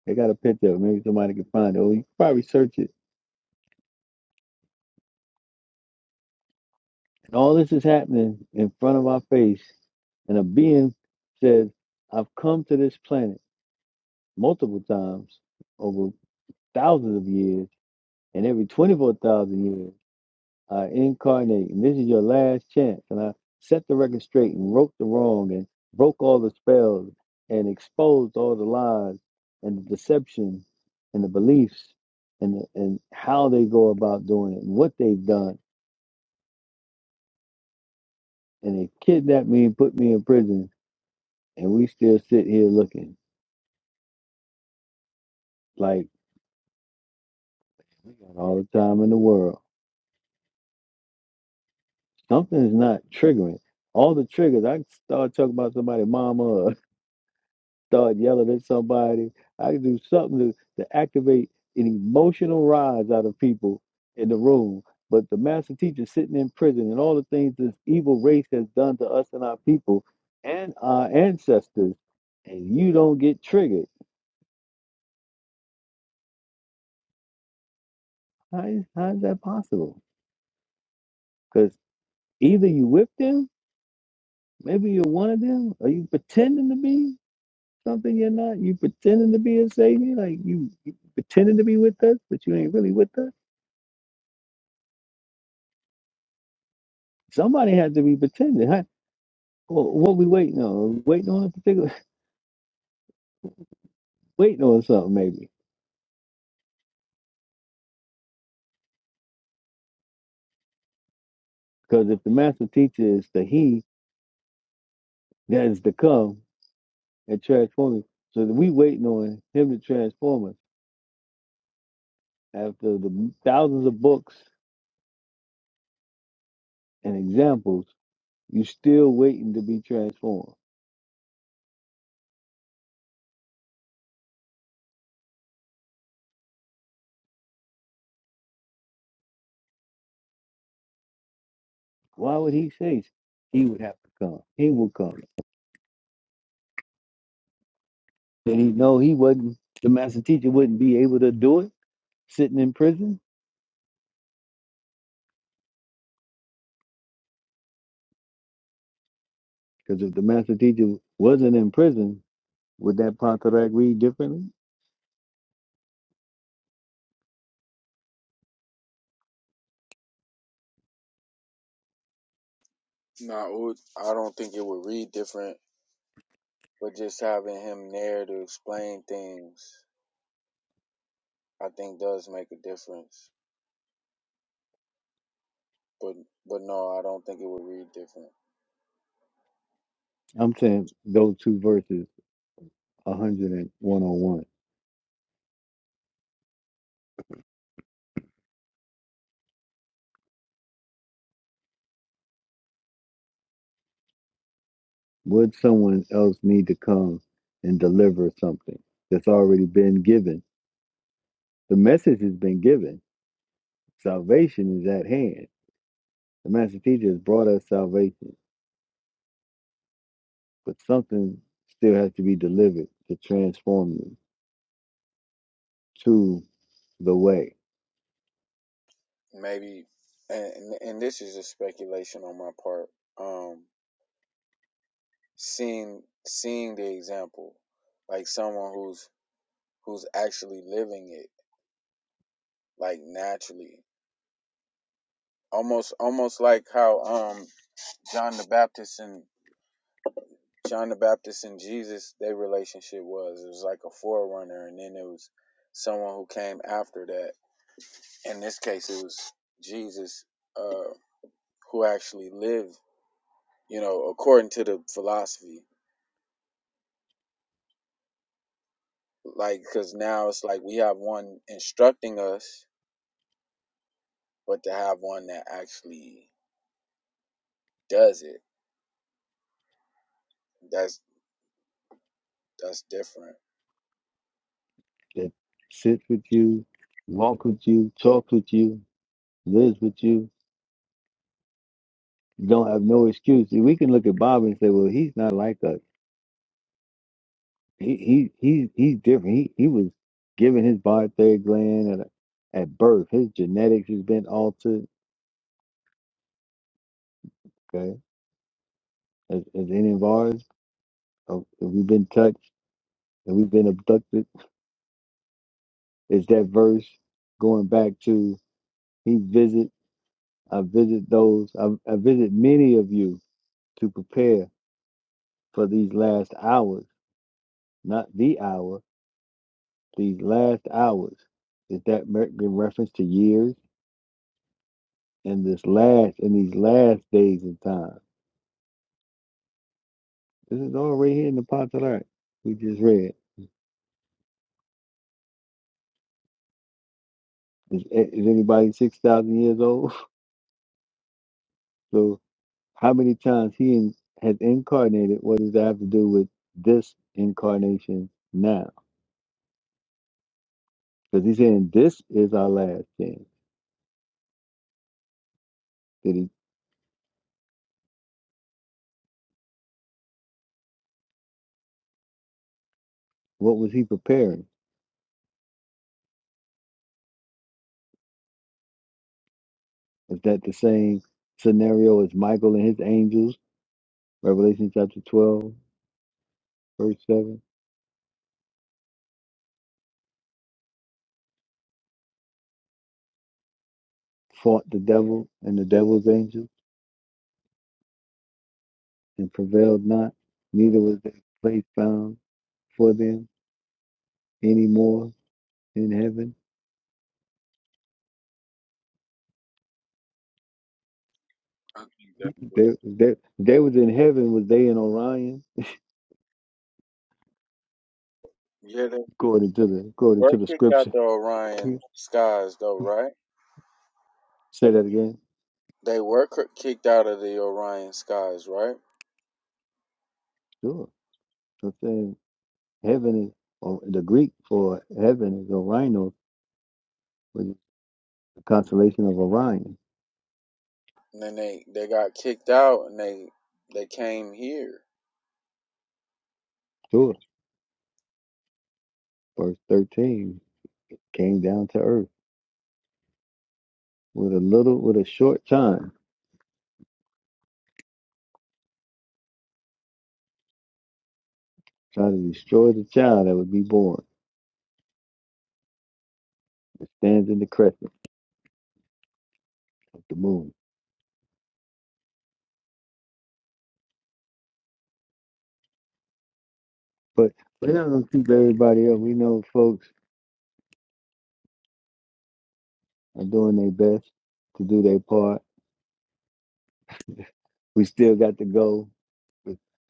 [SPEAKER 9] They got a picture. Maybe somebody can find it. Or you can probably search it. And all this is happening in front of our face, and a being says, "I've come to this planet multiple times over thousands of years, and every twenty-four thousand years." I incarnate, and this is your last chance. And I set the record straight and wrote the wrong and broke all the spells and exposed all the lies and the deception and the beliefs and the, and how they go about doing it and what they've done. And they kidnapped me and put me in prison, and we still sit here looking like we got all the time in the world. Something's not triggering. All the triggers, I can start talking about somebody, mama. start yelling at somebody. I can do something to, to activate an emotional rise out of people in the room. But the master teacher sitting in prison and all the things this evil race has done to us and our people and our ancestors, and you don't get triggered. How is, how is that possible? Because either you whip them, maybe you're one of them, or you pretending to be something you're not. You pretending to be a savior, like you, you pretending to be with us, but you ain't really with us Somebody had to be pretending. Huh? Well, what we waiting on? Waiting on a particular, <laughs> waiting on something maybe. Because if the master teacher is the he that is to come and transform you, so that we waiting on him to transform us. After the thousands of books and examples, you still waiting to be transformed. Why would he say he would have to come? He will come. Did he know he wasn't? The master teacher wouldn't be able to do it sitting in prison. Because if the master teacher wasn't in prison, Would that Pontarac read differently?
[SPEAKER 13] Nah, it would- I don't think it would read different, but just having him there to explain things, I think does make a difference. But but no, I don't think it would read different.
[SPEAKER 9] I'm saying those two verses, 101:01. Would someone else need to come and deliver something that's already been given? The message has been given. Salvation is at hand. The master teacher has brought us salvation, but something still has to be delivered to transform you to the way
[SPEAKER 13] Maybe, and and and this is just speculation on my part. Um, seeing seeing the example, like someone who's who's actually living it, like naturally, almost almost like how um John the Baptist and. John the Baptist and Jesus, their relationship was it was like a forerunner, and then it was someone who came after that. In this case, it was Jesus uh, who actually lived, you know, according to the philosophy. Like, because now it's like we have one instructing us, but to have one that actually does it, that's that's different.
[SPEAKER 9] that sits with you, walk with you, talk with you, lives with you. You don't have no excuse. We can look at Bob and say, well, he's not like us. He he he he's different. He he was given his thyroid gland at, at birth. His genetics has been altered. Okay, as, as any of ours, uh, if we've been touched and we've been abducted. Is that verse going back to he visit? I visit those. I, I visit many of you to prepare for these last hours, not the hour. These last hours. Is that mer- in reference to years? in this last in these last days and time. This is all right here in the Pantalar we just read. Is, eh, is anybody six thousand years old? <laughs> So how many times he in, has incarnated? What does that have to do with this incarnation now? Because he's saying this is our last chance. Did he? What was he preparing? Is that the same scenario as Michael and his angels? Revelation chapter twelve, verse seven, fought the devil and the devil's angels and prevailed not, neither was their place found for them any more in heaven.
[SPEAKER 13] I think that's what.
[SPEAKER 9] They, they, they was in heaven, was they in Orion?
[SPEAKER 13] Yeah, they, they
[SPEAKER 9] According to the according to the
[SPEAKER 13] worship got
[SPEAKER 9] scripture.
[SPEAKER 13] the
[SPEAKER 9] <laughs>
[SPEAKER 13] Orion skies though, right?
[SPEAKER 9] Say that again.
[SPEAKER 13] They were kicked out of the Orion skies, right?
[SPEAKER 9] Sure. So I'm saying heaven is or the Greek for heaven is Orion, which is the constellation of Orion.
[SPEAKER 13] And then they they got kicked out, and they they came here.
[SPEAKER 9] Sure. Verse thirteen came down to earth with a little with a short time, trying to destroy the child that would be born. It stands in the crescent of the moon. But we're not gonna keep everybody up. We know folks are doing their best to do their part. We still got to go.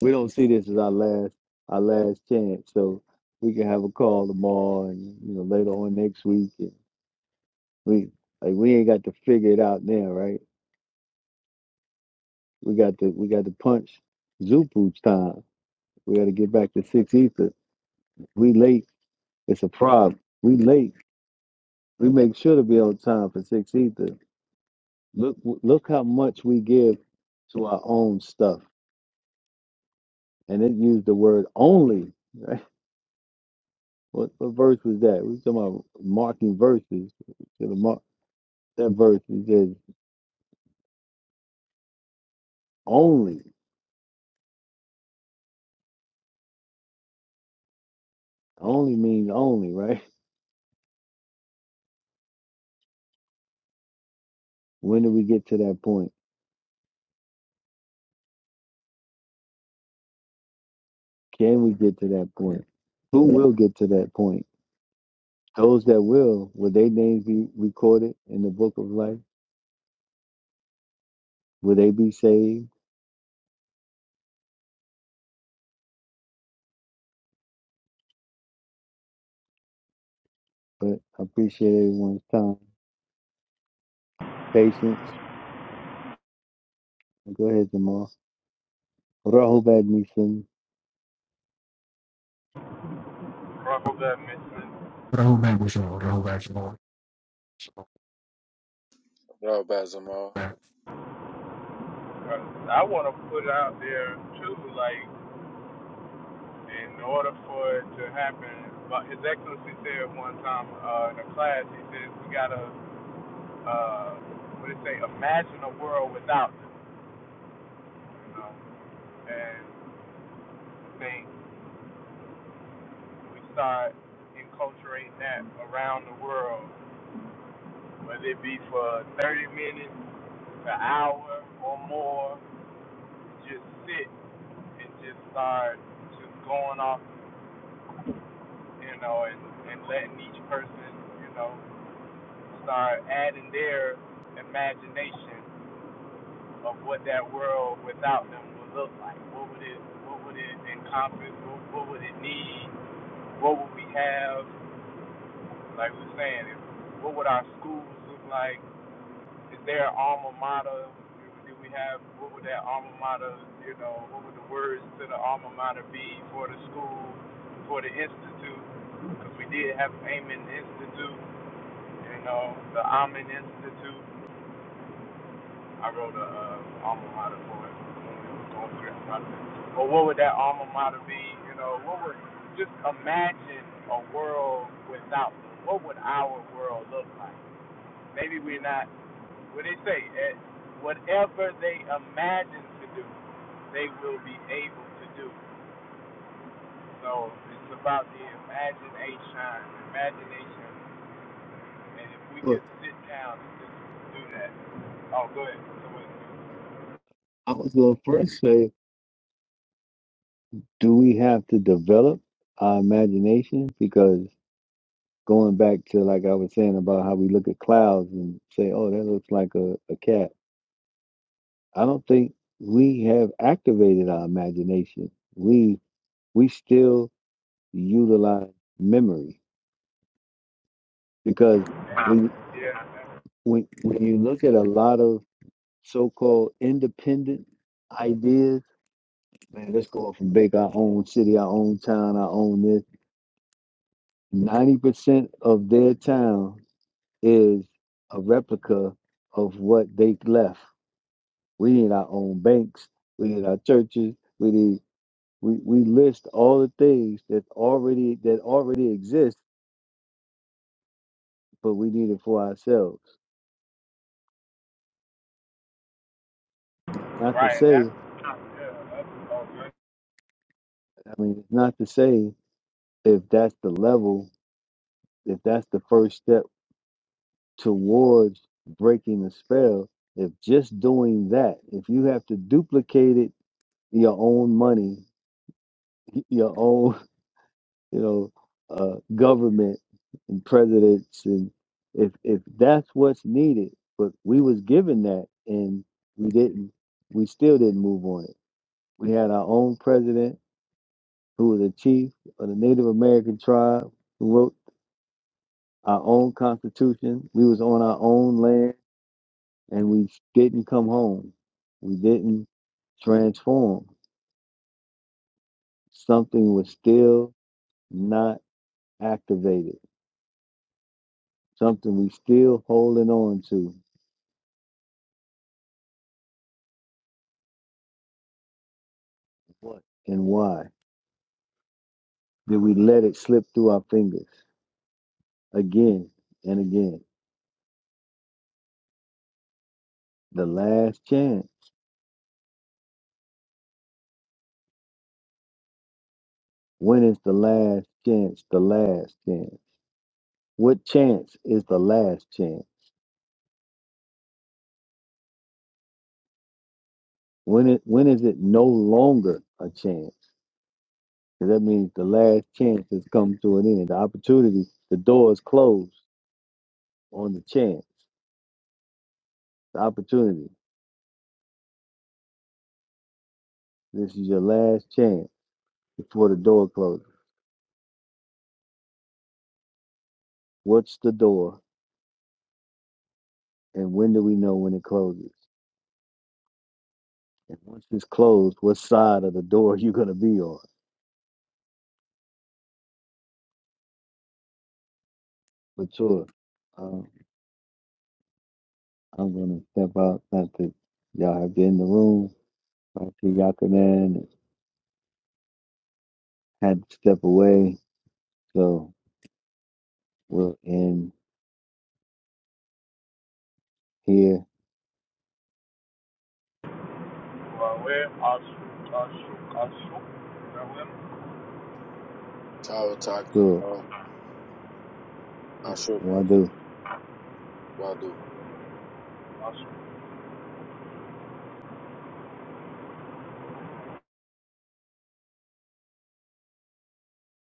[SPEAKER 9] We don't see this as our last our last chance. So we can have a call tomorrow and you know later on next week. And we like we ain't got to figure it out now, right? We got to we got to punch Zupu's time. We got to get back to six ether. We late. It's a problem. We late. We make sure to be on time for six ether. Look, look how much we give to our own stuff. And it used the word only, right? <laughs> What, what verse was that? We talking about marking verses. To the mark, that verse it says only. Only means only, right? <laughs> When do we get to that point? Can we get to that point? Who will get to that point? Those that will, will their names be recorded in the book of life? Will they be saved? But I appreciate everyone's time, patience. Go ahead, Jamal. Rahul Badminton.
[SPEAKER 4] Rocco got mentioned.
[SPEAKER 15] I don't remember
[SPEAKER 13] What up, Bazimal?
[SPEAKER 4] I want to put it out there too, like in order for it to happen, but His Excellency said one time uh, in a class, he says we gotta, uh, what did he say, imagine a world without them, you know, and I think we start enculturating that around the world, whether it be for 30 minutes, an hour or more, just sit and just start just going off you know, and, and letting each person, you know, start adding their imagination of what that world without them would look like. What would it what would it encompass? What, what would it need? What would we have? Like we we're saying, if, what would our schools look like? Is there an alma mater? Do we have what would that alma mater, you know, what would the words to the alma mater be for the school, for the institute? Because we did have Amen Institute You know, the Amen Institute. I wrote a uh, alma mater for it when we was going through that process. But what would that alma mater be? You know, what would just imagine a world without? them? What would our world look like? Maybe we're not. What they say, eh, whatever they imagine to do, they will be able to do. So it's about the imagination, imagination And if we
[SPEAKER 9] Well,
[SPEAKER 4] could sit down and just do that. Oh, go ahead. So
[SPEAKER 9] I was going to first say, do we have to develop our imagination? Because going back to, like I was saying, about how we look at clouds and say, oh, that looks like a, a cat. I don't think we have activated our imagination. We we still utilize memory because
[SPEAKER 4] Um,
[SPEAKER 9] when
[SPEAKER 4] Yeah,
[SPEAKER 9] when when you look at a lot of so-called independent ideas, man, let's go off and bake our own city, our own town, our own this Ninety percent of their town is a replica of what they left. We need our own banks. We need our churches. We need we, we list all the things that already that already exist, but we need it for ourselves. Not to
[SPEAKER 4] right. And that's,
[SPEAKER 9] say,
[SPEAKER 4] yeah, that's all good.
[SPEAKER 9] I mean, not to say if that's the level, if that's the first step towards breaking the spell. If just doing that, if you have to duplicate it, your own money, your own you know, uh, government and presidents, and if if that's what's needed, but we was given that and we didn't, we still didn't move on it. We had our own president who was a chief of the Native American tribe who wrote our own constitution. We was on our own land, and we didn't come home. We didn't transform. Something was still not activated. Something we still holding on to What and why did we let it slip through our fingers again and again? The last chance. When is the last chance? The last chance. What chance is the last chance? When it when is it no longer a chance? 'Cause that means the last chance has come to an end. The opportunity, the door is closed on the chance. The opportunity. This is your last chance before the door closes. What's the door and when do we know when it closes? And once it's closed, what side of the door <laughs> you gonna be on? But sure, um, I'm gonna step out. Not that y'all have been in the room. I see Yakanan had to step away, so we'll end here.
[SPEAKER 4] Well, we're Ashok, Ashok, Ashok,
[SPEAKER 13] Tower Talk,
[SPEAKER 9] Sure,
[SPEAKER 13] Ashupas,
[SPEAKER 9] Wadu.
[SPEAKER 13] Wadu.
[SPEAKER 4] Ashok,